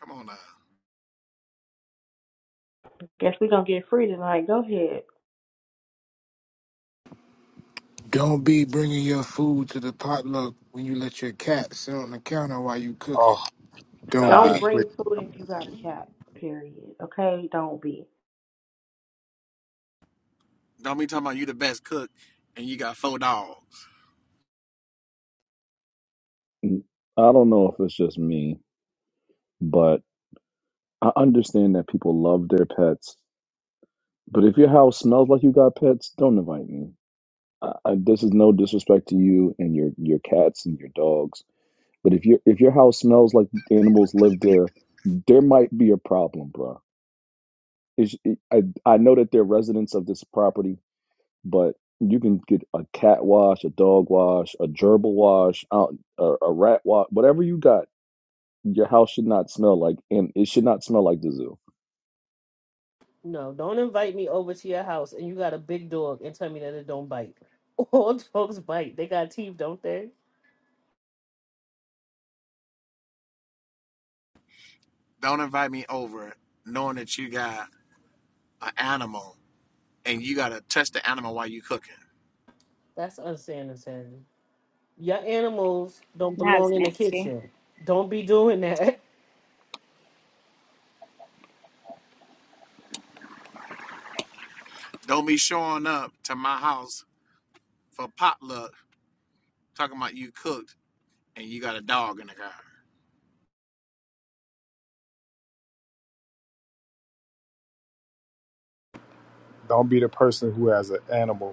Come on now. Guess we going to get free tonight. Go ahead. Don't be bringing your food to the potluck when you let your cat sit on the counter while you cooking. Oh Don't Don't God, be. please bring food if you got a cat, period. Okay? Don't be. Don't be talking about you the best cook and you got four dogs. I don't know if it's just me, but. I understand that people love their pets, but if your house smells like you got pets, don't invite me. I, I, this is no disrespect to you and your your cats and your dogs, but if your if your house smells like animals live there, there might be a problem, bro. It's, it, I I know that they're residents of this property, but you can get a cat wash, a dog wash, a gerbil wash, uh, a, a rat wash, whatever you got. Your house should not smell like, and it should not smell like the zoo. No, don't invite me over to your house and you got a big dog and tell me that it don't bite. All dogs bite. They got teeth, don't they? Don't invite me over knowing that you got an animal and you gotta touch the animal while you cooking. That's unsanitary. Your animals don't That's belong in the nasty. kitchen. Don't be doing that. Don't be showing up to my house for potluck talking about you cooked and you got a dog in the car. don't be the person who has an animal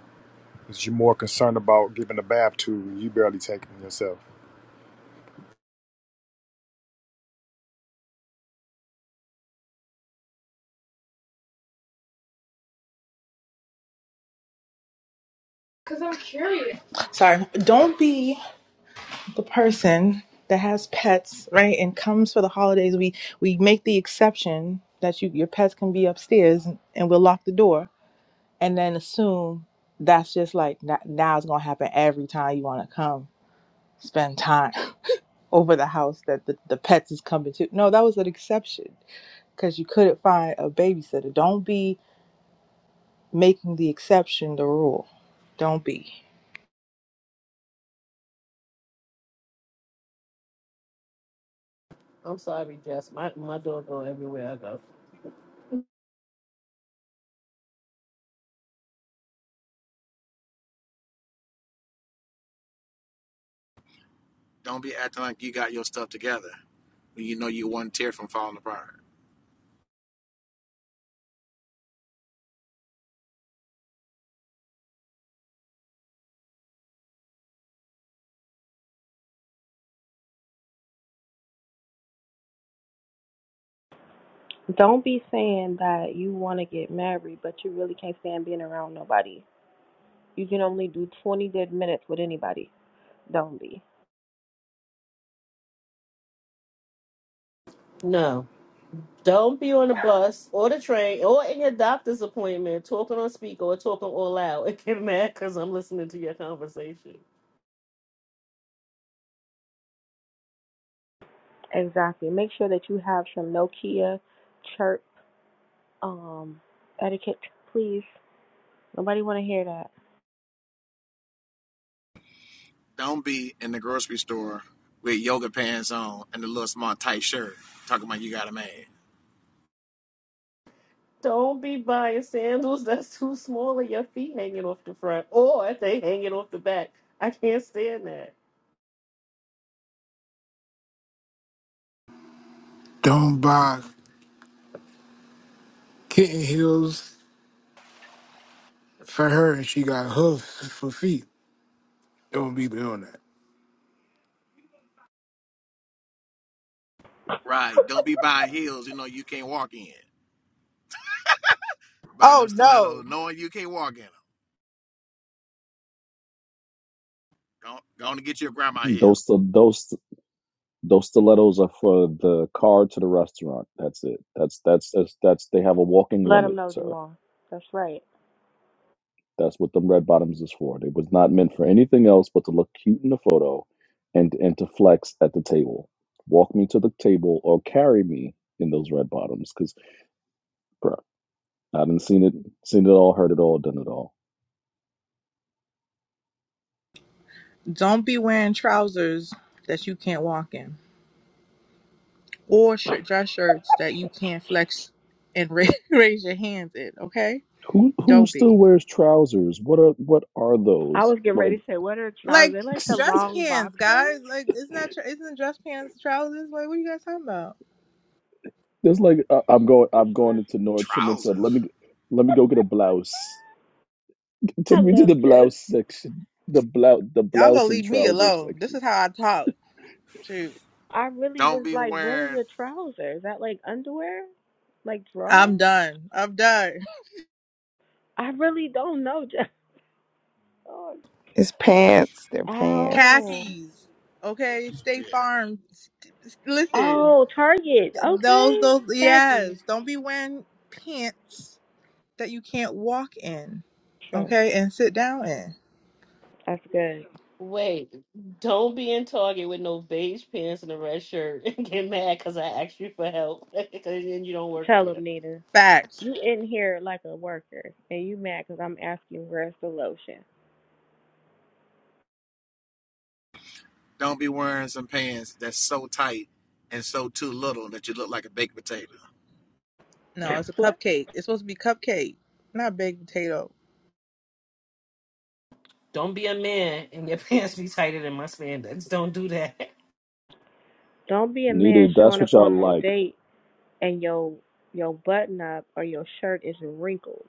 Because you're more concerned about giving a bath to you barely taking yourself. Because I'm curious. Sorry. Don't be the person that has pets, right? And comes for the holidays. We we make the exception that you your pets can be upstairs and, and we'll lock the door and then assume that's just like that now it's gonna happen every time you wanna come spend time over the house that the, the pets is coming to. No, that was an exception because you couldn't find a babysitter. Don't be making the exception the rule. Don't be. I'm sorry, Jess. My my dog go everywhere I go. Don't be acting like you got your stuff together when you know you one tear from falling apart. Don't be saying that you want to get married, but you really can't stand being around nobody You can only do 20 good minutes with anybody. Don't be. No. Don't be on the bus or the train or in your doctor's appointment talking on speaker or talking all loud and get mad because I'm listening to your conversation. Exactly. Make sure that you have some Nokia chirp um, etiquette, please. Nobody want to hear that. Don't be in the grocery store with yoga pants on and a little small tight shirt talking about you got a man. Don't be buying sandals that's too small and your feet hanging off the front or they hanging off the back. I can't stand that. Don't buy kitten heels for her and she got hoofs for feet. Don't be doing that. Right. Don't be buying heels you know you can't walk in. by Oh them stilettos, no. knowing you can't walk in them. Don't going to get your grandma here. Those, those. Those stilettos are for the car to the restaurant. That's it. That's that's that's, that's they have a walking Let them limit, know, sir. Jamal. That's right. That's what them red bottoms is for. They was not meant for anything else but to look cute in the photo and and to flex at the table. Walk me to the table or carry me in those red bottoms cuz bro, I done seen it seen it all, heard it all, done it all. Don't be wearing trousers that you can't walk in or shirt, dress shirts that you can't flex and ra- raise your hands in, okay? Who who Don't still be. wears trousers? What are what are I those? was getting Like ready to say, what are trousers? Like They like the dress long pants, boxers? guys. Like isn't that tr- isn't dress pants trousers? Like what are you guys talking about? there's like I, I'm going and I'm going shorts? into Nordstrom and said, "Let Trousers. me let me go get a blouse." Take I me to love the Jess. blouse section. The blouse, the Y'all gonna blouse and leave me trouser alone. This section. is how I talk. Shoot. I really Don't was be like, what is wearing a trouser? Is that like underwear? Like drawers? I'm done. I'm done. I really don't know, Jess. Oh. It's pants. They're pants. Oh. Khakis. Okay, State yeah. Farm. St- st- Listen. Oh, Target. Th- Those, Okay, those, got yes. you. Don't be wearing pants that you can't walk in, Sure, okay, and sit down in. that's good. Wait, don't be in Target with no beige pants and a red shirt and get mad because I asked you for help because then you don't work Tell them, there. Nita, Facts. you in here like a worker, and you mad 'cause I'm asking where's the lotion. Don't be wearing some pants that's so tight and so too little that you look like a baked potato. No, it's a what? cupcake. It's supposed to be cupcake, not baked potato. Don't be a man and your pants be tighter than my spandex. Don't do that. Don't be a man Needed. That's showing what up y'all on no like. date and your your button up or your shirt is wrinkled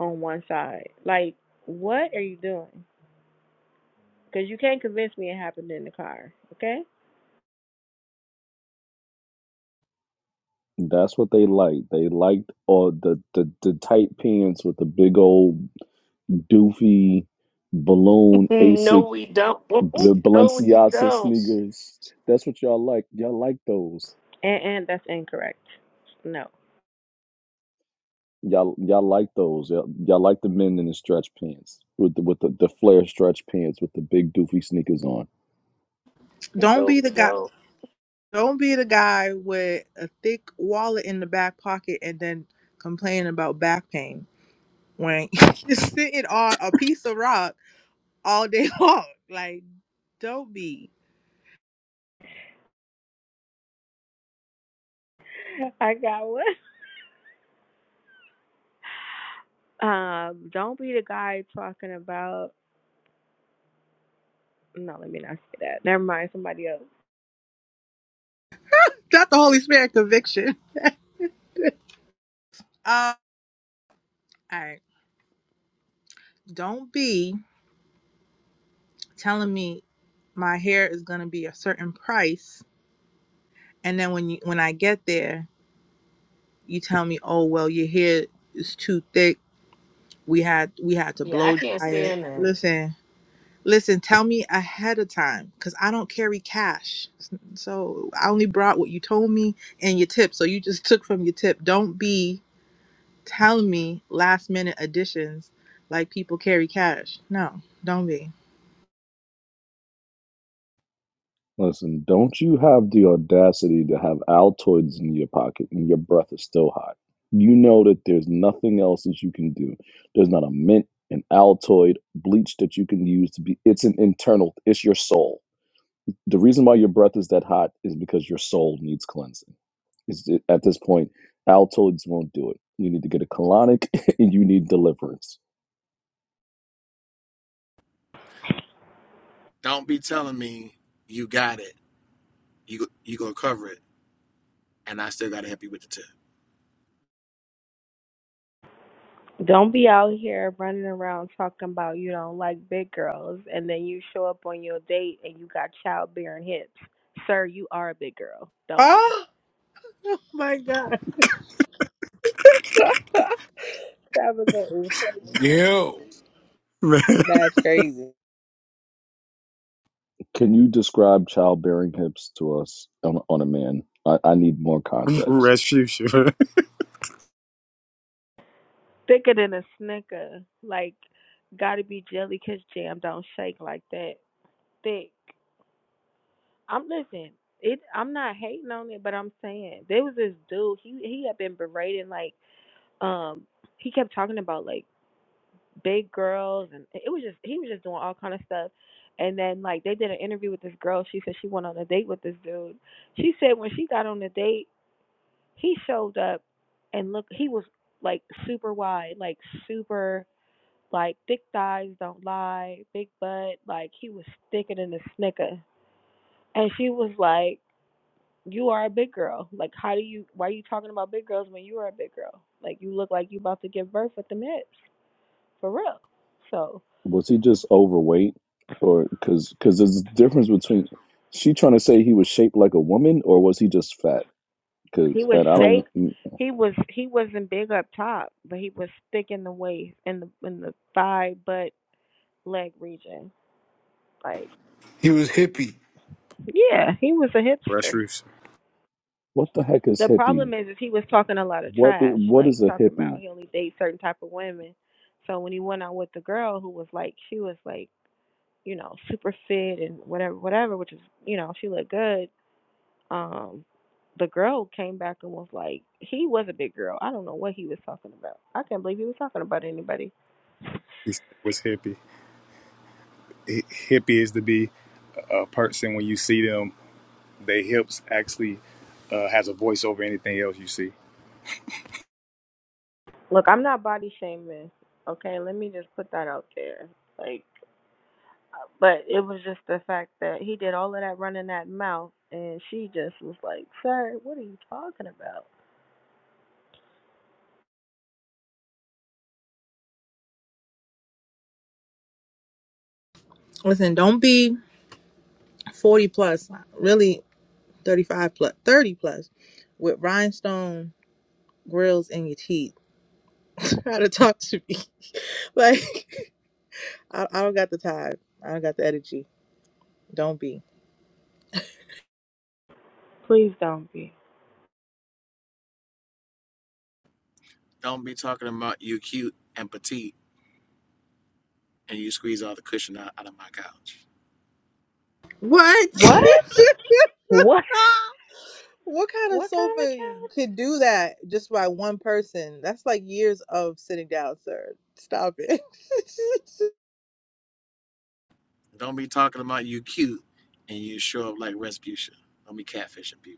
on one side. Like, what are you doing? 'Cause you can't convince me it happened in the car. Okay? That's what they like. They liked all the, the the tight pants with the big old doofy balloon Asic No, we don't. B- No, we Balenciaga don't. sneakers. That's what y'all like. Y'all like those. And and that's incorrect. No. Y'all, y'all like those. Y'all, y'all like the men in the stretch pants with the, with the, the flare stretch pants with the big doofy sneakers on. Don't No, be the we guy. don't. Don't be the guy with a thick wallet in the back pocket and then complain about back pain when you're sitting on a piece of rock all day long. Like, don't be. I got one. Um, don't be the guy talking about. No, let me not say that. Never mind, somebody else. That's the Holy Spirit conviction. Uh, all right. Don't be telling me my hair is going to be a certain price and then when you when i get there you tell me oh well your hair is too thick we had we had to Yeah, I blow can't dry it stand that. listen listen tell me ahead of time because i don't carry cash so i only brought what you told me and your tip so you just took from your tip don't be telling me last minute additions like people carry cash no don't be Listen, don't you have the audacity to have Altoids in your pocket and your breath is still hot? You know that there's nothing else that you can do. There's not a mint, an Altoid, bleach that you can use to be. It's an internal. It's your soul. the reason why your breath is that hot is because your soul needs cleansing. Is it, at this point, Altoids won't do it. You need to get a colonic, and you need deliverance. Don't be telling me you got it. You you gonna cover it, and I still gotta help you with the tip. Don't be out here running around talking about you don't like big girls, and then you show up on your date and you got childbearing hips. Sir, you are a big girl. Don't be oh my god tabitha is Yo, That's crazy. Can you describe childbearing hips to us on, on a man? I, I need more context. Restitution. thicker than a snicker. Like, gotta be jelly 'cause jam don't shake like that. Thick. I'm listen. It. I'm not hating on it, but I'm saying there was this dude. He he had been berating like. um he kept talking about like big girls and it was just he was just doing all kind of stuff and then like they did an interview with this girl she said she went on a date with this dude she said when she got on the date he showed up and look he was like super wide like super like thick thighs don't lie big butt like he was thicker than a snicker and she was like you are a big girl like how do you why are you talking about big girls when you are a big girl like you look like you about to give birth with the hips for real. So Was he just overweight, or because because there's a difference between she trying to say he was shaped like a woman, or was he just fat? he Because was and I don't. shaped. mm, He was he wasn't big up top, but he was thick in the waist in the in the thigh butt leg region. Like He was hippie. yeah, he was a hipster. Restitution. What the heck is The problem hippie? is, is he was talking a lot of What i- trash, what like is a talking hippie? about he only dates certain type of women. So when he went out with the girl who was like she was like you know super fit and whatever whatever, which is you know she looked good um the girl came back and was like he was a big girl i don't know what he was talking about i can't believe he was talking about anybody He said was hippie. Hi- Hippie is to be a person when you see them, their hips actually uh, has a voice over anything else you see. look i'm not body shaming okay let me just put that out there like but it was just the fact that he did all of that running that mouth and she just was like sir what are you talking about Listen, don't be 40 plus, really 35 plus, 30 plus with rhinestone grills in your teeth. Try to talk to me. Like, I, I don't got the time. I don't got the energy. Don't be. please don't be Don't be talking about you cute and petite and you squeeze all the cushion out, out of my couch. What? what what what kind of what kind of sofa account? could do that just by one person? That's like years of sitting down, sir. Stop it. Don't be talking about you cute and you show up like Respucia. Don't be catfishing people.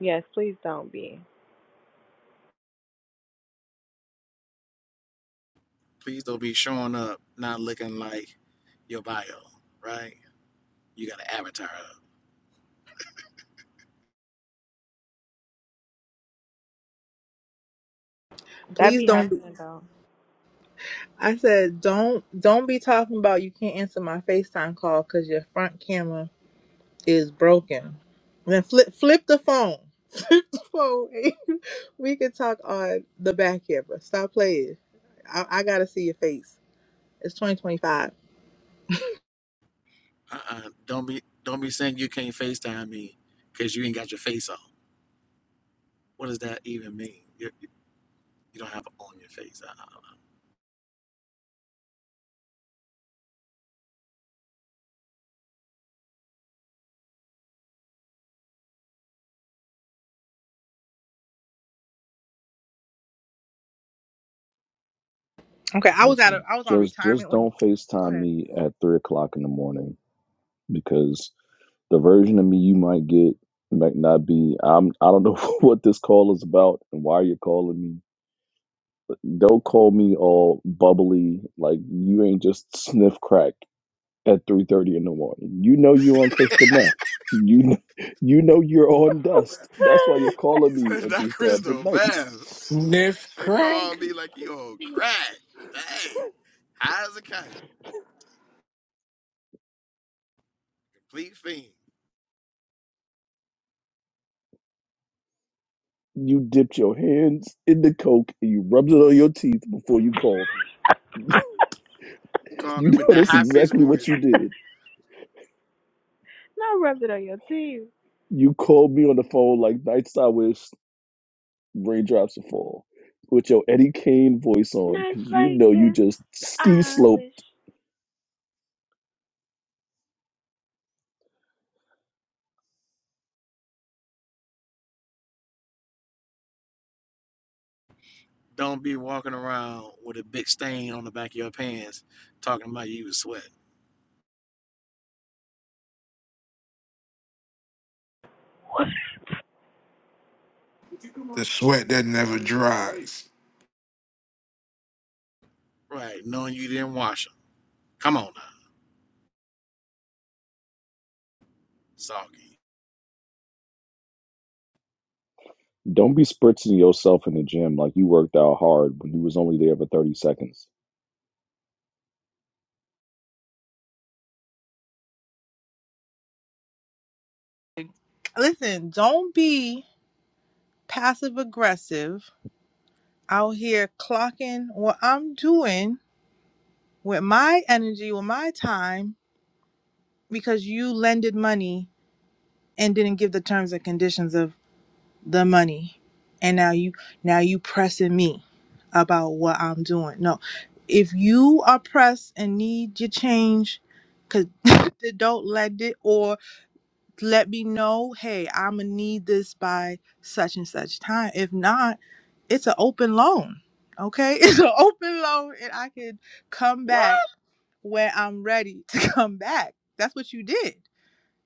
yes please don't be Please don't be showing up not looking like your bio, right? You got an avatar up. that Please be don't. be. happening though I said, don't don't be talking about you can't answer my FaceTime call because your front camera is broken. Then flip flip the phone. Phone. we could talk on the back camera. Stop playing. I, I gotta see your face. It's 2025. Uh-uh. Don't be don't be saying you can't FaceTime me because you ain't got your face on. What does that even mean? You you don't have on your face. Uh-uh. Okay, I was out of Listen, I was on just just retirement when. don't Go FaceTime ahead. me at three o'clock in the morning because the version of me you might get might not be. I'm I don't know what this call is about and why you're calling me. Don't call me all bubbly like you ain't just sniff crack at three thirty in the morning. You know you on crystal meth. You know, you know you're on dust. That's why you're calling He me said at that these times of crystal night. man. Sniff They crack. called me like you old crack. Dang. High as a kite. Complete fiend. You dipped your hands in the coke and you rubbed it on your teeth before you called me. not Called You me with know that that's high pitched exactly what voice. you did. rubbed it on your teeth You called me on the phone like nights I wish raindrops would fall with your Eddie Kane voice on because Nights you like know you this, just ski I slope. wish. Don't be walking around with a big stain on the back of your pants talking about you was sweat. the sweat that never dries. Right, knowing you didn't wash them. Come on now, Soggy. Don't be spritzing yourself in the gym like you worked out hard when you was only there for 30 seconds. Listen, don't be passive aggressive out here clocking what I'm doing with my energy, with my time, because you lended money and didn't give the terms and conditions of the money and now you now you pressing me about what i'm doing no if you are pressed and need your change because don't let it or let me know hey i'm gonna need this by such and such time if not it's an open loan okay it's an open loan and i can come What? back when i'm ready to come back that's what you did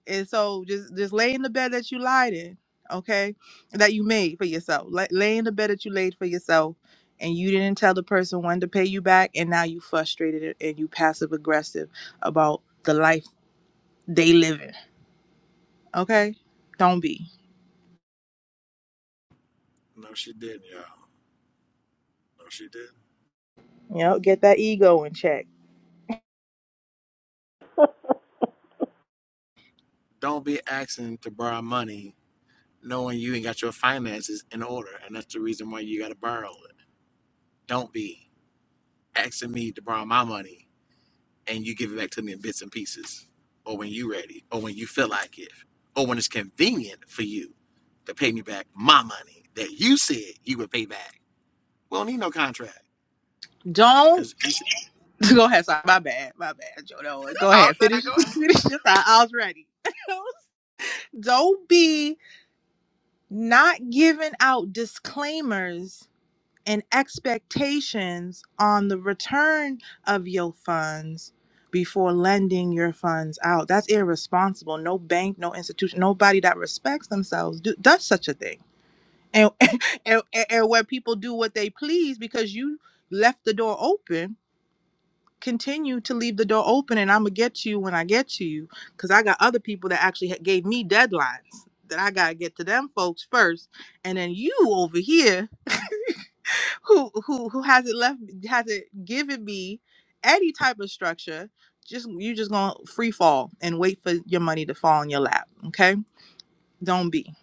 and so just just lay in the bed that you lied in, okay? That you made for yourself. Lay, lay in the bed that you laid for yourself and you didn't tell the person when to pay you back and now you frustrated and you passive aggressive about the life they living, okay? Don't be. No, she didn't, y'all. No, she didn't. You know, get that ego in check. Don't be asking to borrow money knowing you ain't got your finances in order, and that's the reason why you got to borrow it. Don't be asking me to borrow my money and you give it back to me in bits and pieces, or when you ready, or when you feel like it, or when it's convenient for you to pay me back my money that you said you would pay back. We don't need no contract Don't because you said, go ahead, sorry, my bad, my bad, Joe. No, go oh, ahead, there I finish, go ahead? finish your thought. I was ready. Don't be not giving out disclaimers and expectations on the return of your funds before lending your funds out. That's irresponsible. No bank, no institution, nobody that respects themselves do, does such a thing. And, and and where people do what they please because you left the door open, continue to leave the door open, and I'm gonna get you when I get to you because I got other people that actually had- gave me deadlines that I gotta get to them folks first, and then you over here who who who hasn't left hasn't given me any type of structure just you just gonna free fall and wait for your money to fall in your lap okay don't be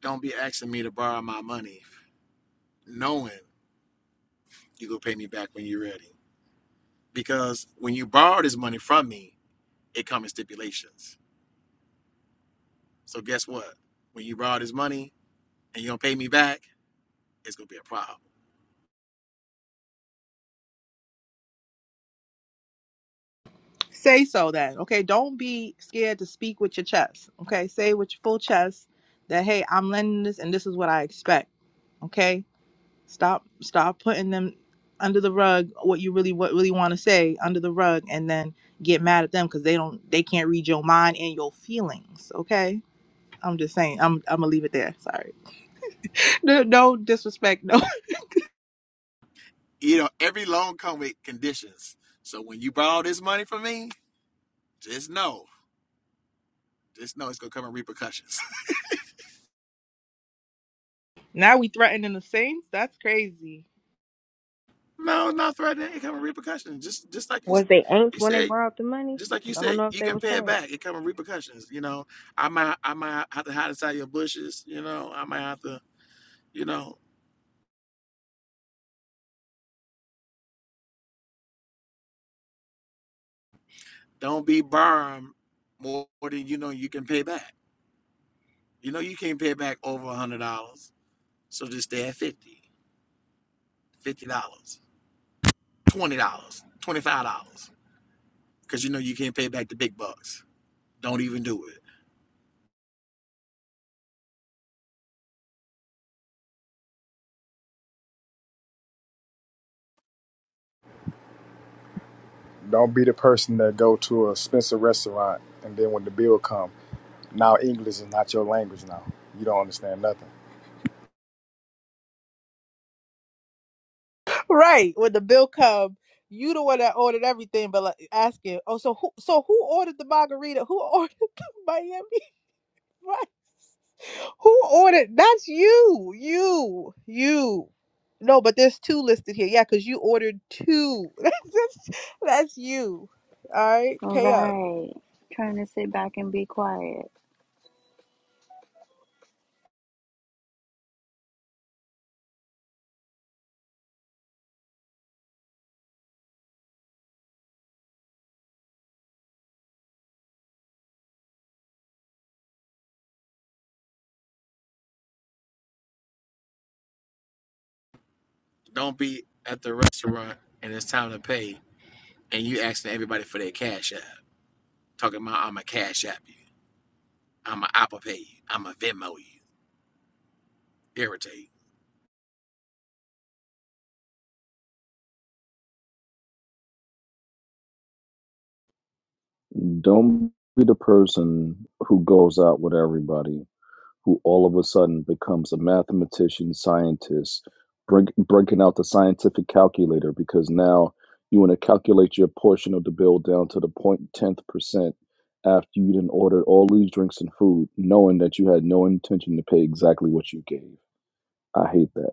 Don't be asking me to borrow my money knowing you go pay me back when you're ready. Because when you borrow this money from me, it comes in stipulations. So guess what? When you borrow this money and you don't pay me back, it's gonna be a problem. say so then okay don't be scared to speak with your chest okay say with your full chest that hey i'm lending this and this is what i expect okay stop stop putting them under the rug what you really what really want to say under the rug and then get mad at them because they don't they can't read your mind and your feelings okay I'm just saying. I'm I'm gonna leave it there. Sorry. No, no disrespect. No. You know, every loan comes with conditions. So when you borrow this money from me, just know, just know it's gonna come in repercussions. Now we threatening the saints. That's crazy. no, not threatening. It come with repercussions. Just, just like you, was they inked you when they said borrowed the money? just like you 'Cause I don't said, know if you they can were pay it saved. back. It comes with repercussions. You know, I might I might have to hide inside your bushes. You know, I might have to. You know, don't be burned more than you know you can pay back. You know, you can't pay back over a hundred dollars, so just stay at fifty, fifty dollars, twenty dollars, twenty five dollars, because you know you can't pay back the big bucks. Don't even do it. Don't be the person that go to a Spencer restaurant and then when the bill come, now English is not your language now. You don't understand nothing. Right. When the bill come, you the one that ordered everything, but like asking, oh, so who? So who ordered the margarita? Who ordered the Miami rice? Who ordered? That's you. You. You. No, but there's two listed here. Yeah, because you ordered two. that's that's you. All right. All Pay up. right. Trying to sit back and be quiet. Don't be at the restaurant and it's time to pay, and you asking everybody for their cash app, talking about I'm a cash app you. I'ma Apple Pay you. I'ma Venmo you. Irritate. you. Don't be the person who goes out with everybody who all of a sudden becomes a mathematician, scientist, bring, breaking out the scientific calculator because now you want to calculate your portion of the bill down to the point tenth percent after you done ordered all these drinks and food, knowing that you had no intention to pay exactly what you gave. I hate that.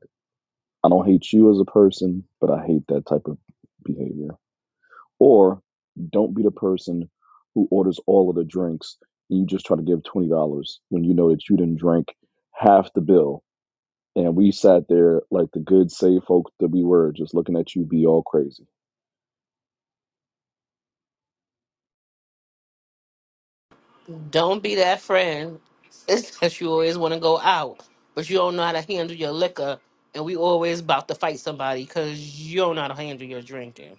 I don't hate you as a person, but I hate that type of behavior. Or don't be the person who orders all of the drinks and you just try to give twenty dollars when you know that you didn't drink half the bill and we sat there like the good safe folk that we were, just looking at you be all crazy. Don't be that friend. It's that you always want to go out, but you don't know how to handle your liquor, and we always about to fight somebody because you don't know how to handle your drinking.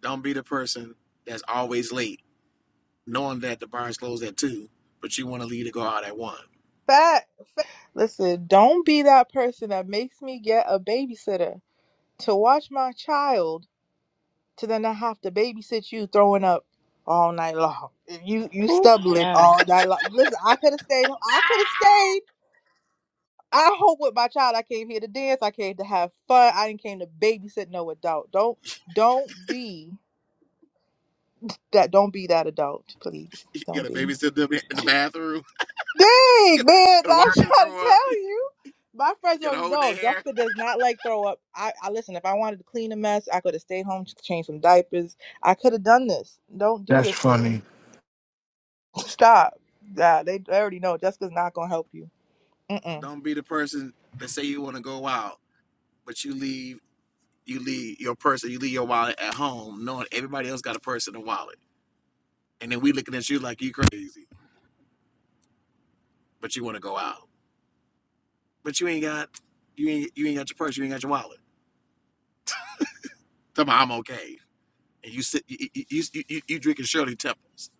Don't be the person that's always late, knowing that the bar's closed at two, but you want to leave to go out at one. Listen, don't be that person that makes me get a babysitter to watch my child to then I have to babysit you throwing up all night long. You you Ooh, stumbling child. all night long. Listen, I could have stayed I could have stayed. I hope with my child I came here to dance. I came to have fun. I didn't came to babysit no adult. Don't don't be that don't be that adult, please. You Don't gotta be. babysit them in the bathroom. You Dang, man, gotta I'm watch trying them to throw up. You tell you. My friends gotta already hold know. their hair. Jessica does not like throw up. I, I listen, if I wanted to clean a mess, I could have stayed home, ch- changed some diapers. I could have done this. Don't do That's this to me. funny. Stop. Yeah, they, they already know. Jessica's not gonna help you. Mm-mm. Don't be the person that say you want to go out, but you leave you leave your person, you leave your wallet at home, knowing everybody else got a purse and a wallet, and then we looking at you like you crazy, but you want to go out, but you ain't got you ain't you ain't got your purse, you ain't got your wallet. Tell me I'm okay. and you sit, you you, you, you, you drinking Shirley Temples.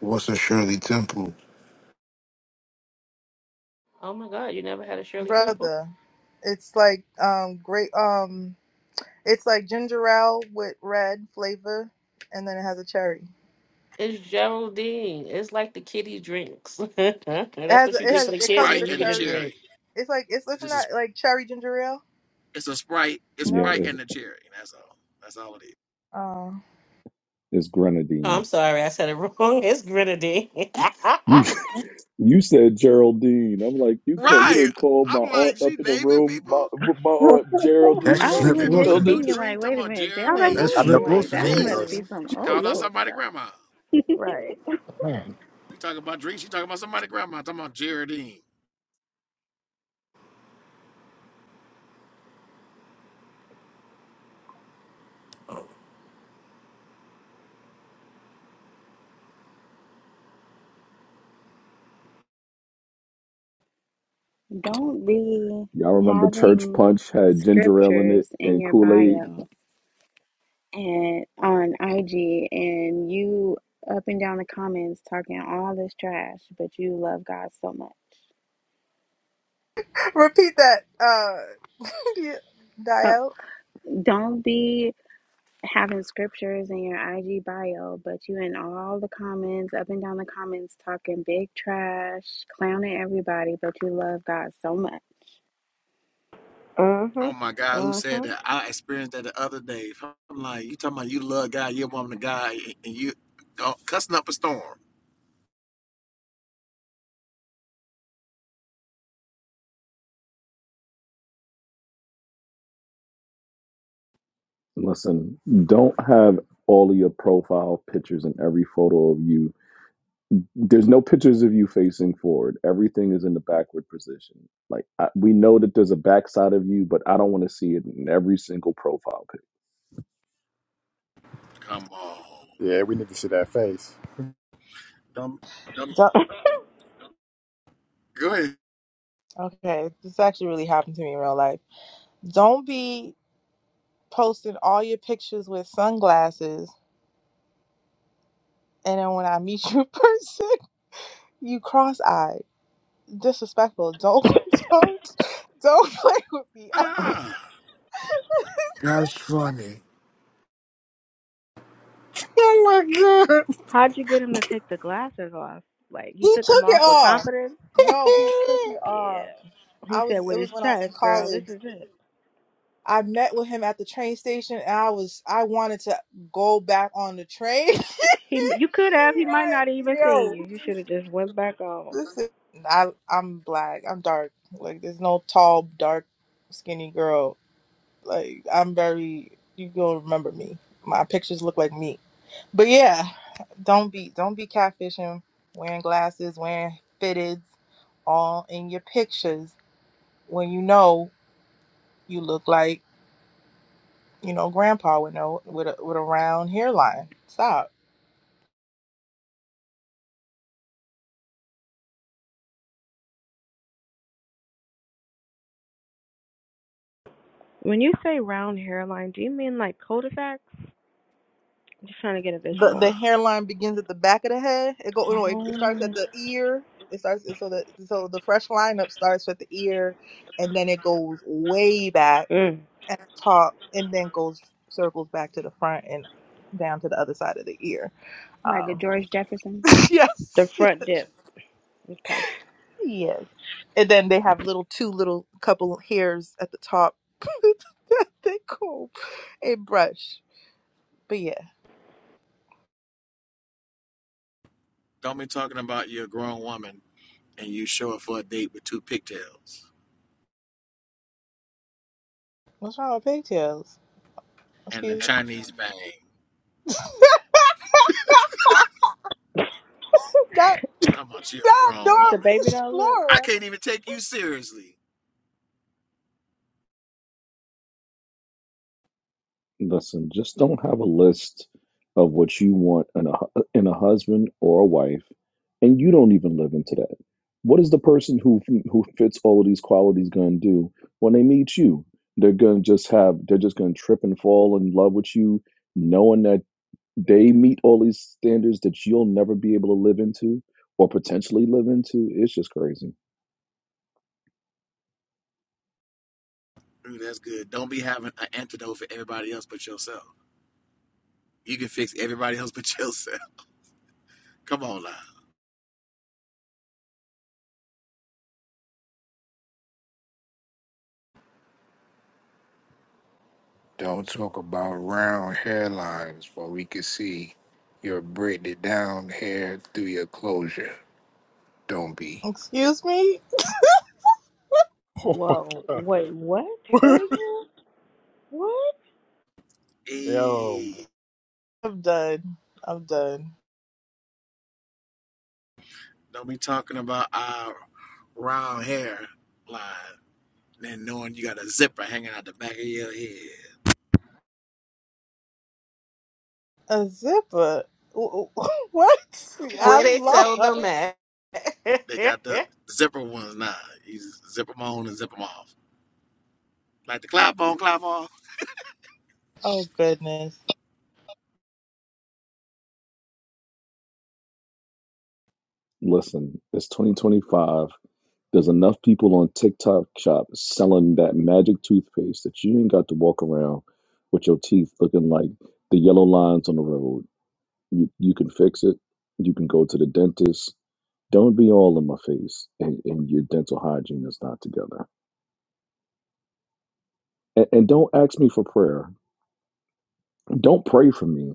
Wilson Shirley Temple. Oh my God, you never had a Shirley Temple? Brother. It's like um great um it's like ginger ale with red flavor and then it has a cherry. It's Geraldine. It's like the kiddie drinks. It That's has what you it get has It's for the it kids comes when with Sprite a you and the get a cherry. drink. cherry. It's like it's It's isn't just a, that like cherry ginger ale? it's a Sprite. It's Yeah, No? Sprite it's and the cherry. That's all. That's all it is. Oh. it's Oh, I'm Grenadine. sorry, I said it wrong. It's grenadine. You you said Geraldine. I'm like, you call you Right. didn't call my I'm aunt like, up she in the naming room. My people. I my aunt I'm That's like, I Geraldine she done was Flip is in came the up with legit a building. new Wilson. thinking, like, drink. Talking wait a about minute, was like, Yeah, That's who Geraldine. I know Geraldine, Flip I'm that. like, child like, Wilson, that ain't it? must Girl. Jesus. be doing? some She old called Hello? out school somebody stuff. grandma. Right. Man, We talking about drinks. She talking about somebody grandma. Talking about Geraldine. Don't be Y'all remember Church having Punch had ginger ale in scriptures it in and your Kool-Aid? bio and on IG and you up and down the comments talking all this trash, but you love God so much. Repeat that, uh, Uh, Dio. don't be having scriptures in your IG bio, but you in all the comments, up and down the comments, talking big trash, clowning everybody, but you love God so much. Mm-hmm. Oh my God, who Mm-hmm. said that? I experienced that the other day. I'm like, you talking about you love God, you're a woman of God, and you oh, cussing up a storm. Listen, don't have all of your profile pictures and every photo of you there's no pictures of you facing forward. Everything is in the backward position. Like I, we know that there's a backside of you, but I don't want to see it in every single profile pic. Come on. Yeah, we need to see that face. Don't don't Don't, go ahead. okay, this actually really happened to me in real life. Don't be posting all your pictures with sunglasses, and then when I meet you in person, you cross-eyed, disrespectful. Don't, don't, don't play with me ever. Ah, That's funny. How'd you get him to take the glasses off? Like, he He took them took off it with off. confidence? No, he took it Yeah. off. He I was. said It with his was when I was in chest, girl, this college. is it. I met with him at the train station and I was I wanted to go back on the train. He, You could have. He might not like, have even seen yo. you. You should have just went back on. Listen, I I'm black. I'm dark. Like there's no tall, dark, skinny girl. Like I'm very you gonna remember me. My pictures look like me. But yeah, don't be don't be catfishing, wearing glasses, wearing fitteds, all in your pictures when you know you look like You know, grandpa would know with a with a round hairline. Stop. When you say round hairline, do you mean like cul-de-sacs? I'm just trying to get a The the visual. hairline begins at the back of the head. It go no, it, it starts at Oh. the ear. It starts so the so the fresh lineup starts with the ear and then it goes way back Mm, at the top and then goes circles back to the front and down to the other side of the ear. Like a Um George Jefferson. the yes. front dip. Okay. Yes. And then they have little two little couple hairs at the top. that they comb and brush. But yeah. don't be talking about you're a grown woman and you show up for a date with two pigtails What's wrong with pigtails? and the Excuse me. Chinese bang. That Talking about you're a that grown Dora The woman. baby doll look. I Explorer. can't even take you seriously. Listen, just don't have a list of what you want in a hu- in a husband or a wife, and you don't even live into that. What is the person who who fits all of these qualities going to do when they meet you? They're going to just have they're just going to trip and fall in love with you, knowing that they meet all these standards that you'll never be able to live into or potentially live into. It's just crazy. Ooh, that's good. Don't be having an antidote for everybody else but yourself. You can fix everybody else but yourself. Come on now. Don't talk about round hairlines, for we can see your braided down hair through your closure. Don't be. Excuse me? Oh my Whoa. Wait, what? Say god. it again? What? Yo, Hey, I'm done. I'm done. don't be talking about our round hair line and knowing you got a zipper hanging out the back of your head. A zipper? W- w- What? I'm Where they sell lost. them at? They got the zipper ones now. You zip them on and zip them off. Like the clap on, clap off. Oh, goodness. Listen, it's 2025. There's enough people on TikTok shop selling that magic toothpaste that you ain't got to walk around with your teeth looking like the yellow lines on the road. You you can fix it. You can go to the dentist. Don't be all in my face and, and your dental hygiene is not together. And, and don't ask me for prayer. Don't pray for me.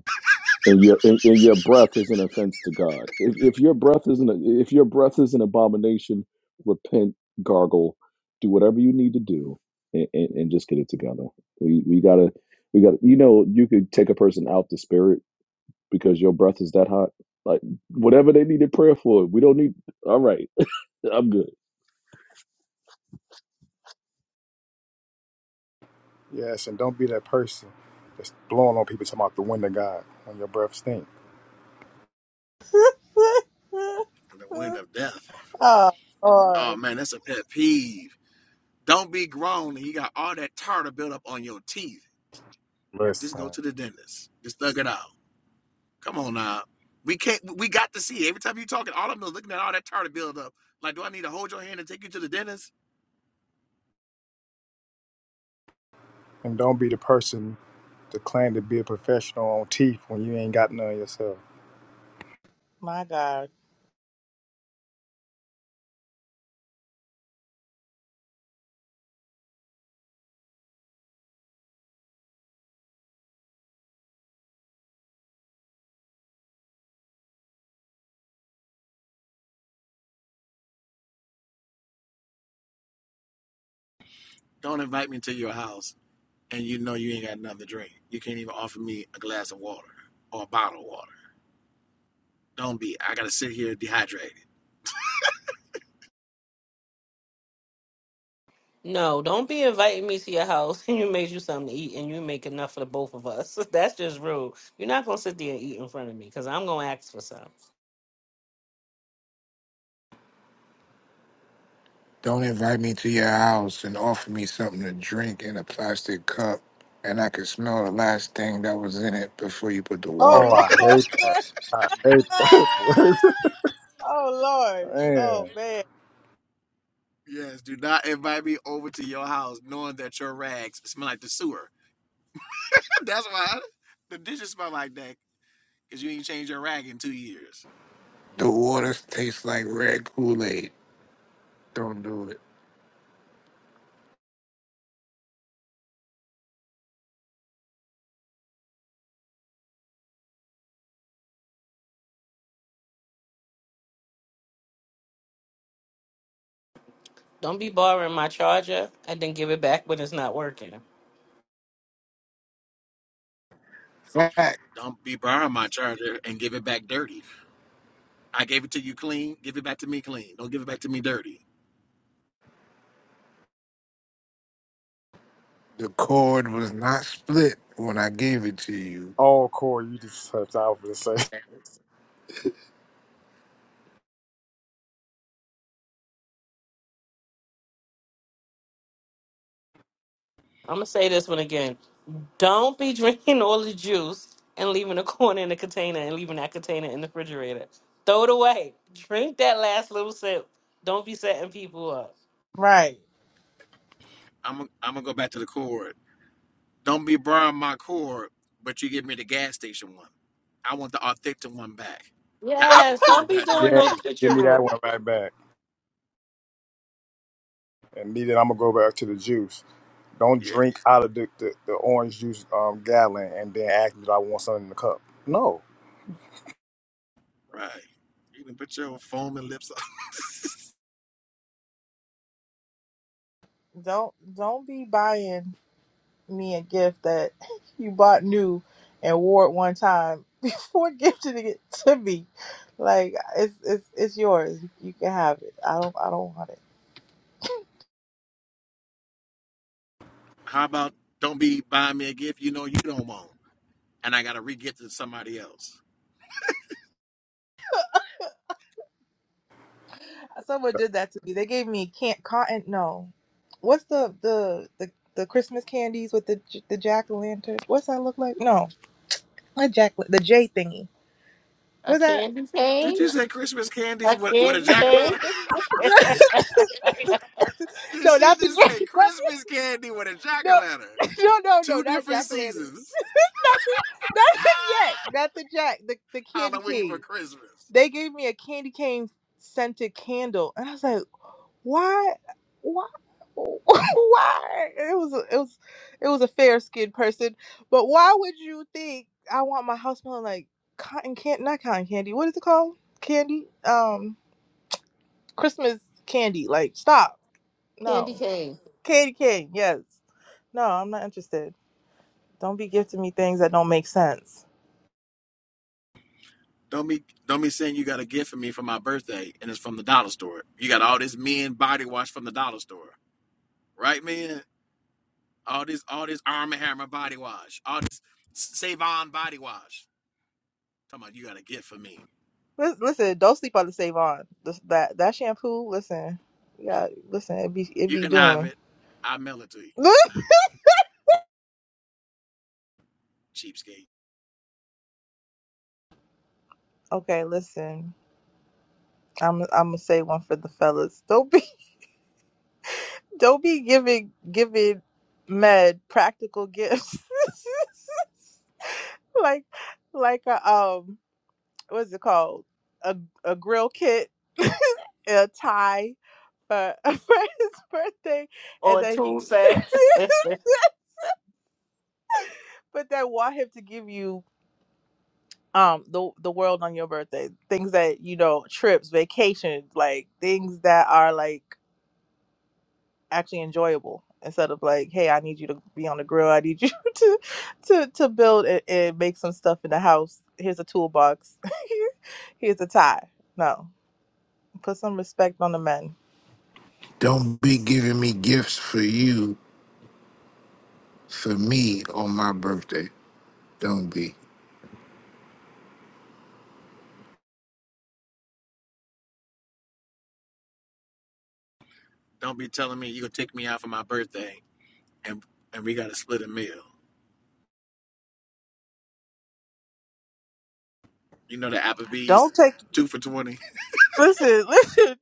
And your and, and your breath is an offense to God. If if your breath is an if your breath is an abomination, repent, gargle, do whatever you need to do, and, and, and just get it together. We we gotta we gotta you know you could take a person out the spirit because your breath is that hot. Like whatever they needed prayer for, we don't need. All right, I'm good. Yes, and don't be that person that's blowing on people talking about the wind of God when your breath stink. The wind of death. oh, Oh Lord. man, that's a pet peeve. Don't be grown and you got all that tartar built up on your teeth. Just Listen. go to the dentist. Just thug it out. Come on now. We can't. We got to see it. every time you are talking. All of them doing looking at all that tartar build up. Like, do I need to hold your hand and take you to the dentist? And don't be the person to claim to be a professional on teeth when you ain't got none yourself. My God. Don't invite me to your house and you know you ain't got nothing to drink. You can't even offer me a glass of water or a bottle of water. Don't be. I gotta sit here dehydrated. No, don't be inviting me to your house and you made you something to eat and you make enough for the both of us. That's just rude. You're not gonna sit there and eat in front of me because I'm gonna ask for some. Don't invite me to your house and offer me something to drink in a plastic cup, and I can smell the last thing that was in it before you put the water Oh, in Oh, I it. hate that. Lord. I hate that. Oh, Lord. Oh, Man. man. Yes, do not invite me over to your house knowing that your rags smell like the sewer. That's why the dishes smell like that because you ain't changed your rag in two years. The water tastes like red Kool-Aid. Don't do it. Don't be borrowing my charger and then give it back when it's not working. I'm Facts. Don't be borrowing my charger and give it back dirty. I gave it to you clean. Give it back to me clean. Don't give it back to me dirty. The cord was not split when I gave it to you. Oh, Corey, you just slipped out for the sake. gonna say this one again. Don't be drinking all the juice and leaving a corn in the container and leaving that container in the refrigerator. Throw it away. Drink that last little sip. Don't be setting people up. Right. I'm gonna I'm gonna go back to the cord. Don't be borrowing my cord, but you give me the gas station one. I want the authentic one back, the Apple Yes, cord don't be back that I doing Yeah, no gave you. give me that switcheroo. one right back. And need it, I'm going to go back to the juice. Don't Yeah, drink out of the, the, the orange juice um, gallon and then ask me if I want something in the cup. No. right. You can put your foaming lips Don't don't be buying. me a gift that you bought new and wore it one time before gifting it to me. Like it's it's it's yours. You can have it. I don't I don't want it. How about don't be buying me a gift you know you don't want, and I gotta re-gift it to somebody else? Someone did that to me. They gave me can't cotton. No, what's the the the the Christmas candies with the j- the jack o' lantern? What's that look like? No, not jack the J thingy. A What's that? candy Did cane? you say Christmas candies A with, with a candy cane? jack-o'-lantern? Did no, she not the just say J. Not the, Christmas candy with a no, jack-o'-lantern? no, no, no, Two not different jack o' lantern. seasons. Not the not the jack. Not the jack. The the candy Halloween for cane. Christmas. They gave me a candy cane scented candle, and I was like, why, why? Why it was a- it was it was a fair skinned person, but why would you think I want my house smelling like cotton candy? Not cotton candy. What is it called? Candy? Um, Christmas candy. Like stop. candy No, cane. candy cane. Yes. No, I'm not interested. Don't be gifting me things that don't make sense. Don't be don't be saying you got a gift for me for my birthday and it's from the dollar store. You got all this men body wash from the dollar store, right, man? All this all this Arm& and Hammer body wash, all this Savon body wash. Talking about you got a gift for me. Lis- Listen, don't sleep on the savon. This- That that shampoo, listen, yeah, listen, it be it You be can have doing. it. I'll mail it to you, cheapskate. okay, listen, I'm I'm gonna say one for the fellas. Don't be don't be giving giving med practical gifts like like a um what's it called a a grill kit a tie for, for his birthday and Or a then tool he set. but then want him to give you um the the world on your birthday things that you know trips vacations like things that are like actually enjoyable instead of like hey i need you to be on the grill i need you to to to build and, and make some stuff in the house here's a toolbox here's a tie no put some respect on the men Don't be giving me gifts for you, for me on my birthday. Don't be. Don't be telling me you gonna take me out for my birthday and and we gotta split a meal. You know the don't Applebee's take two for twenty. Listen, listen.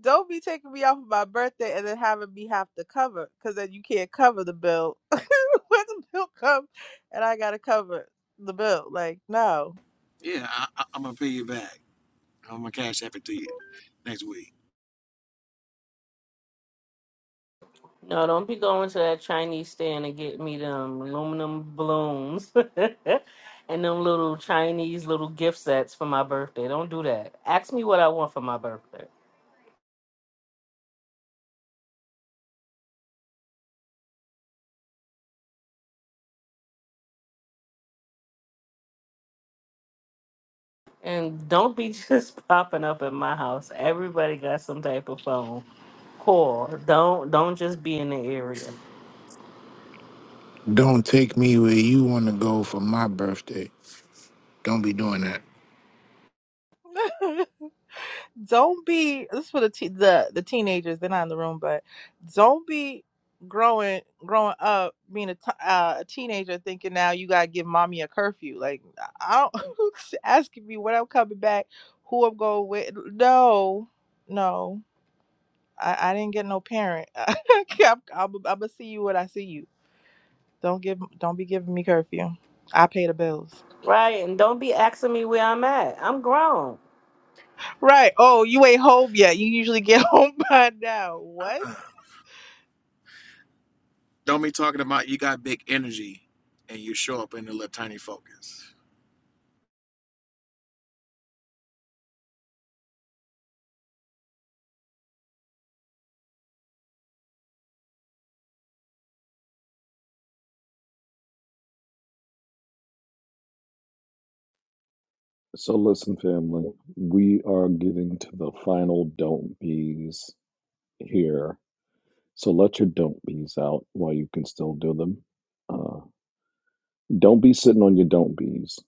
Don't be taking me out for my birthday and then having me have to cover, because then you can't cover the bill. when the bill comes, and I gotta cover the bill. Like, no. Yeah, I, I, I'm gonna pay you back. I'm gonna cash app it to you next week. no, don't be going to that Chinese stand and get me them aluminum balloons and them little Chinese little gift sets for my birthday. Don't do that. Ask me what I want for my birthday. And don't be just popping up at my house. Everybody got some type of phone. Call. Don't don't just be in the area. Don't take me where you want to go for my birthday. Don't be doing that. don't be. This is for the te- the the teenagers. They're not in the room, but don't be growing growing up being a t- uh, a teenager thinking now you gotta give mommy a curfew. Like, I don't asking me when I'm coming back, who I'm going with. No, no. I, I didn't get no parent. I'm, i I'm gonna see you when I see you. Don't give, don't be giving me curfew. I pay the bills. Right. And don't be asking me where I'm at. I'm grown. Right. Oh, you ain't home yet. You usually get home by now. What? Uh-uh. Don't be talking about you got big energy and you show up in the little tiny focus. So listen, family, we are getting to the final don't bees here. So let your don't bees out while you can still do them. Uh, don't be sitting on your don't bees.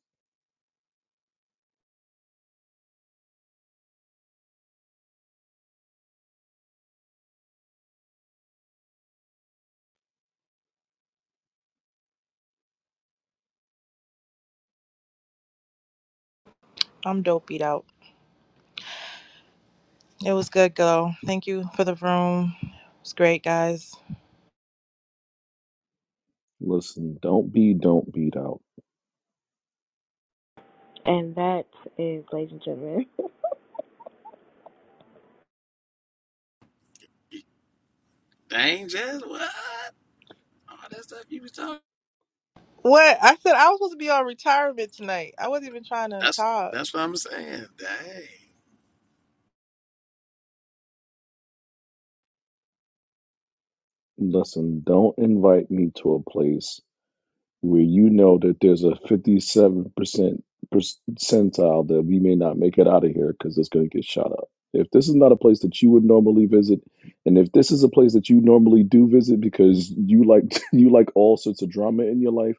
I'm dopied out. It was good, girl. Thank you for the room. It's great, guys. Listen, don't be don't beat out. And that is, ladies and gentlemen. Dang, Jazz, what? All that stuff you was talking. What? I said I was supposed to be on retirement tonight. I wasn't even trying to That's talk. that's what I'm saying. Dang. Listen, don't invite me to a place where you know that there's a 57% percentile that we may not make it out of here because it's going to get shot up. If this is not a place that you would normally visit, and if this is a place that you normally do visit because you like you like all sorts of drama in your life,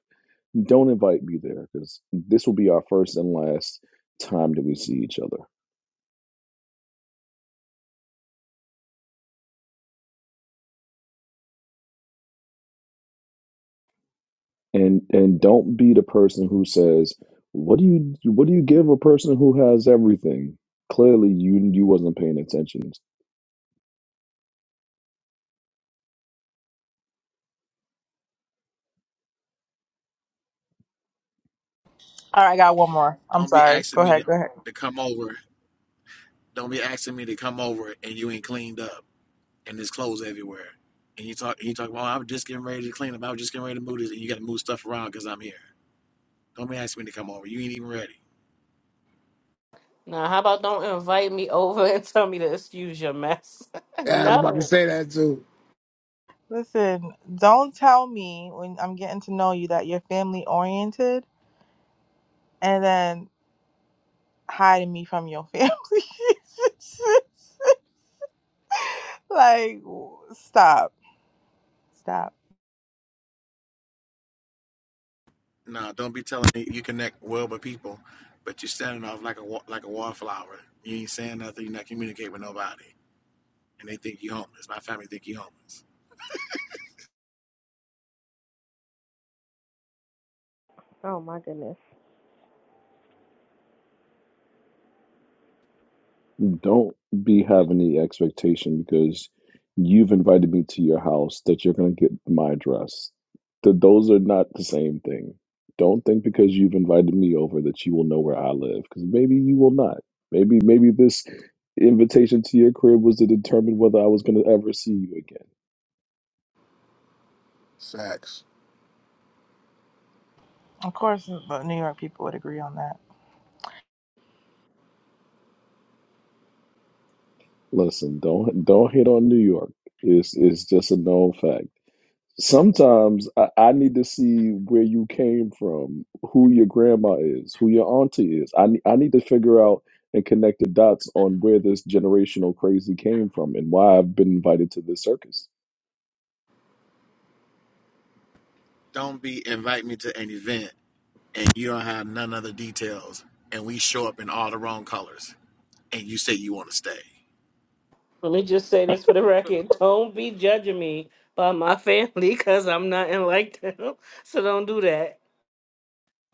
don't invite me there because this will be our first and last time that we see each other. And and don't be the person who says, "What do you what do you give a person who has everything?" Clearly, you you wasn't paying attention, All right, I got one more. I'm Don't be sorry. Go asking me to, ahead. Go ahead. to come over. Don't be asking me to come over and you ain't cleaned up. and there's clothes everywhere. And you talk, you talk about, oh, I am just getting ready to clean up. I was just getting ready to move this, and you got to move stuff around because I'm here. Don't be asking me to come over. You ain't even ready. Now, how about don't invite me over and tell me to excuse your mess? Yeah, I was about to no. say that too. Listen, don't tell me when I'm getting to know you that you're family oriented and then hiding me from your family. like, stop, stop. Nah, don't be telling me you connect well with people, but you're standing off like a wa- like a wallflower. You ain't saying nothing. You're not communicating with nobody, and they think you homeless. My family think you homeless. oh my goodness. Don't be having the expectation because you've invited me to your house that you're going to get my address. Th- those are not the same thing. Don't think because you've invited me over that you will know where I live because maybe you will not. Maybe maybe this invitation to your crib was to determine whether I was going to ever see you again. Facts. Of course, the New York people would agree on that. Listen, don't don't hit on New York. It's it's just a known fact. Sometimes I, I need to see where you came from, who your grandma is, who your auntie is. I ne- I need to figure out and connect the dots on where this generational crazy came from and why I've been invited to this circus. Don't be invite me to an event and you don't have none other details, and we show up in all the wrong colors, and you say you want to stay. Let me just say this for the record. Don't be judging me by my family because I'm nothing like them. So don't do that.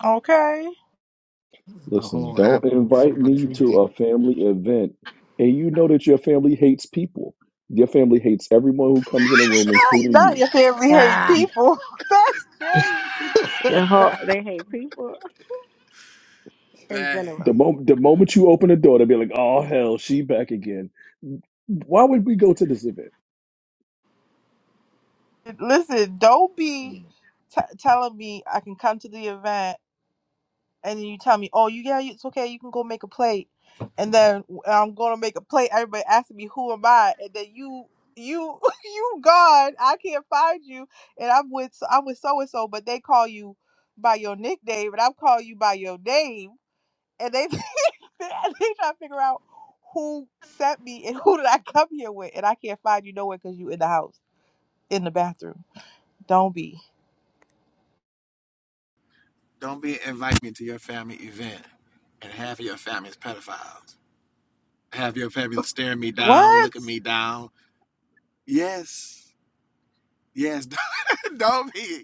Okay, The Listen, whole don't apple invite from a me tree to thing. a family event and you know that your family hates people. Your family hates everyone who comes in the room, not, including not you. your family hate Ah! You- people. That's crazy. The whole, they hate people in Dang. general. The moment the moment you open the door, they'll be like, "Oh hell, she back again." Why would we go to this event? Listen, don't be Mm. t- telling me I can come to the event and then you tell me, "Oh, you yeah, it's okay. You can go make a plate." And then i am I'm gonna make a plate. Everybody asking me, "Who am I?" And then you, you, you gone. I can't find you. And I'm with so, I'm with so and so, but they call you by your nickname, and I'm calling you by your name. And they they try to figure out who sent me and who did I come here with, and I can't find you nowhere because you in the house, in the bathroom. Don't be Don't be invite me to your family event and half of your family is pedophiles. Half your family staring me down, what looking me down. Yes. Yes. Don't be.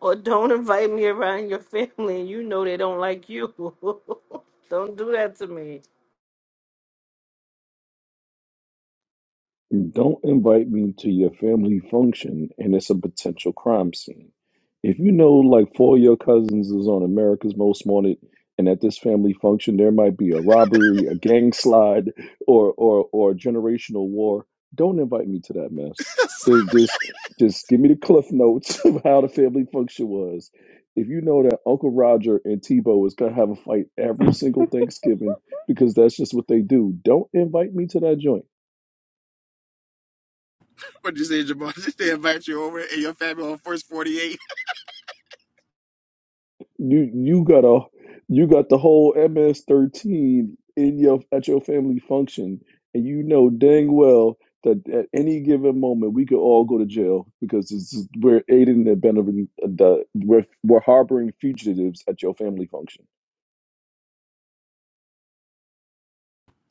Or don't invite me around your family and you know they don't like you. don't do that to me. Don't invite me to your family function and it's a potential crime scene. If you know like four of your cousins is on America's Most Wanted and at this family function there might be a robbery, a gang slide, or or or a generational war, don't invite me to that mess. Just just just give me the cliff notes of how the family function was. If you know that Uncle Roger and Tebow is gonna have a fight every single Thanksgiving because that's just what they do, don't invite me to that joint. What you say, Jamal? Did they invite you over and your family on first 48? You you got a you got the whole MS-13 in your at your family function, and you know dang well that at any given moment we could all go to jail because this is, we're aiding and abetting uh, the we're we're harboring fugitives at your family function.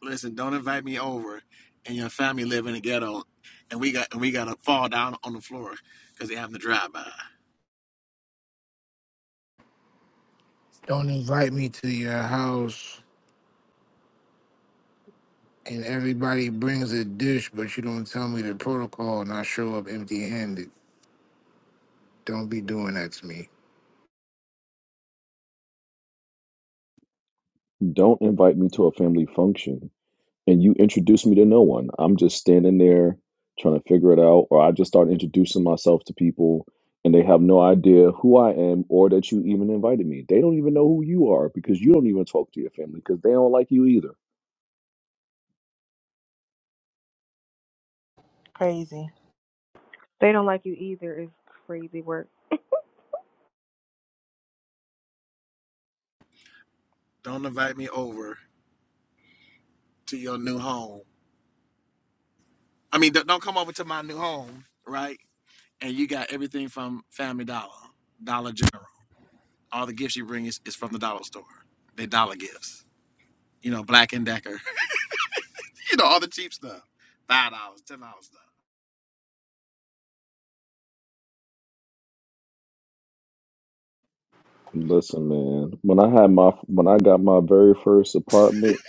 Listen, don't invite me over and your family live in the ghetto and we got and we gotta fall down on the floor because they having the drive by. Don't invite me to your house and everybody brings a dish, but you don't tell me the protocol and I show up empty handed. Don't be doing that to me. Don't invite me to a family function. and you introduce me to no one. I'm just standing there trying to figure it out, or I just start introducing myself to people and they have no idea who I am or that you even invited me. They don't even know who you are because you don't even talk to your family because they don't like you either. crazy. they don't like you either. Is crazy work. Don't invite me over to your new home. I mean, don't come over to my new home, right? and you got everything from Family Dollar, Dollar General. All the gifts you bring is, is from the dollar store. They dollar gifts. You know, Black and Decker. you know, all the cheap stuff. Five dollars, ten dollars stuff. Listen, man, when I had my when I got my very first apartment,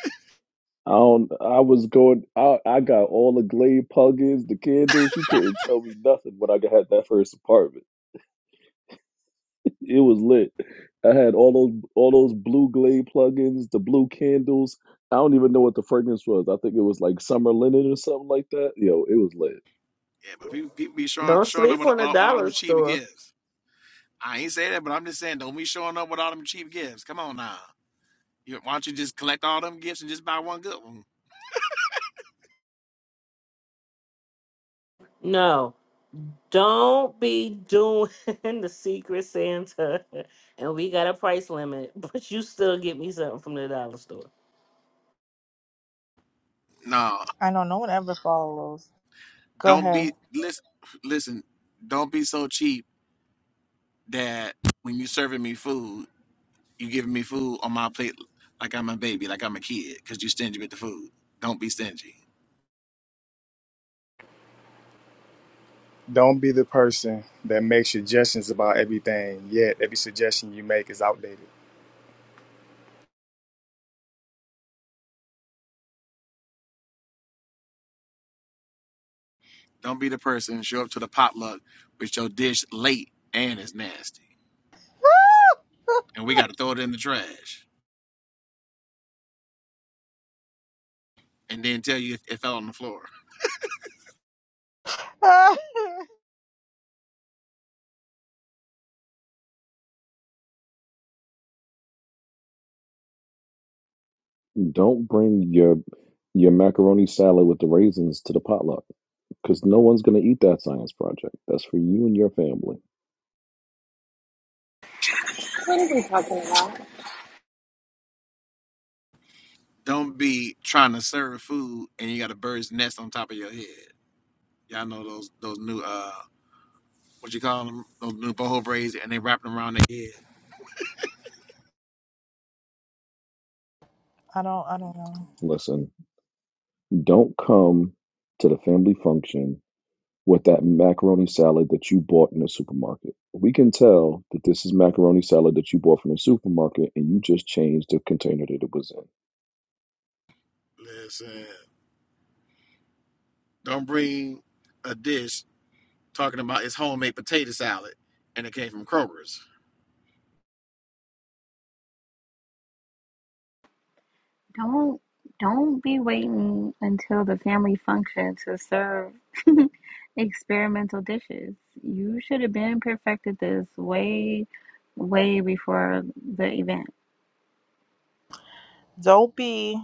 I don't I was going I I got all the Glade plugins, the candles, you couldn't tell me nothing when I had that first apartment. It was lit. I had all those all those blue glade plugins, the blue candles. I don't even know what the fragrance was. I think it was like summer linen or something like that. Yo, it was lit. Yeah, but people, people be showing Don't showing up sleep with, on with, the with all dollar them cheap store. gifts. I ain't say that, but I'm just saying don't be showing up with all them cheap gifts. Come on now. You, why don't you just collect all them gifts and just buy one good one? No. Don't be doing the secret Santa and we got a price limit, but you still get me something from the dollar store. No, I know no one ever follows. Go don't ahead. be listen. Listen, don't be so cheap that when you serving me food You giving me food on my plate like I'm a baby, like I'm a kid, because you stingy with the food. Don't be stingy. Don't be the person that makes suggestions about everything, yet every suggestion you make is outdated. Don't be the person show up to the potluck with your dish late and it's nasty, and we got to throw it in the trash, and then tell you it fell on the floor. I Don't bring your your macaroni salad with the raisins to the potluck because no one's gonna eat that science project. That's for you and your family. What are we talking about? Don't be trying to serve food and you got a bird's nest on top of your head. Y'all know those those new uh what you call them those new boho braids and they wrap them around their head. don't I don't know. Listen, don't come to the family function with that macaroni salad that you bought in the supermarket. We can tell that this is macaroni salad that you bought from the supermarket and you just changed the container that it was in. Listen, don't bring a dish talking about it's homemade potato salad and it came from Kroger's. Don't don't be waiting until the family function to serve experimental dishes. You should have been perfected this way, way before the event. Don't be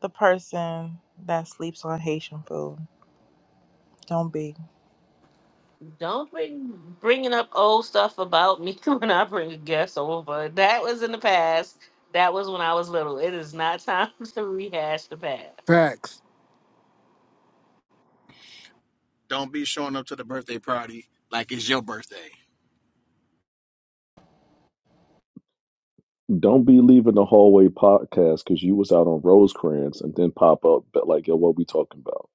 the person that sleeps on Haitian food. Don't be. Don't bring bringing up old stuff about me when I bring a guest over. That was in the past. That was when I was little. It is not time to rehash the past. Facts. Don't be showing up to the birthday party like it's your birthday. Don't be leaving the hallway podcast because you was out on Rosecrans and then pop up but like, yo, what we talking about?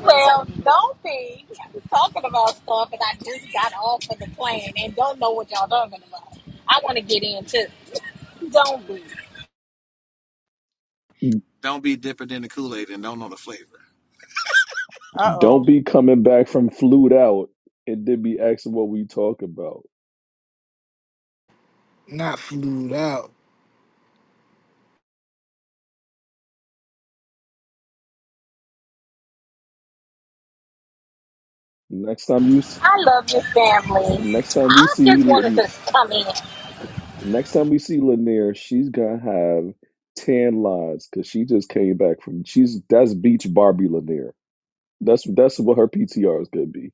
Well, don't be talking about stuff and I just got off of the plane and don't know what y'all talking about. I want to get in too. Don't be. Don't be dipping in the Kool Aid and don't know the flavor. Uh oh. Don't be coming back from flute out and then be asking what we talk about. not flued out Next time you I love your family. next time we I see just wanted to come in. Next time we see Lanier, she's gonna have tan lines because she just came back from. She's that's beach Barbie Lanier. That's that's what her PTR is gonna be.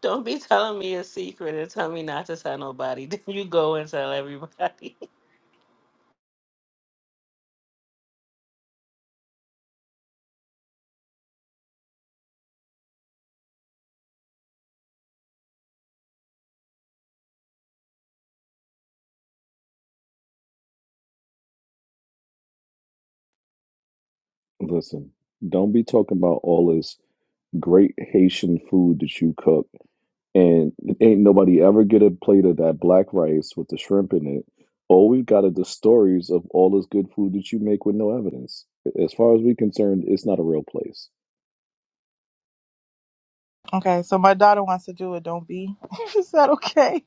Don't be telling me a secret and tell me not to tell nobody. Then you go and tell everybody. Listen, don't be talking about all this great Haitian food that you cook, and ain't nobody ever get a plate of that black rice with the shrimp in it. All we've got are the stories of all this good food that you make with no evidence. As far as we're concerned, it's not a real place. Okay, so my daughter wants to do it. Don't be. Is that okay?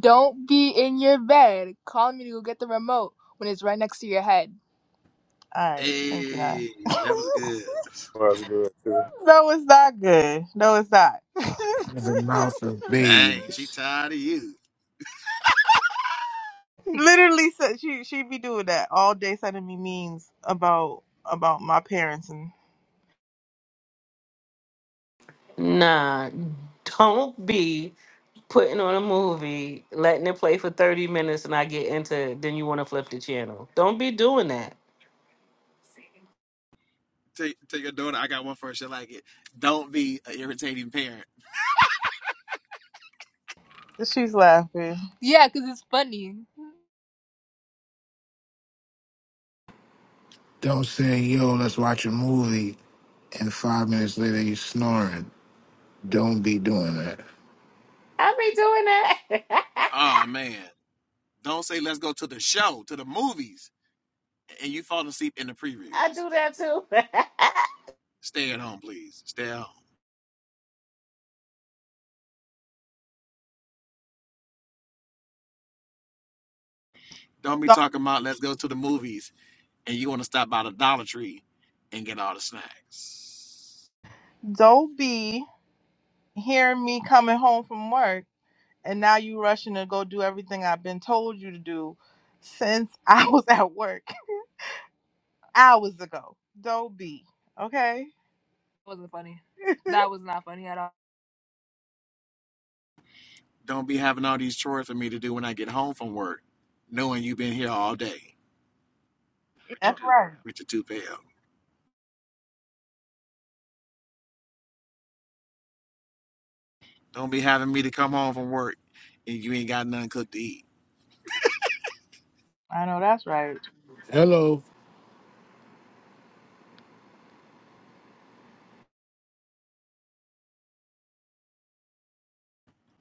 Don't be in your bed calling me to go get the remote when it's right next to your head. All right. Thank you, Nine. Hey, that was good. That's good too. no, it's not good. No, it's not. Out of the mouth of Dang, she babes. tired of you. Literally, said she she be doing that all day, sending me memes about about my parents and. Nah, don't be putting on a movie, letting it play for 30 minutes and I get into it, then you want to flip the channel. Don't be doing that. Tell, tell your daughter I got one for her. She like it. Don't be an irritating parent. She's laughing. Yeah, because it's funny. Don't say, yo, let's watch a movie, and five minutes later you snoring. Don't be doing that. I be doing that. Oh man, don't say let's go to the show, to the movies, and you fall asleep in the I previews. do that too. Stay at home, please. Stay at home. Don't be Don't, talking about let's go to the movies and you want to stop by the Dollar Tree and get all the snacks. don't be hearing me coming home from work and now you rushing to go do everything I've been told you to do since I was at work hours ago. Don't be. Okay? That wasn't funny. That was not funny at all. Don't be having all these chores for me to do when I get home from work, knowing you've been here all day, That's right. Richard Tupel. Don't be having me to come home from work and you ain't got nothing cooked to eat. I know that's right. Hello,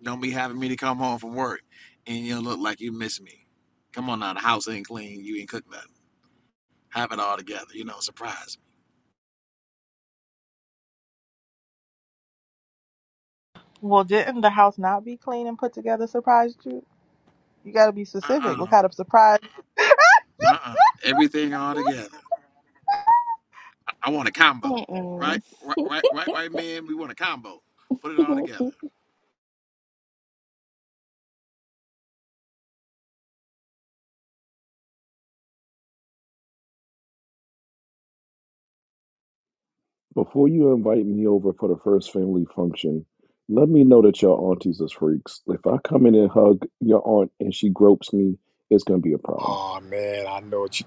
Don't be having me to come home from work and you look like you miss me. Come on now, the house ain't clean, you ain't cooked nothing. Have it all together, you know, surprise me. Well, didn't the house not be clean and put together surprised you? You gotta be specific. What Uh-uh, kind of surprise? uh-uh, everything all together. I, I want a combo, right? Mm-mm. Right, right, right, right, man, we want a combo. Put it all together. Before you invite me over for the first family function, let me know that your aunties is freaks. If I come in and hug your aunt and she gropes me, it's gonna be a problem. Oh man, I know what you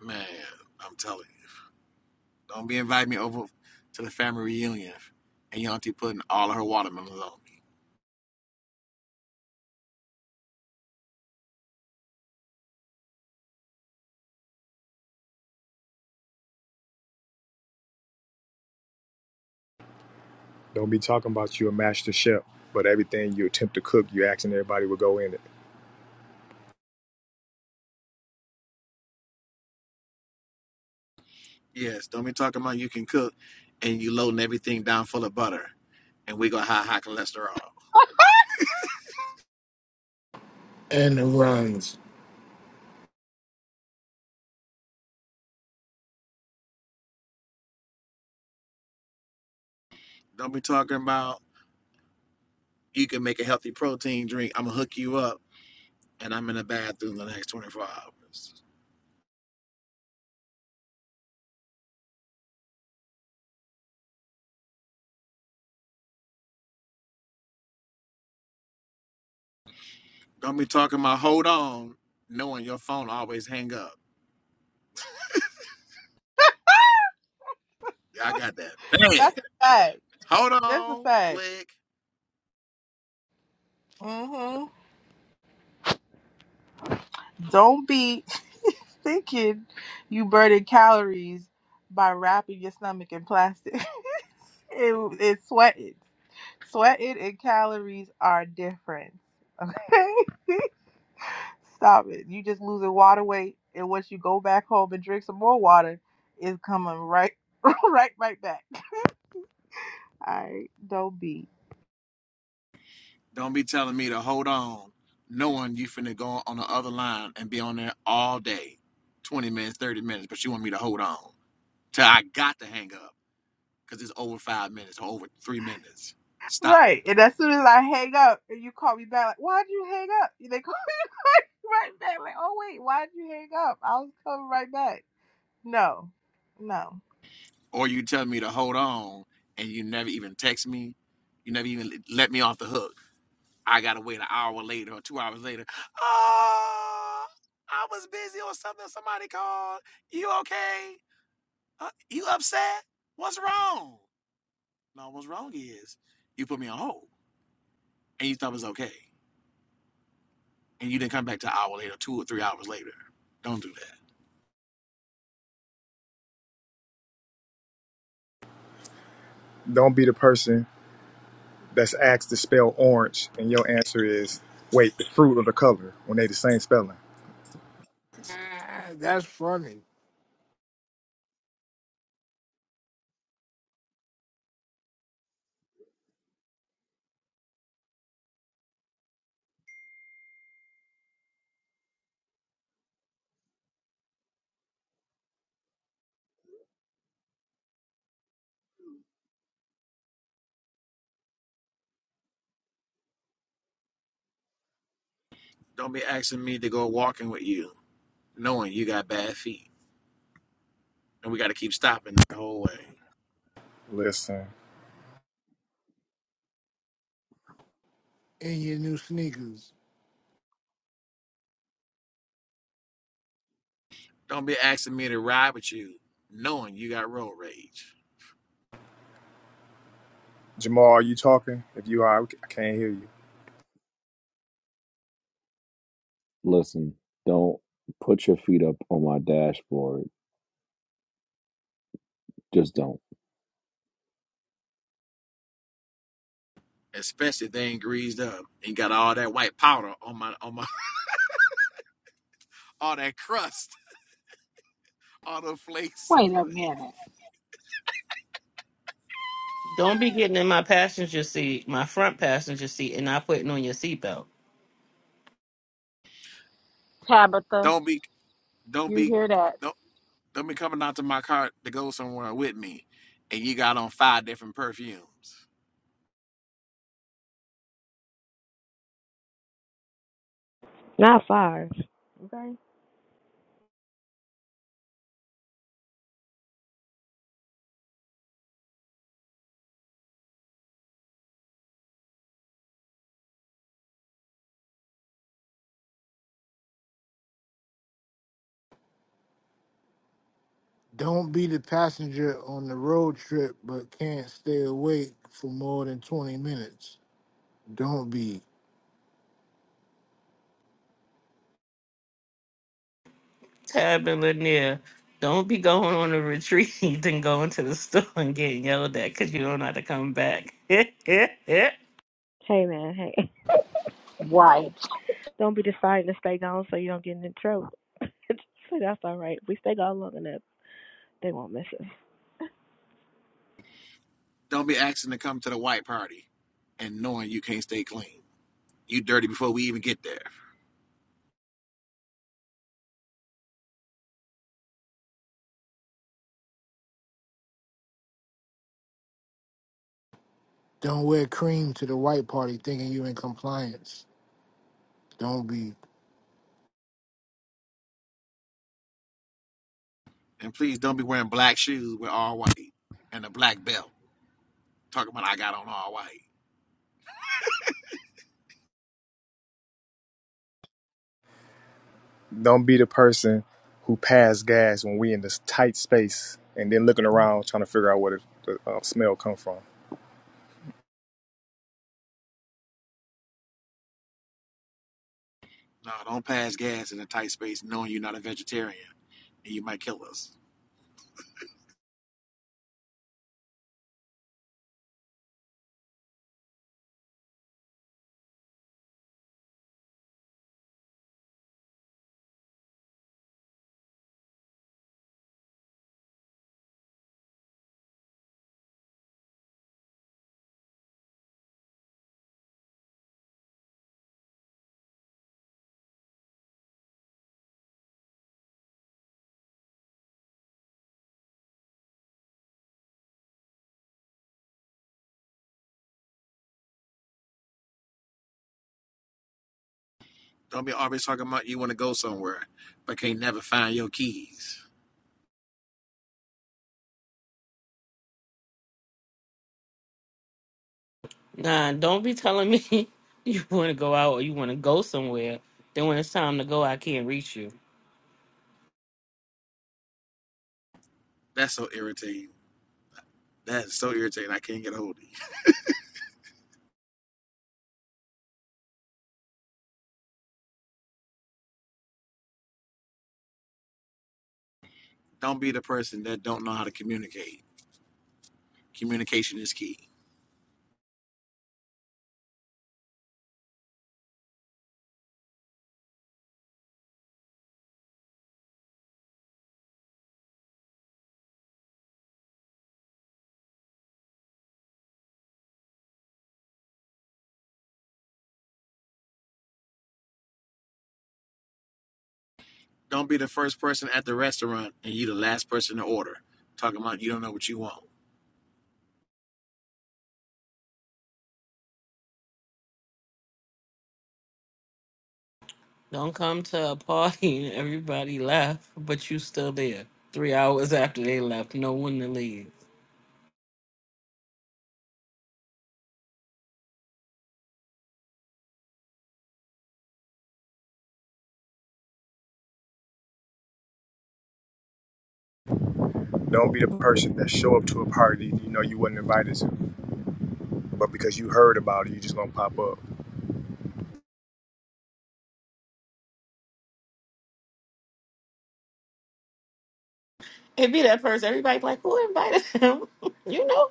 Man, I'm telling you. Don't be inviting me over to the family reunion and your auntie putting all of her watermelons on me. don't be talking about you a master chef, but everything you attempt to cook, you asking everybody will go in it. Yes, don't be talking about you can cook and you loading everything down full of butter and we gonna have high cholesterol. and it runs. Don't be talking about you can make a healthy protein drink. I'm gonna hook you up and I'm in the bathroom the next 24 hours. Don't be talking about hold on, knowing your phone always hang up. I got that bad. That's a fact. Hold That's a on, fact. click. hmm Don't be thinking you burning calories by wrapping your stomach in plastic. it, it's sweating. Sweating and calories are different. Okay? Stop it. You just losing water weight, and once you go back home and drink some more water, it's coming right, right, right back. All right. Don't be. Don't be telling me to hold on, knowing you finna go on the other line and be on there all day, 20 minutes, 30 minutes, but you want me to hold on till I got to hang up because it's over five minutes or over three minutes. Stop it. Right. And as soon as I hang up and you call me back, like, why'd you hang up? And they call me right back, like, oh, wait, why'd you hang up? I was coming right back. No, no. Or you tell me to hold on and you never even text me. You never even let me off the hook. I gotta wait an hour later or two hours later. Oh, I was busy or something. Somebody called. You okay? Uh, you upset? What's wrong? No, what's wrong is you put me on hold and you thought it was okay. And you didn't come back to an hour later, two or three hours later. Don't do that. Don't be the person that's asked to spell orange and your answer is wait, the fruit or the color when they the same spelling. Ah, That's funny. Don't be asking me to go walking with you, knowing you got bad feet. And we gotta keep stopping the whole way. Listen. In your new sneakers. Don't be asking me to ride with you, knowing you got road rage. Jamal, are you talking? If you are, I can't hear you. Listen, don't put your feet up on my dashboard. Just don't. Especially if they ain't greased up and got all that white powder on my on my all that crust, all the flakes. Wait a minute, Don't be getting in my passenger seat, my front passenger seat, and not putting on your seatbelt. Tabitha. Don't be don't You be hear that? don't. Don't be coming out to my car to go somewhere with me, and you got on five different perfumes. Not five. Okay. Don't be the passenger on the road trip but can't stay awake for more than 20 minutes. Don't be. Tab and Lanier, don't be going on a retreat and going to the store and getting yelled at because you don't know how to come back. Hey man. Hey. Right. Don't be deciding to stay gone so you don't get in trouble. so that's all right. If we stay gone long enough, they won't miss us. Don't be asking to come to the white party, and knowing you can't stay clean. You dirty before we even get there. Don't wear cream to the white party thinking you in compliance. Don't be. And please don't be wearing black shoes with all white and a black belt. Talking about I got on all white. Don't be the person who pass gas when we in this tight space and then looking around trying to figure out where the, uh, smell come from. No, don't pass gas in a tight space knowing you're not a vegetarian and you might kill us. Don't be always talking about you want to go somewhere but can't never find your keys. nah, don't be telling me you want to go out or you want to go somewhere. Then when it's time to go, I can't reach you. That's so irritating. That's so irritating. I can't get a hold of you. Don't be the person that don't know how to communicate. Communication is key. Don't be the first person at the restaurant and you the last person to order. Talking about you don't know what you want. Don't come to a party and everybody left, but you still there. Three hours after they left, no one to leave. Don't be the person that show up to a party you know you wasn't invited to, but because you heard about it, you just gonna pop up. It be that person. Everybody be like, who invited him? you know.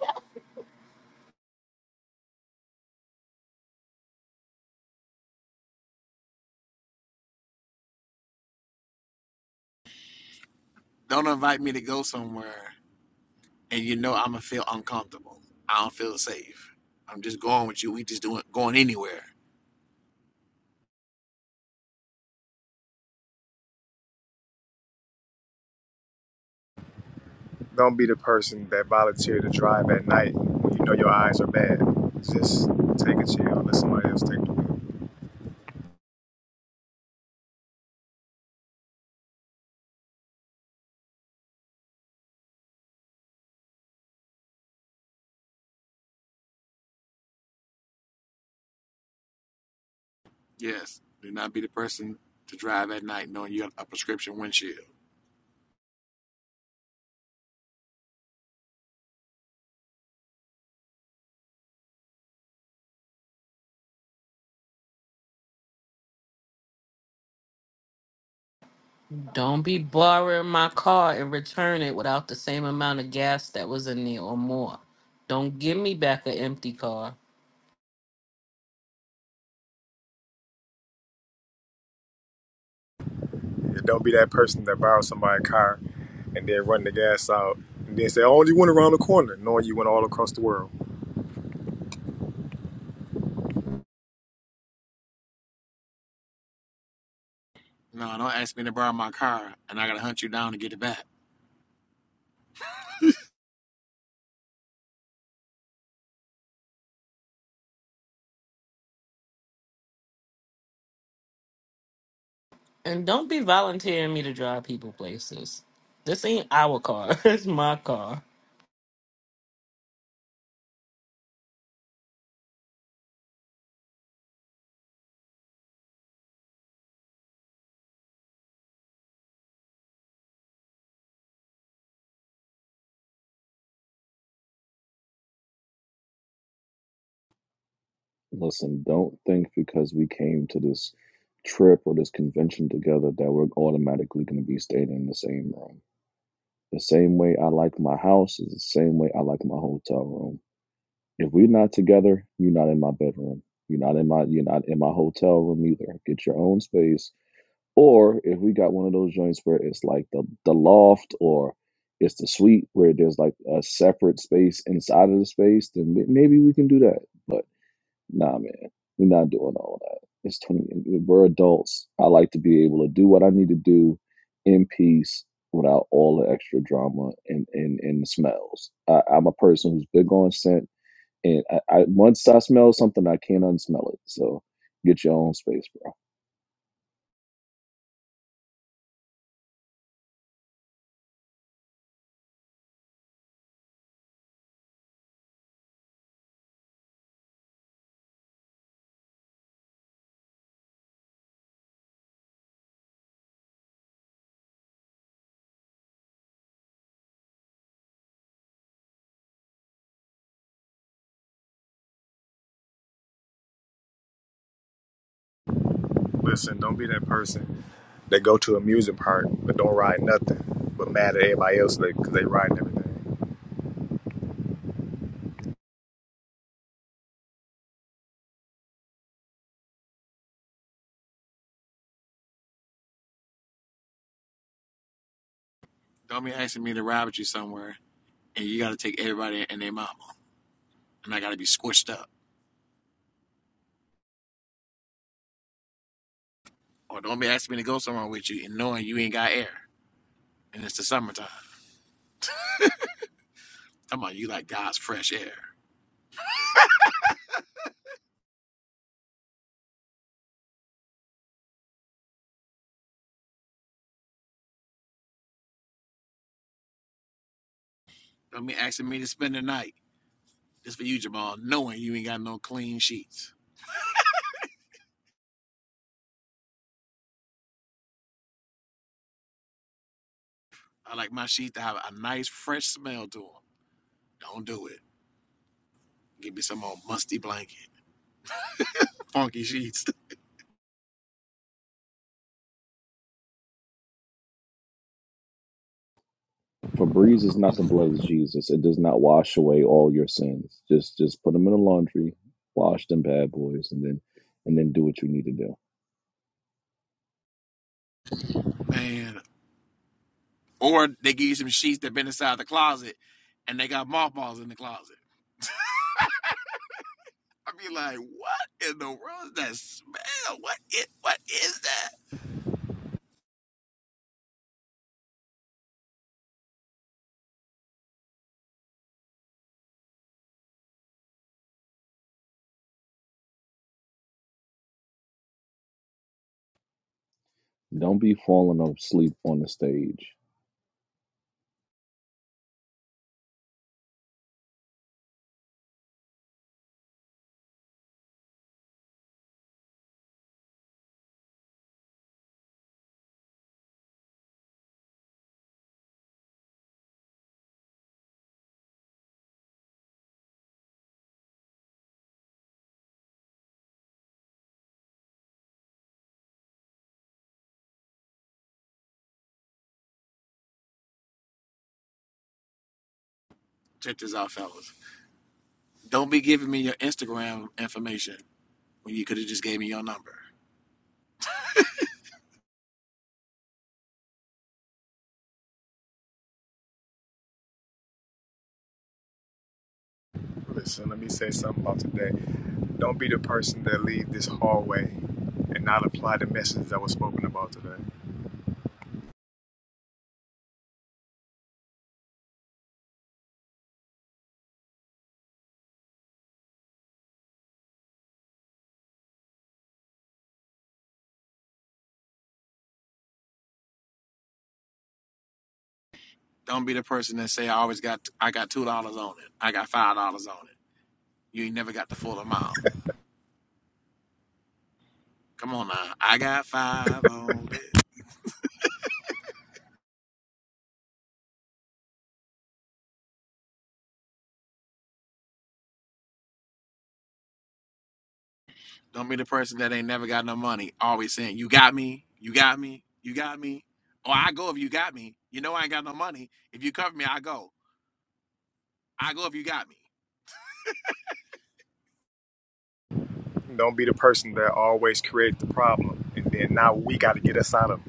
Don't invite me to go somewhere and you know I'ma feel uncomfortable. I don't feel safe. I'm just going with you. We just doing going anywhere. Don't be the person that volunteer to drive at night when you know your eyes are bad. Just take a chill, let somebody else take the wheel. Yes. Do not be the person to drive at night knowing you have a prescription windshield. Don't be borrowing my car and return it without the same amount of gas that was in it or more. Don't give me back an empty car. Yeah, Don't be that person that borrows somebody's car and then run the gas out and then say, I only went around the corner, knowing you went all across the world. No, don't ask me to borrow my car and I gotta hunt you down to get it back. And don't be volunteering me to drive people places. This ain't our car. It's my car. Listen, don't think because we came to this trip or this convention together that we're automatically going to be staying in the same room. The same way I like my house is the same way I like my hotel room. If we're not together, you're not in my bedroom. You're not in my you're not in my hotel room either. Get your own space. Or if we got one of those joints where it's like the the loft or it's the suite where there's like a separate space inside of the space, then maybe we can do that. But nah, man, we're not doing all that. It's twenty. We're adults. I like to be able to do what I need to do in peace without all the extra drama and and, and smells. I, I'm a person who's big on scent and I, I once I smell something, I can't unsmell it. So get your own space, bro. Listen, don't be that person They go to an amusement park, but don't ride nothing. But mad at everybody else because they riding everything. Don't be asking me to ride with you somewhere and you gotta take everybody and their mama. and I gotta be squished up. Or don't be asking me to go somewhere with you and knowing you ain't got air. And it's the summertime. Come on, you like God's fresh air. Don't be asking me to spend the night. just for you, Jamal, knowing you ain't got no clean sheets. I like my sheets to have a nice fresh smell to them. Don't do it. Give me some old musty blanket, funky sheets, Febreze is not the blood of Jesus. It does not wash away all your sins. Just just put them in the laundry, wash them bad boys, and then and then do what you need to do. man. Or they give you some sheets that been inside the closet and they got mothballs in the closet. I be like, what in the world is that smell? What it? What is that? Don't be falling asleep on the stage. Check this out, fellas. Don't be giving me your Instagram information when you could have just gave me your number. Listen, let me say something about today. Don't be the person that leave this hallway and not apply the message that was spoken about today. Don't be the person that say I always got I got two dollars on it. I got five dollars on it. You ain't never got the full amount. Come on now. I got five on it. Don't be the person that ain't never got no money. Always saying, You got me, you got me, you got me. Or I go if you got me. You know I ain't got no money. If you cover me, I go. I go if you got me. Don't be the person that always creates the problem and then now we got to get us out of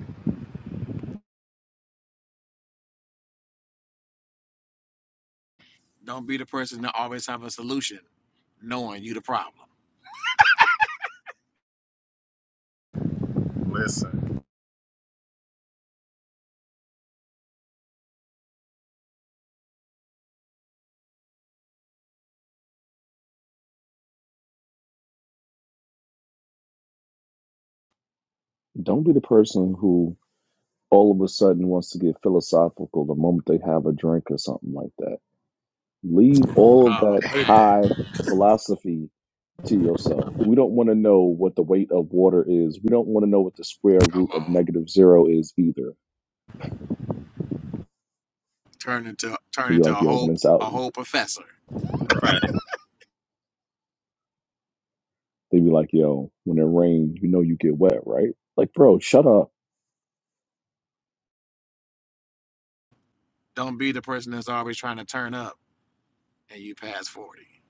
Don't be the person that always have a solution knowing you the problem. it. Listen, Don't be the person who all of a sudden wants to get philosophical the moment they have a drink or something like that. leave all of Oh that I hate man. that. high philosophy to yourself. We don't want to know what the weight of water is. We don't want to know what the square Come root of on. negative zero is either. turn into turn They be into like, a yo, when whole it's out, a whole professor. they be like, yo, when it rains, you know you get wet, right? Like, bro, shut up Don't be the person that's always trying to turn up and you pass forty.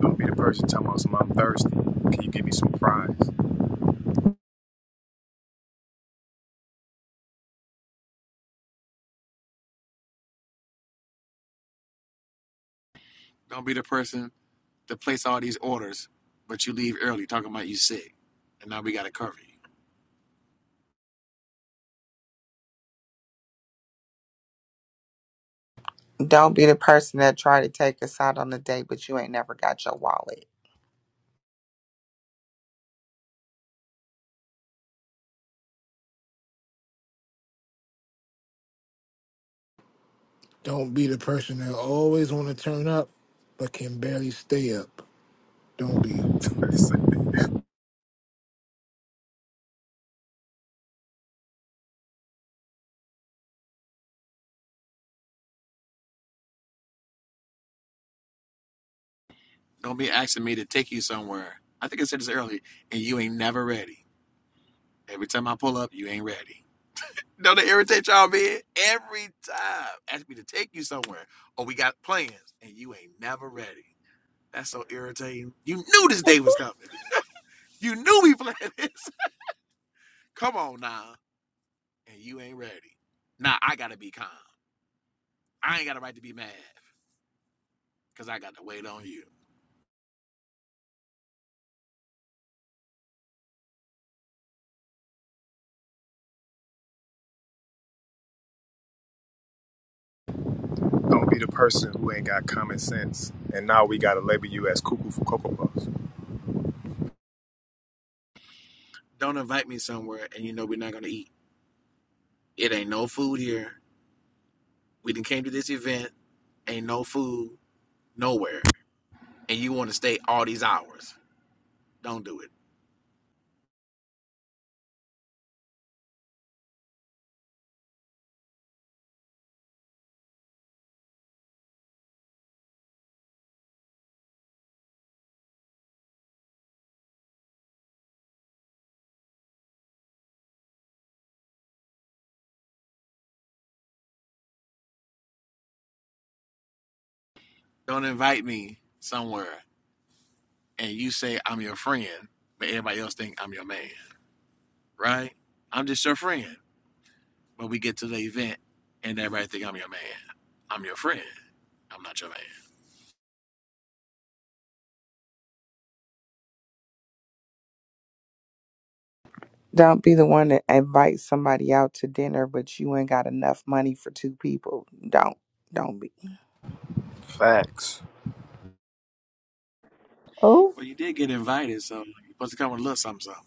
Don't be the person talking about some I'm thirsty. Can you give me some fries? Don't be the person to place all these orders, but you leave early talking about you sick, and now we got to cover you. Don't be the person that tried to take us out on a date, but you ain't never got your wallet. Don't be the person that always want to turn up, but can barely stay up. Don't be. it. Listen, Don't be asking me to take you somewhere. I think I said this early, and you ain't never ready. Every time I pull up, you ain't ready. Don't it irritate y'all, man? Every time, ask me to take you somewhere, or we got plans, and you ain't never ready. That's so irritating. You knew this day was coming. You knew we planned this. Come on now, and you ain't ready. Now I gotta be calm. I ain't got a right to be mad because I got to wait on you. don't be the person who ain't got common sense and now we got to label you as cuckoo for cocoa puffs. Don't invite me somewhere and you know we're not gonna eat. It ain't no food here. We done came to this event. Ain't no food nowhere, and you want to stay all these hours. Don't do it. Don't invite me somewhere and you say I'm your friend, but everybody else think I'm your man, right? I'm just your friend. But we get to the event and everybody think I'm your man. I'm your friend. I'm not your man. Don't be the one that invites somebody out to dinner, but you ain't got enough money for two people. Don't, don't be, Facts. Oh Well, you did get invited, so you're supposed to come with a little something. something.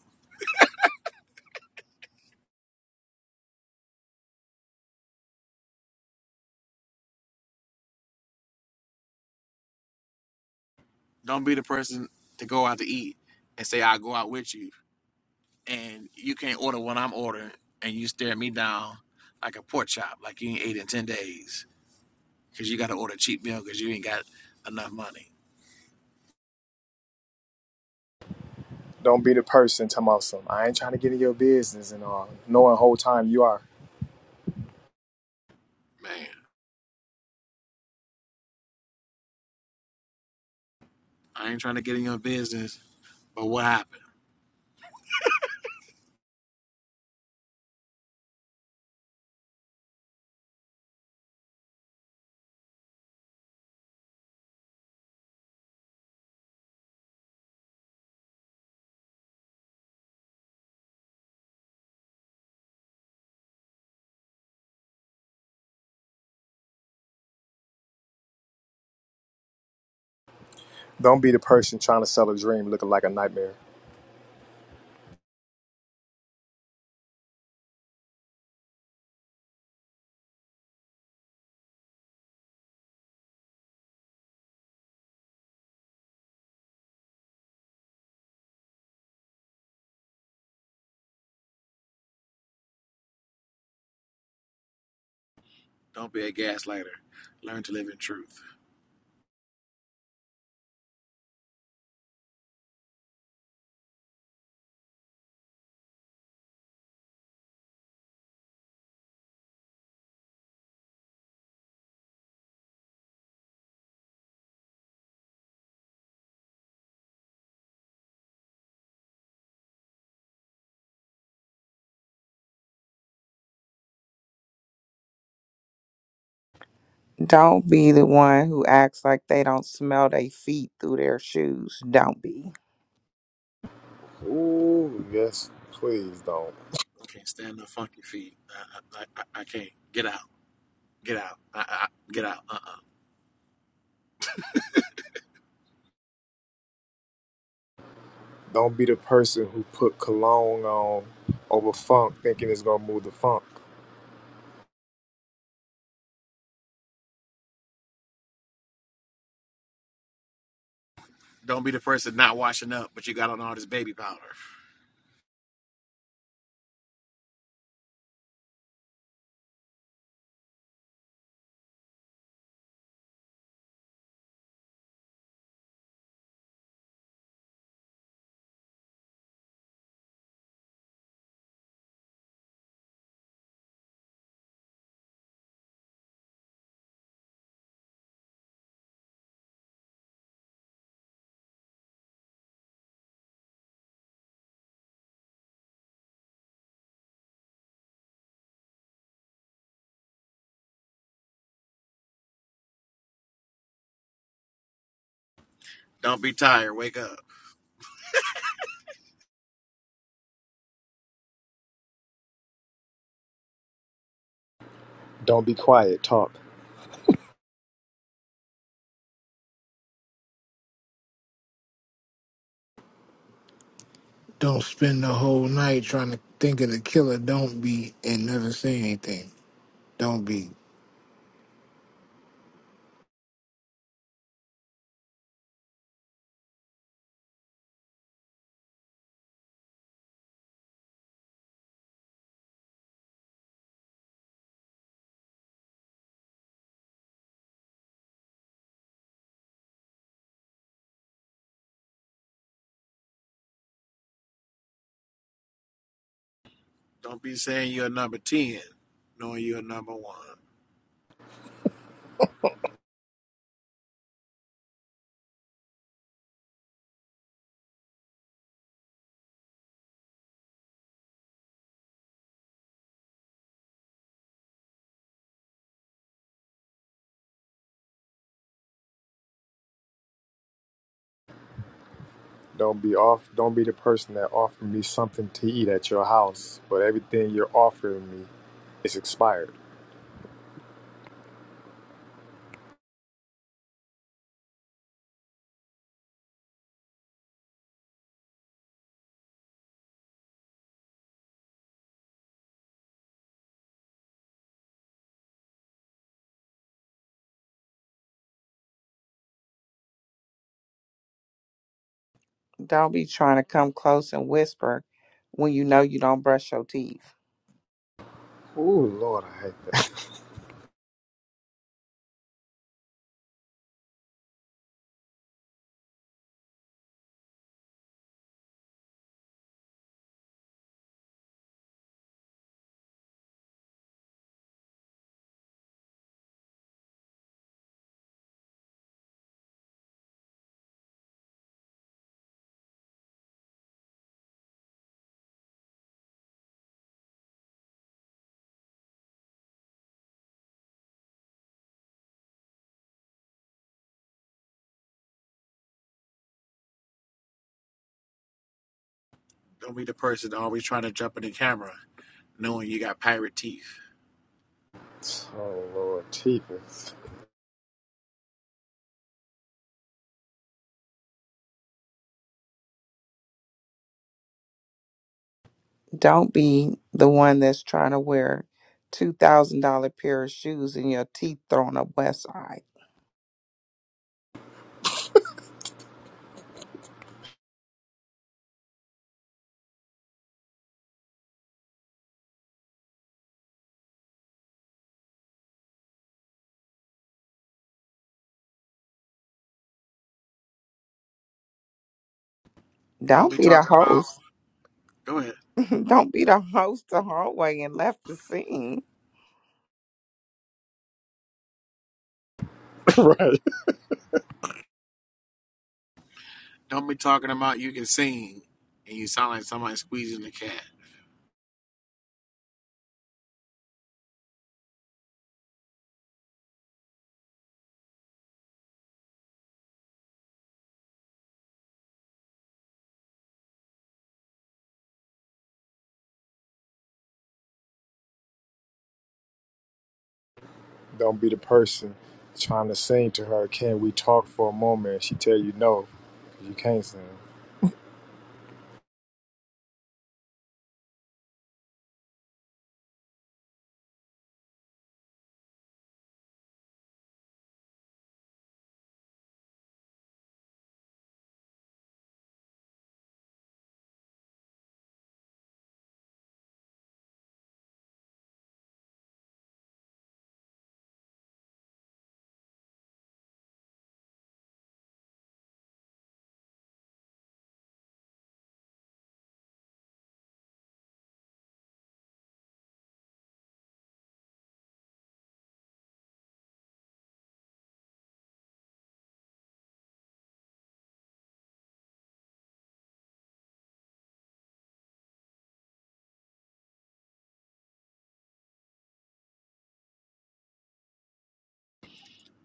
Don't be the person to go out to eat and say I'll go out with you, and you can't order what I'm ordering, and you stare me down like a pork chop, like you ain't ate in ten days, because you got to order a cheap meal because you ain't got enough money. Don't be the person talking about some. I ain't trying to get in your business and all. Knowing the whole time you are. Man, I ain't trying to get in your business, but what happened? Don't be the person trying to sell a dream looking like a nightmare. Don't be a gaslighter. Learn to live in truth. don't be the one who acts like they don't smell their feet through their shoes. Don't be, Ooh, yes, please don't. I can't stand the funky feet. I, I, I, I can't. Get out. Get out. I, I- get out. Uh-uh. Don't be the person who put cologne on over funk thinking it's gonna move the funk. Don't be the person not washing up, but you got on all this baby powder. Don't be tired. Wake up. Don't be quiet, talk. Don't spend the whole night trying to think of the killer. Don't be and never say anything. Don't be. Don't be saying you're number 10, knowing you're number one. Don't be off don't be the person that offered me something to eat at your house, but everything you're offering me is expired. don't be trying to come close and whisper when you know you don't brush your teeth. Ooh Lord, I hate that. Don't be the person always trying to jump in the camera, knowing you got pirate teeth. oh Lord, teeth. Don't be the one that's trying to wear two thousand dollar pair of shoes and your teeth thrown up west side. Don't Don't be be the talking about, host. go ahead. Don't be the host the hallway and left the scene. right. Don't be talking about you can sing and you sound like somebody squeezing the cat. Don't be the person trying to sing to her, can we talk for a moment? And she tell you no, 'cause you can't sing.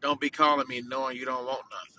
Don't be calling me knowing you don't want nothing.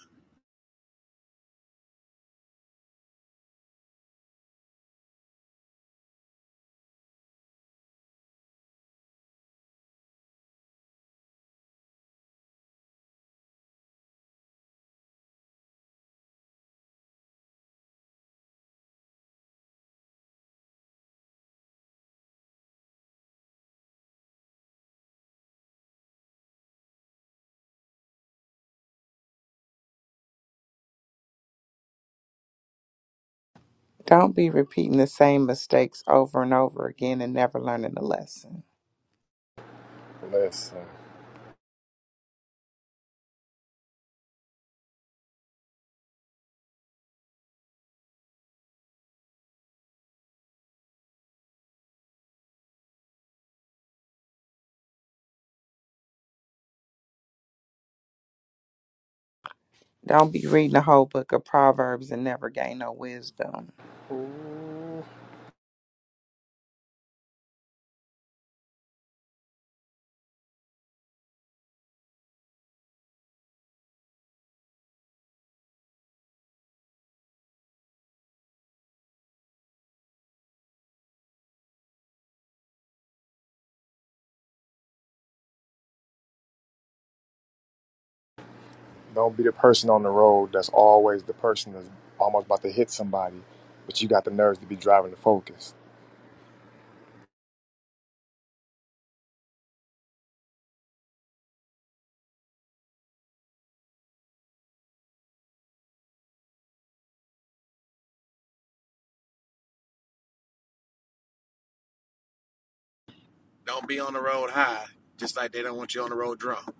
Don't be repeating the same mistakes over and over again and never learning the lesson. Listen. Don't be reading a whole book of proverbs and never gain no wisdom. Ooh. Don't be the person on the road that's always the person that's almost about to hit somebody, but you got the nerves to be driving the Focus. Don't be on the road high, just like they don't want you on the road drunk.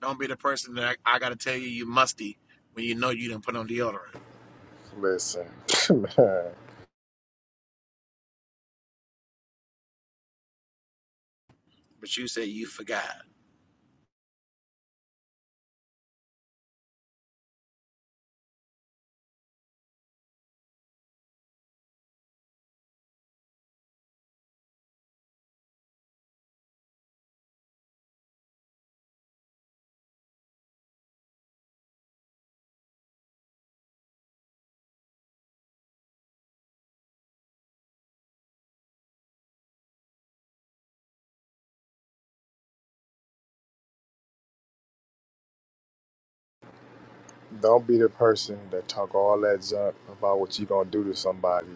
Don't be the person that I, I got to tell you you musty when you know you didn't put on deodorant, Listen, man, but you say you forgot. don't be the person that talk all that junk about what you gonna do to somebody,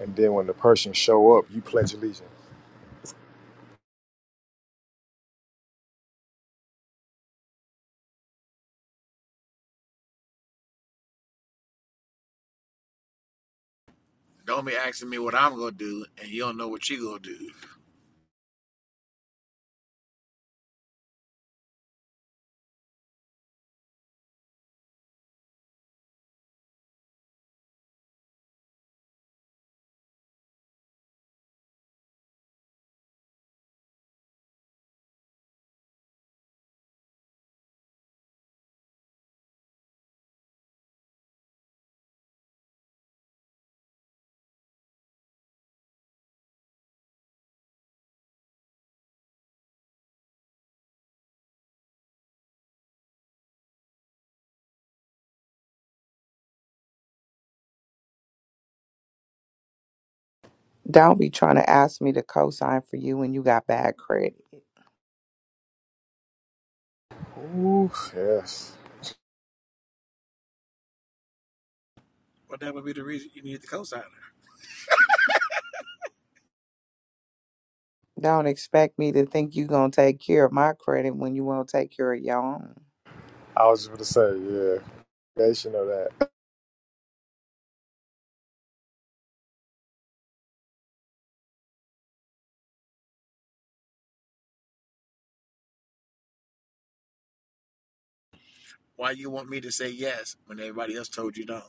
and then when the person show up, you pledge allegiance. Don't be asking me what I'm gonna do, and you don't know what you are gonna do. Don't be trying to ask me to co-sign for you when you got bad credit. Ooh, yes. Well, that would be the reason you need the cosigner. Don't expect me to think you gonna take care of my credit when you won't take care of your own. I was just gonna say, yeah, nation of that. Why you want me to say yes when everybody else told you no?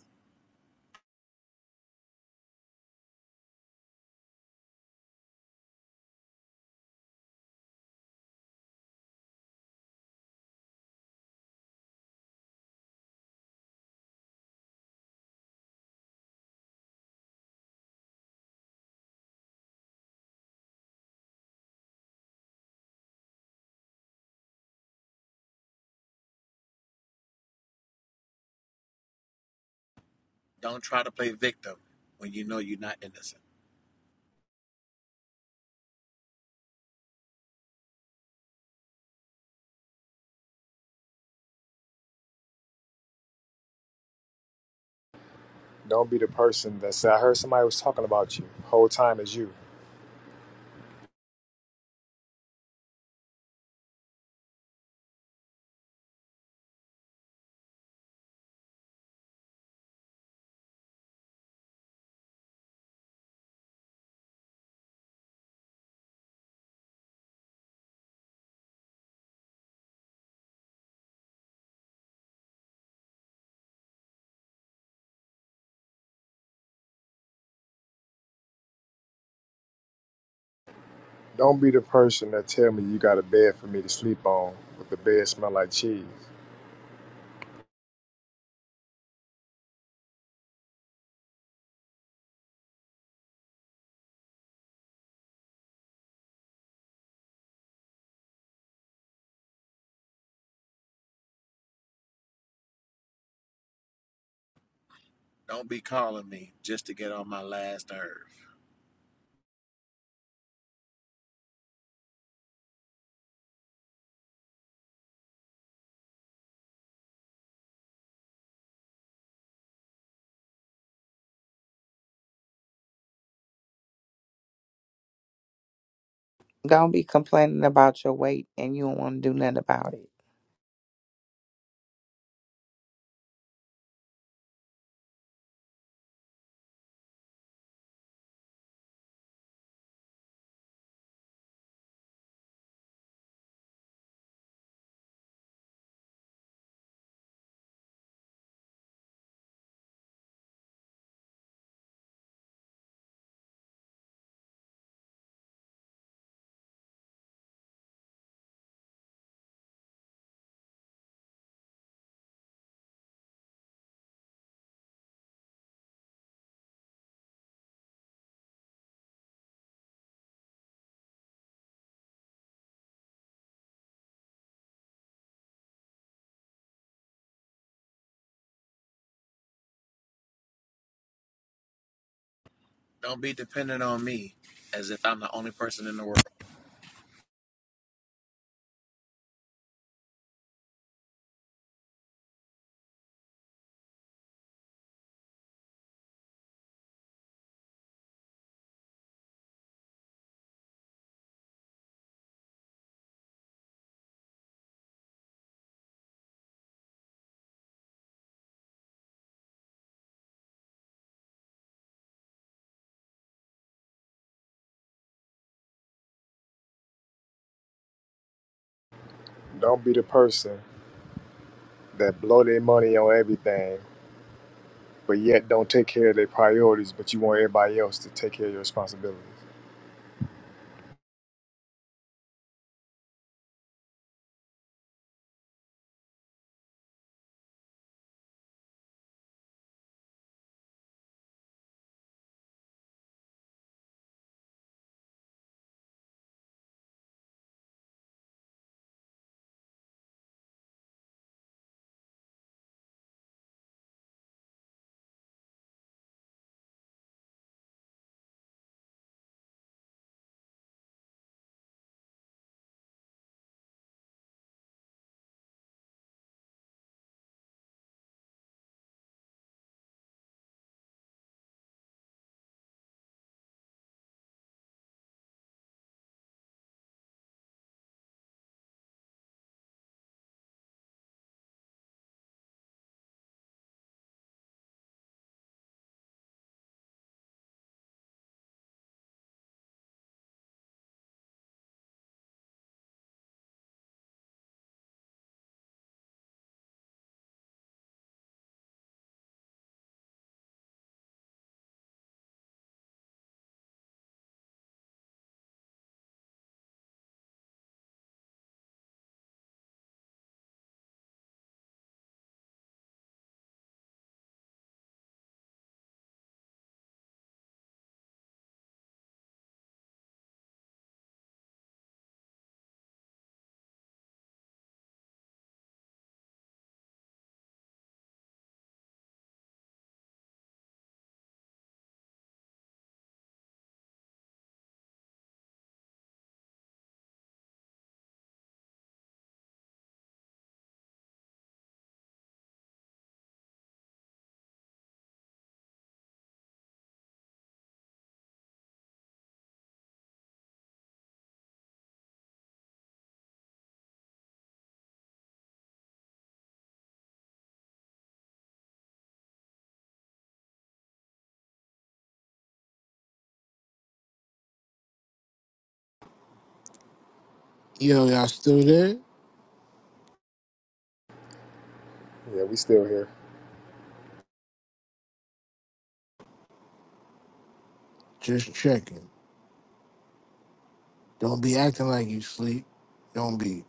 Don't try to play victim when you know you're not innocent. Don't be the person that said, I heard somebody was talking about you. Whole time is you. Don't be the person that tell me you got a bed for me to sleep on, but the bed smell like cheese. Don't be calling me just to get on my last nerve. Don't be complaining about your weight and you don't want to do nothing about it. Don't be dependent on me as if I'm the only person in the world. Don't be the person that blow their money on everything, but yet don't take care of their priorities, but you want everybody else to take care of your responsibilities. Yo, y'all still there? Yeah, we still here. Just checking. Don't be acting like you sleep. Don't be.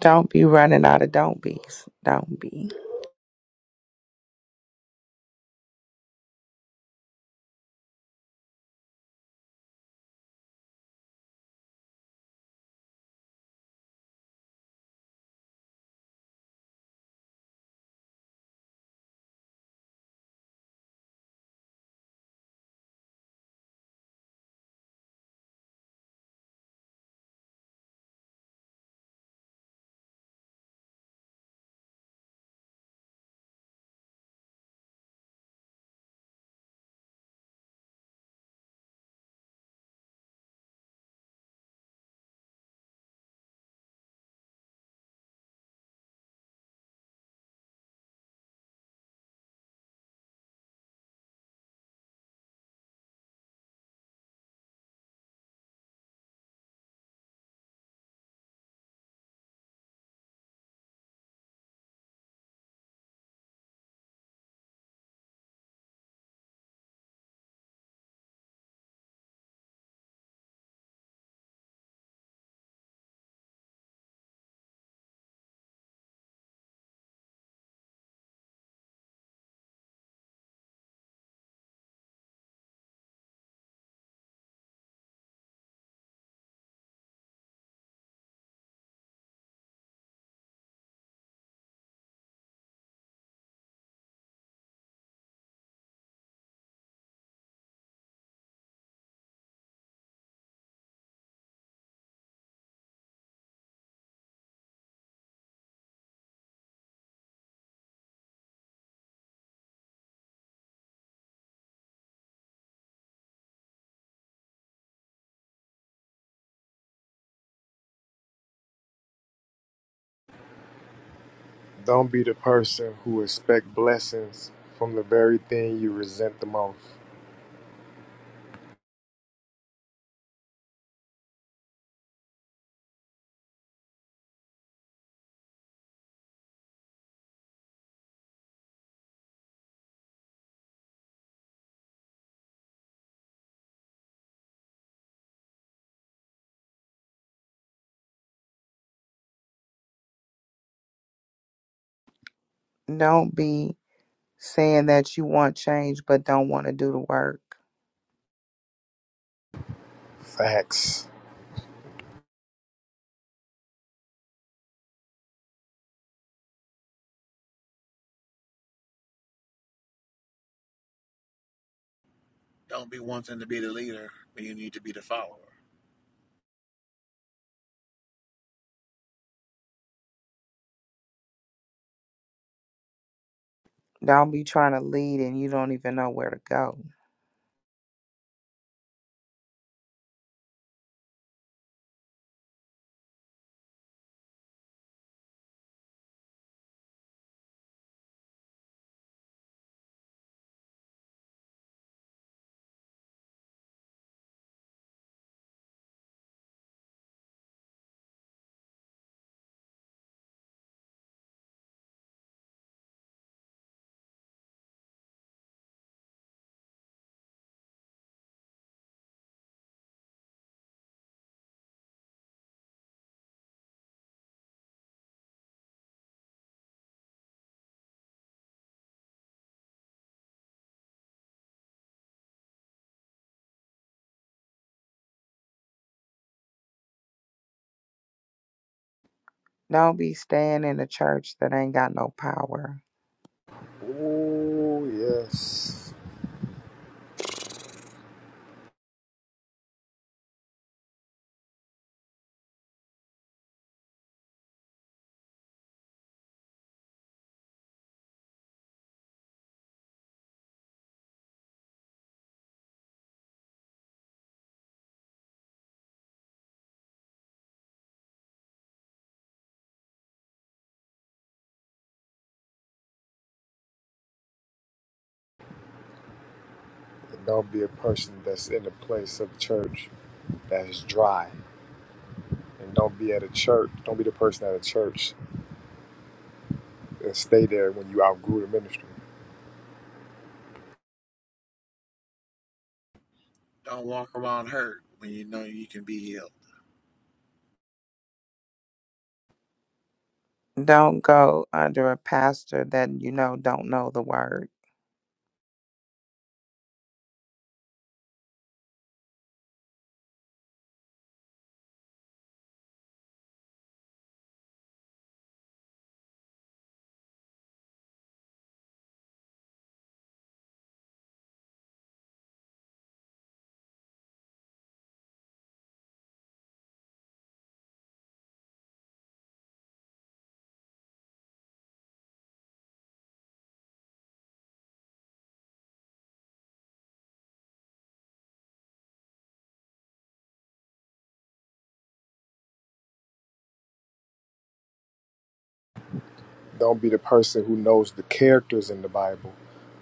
Don't be running out of don't be's. Don't be. Don't be the person who expect blessings from the very thing you resent the most. Don't be saying that you want change but don't want to do the work. Facts. Don't be wanting to be the leader when you need to be the follower. Don't be trying to lead and you don't even know where to go. Don't be staying in a church that ain't got no power. Ooh, yes. And don't be a person that's in a place of church that's dry. And don't be at a church, don't be the person at a church and stay there when you outgrew the ministry. Don't walk around hurt when you know you can be healed. Don't go under a pastor that you know don't know the word. Don't be the person who knows the characters in the Bible,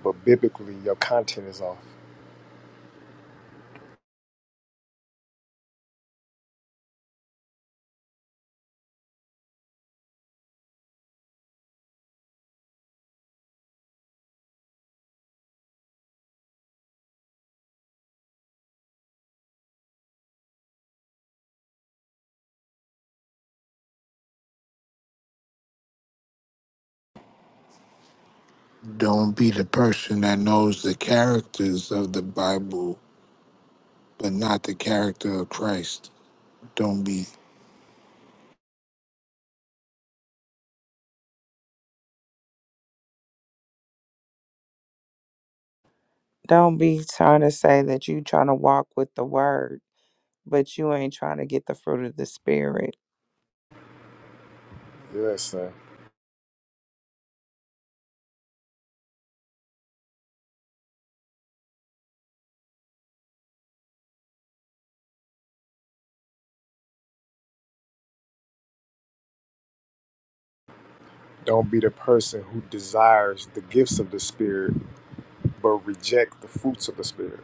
but biblically your content is off. Don't be the person that knows the characters of the Bible, but not the character of Christ. Don't be. Don't be trying to say that you trying to walk with the word, but you ain't trying to get the fruit of the spirit. Listen, don't be the person who desires the gifts of the Spirit, but reject the fruits of the Spirit.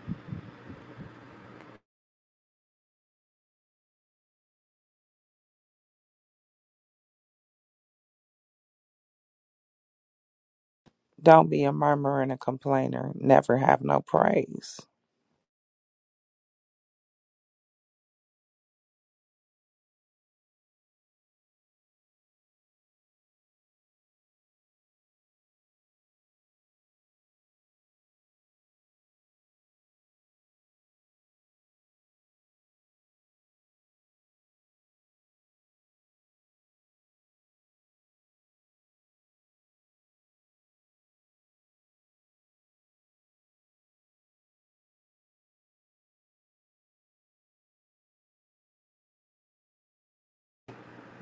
Don't be a murmurer and a complainer. Never have no praise.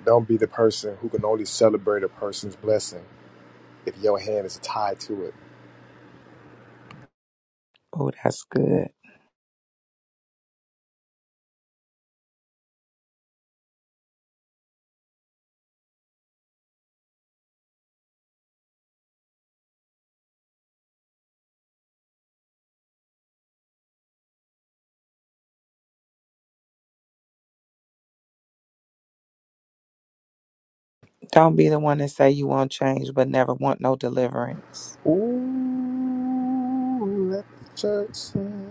Don't be the person who can only celebrate a person's blessing if your hand is tied to it Oh, that's good. Don't be the one that say you want change but never want no deliverance. Ooh, let the church sing.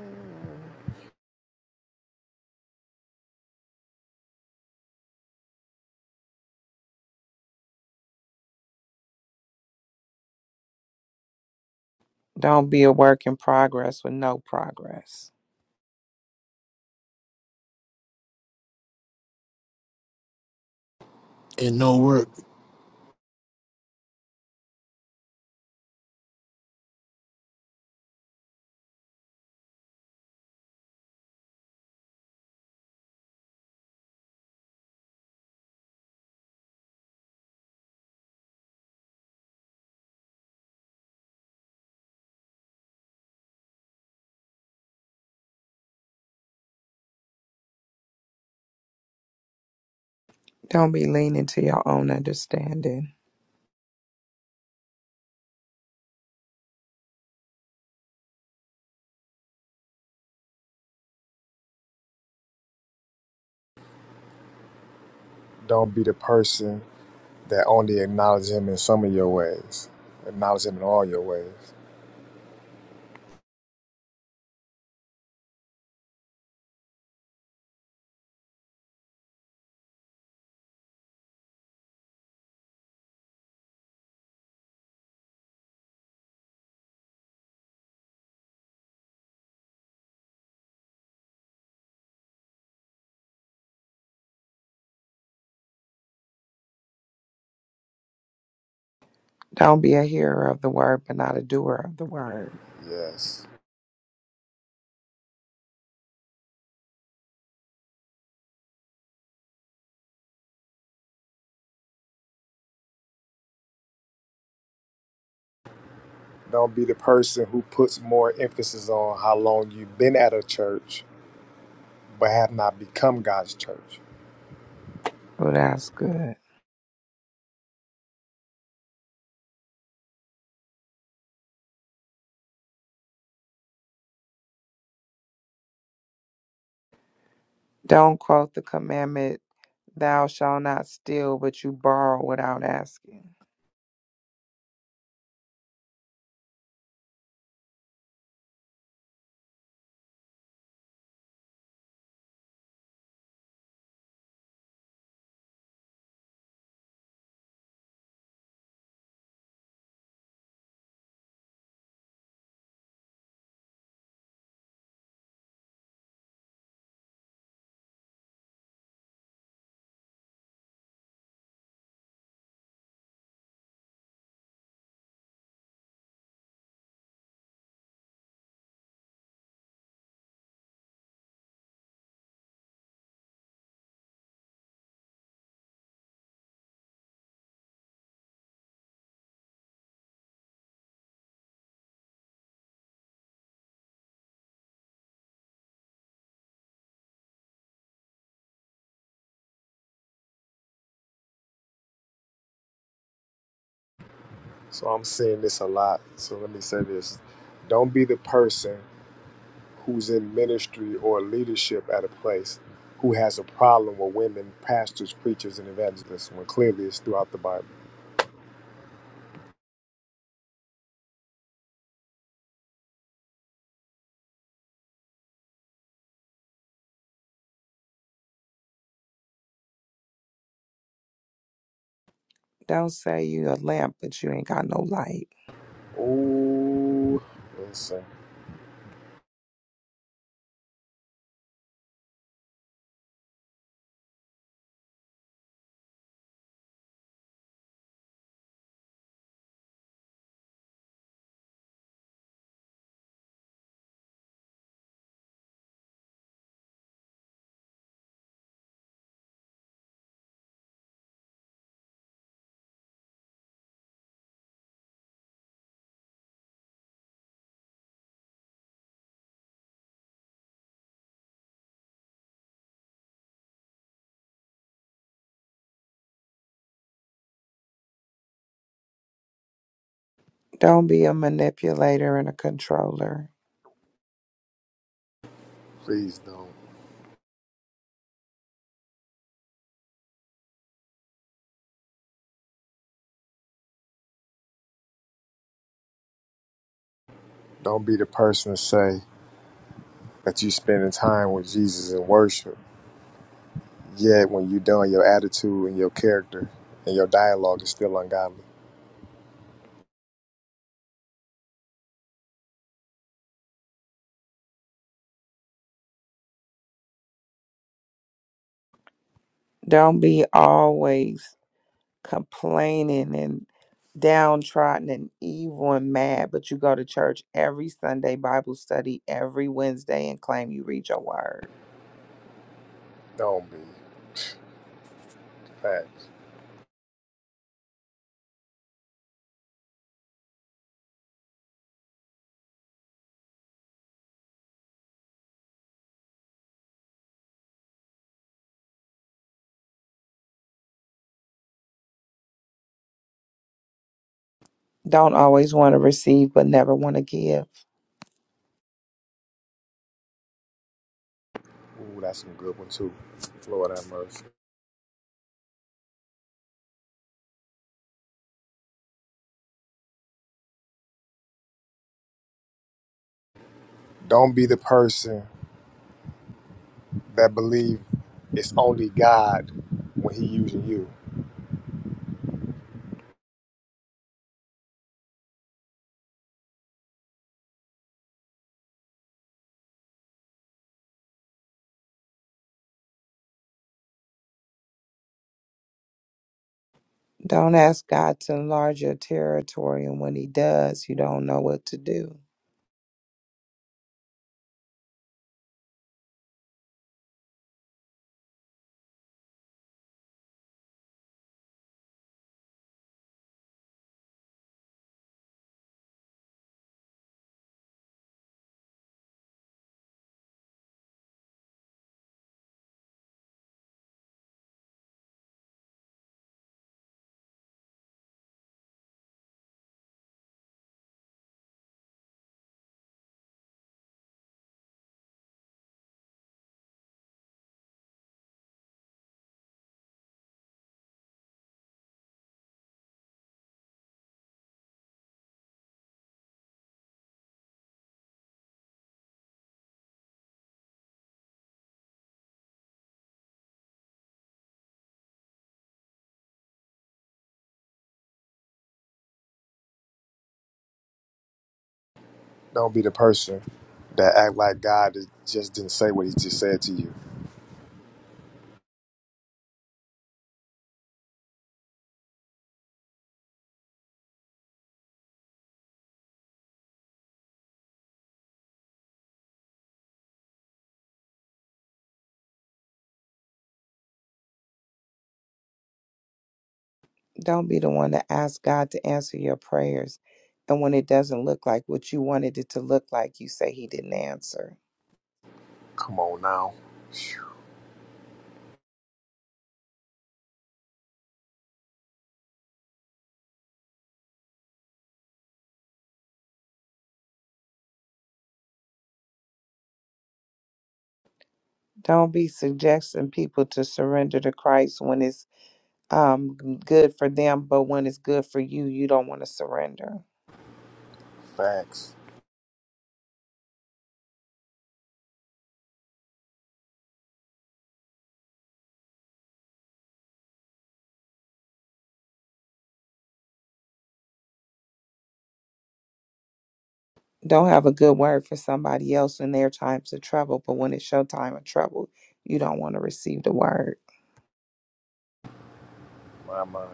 Don't be a work in progress with no progress. And no work. Don't be leaning to your own understanding. Don't be the person that only acknowledges him in some of your ways. Acknowledge him in all your ways. Don't be a hearer of the word but not a doer of the word. Yes. Don't be the person who puts more emphasis on how long you've been at a church but have not become God's church. Oh, that's good. Don't quote the commandment, thou shalt not steal, but you borrow without asking. So I'm seeing this a lot. So let me say this. Don't be the person who's in ministry or leadership at a place who has a problem with women, pastors, preachers, and evangelists, when clearly it's throughout the Bible. Don't say you a lamp, but you ain't got no light. Oh, listen, Don't be a manipulator and a controller. please don't. Don't be the person to say that you spending time with Jesus in worship, yet when you're done, your attitude and your character and your dialogue is still ungodly. Don't be always complaining and downtrodden and evil and mad, but you go to church every Sunday, Bible study every Wednesday, and claim you read your word. Don't be. Facts. Don't always want to receive but never want to give. Ooh, that's a good one too. Lord have mercy. Don't be the person that believe it's only God when He using you. Don't ask God to enlarge your territory, and when He does, you don't know what to do. Don't be the person that act like God is- just didn't say what He just said to you. Don't be the one to ask God to answer your prayers, and when it doesn't look like what you wanted it to look like, you say He didn't answer. Come on now, Phew, Don't be suggesting people to surrender to Christ when it's um, good for them, but when it's good for you, you don't want to surrender. facts. don't have a good word for somebody else in their times of trouble, but when it's your time of trouble, you don't want to receive the word. My mind.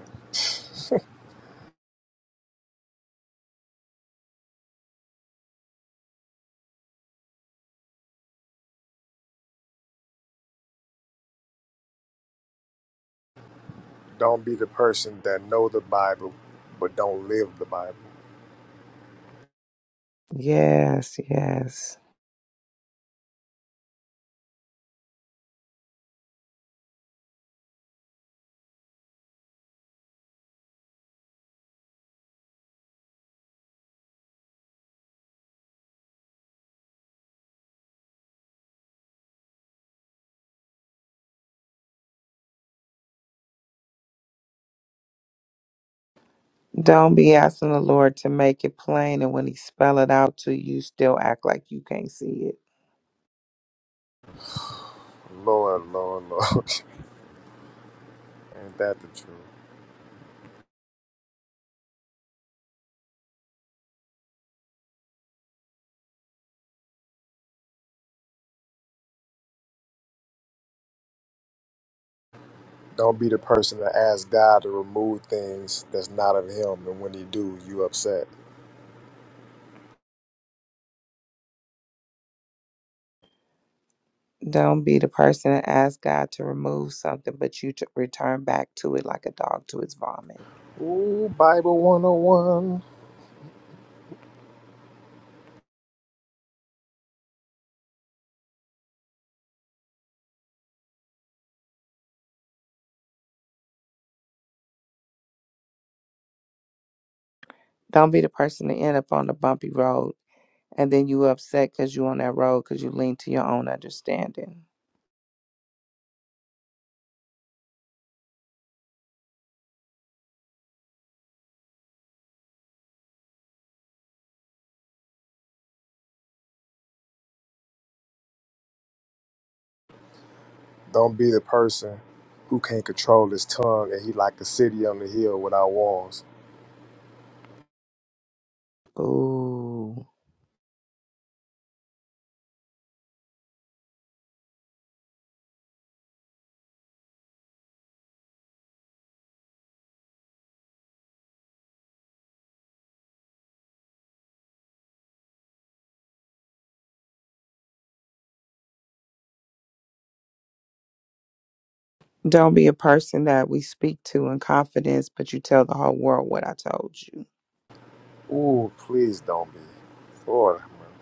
Don't be the person that know the Bible but don't live the Bible. Yes, yes. Don't be asking the Lord to make it plain, and when He spell it out to you, still act like you can't see it. Lord, Lord, Lord, ain't that the truth? Don't be the person that asks God to remove things that's not of Him, and when He do, you upset. Don't be the person that asks God to remove something, but you to return back to it like a dog to its vomit. Ooh, Bible 101. Don't be the person to end up on the bumpy road, and then you upset because you on that road because you lean to your own understanding. Don't be the person who can't control his tongue and he like a city on the hill without walls. Ooh. Don't be a person that we speak to in confidence, but you tell the whole world what I told you. Ooh, please don't be. Lord, man.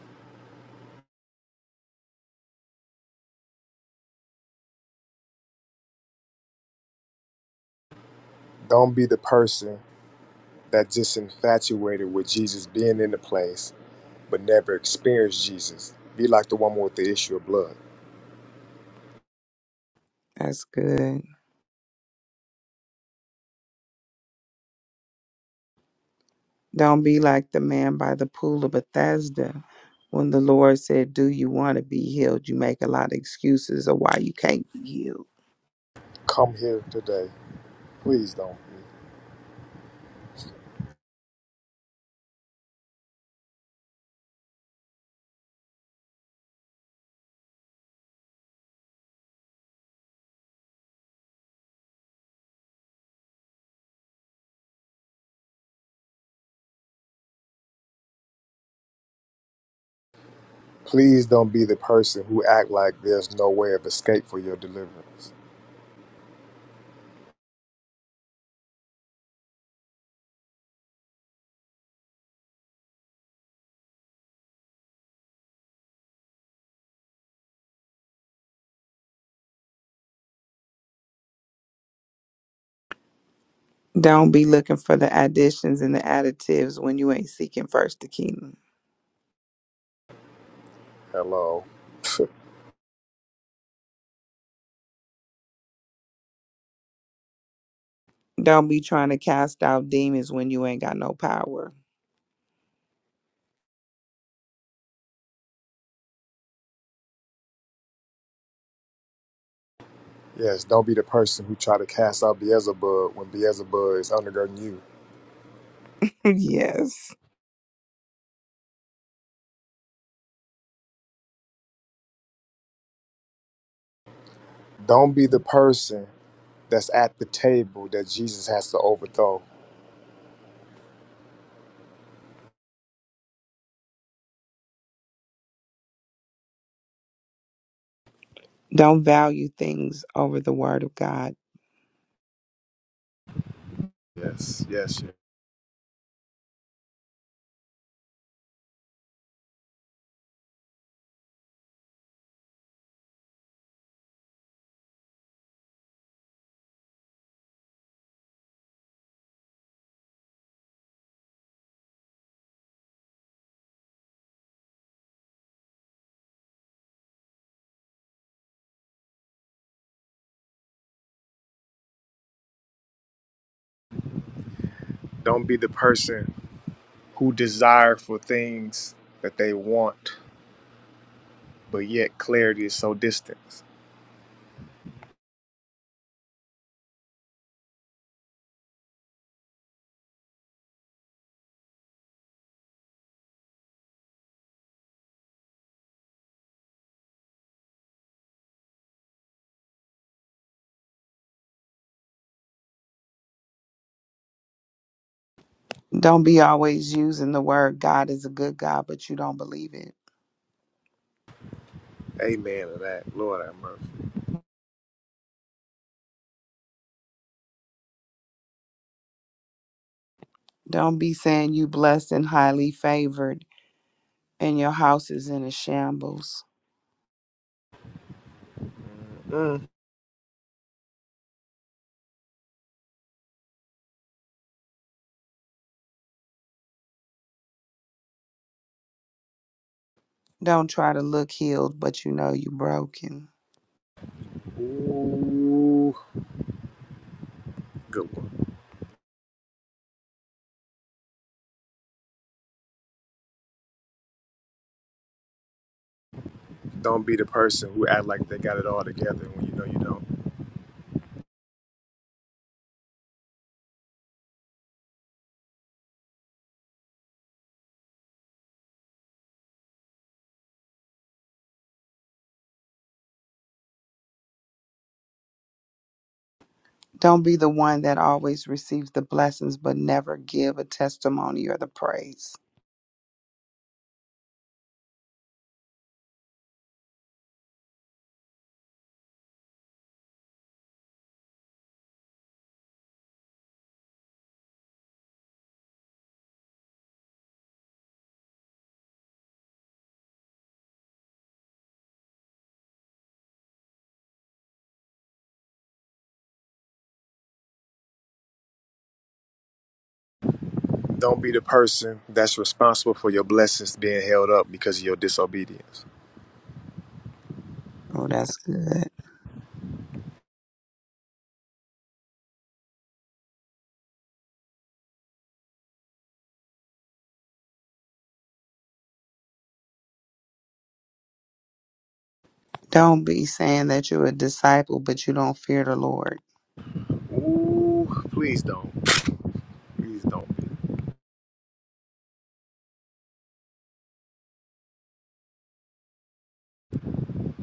don't be the person that just infatuated with Jesus being in the place but never experienced Jesus. Be like the woman with the issue of blood. That's good. Don't be like the man by the pool of Bethesda. When the Lord said, Do you want to be healed? You make a lot of excuses of why you can't be healed. Come here today. Please don't be. Please don't be the person who act like there's no way of escape for your deliverance. Don't be looking for the additions and the additives when you ain't seeking first the kingdom. Hello. Don't be trying to cast out demons when you ain't got no power. Yes, don't be the person who try to cast out Beelzebub when Beelzebub is undergirding you. yes. Don't be the person that's at the table that Jesus has to overthrow. Don't value things over the word of God. Yes, yes. yes. Don't be the person who desire for things that they want, but yet clarity is so distant. Don't be always using the word God is a good God, but you don't believe it. Amen to that. Lord have mercy. Don't be saying you blessed and highly favored and your house is in a shambles. Mm. Don't try to look healed, but you know you broken. Ooh, good one. Don't be the person who act like they got it all together when you know you don't. Don't be the one that always receives the blessings but never give a testimony or the praise. Don't be the person that's responsible for your blessings being held up because of your disobedience. Oh, that's good. Don't be saying that you're a disciple, but you don't fear the Lord. Ooh, please don't. Please don't be.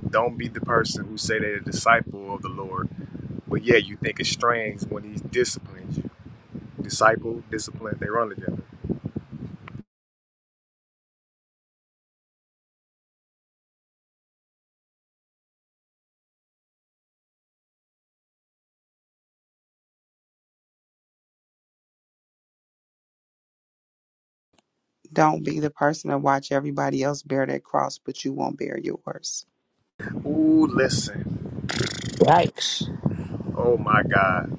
Don't be the person who say they're a disciple of the Lord, but yeah, you think it's strange when He disciplines you. Disciple, discipline, they run together. Don't be the person to watch everybody else bear their cross, but you won't bear yours. Ooh, listen. Yikes. Oh my God.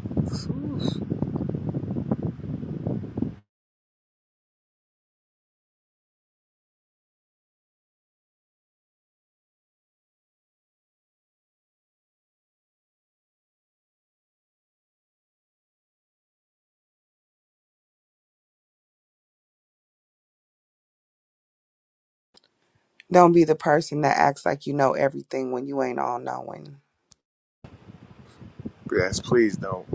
Don't be the person that acts like you know everything when you ain't all knowing. Yes, please don't.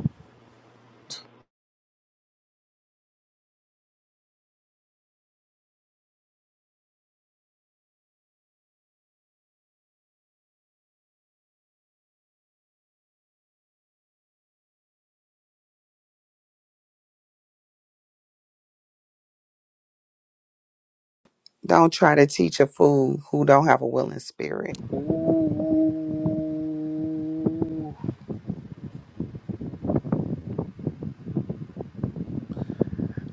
Don't try to teach a fool who don't have a willing spirit. Ooh.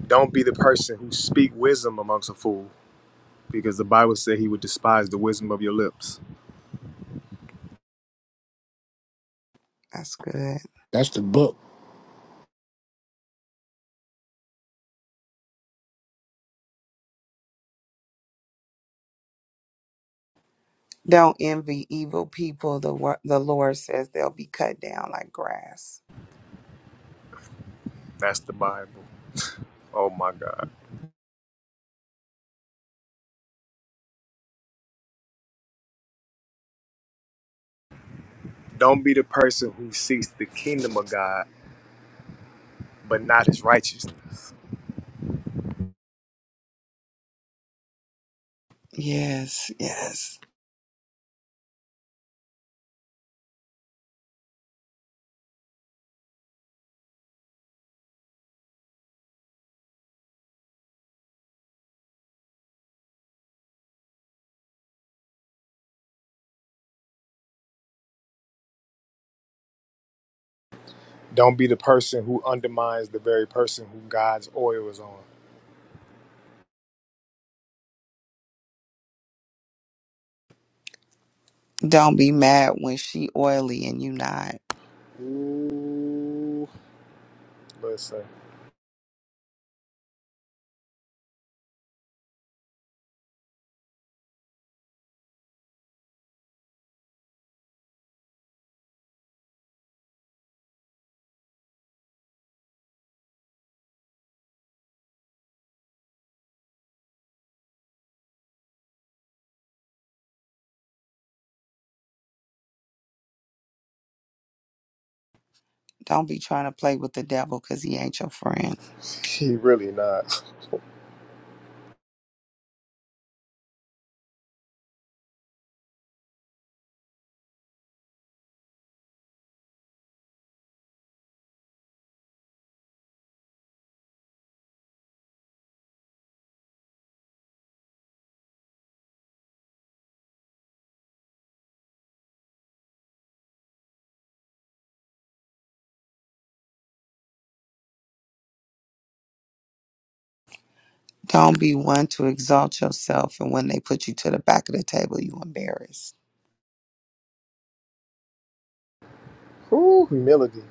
Don't be the person who speak wisdom amongst a fool, because the Bible said he would despise the wisdom of your lips. That's good. That's the book. Don't envy evil people. The wo- the Lord says they'll be cut down like grass. That's the Bible. Oh my God. Don't be the person who seeks the kingdom of God, but not his righteousness. Yes, yes. Don't be the person who undermines the very person who God's oil is on. Don't be mad when she oily and you not. Ooh, listen, Don't be trying to play with the devil because he ain't your friend. he really not. Don't be one to exalt yourself and when they put you to the back of the table, you embarrassed. Ooh, humility.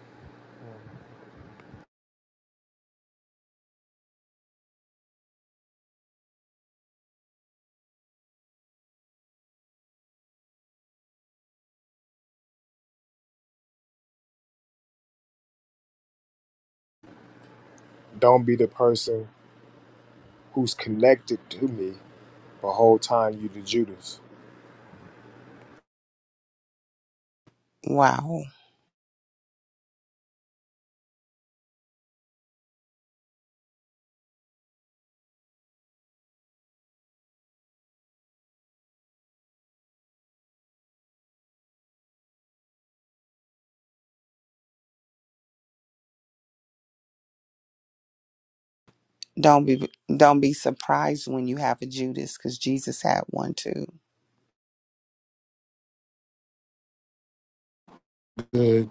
Don't be the person who's connected to me the whole time you the Judas. Wow. Don't be don't be surprised when you have a Judas because Jesus had one too. Good.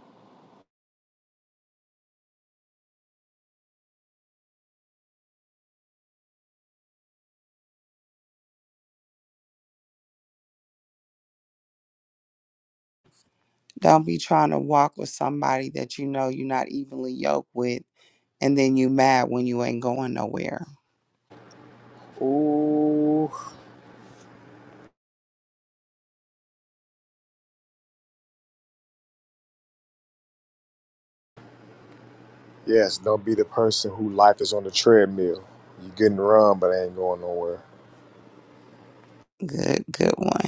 Don't be trying to walk with somebody that you know you're not evenly yoked with and then you mad when you ain't going nowhere. Ooh, Yes, don't be the person who life is on the treadmill. You getting run, but it ain't going nowhere. Good, good one.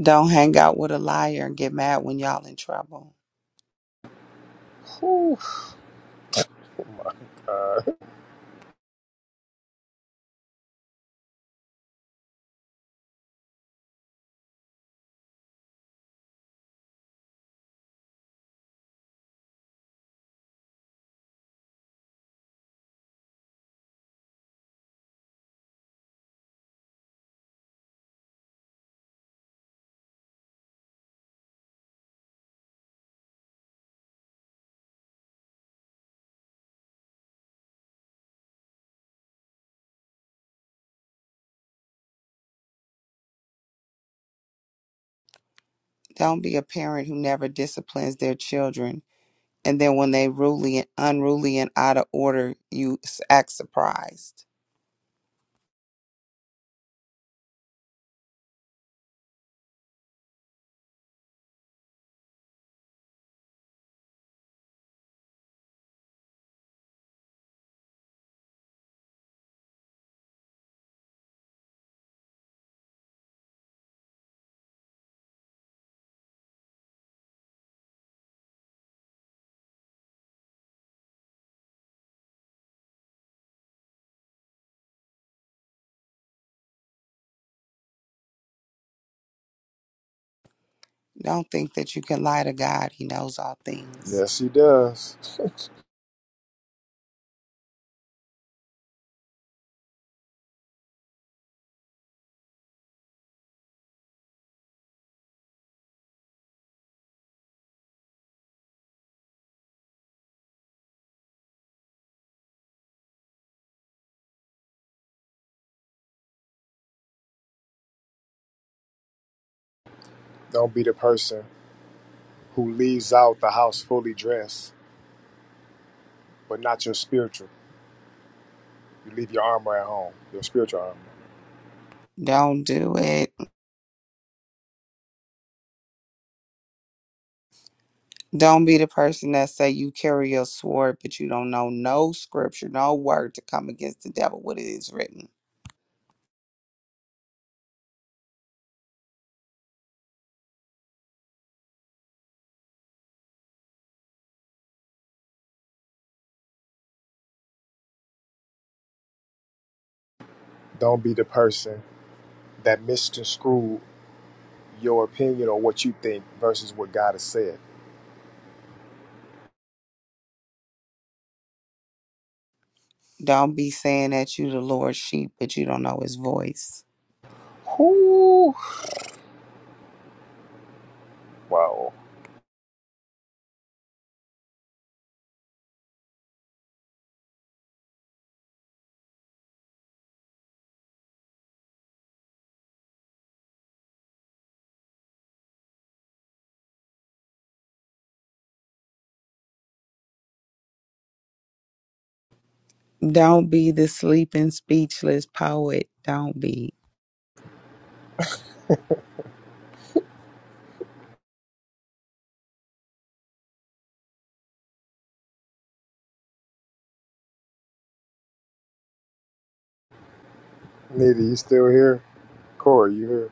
Don't hang out with a liar and get mad when y'all in trouble. Whew. Don't be a parent who never disciplines their children. And then when they ruly and unruly and out of order, you s- act surprised. Don't think that you can lie to God. He knows all things. Yes, he does. don't be the person who leaves out the house fully dressed, but not your spiritual. You leave your armor at home, your spiritual armor. Don't do it. Don't be the person that say you carry a sword, but you don't know no scripture, no word to come against the devil, what it is written. Don't be the person that misconstrued your opinion or what you think versus what God has said. Don't be saying that you the Lord's sheep, but you don't know his voice Whew. Wow. Don't be the sleeping, speechless poet. Don't be. Nitty, you still here? Corey, you here?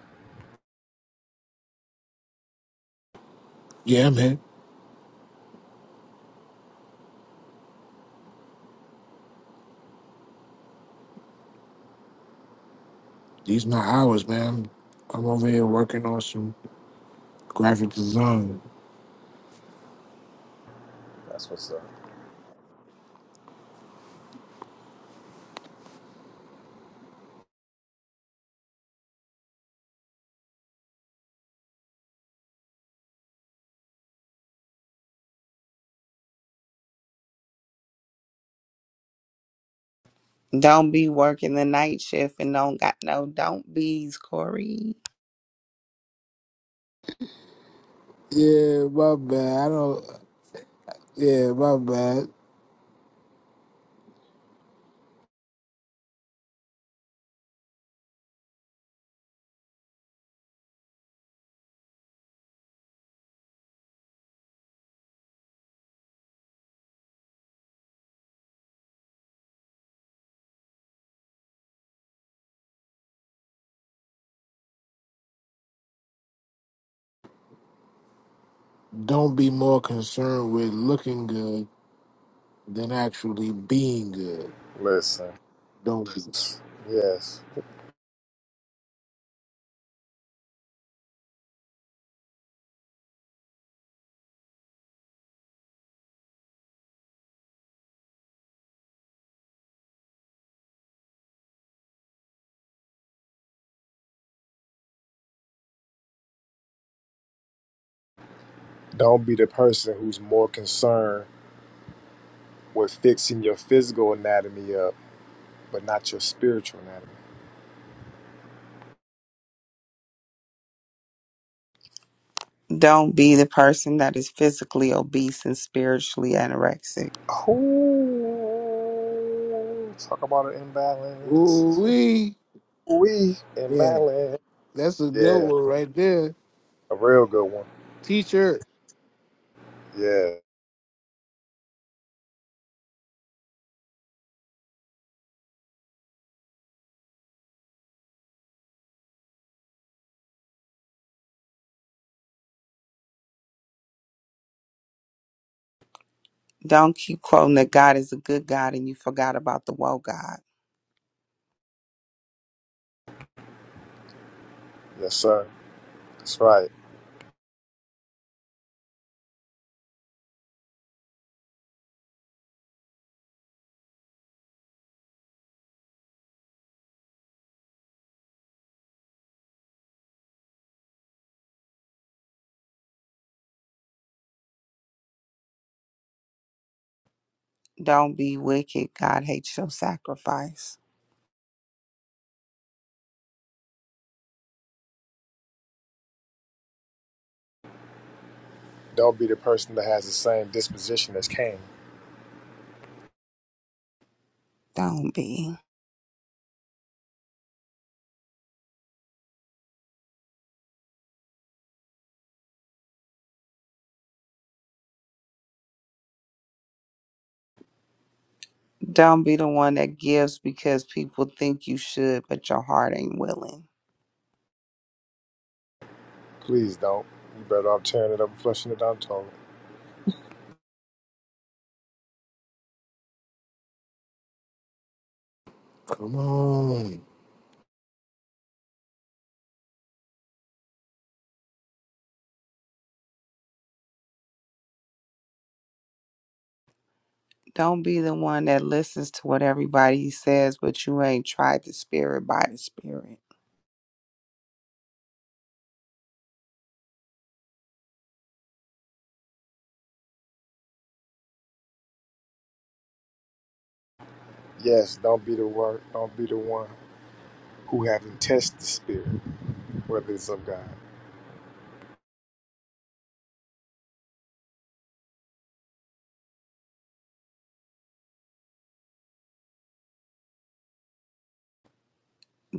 Yeah, I'm here. These my hours, man. I'm over here working on some graphic design. That's what's up. Don't be working the night shift and don't got no don't be's, Corey. Yeah, my bad. I don't. Yeah, my bad. Don't be more concerned with looking good than actually being good. Listen, Don't be. yes. Don't be the person who's more concerned with fixing your physical anatomy up, but not your spiritual anatomy. Don't be the person that is physically obese and spiritually anorexic. Oh, talk about an Ooh imbalance. wee. We Yeah, imbalance. that's a good Yeah, one right there. a real good one. T-shirt. Yeah, Don't keep quoting that God is a good God and you forgot about the woe God. yes, sir. That's right. Don't be wicked. God hates your sacrifice. Don't be the person that has the same disposition as Cain. Don't be. Don't be the one that gives because people think you should, but your heart ain't willing. Please don't. You better off tearing it up and flushing it down the toilet. Come on. Don't be the one that listens to what everybody says, but you ain't tried the spirit by the spirit. Yes, don't be the one. Don't be the one who haven't tested the spirit, whether it's of God.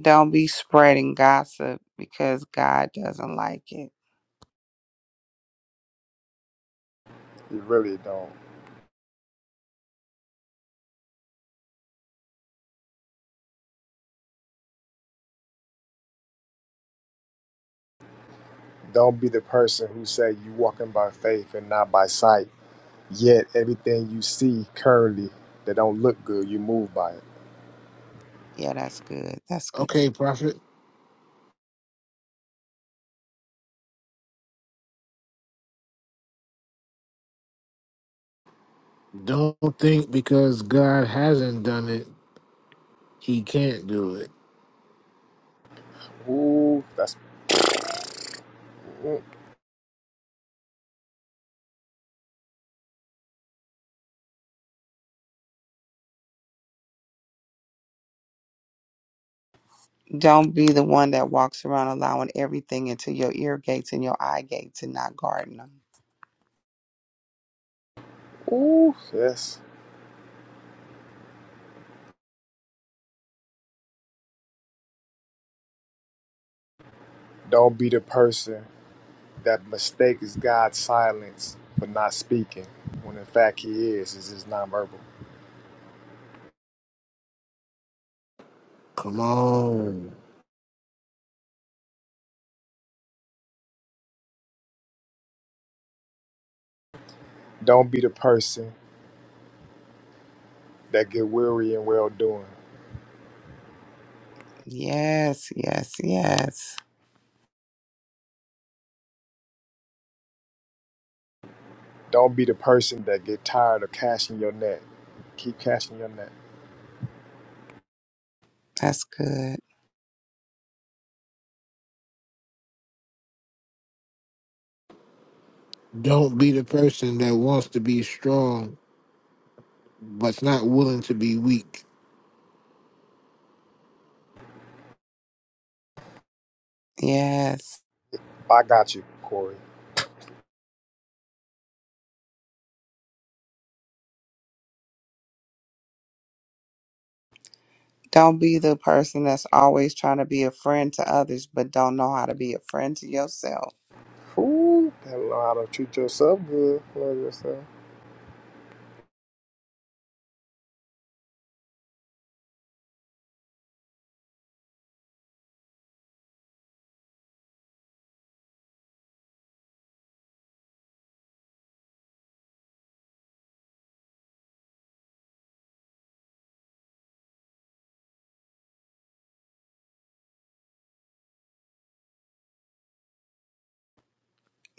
Don't be spreading gossip because God doesn't like it. You really don't. Don't be the person who say you walking by faith and not by sight. Yet everything you see currently that don't look good, you move by it. Yeah, that's good. That's good. Okay, prophet. Don't think because God hasn't done it, He can't do it. Ooh, that's mm, Don't be the one that walks around allowing everything into your ear gates and your eye gates and not guarding them. ooh, yes. Don't be the person that mistakes God's silence for not speaking, when in fact He is. It's just nonverbal. Come on. Don't be the person that get weary in well doing. Yes, yes, yes. Don't be the person that get tired of cashing your net. Keep cashing your net. That's good. Don't be the person that wants to be strong but's not willing to be weak. Yes. I got you, Corey. Don't be the person that's always trying to be a friend to others, but don't know how to be a friend to yourself. Ooh, gotta know how to treat yourself good. Love yourself.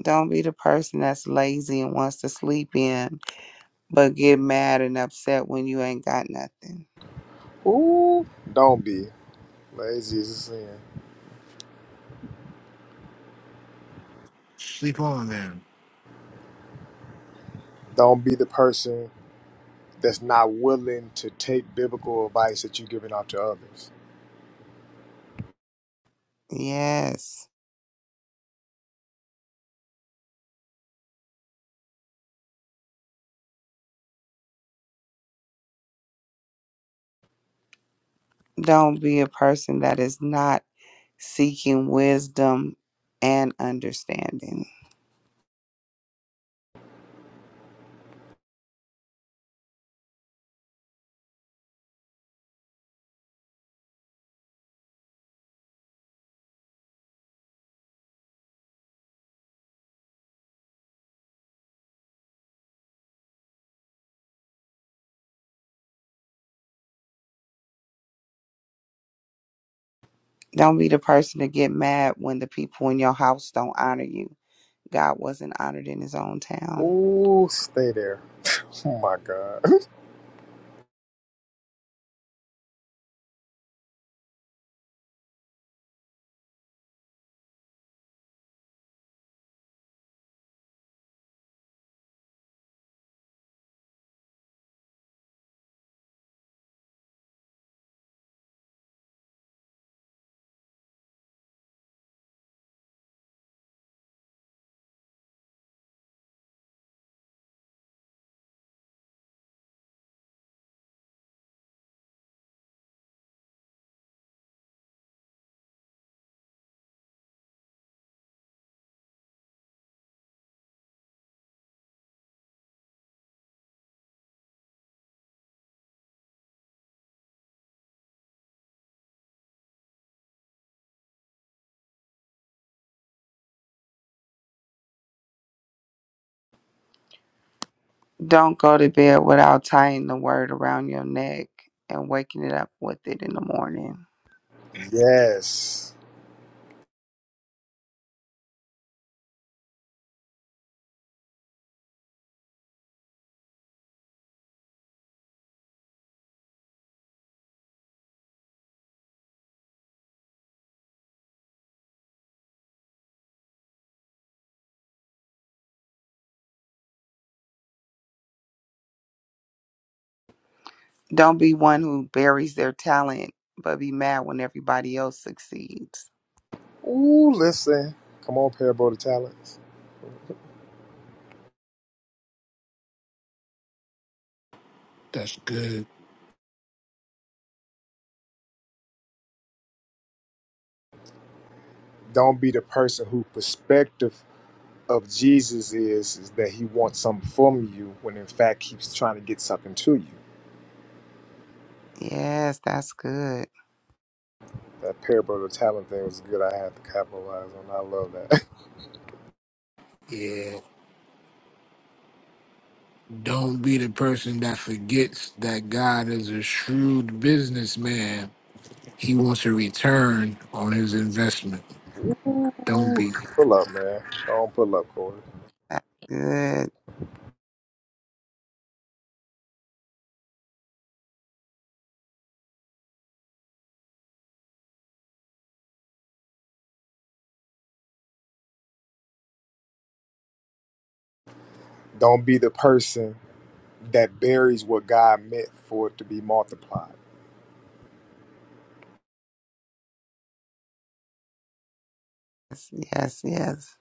Don't be the person that's lazy and wants to sleep in, but get mad and upset when you ain't got nothing. Ooh, don't be lazy is a sin. Sleep on them. Don't be the person that's not willing to take biblical advice that you're giving out to others. Yes. Don't be a person that is not seeking wisdom and understanding. Don't be the person to get mad when the people in your house don't honor you. God wasn't honored in his own town. Ooh, stay there. oh my God. Don't go to bed without tying the word around your neck and waking it up with it in the morning. Yes. Don't be one who buries their talent, but be mad when everybody else succeeds. Ooh, listen. Come on, parable of talents. That's good. Don't be the person who perspective of Jesus is, is that he wants something from you when in fact he's trying to get something to you. Yes, that's good. That parable of the talent thing was good. I had to capitalize on. I love that. Yeah. Don't be the person that forgets that God is a shrewd businessman. He wants a return on his investment. Don't be. pull up, man. Don't pull up, Corey. That's good. Don't be the person that buries what God meant for it to be multiplied. Yes, yes. yes.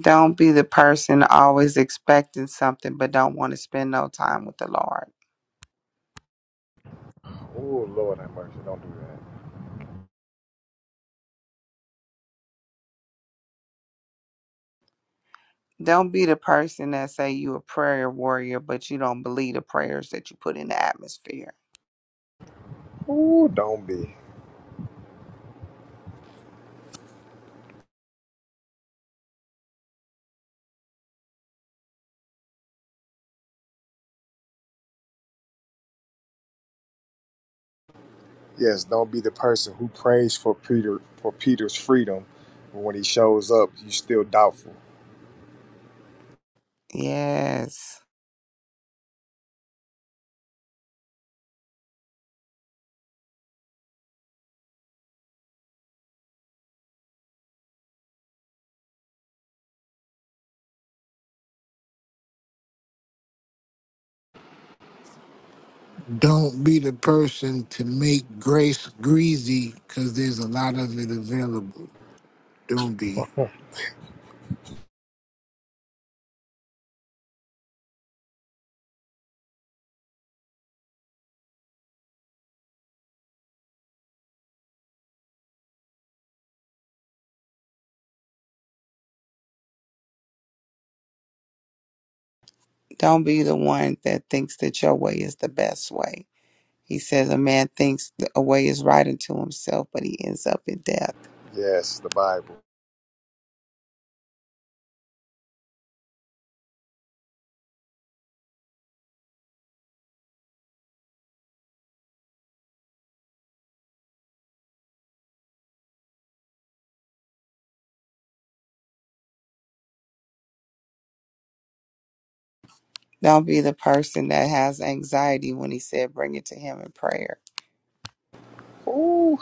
Don't be the person always expecting something but don't want to spend no time with the Lord. Oh, Lord have mercy. Don't do that. Don't be the person that say you a prayer warrior but you don't believe the prayers that you put in the atmosphere. Oh, don't be. Yes, don't be the person who prays for Peter for Peter's freedom, but when he shows up, you still doubtful. Yes. Don't be the person to make grace greasy because there's a lot of it available. Don't be. Huh. Don't be the one that thinks that your way is the best way. He says a man thinks th- a way is right unto himself, but he ends up in death. yes, the Bible. Don't be the person that has anxiety when he said, bring it to him in prayer. Ooh.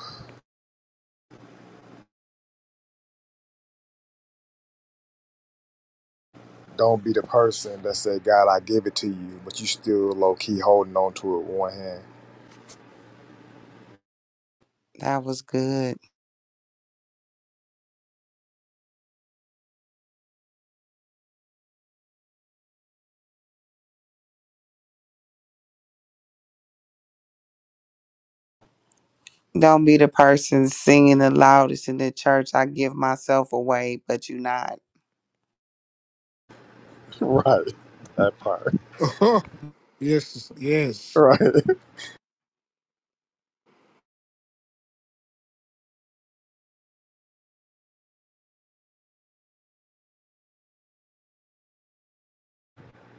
Don't be the person that say, God, I give it to you, but you still low key holding on to it with one hand. That was good. Don't be the person singing the loudest in the church, I give myself away, but you not. right. That part. yes, yes. Right.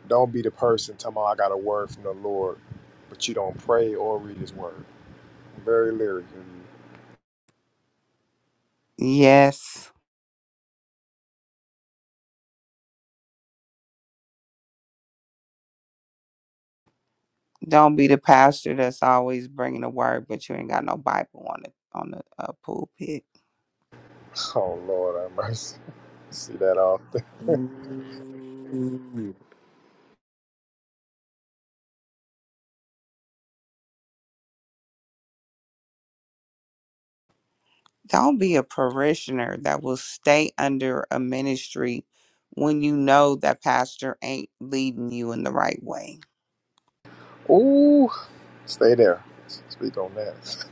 Don't be the person talking about I got a word from the Lord, but you don't pray or read his word. Very lyrical. Yes. Don't be the pastor that's always bringing the word, but you ain't got no Bible on the on the uh, pulpit. Oh Lord have mercy. See that often. Ooh, Don't be a parishioner that will stay under a ministry when you know that pastor ain't leading you in the right way. Ooh. Stay there. Speak on that.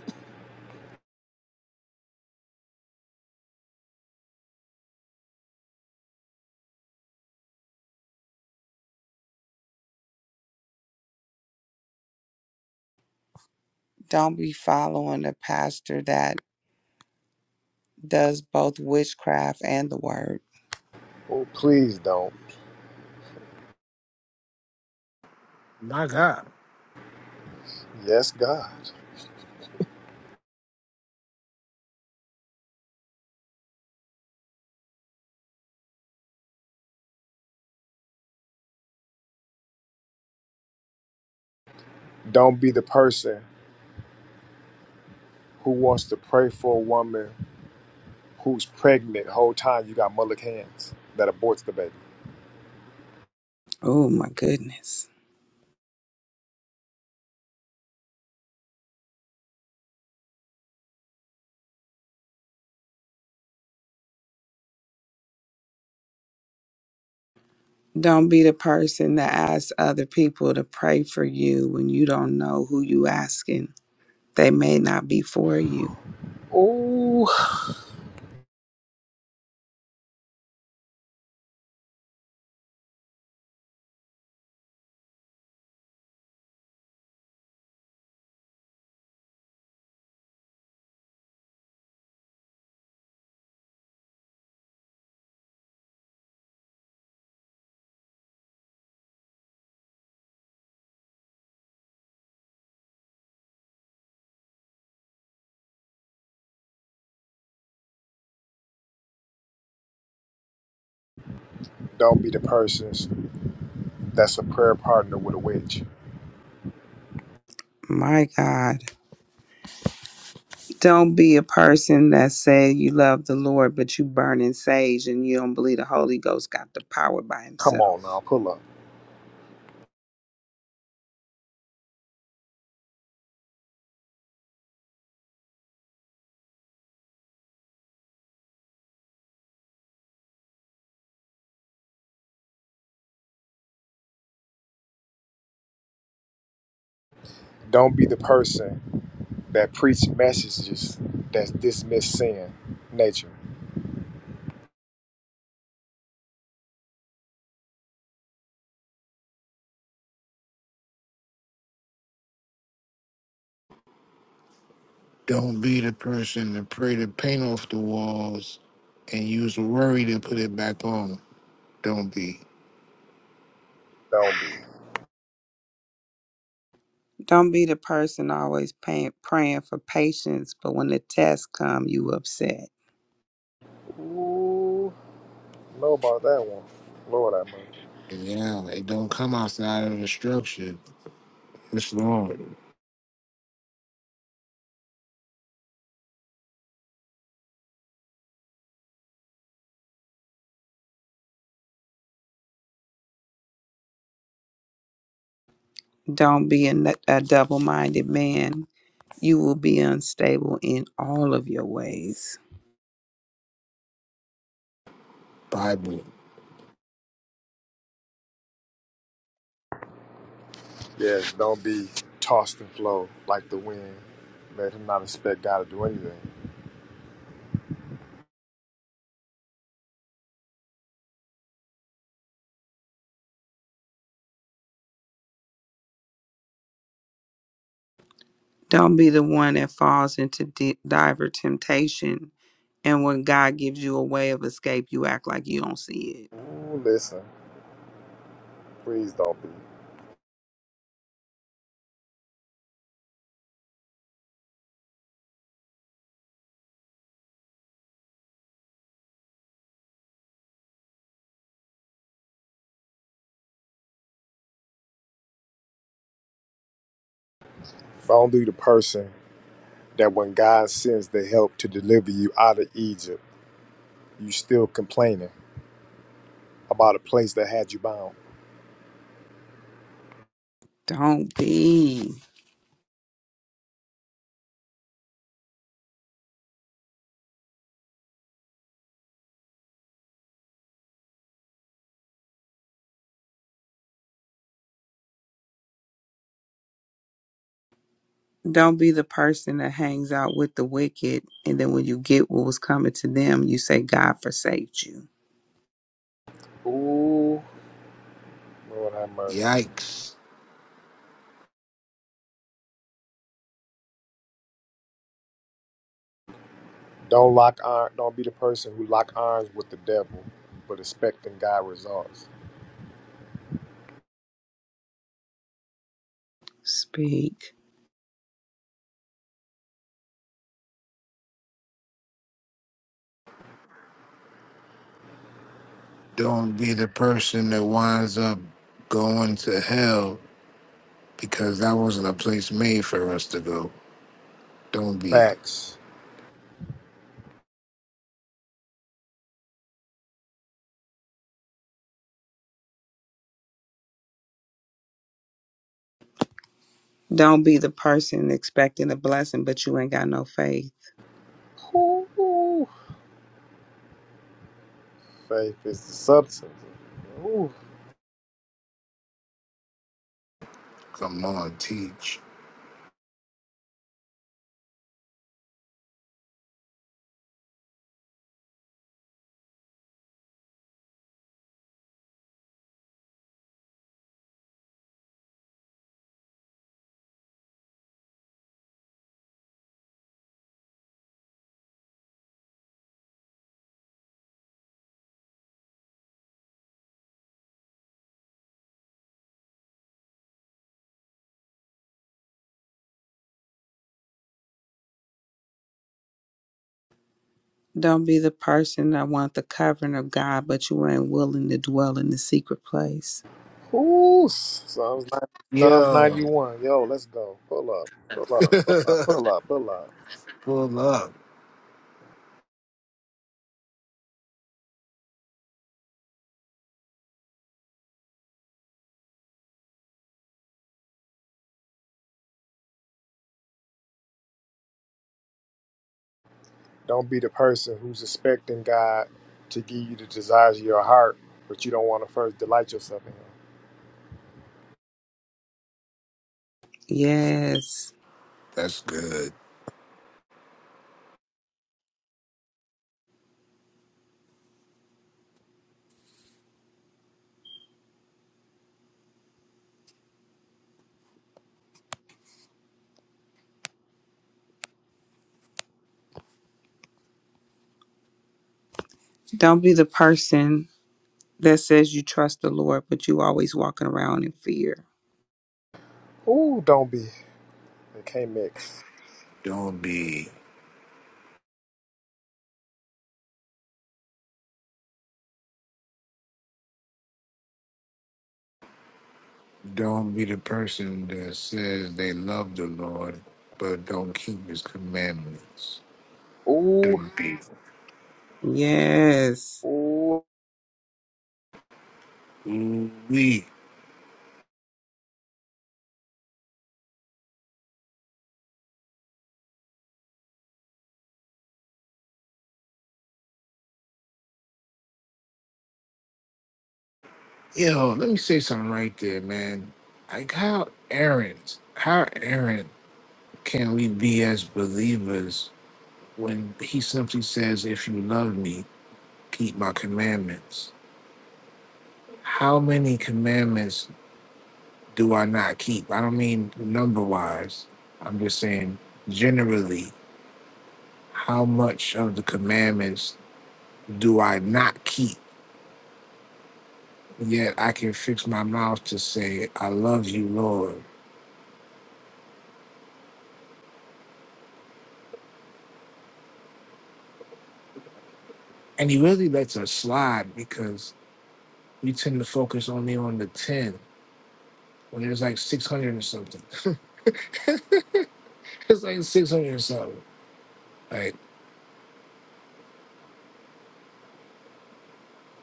Don't be following a pastor that does both witchcraft and the word. Oh, please don't. my God. Yes, God. Don't be the person who wants to pray for a woman who's pregnant the whole time you got mullet hands that aborts the baby. Oh my goodness. Don't be the person that asks other people to pray for you when you don't know who you asking. They may not be for you. Ooh. Don't be the person that's a prayer partner with a witch. My God. Don't be a person that said you love the Lord, but you burn in sage and you don't believe the Holy Ghost got the power by Come on himself. now, pull up. Don't be the person that preach messages that dismiss sin nature. Don't be the person to pray the paint off the walls and use worry to put it back on. Don't be. Don't Don't be the person always paying, praying for patience, but when the test come, you upset. be. Ooh, know about that one. Lord, I mean. Yeah, it don't come outside of the structure. It's Lord, Don't be a, n- a double-minded man. You will be unstable in all of your ways. Bible. Yes, don't be tossed and flow like the wind. Let him not expect God to do anything. Don't be the one that falls into di- diver temptation, and when God gives you a way of escape, you act like you don't see it. Ooh, listen, please don't be. Don't be the person that when God sends the help to deliver you out of Egypt, you still complaining about a place that had you bound. Don't be. Don't be the person that hangs out with the wicked, and then when you get what was coming to them, you say, God forsake you. Ooh, Lord have mercy. Yikes. Don't lock iron. Don't be the person who lock arms with the devil, but expecting God results. Speak. Don't be the person that winds up going to hell because that wasn't a place made for us to go. Don't be. Facts. Don't be the person expecting a blessing, but you ain't got no faith. Ooh, faith is the substance. Ooh, Come on, teach. Don't be the person that want the covering of God, but you ain't willing to dwell in the secret place. ooh. Psalms 90, Psalms Yo. ninety-one. Yo, let's go. Pull up. Pull up. Pull up. Pull up. Pull up. Pull up. Don't be the person who's expecting God to give you the desires of your heart, but you don't want to first delight yourself in Him. Yes. That's good. Don't be the person that says you trust the Lord, but you always walking around in fear. Ooh, don't be. They can't mix. Don't be. Don't be the person that says they love the Lord but don't keep his commandments. Ooh, Don't be. Yes. ooh. We, yo, let me say something right there, man. Like how errant, how errant can we be as believers when he simply says, if you love me, keep my commandments. How many commandments do I not keep? I don't mean number wise. I'm just saying generally. How much of the commandments do I not keep? Yet I can fix my mouth to say, I love you, Lord. And he really lets us slide because we tend to focus only on the 10 when there's like 600 or something. it's like 600 or something. Like,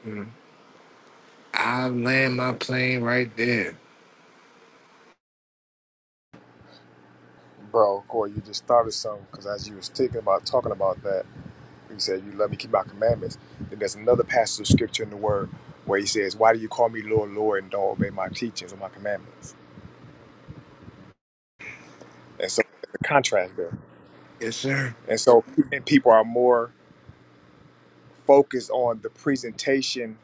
mm, I land my plane right there. Bro, Corey, you just started something because as you was thinking about talking about that, you said you love me, keep my commandments. Then there's another passage of scripture in the Word where he says, "Why do you call me Lord, Lord, and don't obey my teachings or my commandments?" And so there's a contrast there. Yes, sir. And so and people are more focused on the presentation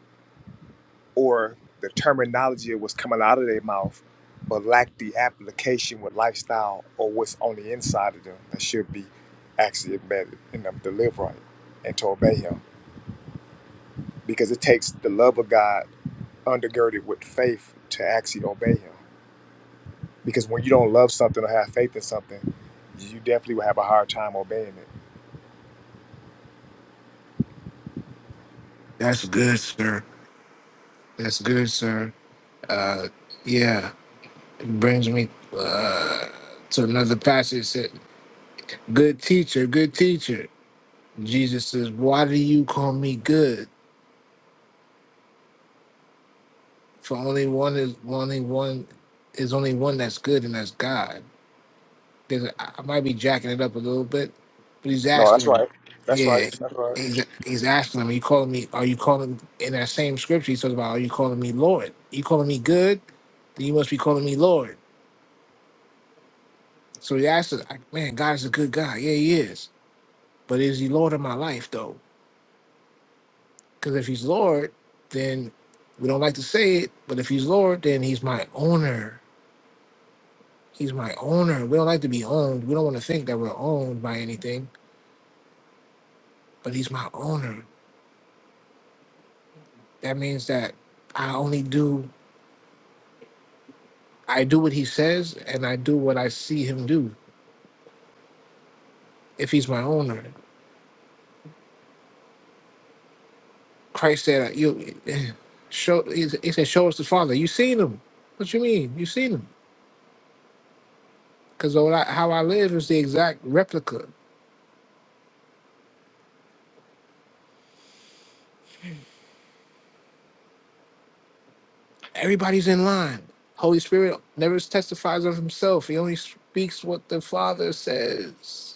or the terminology of what's coming out of their mouth, but lack the application with lifestyle or what's on the inside of them that should be actually embedded in them to live right and to obey Him. because it takes the love of God undergirded with faith to actually obey Him. Because when you don't love something or have faith in something, you definitely will have a hard time obeying it. That's good, sir. That's good, sir. Uh, yeah, it brings me uh, to another passage. Good teacher, good teacher. Jesus says, Why do you call me good? For only one is only one is only one that's good and that's God. There's a, I I might be jacking it up a little bit, but he's No, asking that's him, right. That's right. Yeah, That's right. he's, he's asking him, Are you calling me are you calling in that same scripture he talks about are you calling me Lord? You calling me good? Then you must be calling me Lord. So he asks, Man, God is a good guy. Yeah, he is. But is he Lord of my life though? Because if he's Lord, then we don't like to say it, but if he's Lord, then he's my owner. He's my owner. We don't like to be owned. We don't want to think that we're owned by anything, but he's my owner. That means that I only do I do what he says and I do what I see him do if he's my owner. Christ said you show he said show us the Father. You seen him. What you mean? You seen him. Because how I live is the exact replica. Everybody's in line. Holy Spirit never testifies of himself. He only speaks what the Father says.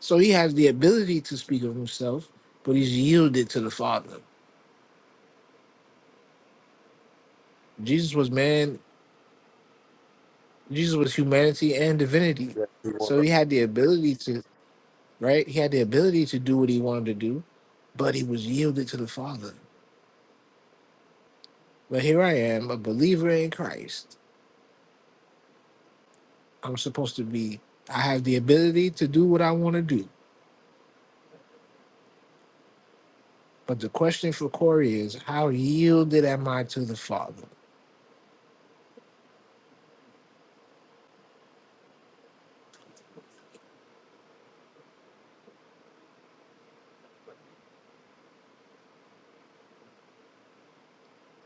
So he has the ability to speak of himself, but he's yielded to the Father. Jesus was man, Jesus was humanity and divinity. Yes, we were. So he had the ability to, right? He had the ability to do what he wanted to do, but he was yielded to the Father. But here I am, a believer in Christ. I'm supposed to be, I have the ability to do what I want to do But the question for Corey is, how yielded am I to the Father?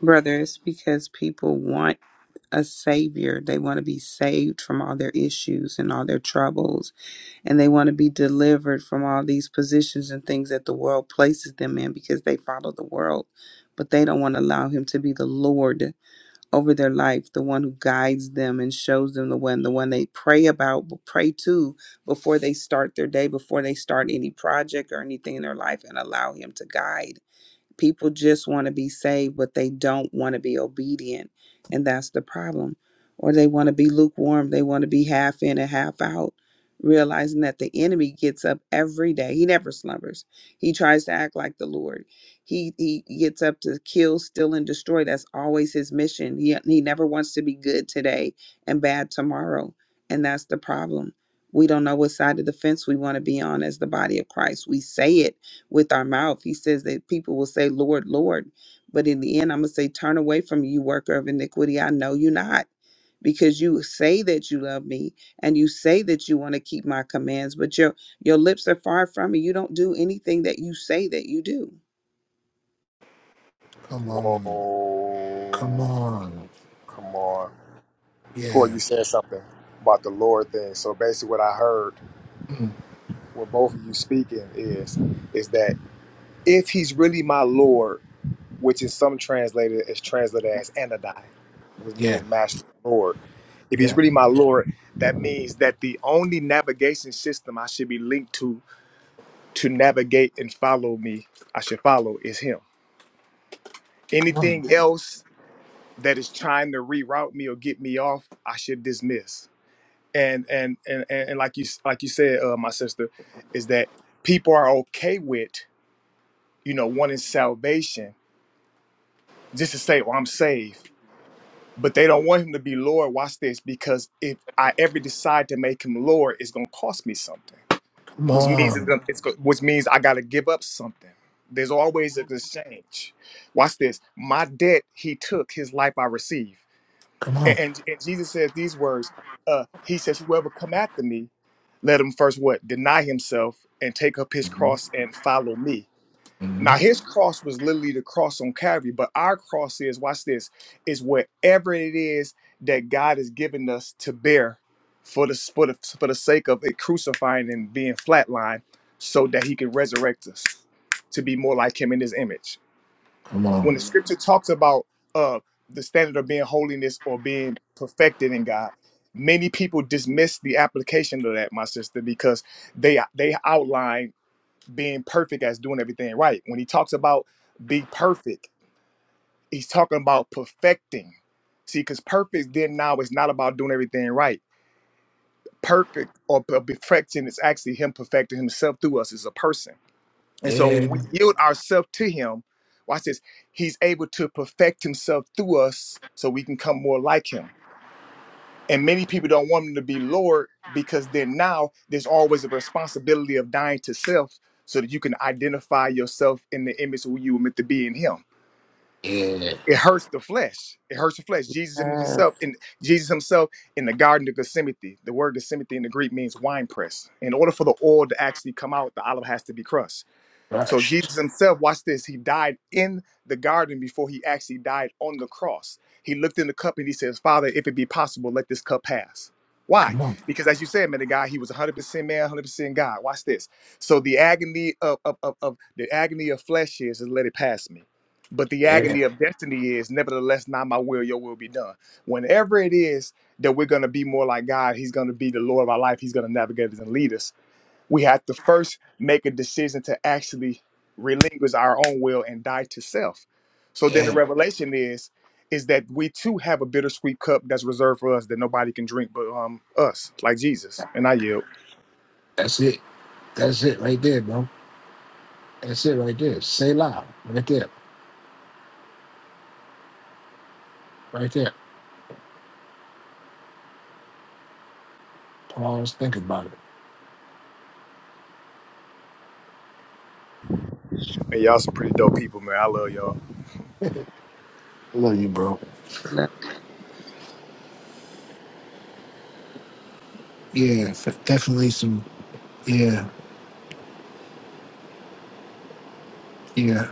Brother, it's because people want a savior. They want to be saved from all their issues and all their troubles. And they want to be delivered from all these positions and things that the world places them in because they follow the world. But they don't want to allow him to be the Lord over their life, the one who guides them and shows them the one, the one they pray about, pray to before they start their day, before they start any project or anything in their life, and allow him to guide. People just want to be saved, but they don't want to be obedient. And that's the problem. Or they want to be lukewarm. They want to be half in and half out, realizing that the enemy gets up every day. He never slumbers. He tries to act like the Lord. He he gets up to kill, steal, and destroy. That's always his mission. He, he never wants to be good today and bad tomorrow. And that's the problem. We don't know what side of the fence we want to be on as the body of Christ. We say it with our mouth. He says that people will say, Lord, Lord. But in the end, I'm going to say, Turn away from me, you, worker of iniquity. I know you not. Because you say that you love me and you say that you want to keep my commands, but your your lips are far from me. You don't do anything that you say that you do. Come on. Come Whoa, on. come on, Corey, Yeah. you said something about the Lord thing. So basically, what I heard Mm. with both of you speaking is is that if He's really my Lord. which is some translated is translated as Anadai, which Yeah. means master lord. If he's Yeah. really my lord, that means that the only navigation system I should be linked to to navigate and follow me, I should follow is him. Come on. Anything else that is trying to reroute me or get me off, I should dismiss. And and and and, and like you like you said, uh, my sister, is that people are okay with you know wanting salvation just to say, "Well, I'm saved." but they don't want him to be Lord. Watch this, because if I ever decide to make him Lord, it's gonna cost me something, Come which means it's on. gonna, it's go, which means I gotta give up something. There's always an exchange. Watch this. My debt he took, his life I receive. Come on. And, and, and Jesus says these words. Uh, he says, "Whoever come after me, let him first what deny himself and take up his Mhm. cross and follow me." Now Mhm. his cross was literally the cross on Calvary, but our cross is, watch this, is whatever it is that God has given us to bear for the for the, for the sake of it crucifying and being flatlined so that he can resurrect us to be more like him in his image. Come When on. the scripture talks about uh the standard of being holiness or being perfected in God, many people dismiss the application of that, my sister, because they they outline being perfect as doing everything right. When he talks about be perfect, he's talking about perfecting. See, because perfect then now is not about doing everything right. Perfect or per- perfecting is actually him perfecting himself through us as a person. And so Yeah. when we yield ourselves to him, watch this, he's able to perfect himself through us so we can come more like him. And many people don't want them to be Lord because then now there's always a responsibility of dying to self so that you can identify yourself in the image of who you were meant to be in Him. Yeah. It hurts the flesh. It hurts the flesh. Jesus in Yes. himself, in Jesus himself, in the Garden of Gethsemane, the word Gethsemane in the Greek means wine press. In order for the oil to actually come out, the olive has to be crushed so Rushed. Jesus himself, watch this, he died in the garden before he actually died on the cross. He looked in the cup and he says, Father, if it be possible, let this cup pass. Why? Come on. Because as you said, man, the guy, he was 100% man, 100% God. Watch this. So the agony of, of, of, of the agony of flesh is, is let it pass me. But the Yeah. agony of destiny is, nevertheless, not my will, your will be done. Whenever it is that we're going to be more like God, he's going to be the Lord of our life. He's going to navigate us and lead us we have to first make a decision to actually relinquish our own will and die to self. So then the Yeah. revelation is is that we too have a bittersweet cup that's reserved for us that nobody can drink but um us, like Jesus. And I yield. That's it. That's it right there, bro. That's it right there. Say loud. Right there. Right there. Pause. Think about it. Man, y'all some pretty dope people, man. I love y'all. Love you, bro. Lord. Yeah. f- Definitely some. Yeah. Yeah.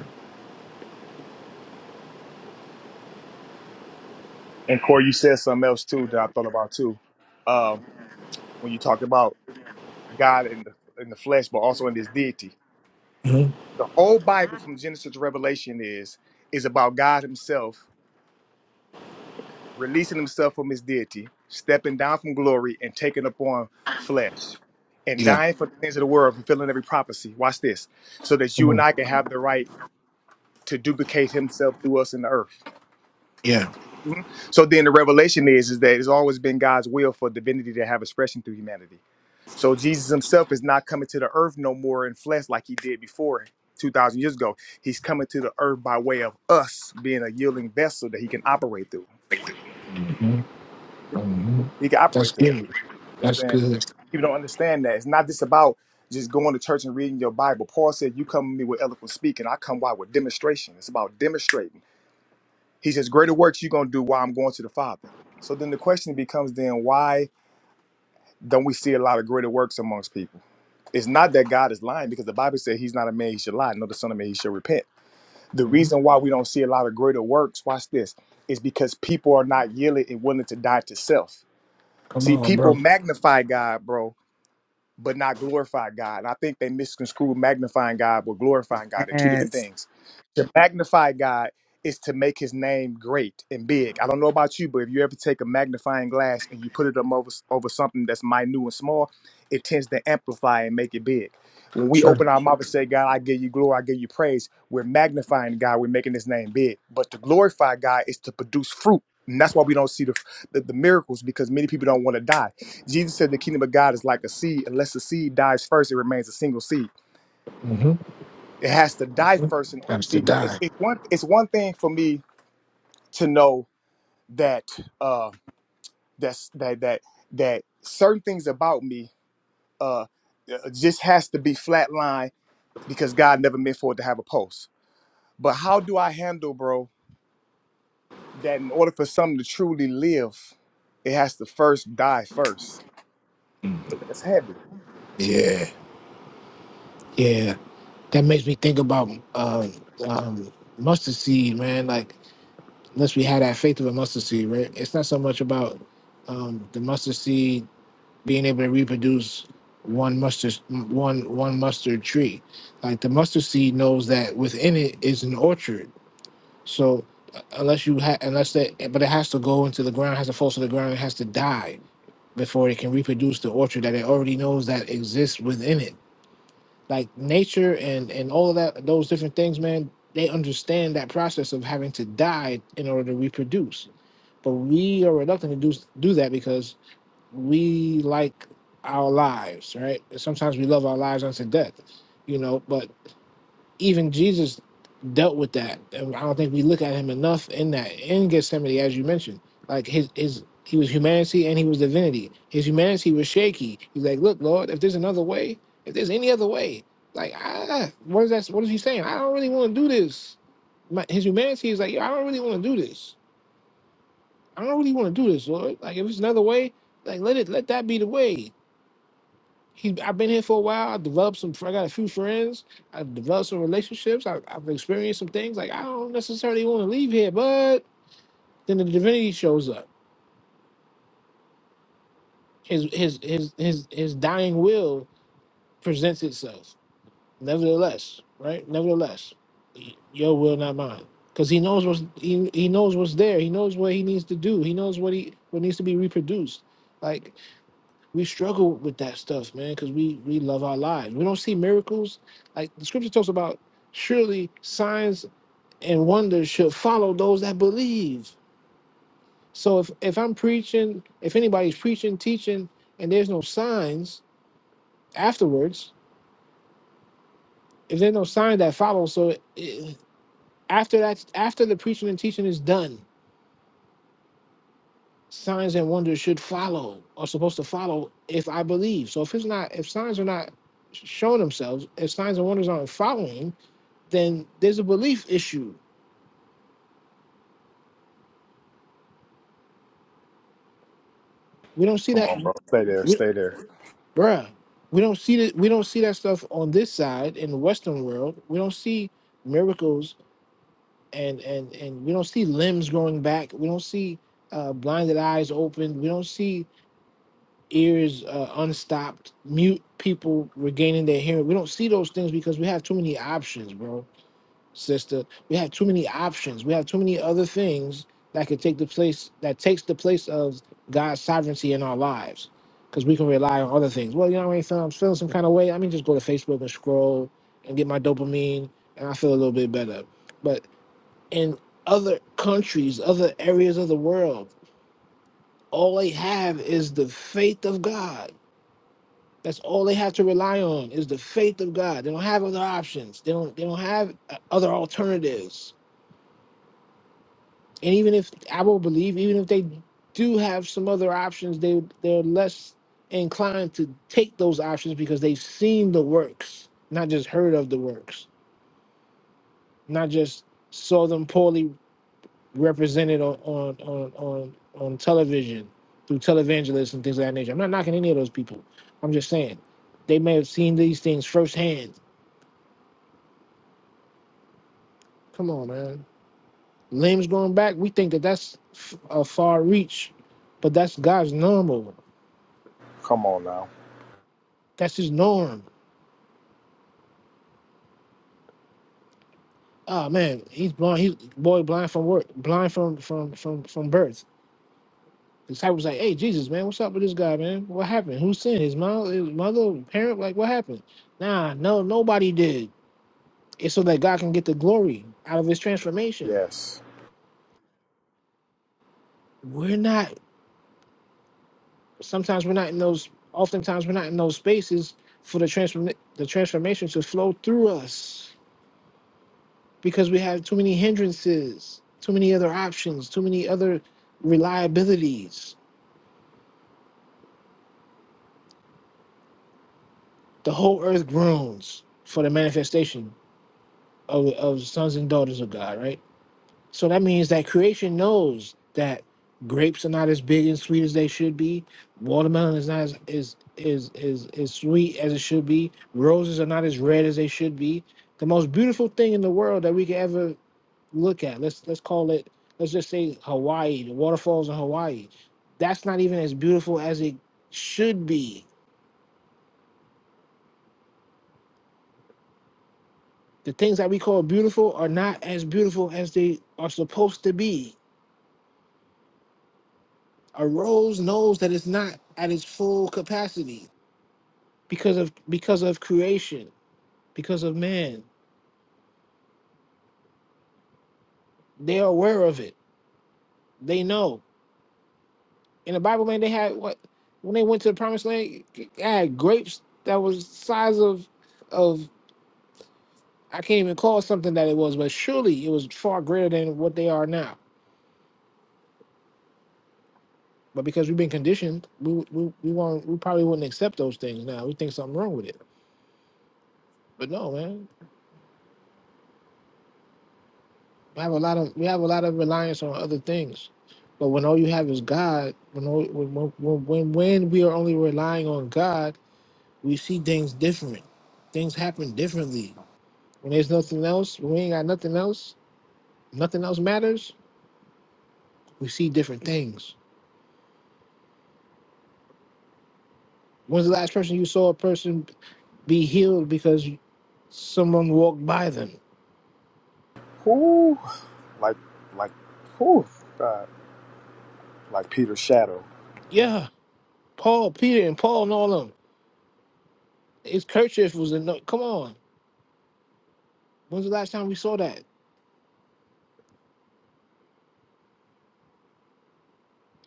And Corey, you said something else too that I thought about too. Um, when you talked about God in the in the flesh, but also in His deity, Mhm. the whole Bible from Genesis to Revelation is is about God Himself releasing himself from his deity, stepping down from glory, and taking upon flesh, and Yeah. dying for the things of the world, fulfilling every prophecy. Watch this, so that Come you and on. I can have the right to duplicate himself through us in the earth. Yeah. Mhm. So then the revelation is, is that it's always been God's will for divinity to have expression through humanity. So Jesus himself is not coming to the earth no more in flesh like he did before 2,000 years ago. He's coming to the earth by way of us being a yielding vessel that he can operate through. hmm He can That's operate through. good. You know That's what I'm saying? good. People don't understand that. It's not just about just going to church and reading your Bible. Paul said, You come to me with eloquent speaking, I come why with demonstration. It's about demonstrating. He says, Greater works you're gonna do while I'm going to the Father. So then the question becomes then why don't we see a lot of greater works amongst people? It's not that God is lying because the Bible said he's not a man he should lie, nor the son of man he should repent. The hmm reason why we don't see a lot of greater works, watch this, is because people are not yielding and willing to die to self. Come See, on, people bro. magnify God, bro but not glorify God. And I think they misconstrue magnifying God with glorifying God. They're two different Yes. things. To magnify God is to make his name great and big. I don't know about you, but if you ever take a magnifying glass and you put it up over, over something that's minute and small, it tends to amplify and make it big. When we Sure. open our mouth and say, God, I give you glory, I give you praise, we're magnifying God, we're making his name big. But to glorify God is to produce fruit. And that's why we don't see the, the, the miracles because many people don't want to die Jesus said the kingdom of God is like a seed. Unless the seed dies first, it remains a single seed. hmm It has to die first in order to Times to see. It's, die. it's one. It's one thing for me to know that uh, that's that that that certain things about me uh, uh, just has to be flatline because God never meant for it to have a pulse. But how do I handle, bro? That in order for something to truly live, it has to first die first. It's heavy. Yeah. Yeah. That makes me think about um, um, mustard seed, man. Like, unless we had that faith of a mustard seed, right? It's not so much about um, the mustard seed being able to reproduce one mustard one one mustard tree. Like the mustard seed knows that within it is an orchard So uh, unless you ha- unless that, but it has to go into the ground, has to fall to the ground, it has to die before it can reproduce the orchard that it already knows that exists within it. Like nature and and all of that, those different things, man, they understand that process of having to die in order to reproduce. But we are reluctant to do do that because we like our lives, right? Sometimes we love our lives unto death, you know. But even Jesus dealt with that. And I don't think we look at him enough in that in Gethsemane, as you mentioned. Like his his he was humanity and he was divinity. His humanity was shaky. He's like, look, Lord, if there's another way, if there's any other way, like ah, what is that? What is he saying? I don't really want to do this. My, his humanity is like, yo, I don't really want to do this. I don't really want to do this, Lord. Like if it's another way, like let it let that be the way. He, I've been here for a while. I developed some. I got a few friends. I've developed some relationships. I, I've experienced some things. Like I don't necessarily want to leave here, but then the divinity shows up. His his his his his dying will presents itself. Nevertheless, right? Nevertheless, y- your will, not mine, because he knows what's he, he knows what's there. He knows what he needs to do. He knows what he what needs to be reproduced. Like we struggle with that stuff, man, because we we love our lives. We don't see miracles. Like the scripture talks about, surely signs and wonders should follow those that believe. So if if I'm preaching, if anybody's preaching, teaching, and there's no signs afterwards, if there's no sign that follows, so it, after that, after the preaching and teaching is done, signs and wonders should follow, are supposed to follow if I believe. So if it's not, if signs are not showing themselves, if signs and wonders aren't following, then there's a belief issue. We don't see Come that, on, bro. Stay there. we, Stay there. bruh. We don't see that. We don't see that stuff on this side in the Western world. We don't see miracles, and and and we don't see limbs growing back. We don't see uh, blinded eyes open. We don't see ears uh, unstopped, mute people regaining their hearing. We don't see those things because we have too many options, bro sister. We have too many options. We have too many other things that could take the place that takes the place of God's sovereignty in our lives. Because we can rely on other things. Well, you know, what I mean, feeling, feeling some kind of way. I mean, just go to Facebook and scroll and get my dopamine, and I feel a little bit better. But in other countries, other areas of the world, all they have is the faith of God. That's all they have to rely on is the faith of God. They don't have other options. They don't. They don't have uh, other alternatives And even if I will believe, even if they do have some other options, they they're less inclined to take those options because they've seen the works, not just heard of the works, not just saw them poorly represented on on on on, on television through televangelists and things of that nature. I'm not knocking any of those people. I'm just saying they may have seen these things firsthand. Come on, man. Limbs going back, we think that that's f- a far reach, but that's God's normal. Come on now. That's his norm Oh man, he's blind. He's boy blind from work, blind from from from from birth. The disciples like, hey Jesus, man, what's up with this guy, man? What happened? Who sinned? His mom, his mother, parent? Like, what happened? Nah, no, nobody did. It's so that God can get the glory out of His transformation. Yes. We're not. Sometimes we're not in those. Oftentimes we're not in those spaces for the transform the transformation to flow through us because we have too many hindrances, too many other options, too many other reliabilities The whole earth groans for the manifestation of, of sons and daughters of God, right? So that means that creation knows that grapes are not as big and sweet as they should be. Watermelon is not as is is is, is sweet as it should be. Roses are not as red as they should be. The most beautiful thing in the world that we could ever look at. Let's let's call it. Let's just say Hawaii. The waterfalls in Hawaii. That's not even as beautiful as it should be The things that we call beautiful are not as beautiful as they are supposed to be. A rose knows that it's not at its full capacity because of because of creation, because of man. They are aware of it. They know. In the Bible, man, they had what when they went to the promised land, they had grapes that was size of of I can't even call something that it was, but surely it was far greater than what they are now. But because we've been conditioned, we we, we won't we probably wouldn't accept those things now. We think something wrong with it. But no, man, we have a lot of we have a lot of reliance on other things. But when all you have is God, when all, when, when when when we are only relying on God, we see things different. Things happen differently. When there's nothing else, when we ain't got nothing else, nothing else matters. We see different things. When's the last person you saw a person be healed because someone walked by them? Whoo, like, like, whoo, God, like Peter's shadow. Yeah, Paul, Peter, and Paul and all of them. His kerchief was a no. Come on, when's the last time we saw that?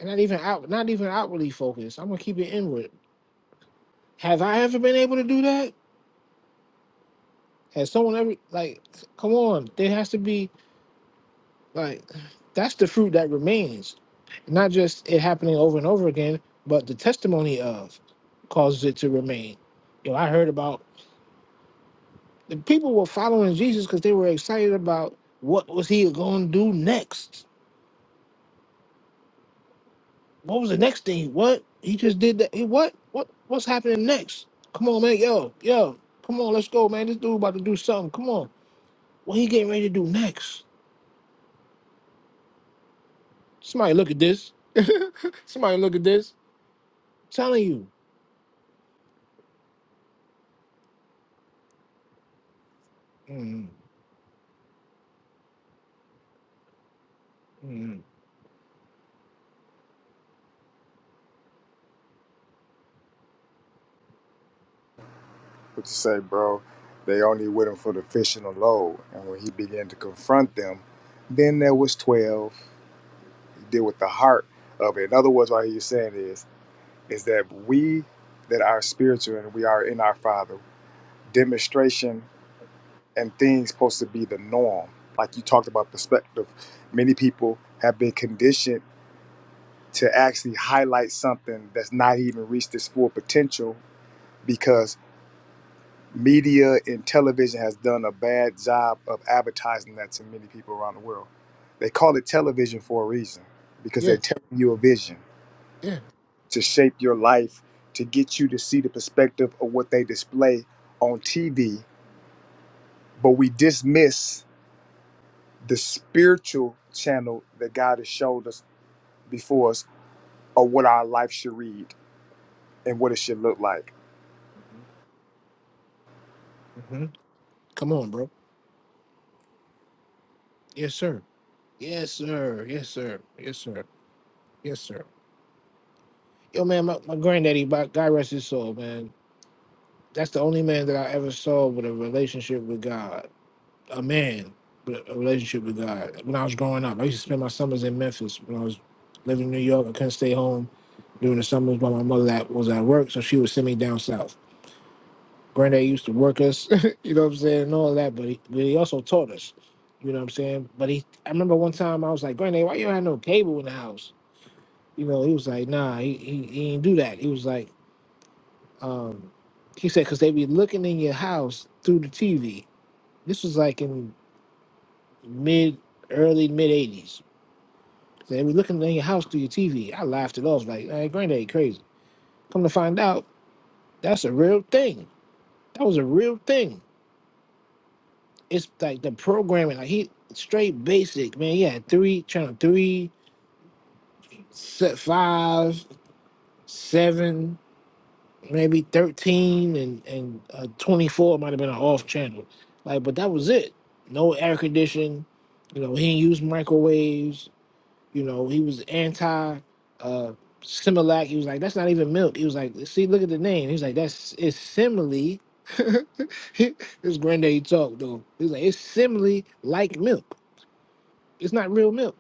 And not even out, not even outwardly focused. I'm gonna keep it inward. Have I ever been able to do that? Has someone ever like? Come on, there has to be like. That's the fruit that remains, not just it happening over and over again, but the testimony of causes it to remain. You know, I heard about the people were following Jesus because they were excited about what was he going to do next What was the next thing? What he just did that? He what? What? What's happening next? Come on, man. Yo, yo. Come on, let's go, man. This dude about to do something. Come on. What he getting ready to do next? Somebody look at this. Somebody look at this. telling you. Mm, mm, What you say, bro? They only with him for the fishing alone. And when he began to confront them, then there was twelve. He did with the heart of it. In other words, what he's saying is, is that we that are spiritual and we are in our Father demonstration and things supposed to be the norm. Like you talked about perspective, many people have been conditioned to actually highlight something that's not even reached its full potential because media and television has done a bad job of advertising that to many people around the world. They call it television for a reason because they're yeah, telling you a vision yeah. to shape your life, to get you to see the perspective of what they display on TV. But we dismiss the spiritual channel that God has showed us before us of what our life should read and what it should look like. Mhm. Come on, bro. Yes, sir. Yes, sir. Yes, sir. Yes, sir. Yes, sir. Yo, man, my, my granddaddy, my, God rest his soul, man. That's the only man that I ever saw with a relationship with God. A man with a relationship with God. When I was growing up, I used to spend my summers in Memphis. When I was living in New York, I couldn't stay home during the summers while my mother that was at work, so she would send me down south. Granddad used to work us, you know what I'm saying, and all that, but he, but he also taught us, you know what I'm saying. But he, I remember one time I was like, Granddad, why you don't have no cable in the house? You know, he was like, Nah, he he, he ain't do that. He was like, um, he said, cause they be looking in your house through the TV. This was like in mid, early mid '80s. They be looking in your house through your TV. I laughed it off, like, Hey, Granddad, you crazy. Come to find out, that's a real thing. That was a real thing it's like the programming, like he straight basic, man. He had three channel three, set five, seven, maybe thirteen, and and uh, twenty four might have been an off channel, like. But that was it. No air conditioning. You know, he didn't use microwaves. You know, he was anti uh Similac. He was like, that's not even milk. He was like, see, look at the name. He was like, that's it's simile. this granddaddy talk though. He was like, it's simile like milk. It's not real milk.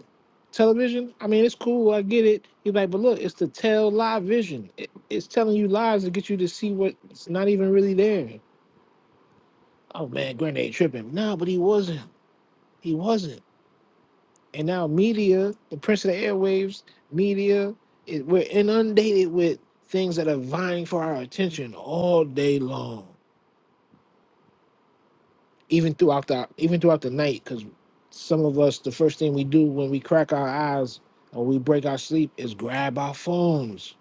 Television, I mean, it's cool. I get it. He's like, but look, it's the tell live vision. It, it's telling you lies to get you to see what's not even really there. Oh man, Grenade tripping. No, but he wasn't. He wasn't. And now media, the prince of the airwaves, media, it, we're inundated with things that are vying for our attention all day long. even throughout the even throughout the night because some of us the first thing we do when we crack our eyes or we break our sleep is grab our phones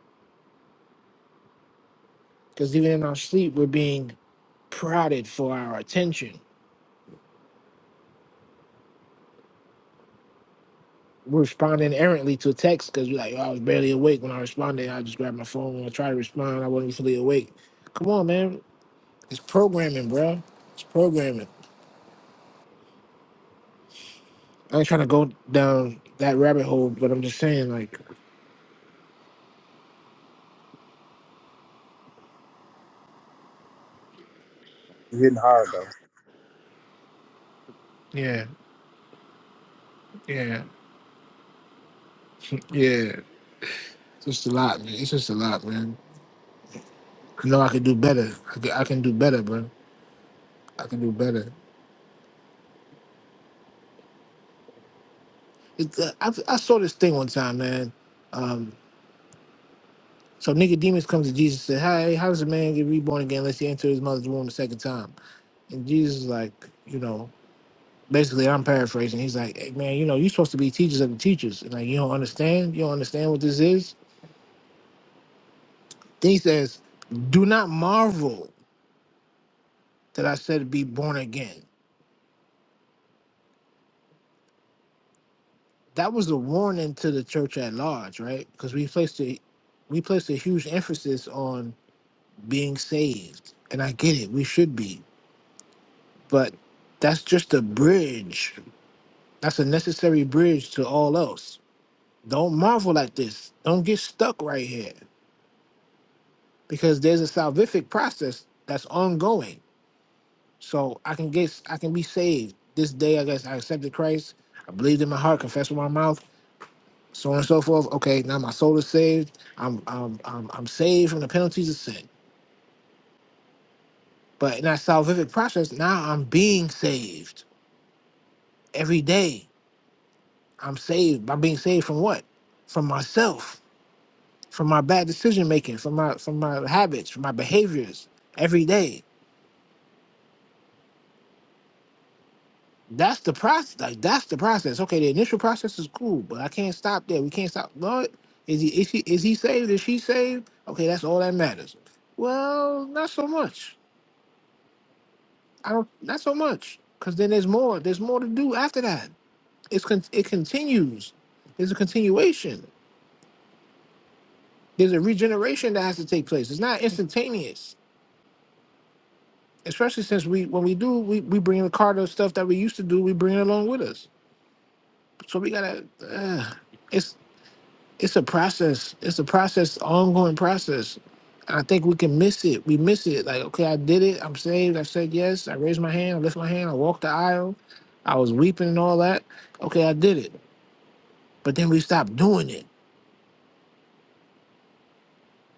because even in our sleep we're being prodded for our attention we're responding errantly to text because we're like oh, i was barely awake when i responded i just grabbed my phone when i tried to respond i wasn't fully awake come on man it's programming bro it's programming i ain't trying to go down that rabbit hole but i'm just saying like You're hitting hard though. yeah yeah yeah It's just a lot, man. It's just a lot, man. I know I can do better. I can, I can do better, bro. I can do better. It, uh, I, I saw this thing one time, man. Um, so Nicodemus comes to Jesus and said, "Hey, how does a man get reborn again unless he enters his mother's womb a second time?" And Jesus is like, you know, basically, I'm paraphrasing. He's like, "Hey, man, you know, you're supposed to be teachers of the teachers, and like, you don't understand. You don't understand what this is." Then he says, "Do not marvel that I said be born again." that was a warning to the church at large, right? Because we placed a we placed a huge emphasis on being saved, and I get it, we should be, but that's just a bridge. That's a necessary bridge to all else. Don't marvel at this. Don't get stuck right here, because there's a salvific process that's ongoing. So I can get I can be saved this day. I guess I accepted Christ. I believed in my heart, confessed with my mouth. so on and so forth. Okay, now my soul is saved. I'm I'm I'm, I'm saved from the penalties of sin. But in that salvific process, now I'm being saved every day. I'm saved by being saved from what? From myself, from my bad decision making, from my from my habits, from my behaviors every day. That's the process. Like that's the process. Okay, the initial process is cool, but I can't stop there. We can't stop. Lord, is he is he is he saved? Is she saved? Okay, that's all that matters. Well, not so much I don't. Not so much, because then there's more. There's more to do after that. It's con- it continues. There's a continuation. There's a regeneration that has to take place. It's not instantaneous, especially since we when we do we we bring in the card stuff that we used to do. We bring it along with us. So we gotta. Uh, it's it's a process. It's a process, ongoing process. And I think we can miss it. We miss it. Like, okay, I did it. I'm saved. I said yes. I raised my hand. I lift my hand. I walked the aisle. I was weeping and all that. Okay, I did it But then we stop doing it.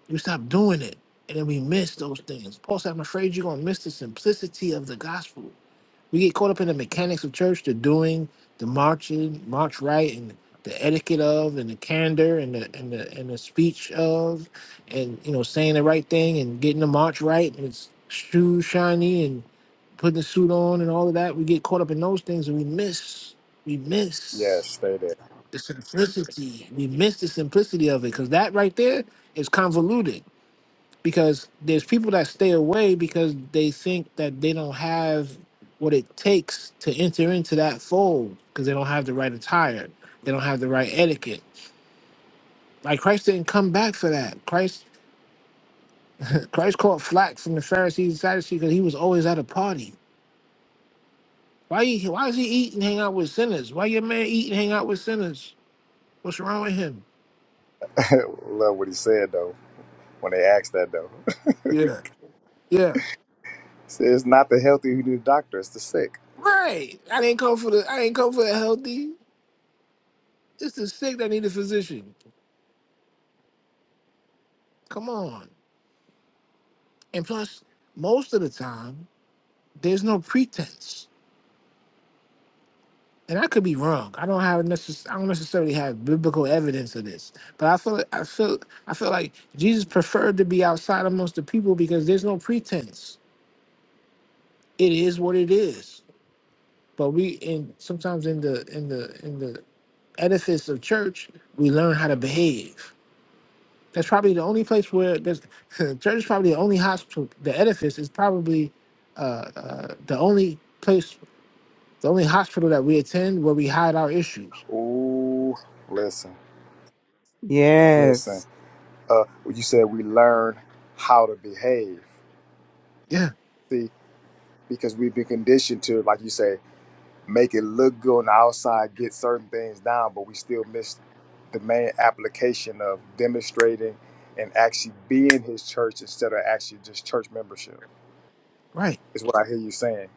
We stop doing it. And then we miss those things. Paul said, I'm afraid you're going to miss the simplicity of the gospel. We get caught up in the mechanics of church, the doing, the marching, march right, and the etiquette of, and the candor, and the and the and the speech of, and you know saying the right thing, and getting the march right, and it's shoes shiny, and putting the suit on, and all of that. We get caught up in those things, and we miss, we Yes, miss. stay there. The simplicity. We miss the simplicity of it because that right there is convoluted. Because there's people that stay away because they think that they don't have what it takes to enter into that fold because they don't have the right attire. They don't have the right etiquette. Like Christ didn't come back for that. Christ Christ caught flack from the Pharisees and Sadducees because he was always at a party. Why he, why does he eat and hang out with sinners? Why your man eat and hang out with sinners? What's wrong with him? Love what he said though when they asked that though. Yeah. Yeah. So it's not the healthy who need a doctor, it's the sick. Right. I didn't come for the I didn't come for the healthy. It's the sick that need a physician. Come on. And plus, most of the time, there's no pretense. And I could be wrong. I don't have necess- I don't necessarily have biblical evidence of this. But I feel I feel I feel like Jesus preferred to be outside amongst the people because there's no pretense. It is what it is. But we in sometimes in the in the in the edifice of church, we learn how to behave. That's probably the only place where there's the church is probably the only hospital. The edifice is probably uh, uh, the only place, the only hospital that we attend where we hide our issues. Ooh, listen, listen. Yes. Uh, you said we learn how to behave. Yeah, See, because we've been conditioned to, like you say, make it look good on the outside, get certain things down, but we still miss the main application of demonstrating and actually being his church instead of actually just church membership, right. is what I hear you saying.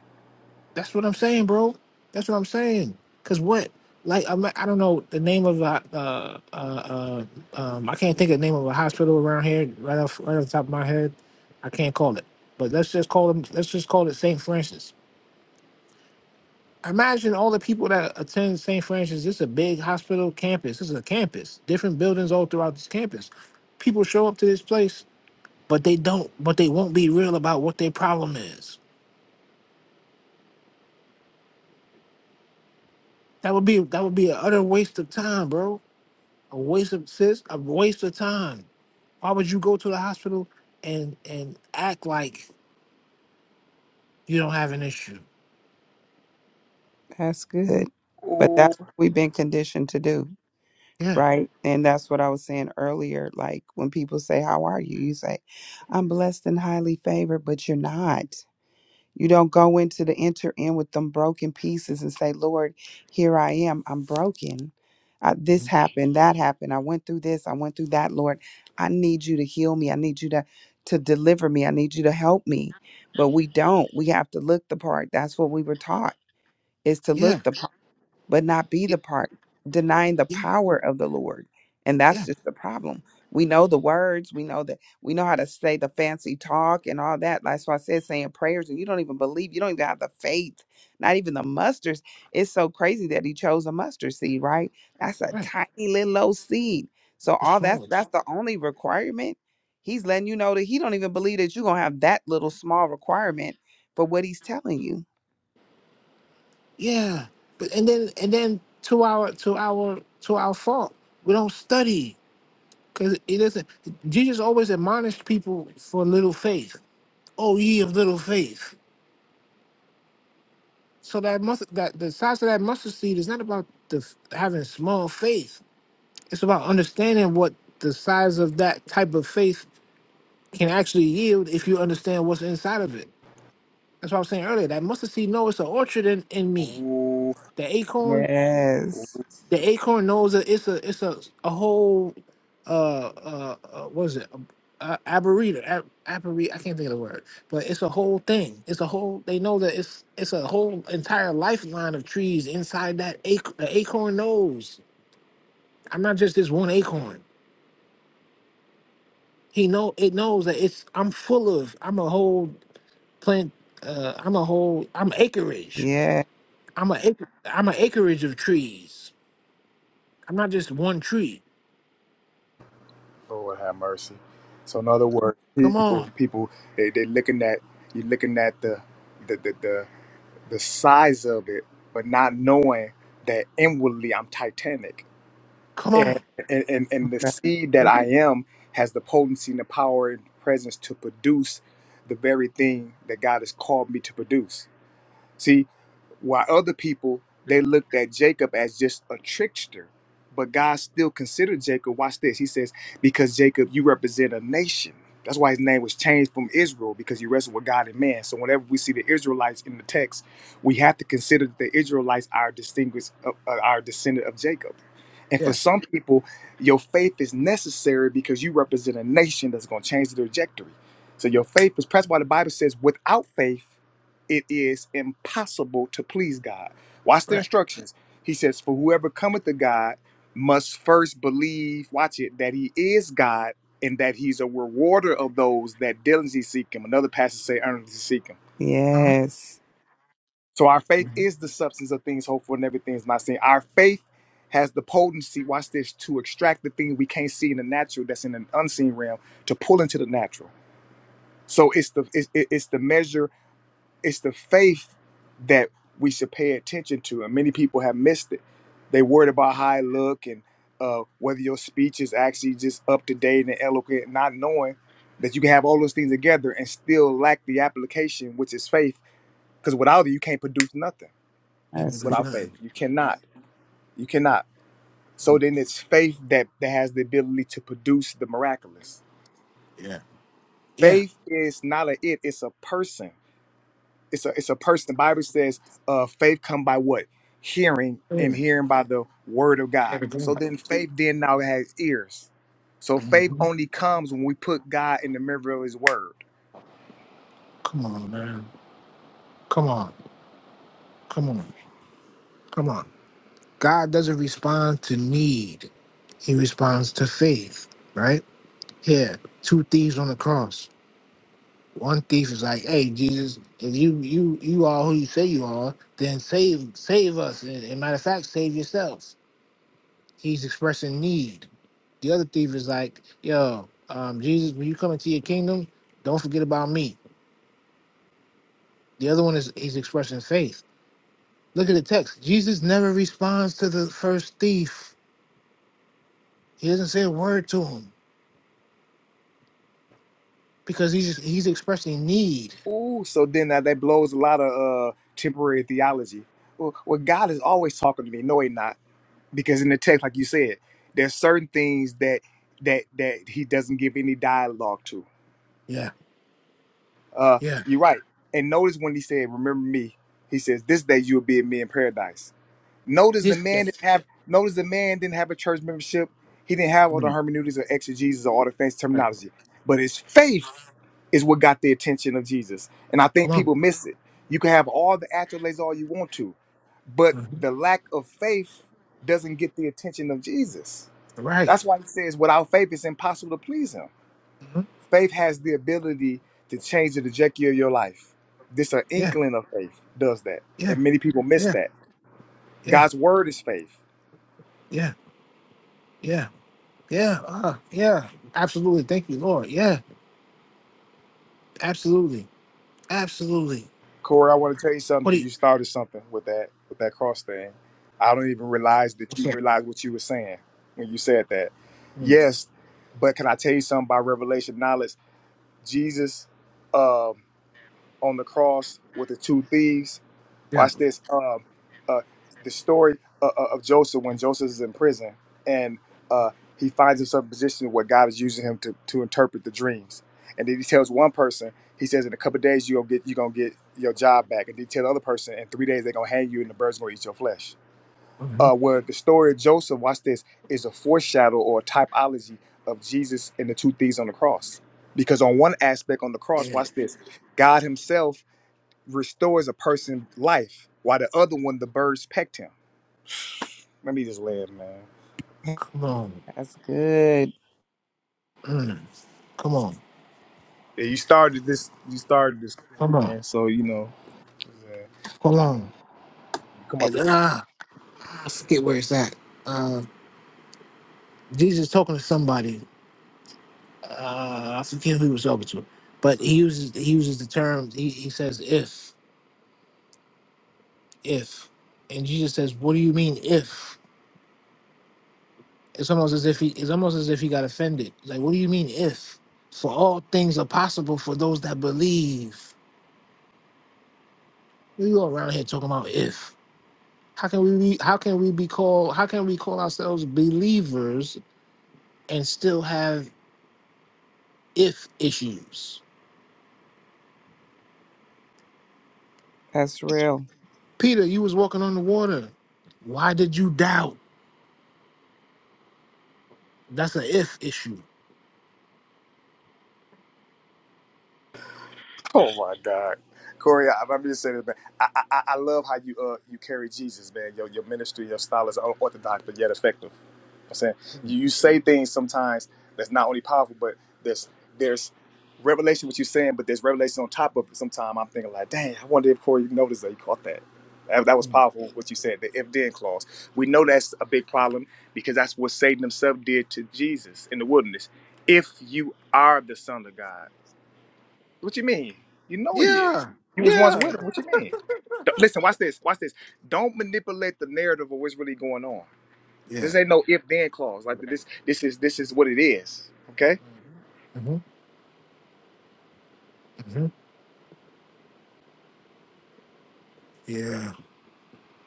That's what I'm saying, bro. That's what I'm saying. Cause what, like, I'm, I don't know the name of uh, uh, uh, um, I can't think of the name of a hospital around here right off right off the top of my head. I can't call it, but let's just call them. Let's just call it St. Francis Imagine all the people that attend St. Francis. It's a big hospital campus. This is a campus, different buildings all throughout this campus. People show up to this place, but they don't. But they won't be real about what their problem is. That would be that would be an utter waste of time, bro. A waste of sis, a waste of time. Why would you go to the hospital and and act like you don't have an issue? That's good. But Ooh, that's what we've been conditioned to do. Yeah, right? And that's what I was saying earlier. Like when people say, How are you? You say, I'm blessed and highly favored, but you're not. You don't go into the enter in with them broken pieces and say, Lord, here I am. I'm broken. I, this Mhm. happened, that happened. I went through this, I went through that, Lord. I need you to heal me. I need you to to deliver me. I need you to help me. But we don't. We have to look the part. That's what we were taught is to yeah, look the but not be yeah, the part, denying the yeah. power of the Lord. And that's yeah, just the problem. We know the words, we know that we know how to say the fancy talk and all that. That's why I said saying prayers, and you don't even believe, you don't even have the faith, not even the mustard. It's so crazy that he chose a mustard seed, right? That's a Right. tiny little old seed. So It's all that's small. that's the only requirement. He's letting you know that he don't even believe that you're gonna have that little small requirement for what he's telling you. Yeah, but and then and then to our to our to our fault, we don't study because it isn't. Jesus always admonished people for little faith. Oh, ye of little faith! So that must that the size of that mustard seed is not about the f- having small faith. It's about understanding what the size of that type of faith can actually yield if you understand what's inside of it. That's what I was saying earlier. That mustard seed, no, it's an orchard in, in me. ooh, The acorn Yes. The acorn knows that it's a it's a a whole uh uh, uh what is it uh, arboretum ab- arbore- I can't think of the word, but it's a whole thing. It's a whole. They know that it's it's a whole entire lifeline of trees inside that ac- the acorn knows. I'm not just this one acorn. He know it knows that it's I'm full of I'm a whole plant. Uh, I'm a whole I'm acreage. Yes. I'm a ac- I'm an acreage of trees. I'm not just one tree. Lord have mercy. So in other words, Come people on, people they they looking at you looking at the the the the, the size of it, but not knowing that inwardly I'm titanic. come And, on. and and and the That- seed that I am has the potency and the power and presence to produce the very thing that God has called me to produce. See, while other people they looked at Jacob as just a trickster, but God still considered Jacob. Watch this. He says, "Because Jacob, you represent a nation." That's why his name was changed from Israel because he wrestled with God and man. So whenever we see the Israelites in the text, we have to consider that the Israelites are distinguished, uh, uh, our descendant of Jacob. And for Yeah, some people, your faith is necessary because you represent a nation that's going to change the trajectory. So your faith is. That's why the Bible says, "Without faith." it is impossible to please God. Watch the right. instructions. He says, For whoever cometh to God must first believe, watch it, that he is God and that he's a rewarder of those that diligently seek him. Another passage say earnestly seek him. Uh-huh. Yes, So our faith Mm-hmm. is the substance of things hoped for and everything is not seen. Our faith has the potency, watch this, to extract the thing we can't see in the natural that's in an unseen realm to pull into the natural. So it's the it's, it's the measure It's the faith that we should pay attention to, and many people have missed it. They worried about how I look and uh, whether your speech is actually just up to date and eloquent, not knowing that you can have all those things together and still lack the application, which is faith. Because without it, you can't produce nothing. Can't that's produce Without good. nothing. faith, you cannot. You cannot. So Oh, then, it's faith that that has the ability to produce the miraculous. yeah. Yeah. Faith is not a it; it's a person it's a it's a person. The Bible says, uh, faith come by what? Hearing and Mm. hearing by the word of God. So Mm-hmm. then faith then now has ears. So faith only comes when we put God in the mirror of his word. Come on, man. Come on. Come on. Come on. God doesn't respond to need. He responds to faith, right? Here, two thieves on the cross. One thief is like, "Hey, Jesus, if you you you are who you say you are, then save save us. And, and matter of fact, save yourself." He's expressing need. The other thief is like, yo, um, Jesus, when you come into your kingdom, don't forget about me. The other one is he's expressing faith. Look at the text. Jesus never responds to the first thief. He doesn't say a word to him because he's just, he's expressing need. Ooh, so then that, that blows a lot of uh temporary theology. Well, well, God is always talking to me. No, he not. Because in the text, like you said, there's certain things that that that he doesn't give any dialogue to Yeah, Uh, yeah. you're right. And notice when he said, "Remember me," he says, "This day you will be with me in paradise." Notice the This that, man didn't have. Notice the man didn't have a church membership. He didn't have all the mm, hermeneutics or exegesis or all the fancy right. terminology. But his faith is what got the attention of Jesus. And I Come think on. people miss it. You can have all the accolades all you want to, but Mhm. the lack of faith doesn't get the attention of Jesus. Right. That's why he says, without faith, it's impossible to please him hmm Faith has the ability to change the trajectory of your life. This an Yeah, inkling of faith does that, yeah, and many people miss yeah, that. yeah, God's word is faith. yeah, yeah, yeah, uh, yeah. Absolutely. Thank you, Lord. Yeah, absolutely. Absolutely. Corey, I want to tell you something What do because you? you started something with that with that cross thing. I don't even realize that What's you up? realized what you were saying when you said that. Mm, Yes, but can I tell you something by revelation knowledge? Jesus um, on the cross with the two thieves. yeah. Watch this. Um, uh, the story uh, uh, of Joseph when Joseph is in prison and uh, he finds himself in a position where God is using him to, to interpret the dreams. And then he tells one person, he says, in a couple of days you're gonna get you're gonna get your job back. And then he tells the other person, in three days they're gonna hang you and the birds gonna eat your flesh. Uh-huh. Uh, where the story of Joseph, watch this, is a foreshadow or a typology of Jesus and the two thieves on the cross. Because on one aspect on the cross, yeah. watch this, God Himself restores a person's life while the other one the birds pecked him. Let me just laugh, man. Come on. That's good. Mm, come on. Yeah, you started this you started this Come on. man. So you know yeah, Come on. you come up And uh, I forget where it's at. Uh, Jesus talking to somebody. Uh, I forget who he was talking to, but he uses he uses the term. He, he says if if, and Jesus says, "What do you mean if?" It's almost as if he it's almost as if he got offended. Like, what do you mean if? For all things are possible for those that believe. We go around here talking about if. How can we be, how can we be called how can we call ourselves believers and still have if issues? That's real. Peter, you was walking on the water. Why did you doubt? That's an if issue. Oh my God, Corey, I, I'm just saying, this, man. I, I I I love how you uh you carry Jesus, man. Your your ministry, your style is unorthodox but yet effective. I'm saying you, you say things sometimes that's not only powerful, but there's there's revelation what you're saying, but there's revelation on top of it. Sometimes I'm thinking like, dang, I wonder if Corey noticed that he caught that. That, that was powerful what you said, the if then clause. We know that's a big problem because that's what Satan himself did to Jesus in the wilderness. If you are the son of God. What you mean? You know he is. Yeah. He was once Yeah. with him. What you mean? D- Listen, watch this. Watch this. Don't manipulate the narrative of what's really going on. Yeah. This ain't no if then clause. Like this, this is this is what it is. Okay. hmm hmm Yeah.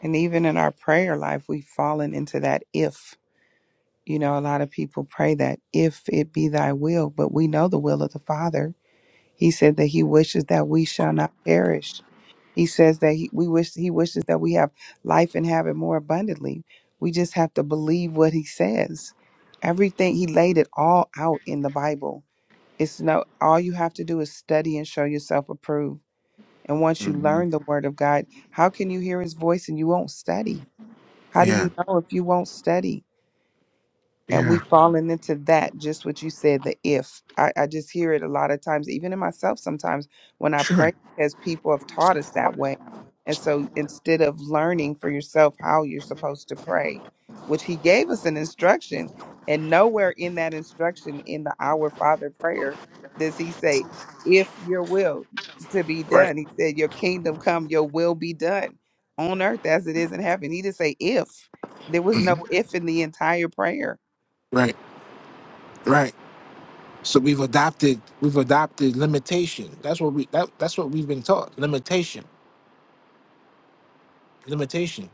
And even in our prayer life, we've fallen into that if. You know, a lot of people pray that if it be thy will, but we know the will of the Father. He said that he wishes that we shall not perish. He says that he, we wish he wishes that we have life and have it more abundantly. We just have to believe what he says. Everything he laid it all out in the Bible. It's no all you have to do is study and show yourself approved. And once you hmm learn the word of God, how can you hear his voice and you won't study? How do Yeah. you know if you won't study? and Yeah. we've fallen into that just what you said the if I, I just hear it a lot of times even in myself sometimes when i Sure. pray because people have taught us that way and so instead of learning for yourself how you're supposed to pray which he gave us an instruction and nowhere in that instruction in the our father prayer does he say if your will to be Right. done he said your kingdom come your will be done on earth as it is in heaven he didn't say if there was no Mhm. if in the entire prayer. Right. Right. So we've adopted we've adopted limitation. That's what we that, that's what we've been taught. Limitation. Limitation.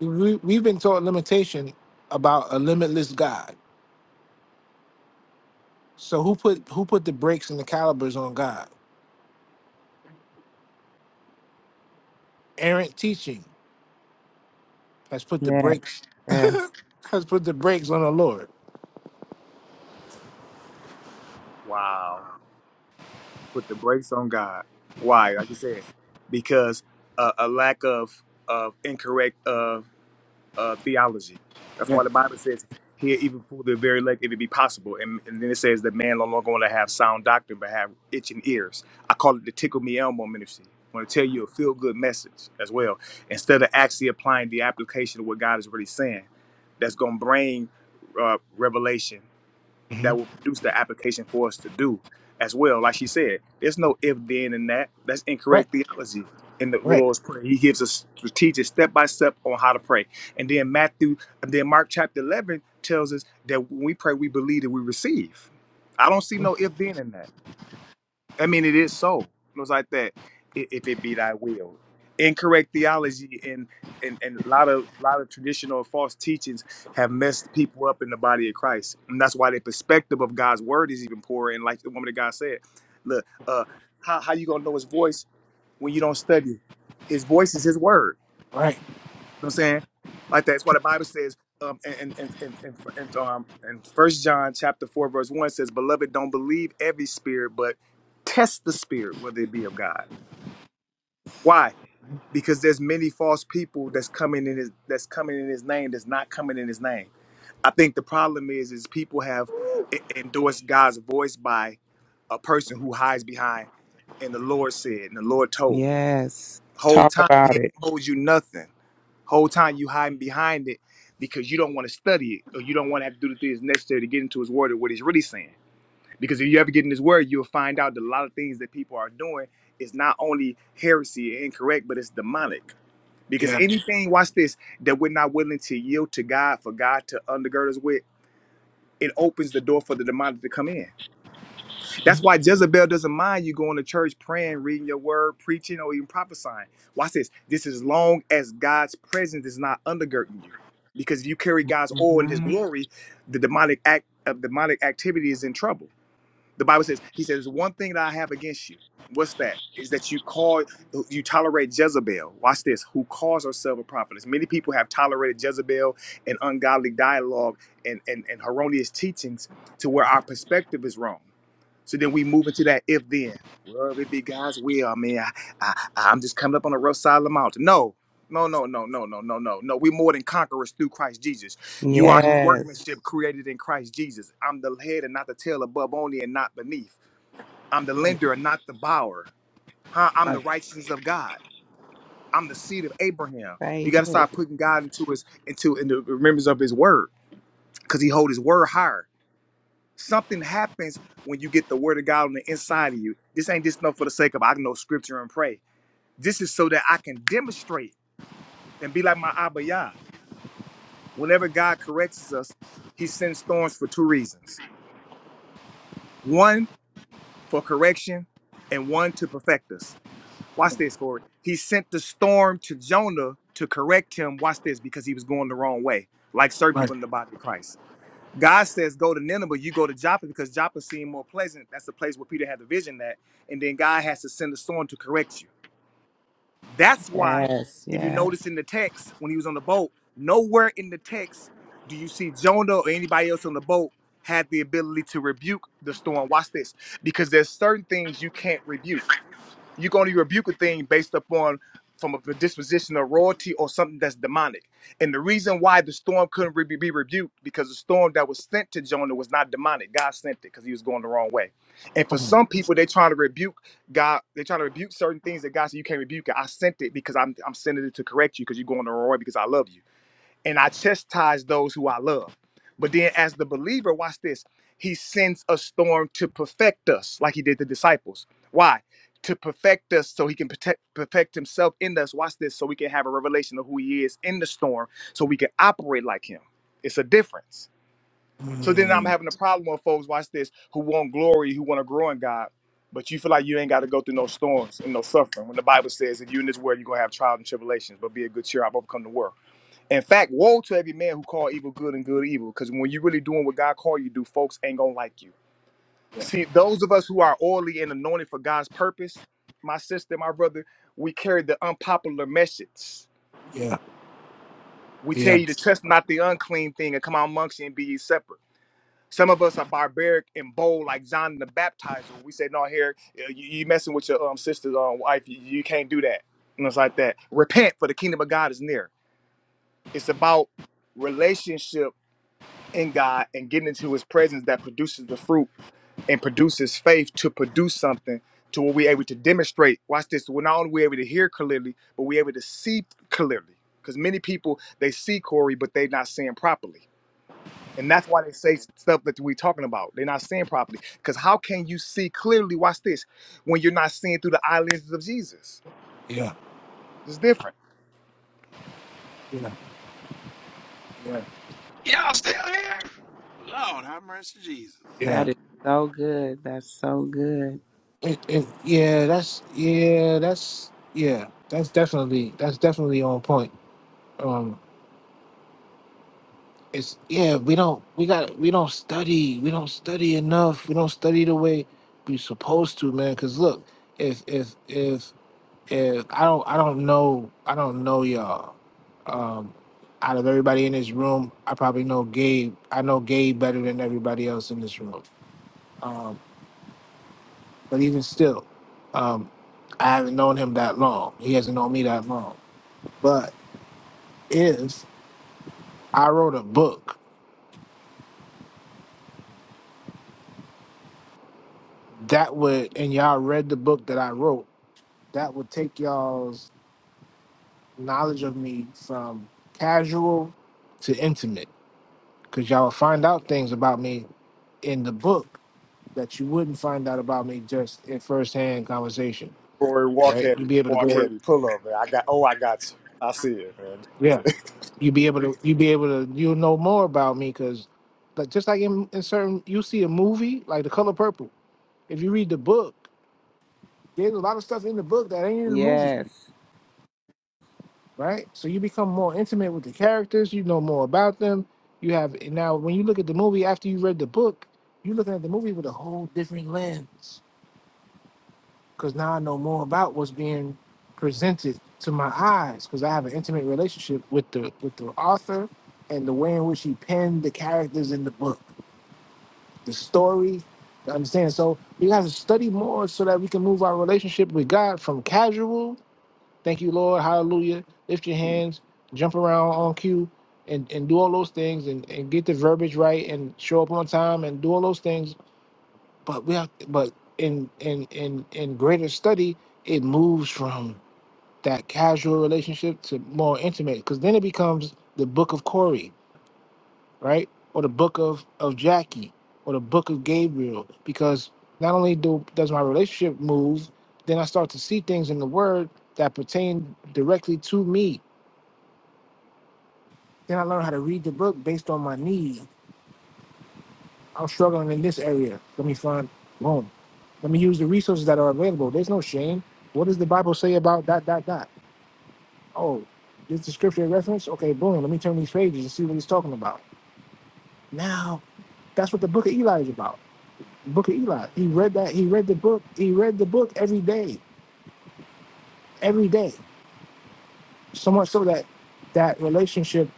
we, we've been taught limitation about a limitless God. So who put who put the brakes and the calibers on God? Errant teaching has put the Yes, brakes yes, has put the brakes on the Lord. Wow. Put the brakes on God. Why? Like you said, because uh, a lack of of incorrect uh, theology. That's Yeah. why the Bible says, "Here even for the very elect, if it be possible." And, and then it says, that man no longer want to have sound doctrine, but have itching ears." I call it the tickle me elmo ministry. I want to tell you a feel good message as well, instead of actually applying the application of what God is really saying. That's gonna bring uh, revelation Mhm. that will produce the application for us to do as well. Like she said, there's no if, then, and that. That's Right. incorrect theology in the Right. Lord's Prayer. He gives us strategic step by step on how to pray. And then Matthew, and then Mark chapter 11 tells us that when we pray, we believe that we receive. I don't see no if, then, and that. I mean, it is so. It was like that. "I- If it be thy will, incorrect theology and and and a lot of lot of traditional and false teachings have messed people up in the body of Christ, and that's why the perspective of God's word is even poorer. And like the woman of God said, look, uh, how how you gonna know His voice when you don't study? it? His voice is His word. Right. You know what I'm saying? Like that. It's why the Bible says, um, and and and and, and um, and First John chapter four verse one says, "Beloved, don't believe every spirit, but test the spirit whether it be of God." Why? Because there's many false people that's coming in his that's coming in his name that's not coming in his name. I think the problem is is people have e- endorsed God's voice by a person who hides behind, and the Lord said, and the Lord told me. yes. Whole Talk time he about ain't it. told you nothing Whole time you hiding behind it because you don't want to study it or you don't want to have to do the things necessary to get into his word or what he's really saying. Because if you ever get in his word, you'll find out that a lot of things that people are doing is not only heresy and incorrect, but it's demonic. Because Yeah. anything, watch this, that we're not willing to yield to God for God to undergird us with, it opens the door for the demonic to come in. That's why Jezebel doesn't mind you going to church, praying, reading your word, preaching, or even prophesying. Watch this. This is long as God's presence is not undergirding you. Because if you carry God's oil and his hmm glory, the demonic act of demonic activity is in trouble. The Bible says, He says, one thing that I have against you. What's that? Is that you call you tolerate Jezebel. Watch this, who calls herself a prophetess. Many people have tolerated Jezebel and ungodly dialogue and, and, and erroneous teachings to where our perspective is wrong. So then we move into that if then. Wherever it be God's will, man. I, I, I'm just coming up on the rough side of the mountain. No, no, no, no, no, no, no, no, no. We're more than conquerors through Christ Jesus. You are his Yes. workmanship created in Christ Jesus. I'm the head and not the tail, above only and not beneath. I'm the lender and not the borrower. Huh? I'm the Right. righteousness of God. I'm the seed of Abraham. Say You got to it. start putting God into his into in the remembrance of his word because he hold his word higher. Something happens when you get the word of God on the inside of you. This ain't just enough for the sake of I know scripture and pray. This is so that I can demonstrate and be like my Abba Yah. Whenever God corrects us, he sends thorns for two reasons. One, for correction, and one to perfect us. Watch this, Corey. He sent the storm to Jonah to correct him. Watch this, because he was going the wrong way, like certain Right. people in the body of Christ. God says, go to Nineveh, you go to Joppa because Joppa seemed more pleasant. That's the place where Peter had the vision that. And then God has to send a storm to correct you. That's why, Yes, if you yes. notice in the text, when he was on the boat, nowhere in the text do you see Jonah or anybody else on the boat had the ability to rebuke the storm. Watch this. Because there's certain things you can't rebuke you're going to rebuke a thing based upon from a disposition of royalty or something that's demonic. And the reason why the storm couldn't re- be rebuked because the storm that was sent to Jonah was not demonic. God sent it because he was going the wrong way. And for Hold on. some people, they trying to rebuke God. They trying to rebuke certain things that God said you can't rebuke it. I sent it because I'm I'm sending it to correct you because you're going the wrong way because I love you and I chastise those who I love. But then, as the believer, watch this, he sends a storm to perfect us, like he did the disciples. Why? To perfect us so he can protect, perfect himself in us. Watch this, so we can have a revelation of who he is in the storm, so we can operate like him. It's a difference. So then I'm Mm. having a problem with folks, watch this, who want glory, who want to grow in God, but you feel like you ain't got to go through no storms and no suffering. When the Bible says, if you in this world, you're going to have trials and tribulations, but be of good cheer, I've overcome the world. In fact, woe to every man who call evil good and good evil, because when you're really doing what God called you to do, folks ain't gonna like you. Yeah. See, those of us who are oily and anointed for God's purpose, my sister, my brother, we carry the unpopular message. Yeah. We tell Yeah. you to test not the unclean thing and come out amongst you and be ye separate. Some of us are barbaric and bold, like John the Baptizer. We say, "No, here you, you messing with your um sister's um wife. You, you can't do that." And it's like that. Repent, for the kingdom of God is near. It's about relationship in God and getting into his presence that produces the fruit and produces faith to produce something to where we're able to demonstrate. Watch this. We're not only we able to hear clearly, but we're able to see clearly. Because many people they see Corey, but they're not seeing properly. And that's why they say stuff that we're talking about. They're not seeing properly. Because how can you see clearly, watch this, when you're not seeing through the eye lenses of Jesus? Yeah. It's different. Yeah. Yeah. Y'all still here? Lord, have mercy, Jesus. Yeah. That is so good. That's so good. It, it, yeah. That's yeah. That's yeah. That's definitely that's definitely on point. Um, it's yeah we don't we got we don't study we don't study enough we don't study the way we supposed to man because look if if if if i don't i don't know i don't know y'all um out of everybody in this room i probably know gabe i know gabe better than everybody else in this room um but even still um i haven't known him that long he hasn't known me that long but if i wrote a book that would and y'all read the book that i wrote that would take y'all's knowledge of me from casual to intimate because y'all will find out things about me in the book that you wouldn't find out about me just in firsthand conversation Corey, walk right heavy, you'd be able to go walk Sure. heavy. Pull up, man. I got. Oh, I got you. I see it, man. yeah you'd be able to you'd be able to you'll know more about me because but just like in, in certain you see a movie like the color purple if you read the book there's a lot of stuff in the book that ain't in the movie Yes. right? So you become more intimate with the characters, you know more about them. You have now when you look at the movie after you read the book, you're looking at the movie with a whole different lens because now I know more about what's being presented to my eyes because I have an intimate relationship with the with the author and the way in which he penned the characters in the book, the story. You understand? So we have to study more so that we can move our relationship with God from casual Thank you, Lord. Hallelujah. Lift your hands, jump around on cue, and, and do all those things and, and get the verbiage right and show up on time and do all those things. But we have but in in in in greater study, it moves from that casual relationship to more intimate because then it becomes the book of Corey, right? Or the book of, of Jackie or the book of Gabriel. Because not only do does my relationship move, then I start to see things in the word that pertain directly to me Then I learned how to read the book based on my need. I'm struggling in this area. Let me find boom. Let me use the resources that are available. There's no shame. What does the Bible say about dot dot dot? Oh, this is the scripture reference? Okay, boom. Let me turn these pages and see what he's talking about. Now that's what the book of Eli is about. The book of Eli. He read that, he read the book, he read the book every day. Every day. So much so that that relationship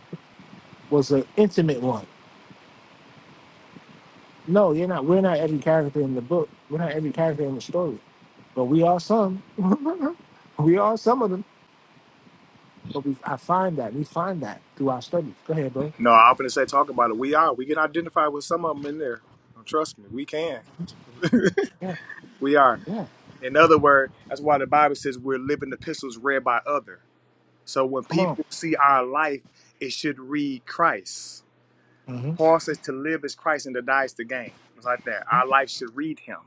was an intimate one. No, you're not we're not every character in the book. We're not every character in the story but we are some. we are some of them, but we I find that we find that through our studies. Go ahead, bro. No, I'm gonna say talk about it. We are. We can identify with some of them in there. Trust me, we can. Yeah, We are. yeah. In other words, that's why the Bible says we're living epistles read by other. So when Come on. people see our life, it should read Christ. Mm-hmm. Paul says to live is Christ and to die is the gain. It's like that. Our life should read him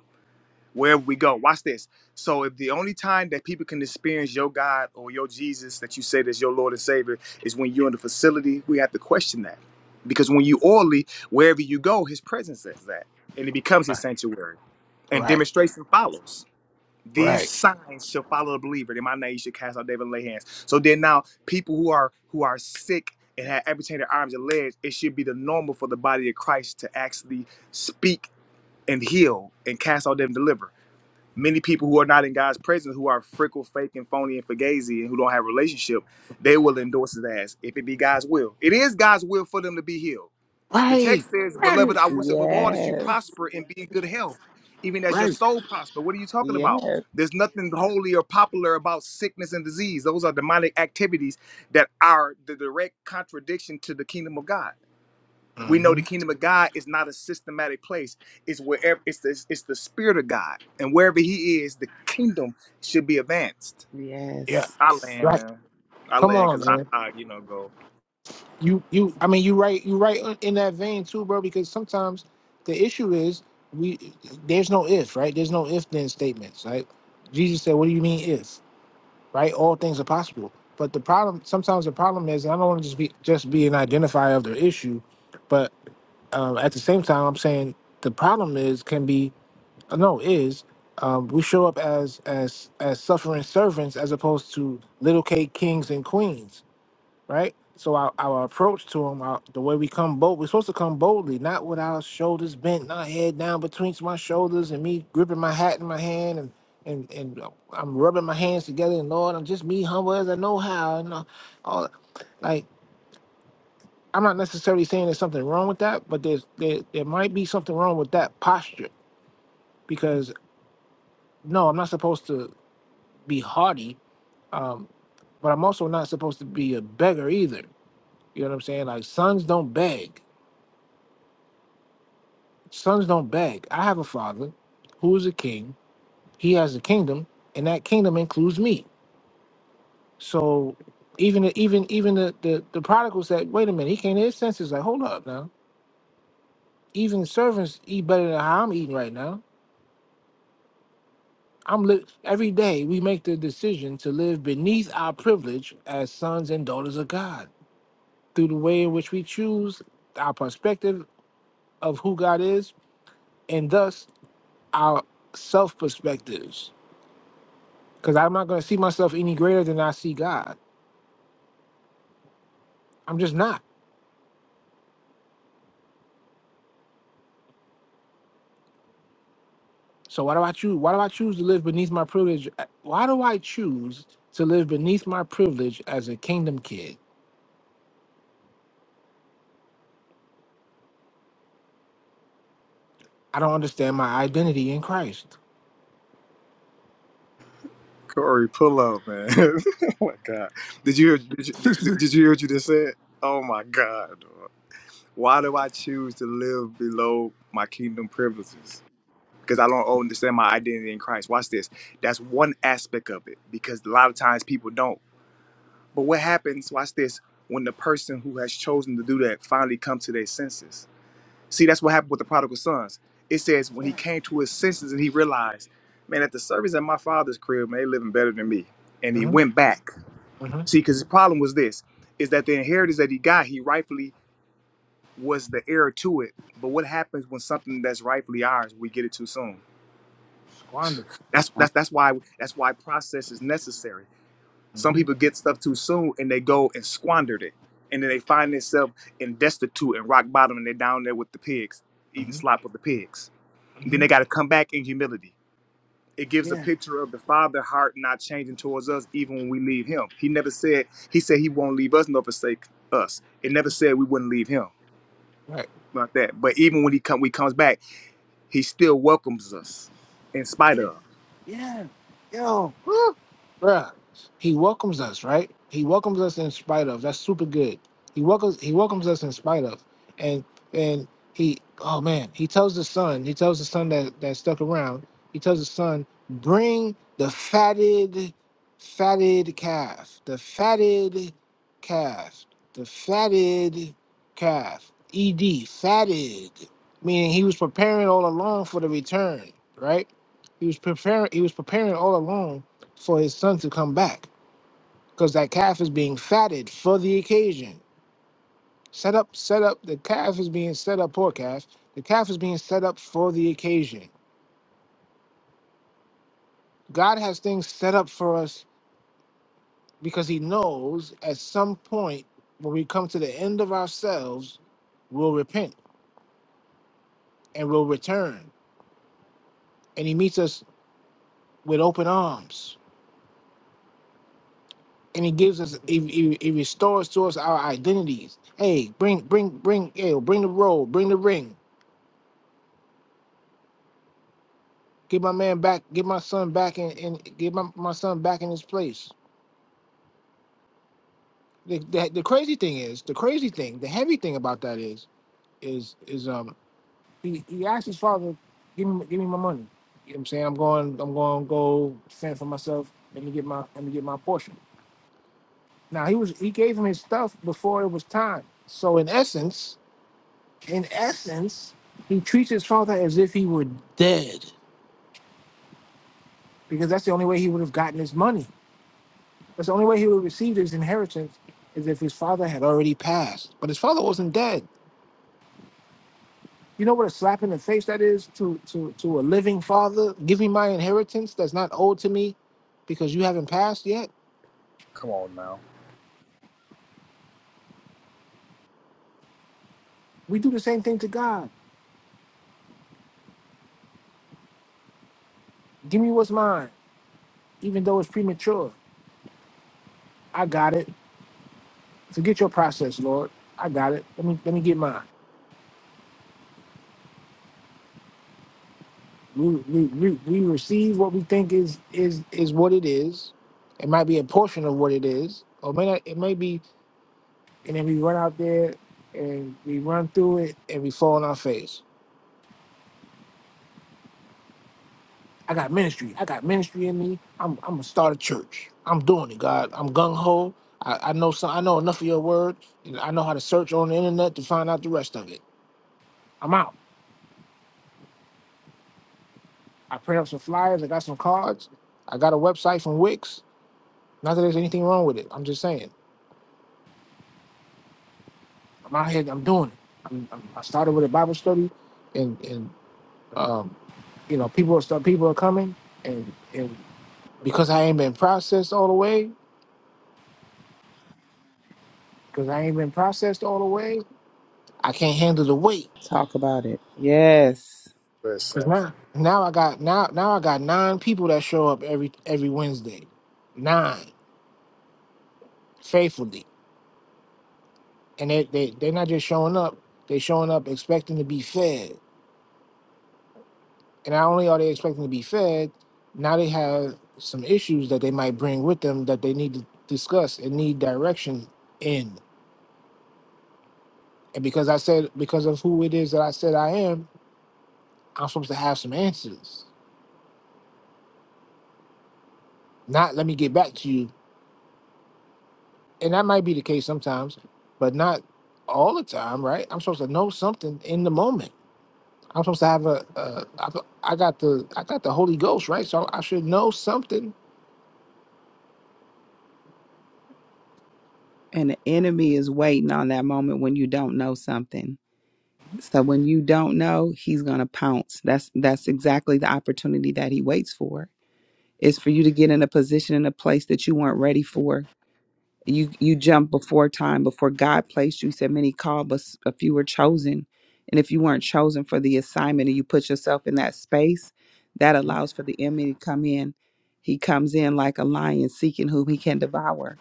wherever we go. Watch this. So if the only time that people can experience your God or your Jesus that you say is your Lord and Savior is when you're in the facility, we have to question that. Because when you orally, wherever you go, his presence is that. And it becomes Right, his sanctuary. And right, demonstration follows. These right, signs shall follow the believer. In my name you should cast out devil and lay hands. So then now people who are who are sick and have amputated arms and legs, it should be the normal for the body of Christ to actually speak and heal and cast out devil and deliver many people who are not in God's presence, who are frickle, fake, and phony, and fugazi, and who don't have a relationship, they will endorse his ass if it be God's will. It is God's will for them to be healed. The right, text says, right, "Beloved, I wish above all that you Yes. prosper and be in good health, even as your right. soul prosper." What are you talking about? Yes. There's nothing holy or popular about sickness and disease. Those are demonic activities that are the direct contradiction to the kingdom of God. We know Mm-hmm. the kingdom of God is not a systematic place. It's wherever it's the it's the spirit of God, and wherever He is, the kingdom should be advanced. Yeah, Yes. I land, right. man. I Come land on, because I, man. I, you know, go. You, you. I mean, you right. You right in that vein too, bro. Because sometimes the issue is we there's no if, right? There's no if then statements, right? Jesus said, "What do you mean if?" right? All things are possible. But the problem, sometimes the problem is, and I don't want to just be just be an identifier of the issue, but um, at the same time, I'm saying the problem is can be uh, no is um, we show up as as as suffering servants as opposed to little cake kings and queens right? So our, our approach to him, our, the way we come bold, we're supposed to come boldly, not with our shoulders bent, not head down between my shoulders, and me gripping my hat in my hand, and and and uh, I'm rubbing my hands together, and Lord, I'm just me humble as I know how, and all, all like I'm not necessarily saying there's something wrong with that, but there's there there might be something wrong with that posture because no, I'm not supposed to be haughty, um, but I'm also not supposed to be a beggar either. You know what I'm saying? Like sons don't beg Sons don't beg. I have a father who is a king. He has a kingdom, and that kingdom includes me. So even the, even even the, the the prodigal said, "Wait a minute." He came to his senses. Like, hold up now. Even servants eat better than how I'm eating right now. I'm li- every day we make the decision to live beneath our privilege as sons and daughters of God through the way in which we choose our perspective of who God is, and thus our self perspectives because I'm not going to see myself any greater than I see God. I'm just not. So why do I choose? Why do I choose to live beneath my privilege? Uh, Why do I choose to live beneath my privilege as a kingdom kid? I don't understand my identity in Christ. Corey, pull up, man. oh my God, did you hear? Did you, did you hear what you just said? Oh my God, dog. why do I choose to live below my kingdom privileges? Because I don't understand my identity in Christ. Watch this. That's one aspect of it. Because a lot of times people don't. But what happens, watch this, when the person who has chosen to do that finally comes to their senses? See, that's what happened with the prodigal sons. It says when he came to his senses and he realized, man, at the service at my father's crib, man, they living better than me. And he hmm went back. hmm See, because his problem was this, is that the inheritance that he got, he rightfully was the heir to it. But what happens when something that's rightfully ours, we get it too soon? Squander. That's Uh, that's that's why that's why process is necessary. Some hmm people get stuff too soon and they go and squandered it. And then they find themselves in destitute and rock bottom and they're down there with the pigs, eating hmm slop with the pigs. And then hmm they got to come back in humility. It gives a Yeah. picture of the Father heart not changing towards us even when we leave Him. He never said, He said He won't leave us nor forsake us. It never said we wouldn't leave Him Right. about that. But even when He come, we comes back, He still welcomes us in spite of. Yeah. Yo. Bruh, he welcomes us, right? He welcomes us in spite of. That's super good. He welcomes he welcomes us in spite of. And and he oh man, he tells the son, he tells the son that, that stuck around, he tells the son, bring the fatted, fatted calf, the fatted calf, the fatted calf. E D fatted. Meaning he was preparing all along for the return, right? He was preparing he was preparing all along for his son to come back because that calf is being fatted for the occasion. Set up, set up. The calf is being set up, poor calf. The calf is being set up for the occasion. God has things set up for us because he knows at some point when we come to the end of ourselves, we'll repent and we'll return. And he meets us with open arms. And he gives us, he, he, he restores to us our identities. Hey, bring, bring, bring, hey, bring the robe, bring the ring Get my man back. Get my son back in, and get my, my son back in his place. The, the, the crazy thing is, the crazy thing, the heavy thing about that is, is, is um, he, he asked his father, give me, give me my money. You know what I'm saying? I'm going, I'm going to go fend for myself. Let me get my, let me get my portion. Now he was, he gave him his stuff before it was time. So in essence, in essence, he treats his father as if he were dead, because that's the only way he would have gotten his money. That's the only way he would receive his inheritance is if his father had already passed. But his father wasn't dead. You know what a slap in the face that is to to to a living father? Give me my inheritance that's not owed to me because you haven't passed yet. Come on now. We do the same thing to God. Give me what's mine, even though it's premature. I got it. Forget your process, Lord. I got it. Let me let me get mine. We we, we, we receive what we think is is is what it is. It might be a portion of what it is, or may not, it may be and then we run out there and we run through it and we fall on our face. I got ministry. I got ministry in me. I'm I'm gonna start a church. I'm doing it, God. I'm gung ho. I, I know some. I know enough of your word. And I know how to search on the internet to find out the rest of it. I'm out. I print up some flyers. I got some cards. I got a website from Wix. Not that there's anything wrong with it. I'm just saying. I'm out here. I'm doing it. I'm, I'm, I started with a Bible study, and and um, you know people are start people are coming, and and Because I ain't been processed all the way, because I ain't been processed all the way, I can't handle the weight. Talk about it. Yes. Cause Listen, now, now I got now now I got nine people that show up every every Wednesday, nine faithfully, and they they they're not just showing up, they showing up expecting to be fed, and not only are they expecting to be fed, now they have some issues that they might bring with them that they need to discuss and need direction in, and because I said because of who it is that I said I am, I'm supposed to have some answers. Not let me get back to you. And that might be the case sometimes, but not all the time, right? I'm supposed to know something in the moment. I'm supposed to have a, a I, I got the I got the Holy Ghost, right? So I should know something. And the enemy is waiting on that moment when you don't know something. So when you don't know, he's gonna pounce. That's that's exactly the opportunity that he waits for. Is for you to get in a position in a place that you weren't ready for you you jumped before time before god placed you he said many called but s- a few were chosen and if you weren't chosen for the assignment and you put yourself in that space that allows for the enemy to come in he comes in like a lion seeking whom he can devour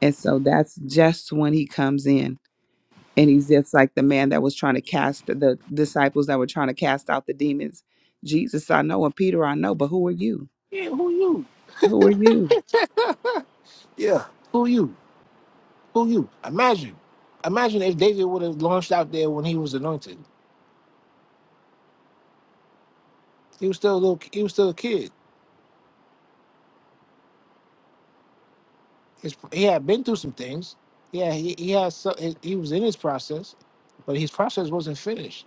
and so that's just when he comes in and he's just like the man that was trying to cast the disciples that were trying to cast out the demons jesus i know and peter i know but who are you Yeah, who you? who are you Yeah, who you? Who you? Imagine, imagine if David would have launched out there when he was anointed. He was still a little. He was still a kid. His, he had been through some things. Yeah, he he had. So, he he was in his process, but his process wasn't finished.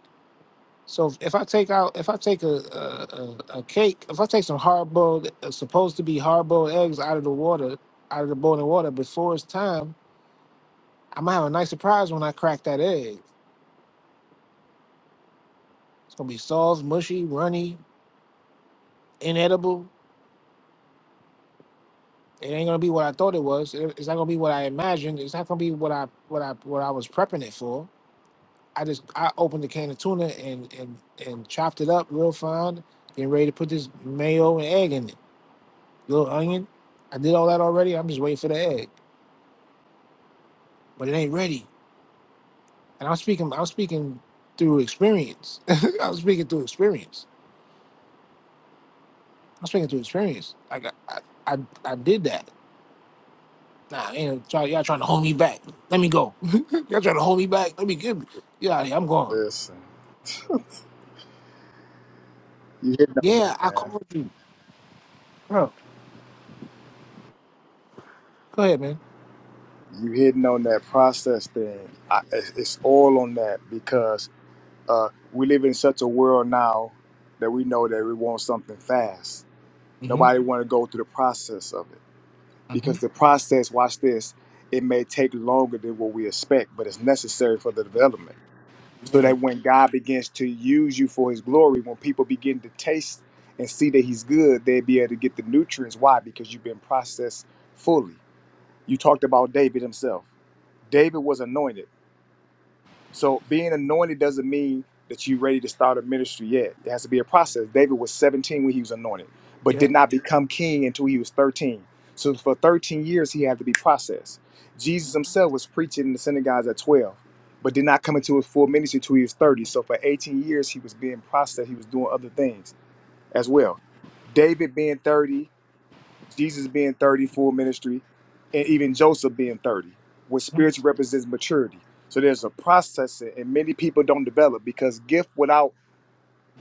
So if, if I take out, if I take a, a, a, a cake, if I take some hard boiled, supposed to be hard boiled eggs out of the water, out of the boiling water before it's time, I'm gonna have a nice surprise when I crack that egg. It's gonna be soft, mushy, runny, inedible. It ain't gonna be what I thought it was. It- It's not gonna be what I imagined. It's not gonna be what I what I what I was prepping it for. I just I opened the can of tuna and and and chopped it up real fine, getting ready to put this mayo and egg in it. Little onion. I did all that already. I'm just waiting for the egg, but it ain't ready. And I'm speaking. I'm speaking through experience. I'm speaking through experience. I'm speaking through experience. Like I, I, I, I did that. Nah, ain't no try, y'all trying to hold me back. Let me go. y'all trying to hold me back. Let me give me. Get out of here. I'm gone. listen. You hitting on that, Yeah, I man. called you, bro. Go ahead, man. you hitting on that process thing. I, it's it's all on that because uh, we live in such a world now that we know that we want something fast. Mhm. Nobody want to go through the process of it Mhm. because the process, watch this, it may take longer than what we expect, but it's necessary for the development. So Yeah. that when God begins to use you for His glory, when people begin to taste and see that He's good, they'll be able to get the nutrients. Why? Because you've been processed fully. You talked about David himself. David was anointed. So being anointed doesn't mean that you're ready to start a ministry yet. There has to be a process. David was 17 when he was anointed, but Yeah. did not become king until he was 13. So for 13 years, he had to be processed. Jesus himself was preaching in the synagogues at 12, but did not come into his full ministry until he was 30. So for 18 years, he was being processed. He was doing other things as well. David being 30 Jesus being 30, full ministry, and even Joseph being 30, which mhm, spiritually represents maturity. So there's a process, and many people don't develop because gift without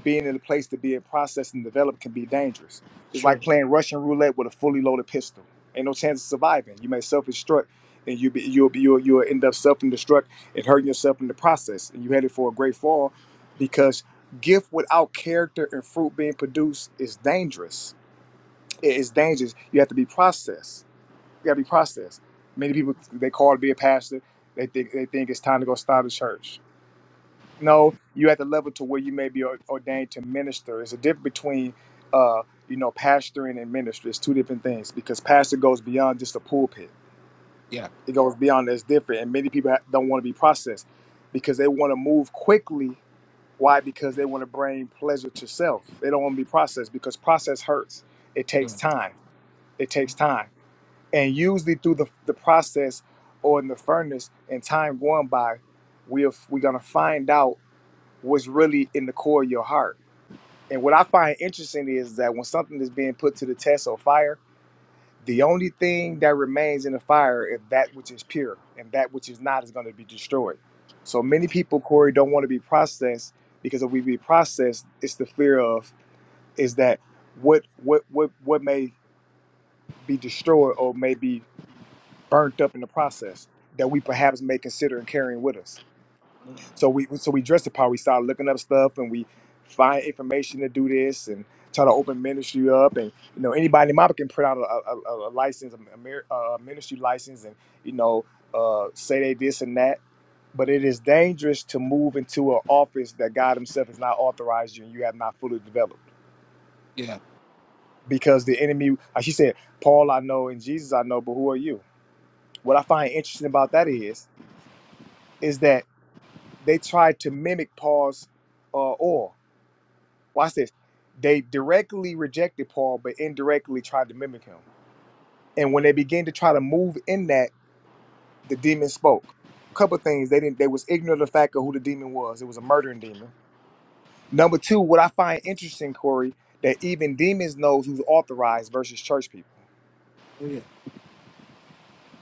being in a place to be in process and develop can be dangerous. It's Sure. like playing Russian roulette with a fully loaded pistol. Ain't no chance of surviving. You may self-destruct, and you be, you'll be you'll, you'll end up self-destruct and hurting yourself in the process. And you headed for a great fall because gift without character and fruit being produced is dangerous it is dangerous. You have to be processed. You got to be processed. Many people they call to be a pastor. They think they think it's time to go start a church. No, you at the level to where you may be or- ordained to minister. There's a difference between, uh, you know, pastoring and ministry. It's two different things because pastor goes beyond just a pulpit. Yeah. It goes beyond. That's different, and many people ha- don't want to be processed because they want to move quickly. Why? Because they want to bring pleasure to self. They don't want to be processed because process hurts. It Yeah. takes time. It takes time and usually through the, the process or in the furnace and time going by we're, we're going to find out what's really in the core of your heart and what i find interesting is that when something is being put to the test or fire the only thing that remains in the fire is that which is pure and that which is not is going to be destroyed so many people corey don't want to be processed because if we be processed it's the fear of is that what what what what may be destroyed or may be burnt up in the process that we perhaps may consider and carrying with us. So we so we dress the power. We start looking up stuff and we find information to do this and try to open ministry up. And you know anybody in Mopper can print out a, a, a a license, a, mer- a ministry license, and you know uh, say they this and that. But it is dangerous to move into an office that God Himself has not authorized you and you have not fully developed. Yeah. Because the enemy, like she said, Paul I know and Jesus I know, but who are you? What I find interesting about that is, is that they tried to mimic Paul's uh, oil. Watch this. They directly rejected Paul, but indirectly tried to mimic him. And when they began to try to move in that, the demon spoke. Couple things they didn't. They was ignorant of the fact of who the demon was. It was a murdering demon. Number two, what I find interesting, Corey, that even demons knows who's authorized versus church people. Oh, yeah.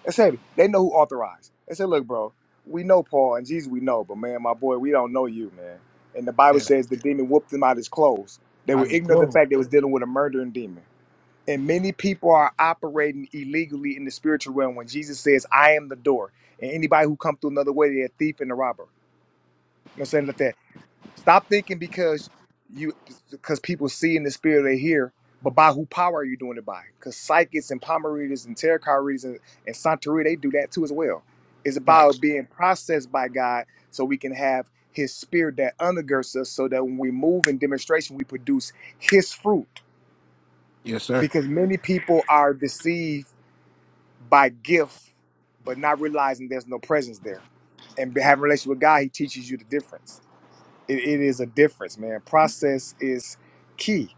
That's heavy. They know who authorized. They said, look, bro, we know Paul and Jesus, we know, but man, my boy, we don't know you, man. And the Bible Yeah. says the demon whooped him out his clothes. They I were just ignorant of the closed. fact they was dealing with a murdering demon. And many people are operating illegally in the spiritual realm when Jesus says, I am the door. And anybody who comes through another way, they're a thief and a robber. You know what I'm saying? Stop thinking because you because people see in the spirit they hear, but by who power are you doing it by? Because psychics and palm readers and tarot card readers and, and Santeria, they do that too as well. It's about Facts. being processed by God so we can have his spirit that undergirds us so that when we move in demonstration, we produce his fruit. Yes, sir. Because many people are deceived by gift, but not realizing there's no presence there. And having a relationship with God, he teaches you the difference. It, it is a difference, man. Process is key.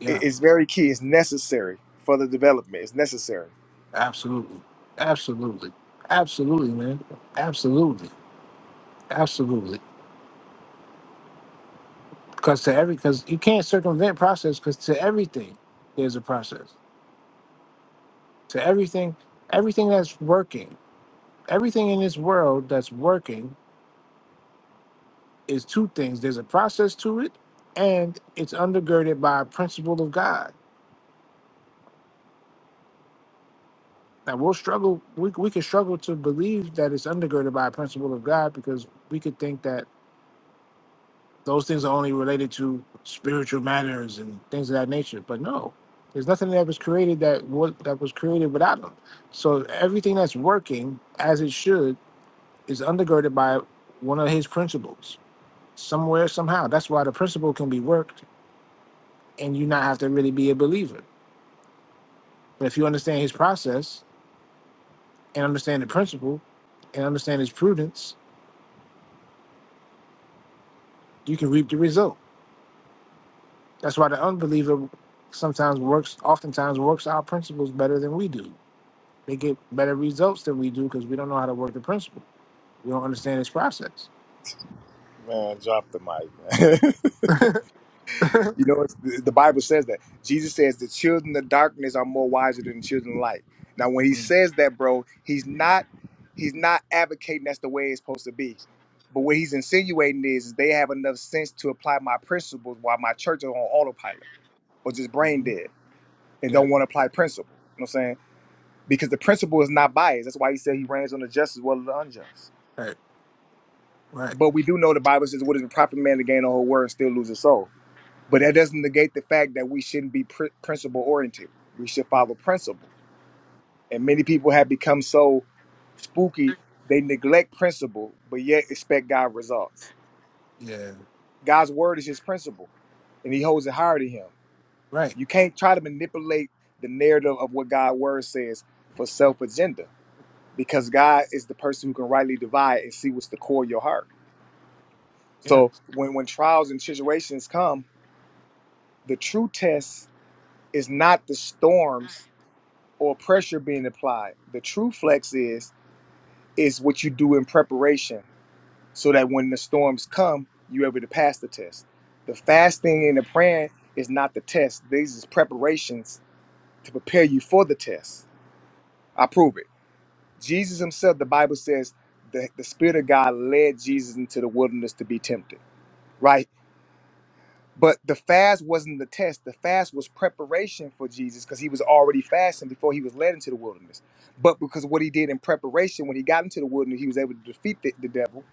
Yeah. It is very key. It's necessary for the development. It's necessary. Absolutely. Absolutely. Absolutely, man. Absolutely. Absolutely. Because to every, because you can't circumvent process because to everything, there's a process. To everything, everything that's working, everything in this world that's working is two things. There's a process to it and it's undergirded by a principle of God. Now we'll struggle, we, we can struggle to believe that it's undergirded by a principle of God because we could think that Those things are only related to spiritual matters and things of that nature. But no, there's nothing that was created that was, that was created without them. So everything that's working as it should is undergirded by one of his principles somewhere, somehow. That's why the principle can be worked and you not have to really be a believer. But if you understand his process and understand the principle and understand his prudence, you can reap the result. That's why the unbeliever sometimes works, oftentimes works our principles better than we do They get better results than we do because we don't know how to work the principle. We don't understand this process. Man, drop the mic, man. you know, it's, the the Bible says that. Jesus says the children of darkness are more wiser than the children of light. Now, when he says that, bro, he's not he's not advocating that's the way it's supposed to be. But what he's insinuating is, is they have enough sense to apply my principles while my church is on autopilot or just brain Mhm. dead and Yeah. don't want to apply principle. You know what I'm saying? because the principle is not biased. That's why he said he reigns on the just as well as the unjust. Right. Right. But we do know the Bible says, "What is the proper man to gain the whole world and still lose his soul?" But that doesn't negate the fact that we shouldn't be pr- principle oriented. We should follow principle. And many people have become so spooky they neglect principle, but yet expect God results. Yeah. God's word is His principle, and He holds it higher than Him. Right. You can't try to manipulate the narrative of what God's word says for self agenda because God is the person who can rightly divide and see what's the core of your heart. Yeah. So when when trials and situations come, the true test is not the storms or pressure being applied. The true flex is is what you do in preparation so that when the storms come, you're able to pass the test. The fasting and the praying is not the test. These is preparations to prepare you for the test. I prove it. Jesus himself, the Bible says, the, the Spirit of God led Jesus into the wilderness to be tempted, right? But the fast wasn't the test. The fast was preparation for Jesus because he was already fasting before he was led into the wilderness. But because of what he did in preparation, when he got into the wilderness, he was able to defeat the, the devil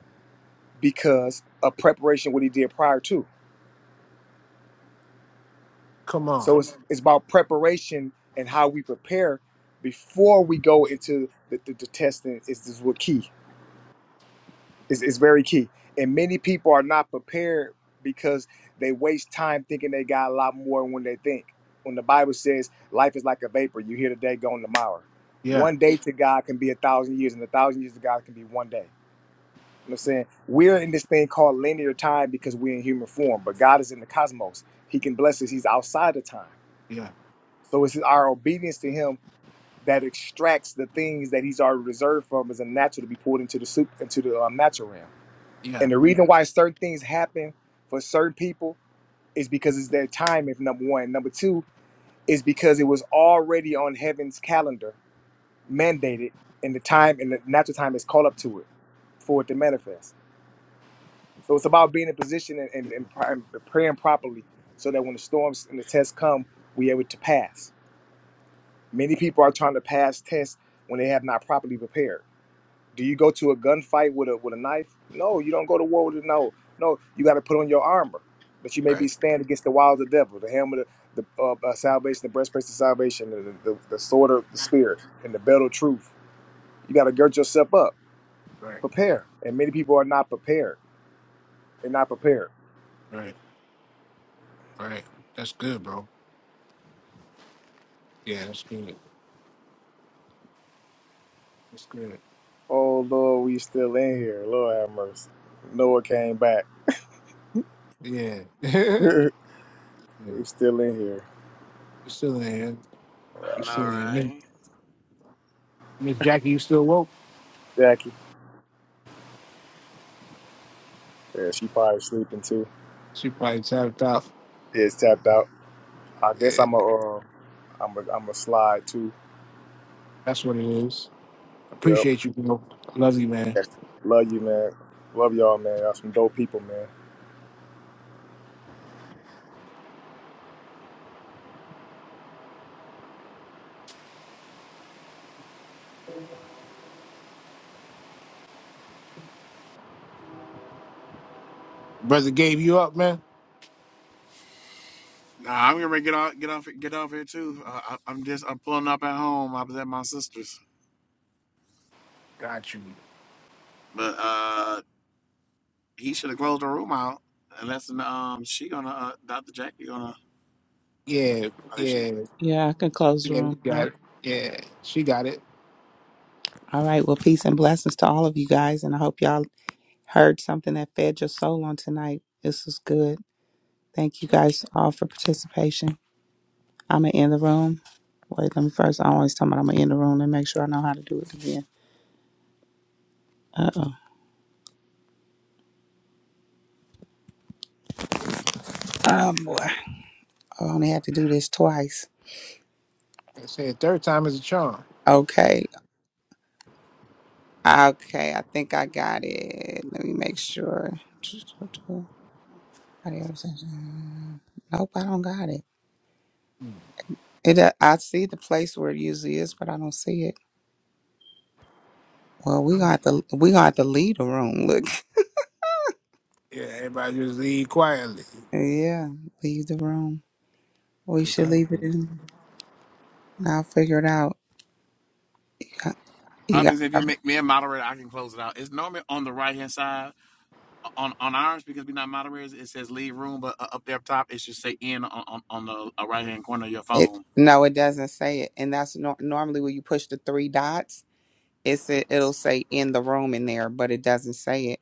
because of preparation, what he did prior to. Come on. So it's, it's about preparation and how we prepare before we go into the, the, the testing is, is what key. is, is very key. And many people are not prepared because they waste time thinking they got a lot more than when they think. When the Bible says life is like a vapor, you hear today, gone tomorrow. Yeah. One day to God can be a thousand years, and a thousand years to God can be one day. You know what I'm saying? We're in this thing called linear time because we're in human form, but God is in the cosmos. He can bless us, He's outside of time. Yeah. So it's our obedience to Him that extracts the things that He's already reserved from as a natural to be poured into the soup into the um, natural realm. Yeah. And the reason why certain things happen for certain people is because it's their time, if number one. Number two is because it was already on heaven's calendar, mandated, and the time and the natural time is called up to it for it to manifest. So it's about being in position and, and, and pri- praying properly so that when the storms and the tests come, we're able to pass. Many people are trying to pass tests when they have not properly prepared. Do you go to a gunfight with a with a knife? No, you don't go to war with a no. No, you got to put on your armor, but you may be Right. stand against the wiles of the devil, the helmet, of the uh, uh, salvation, the breastplate of salvation, the, the, the sword of the spirit, and the belt of truth. You got to gird yourself up, Right. prepare. And many people are not prepared. They're not prepared. Right. Right. That's good, bro. Yeah, that's good. That's good. Oh Lord, we still in here. Lord have mercy. Noah came back. Yeah. yeah. we You still in here. still in here. Lord I You know, have still in mercy. here. Miss right? Miss Jackie, you still woke? Jackie, yeah, she probably sleeping too. She probably tapped out. It's tapped out. I guess Yeah, I'm a. Uh, I'm a, I'm a slide too. that's what it is. Yep. Appreciate you, bro. Love you, man. Love you, man. Love y'all, man. Y'all some dope people, man. Brother gave you up, man. Nah, I'm gonna get off, get off, get off here too. Uh, I, I'm just, I'm pulling up at home. I was at my sister's, Got you. but uh, he should have closed the room out. Unless um, she gonna, uh, Dr. Jackie gonna, Yeah, I think she yeah, is. yeah i can close the yeah, we room out. got it. Yeah, she got it. All right. Well, peace and blessings to all of you guys. And I hope y'all heard something that fed your soul on tonight. This was good. Thank you That's right. guys all for participation. I'm going to end the room. Wait, let me first. I always tell me I'm going to end the room and make sure I know how to do it again. Uh oh. Oh, boy. I only had to do this twice. I said third time is a charm. Okay. Okay. I think I got it. Let me make sure. Nope, I don't got it. It, uh, I see the place where it usually is, but I don't see it. Well, we Mm. got the we got to leave the room. Look, Yeah, everybody just leave quietly. yeah, leave the room. We Cause I should leave it don't- in. And I'll figure it out. Yeah, You got Obviously, if you make me a moderator, I can close it out. It's normally on the right hand side on on ours because we're not moderators. It says leave room, but uh, up there up top it should say in on on, on the uh, right hand corner of your it. phone. No, it doesn't say it, and that's nor normally when you push the three dots, it's it, it'll say in the room in there, but it doesn't say it.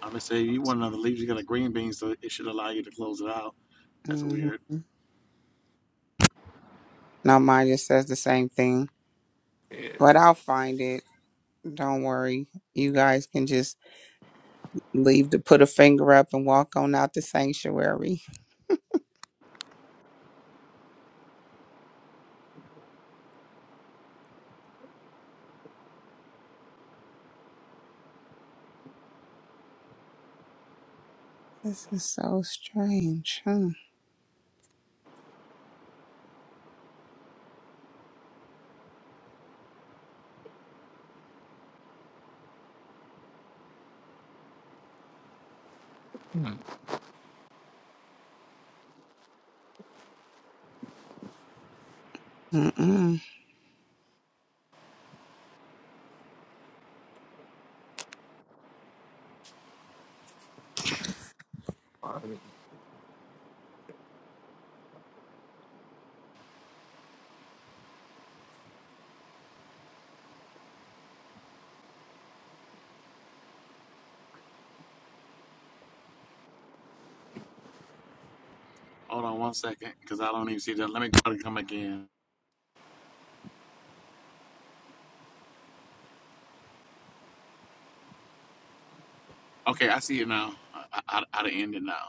I'm gonna say you want another leave, you got a green bean, so it should allow you to close it out. That's hmm weird. Now mine just says the same thing, but I'll find it. Don't worry. You guys can just leave to put a finger up and walk on out the sanctuary. This is so strange, huh? Hmm. Hold on one second, because I don't even see that. Let me try to come again. Okay, I see it now. I, I, I I end it now.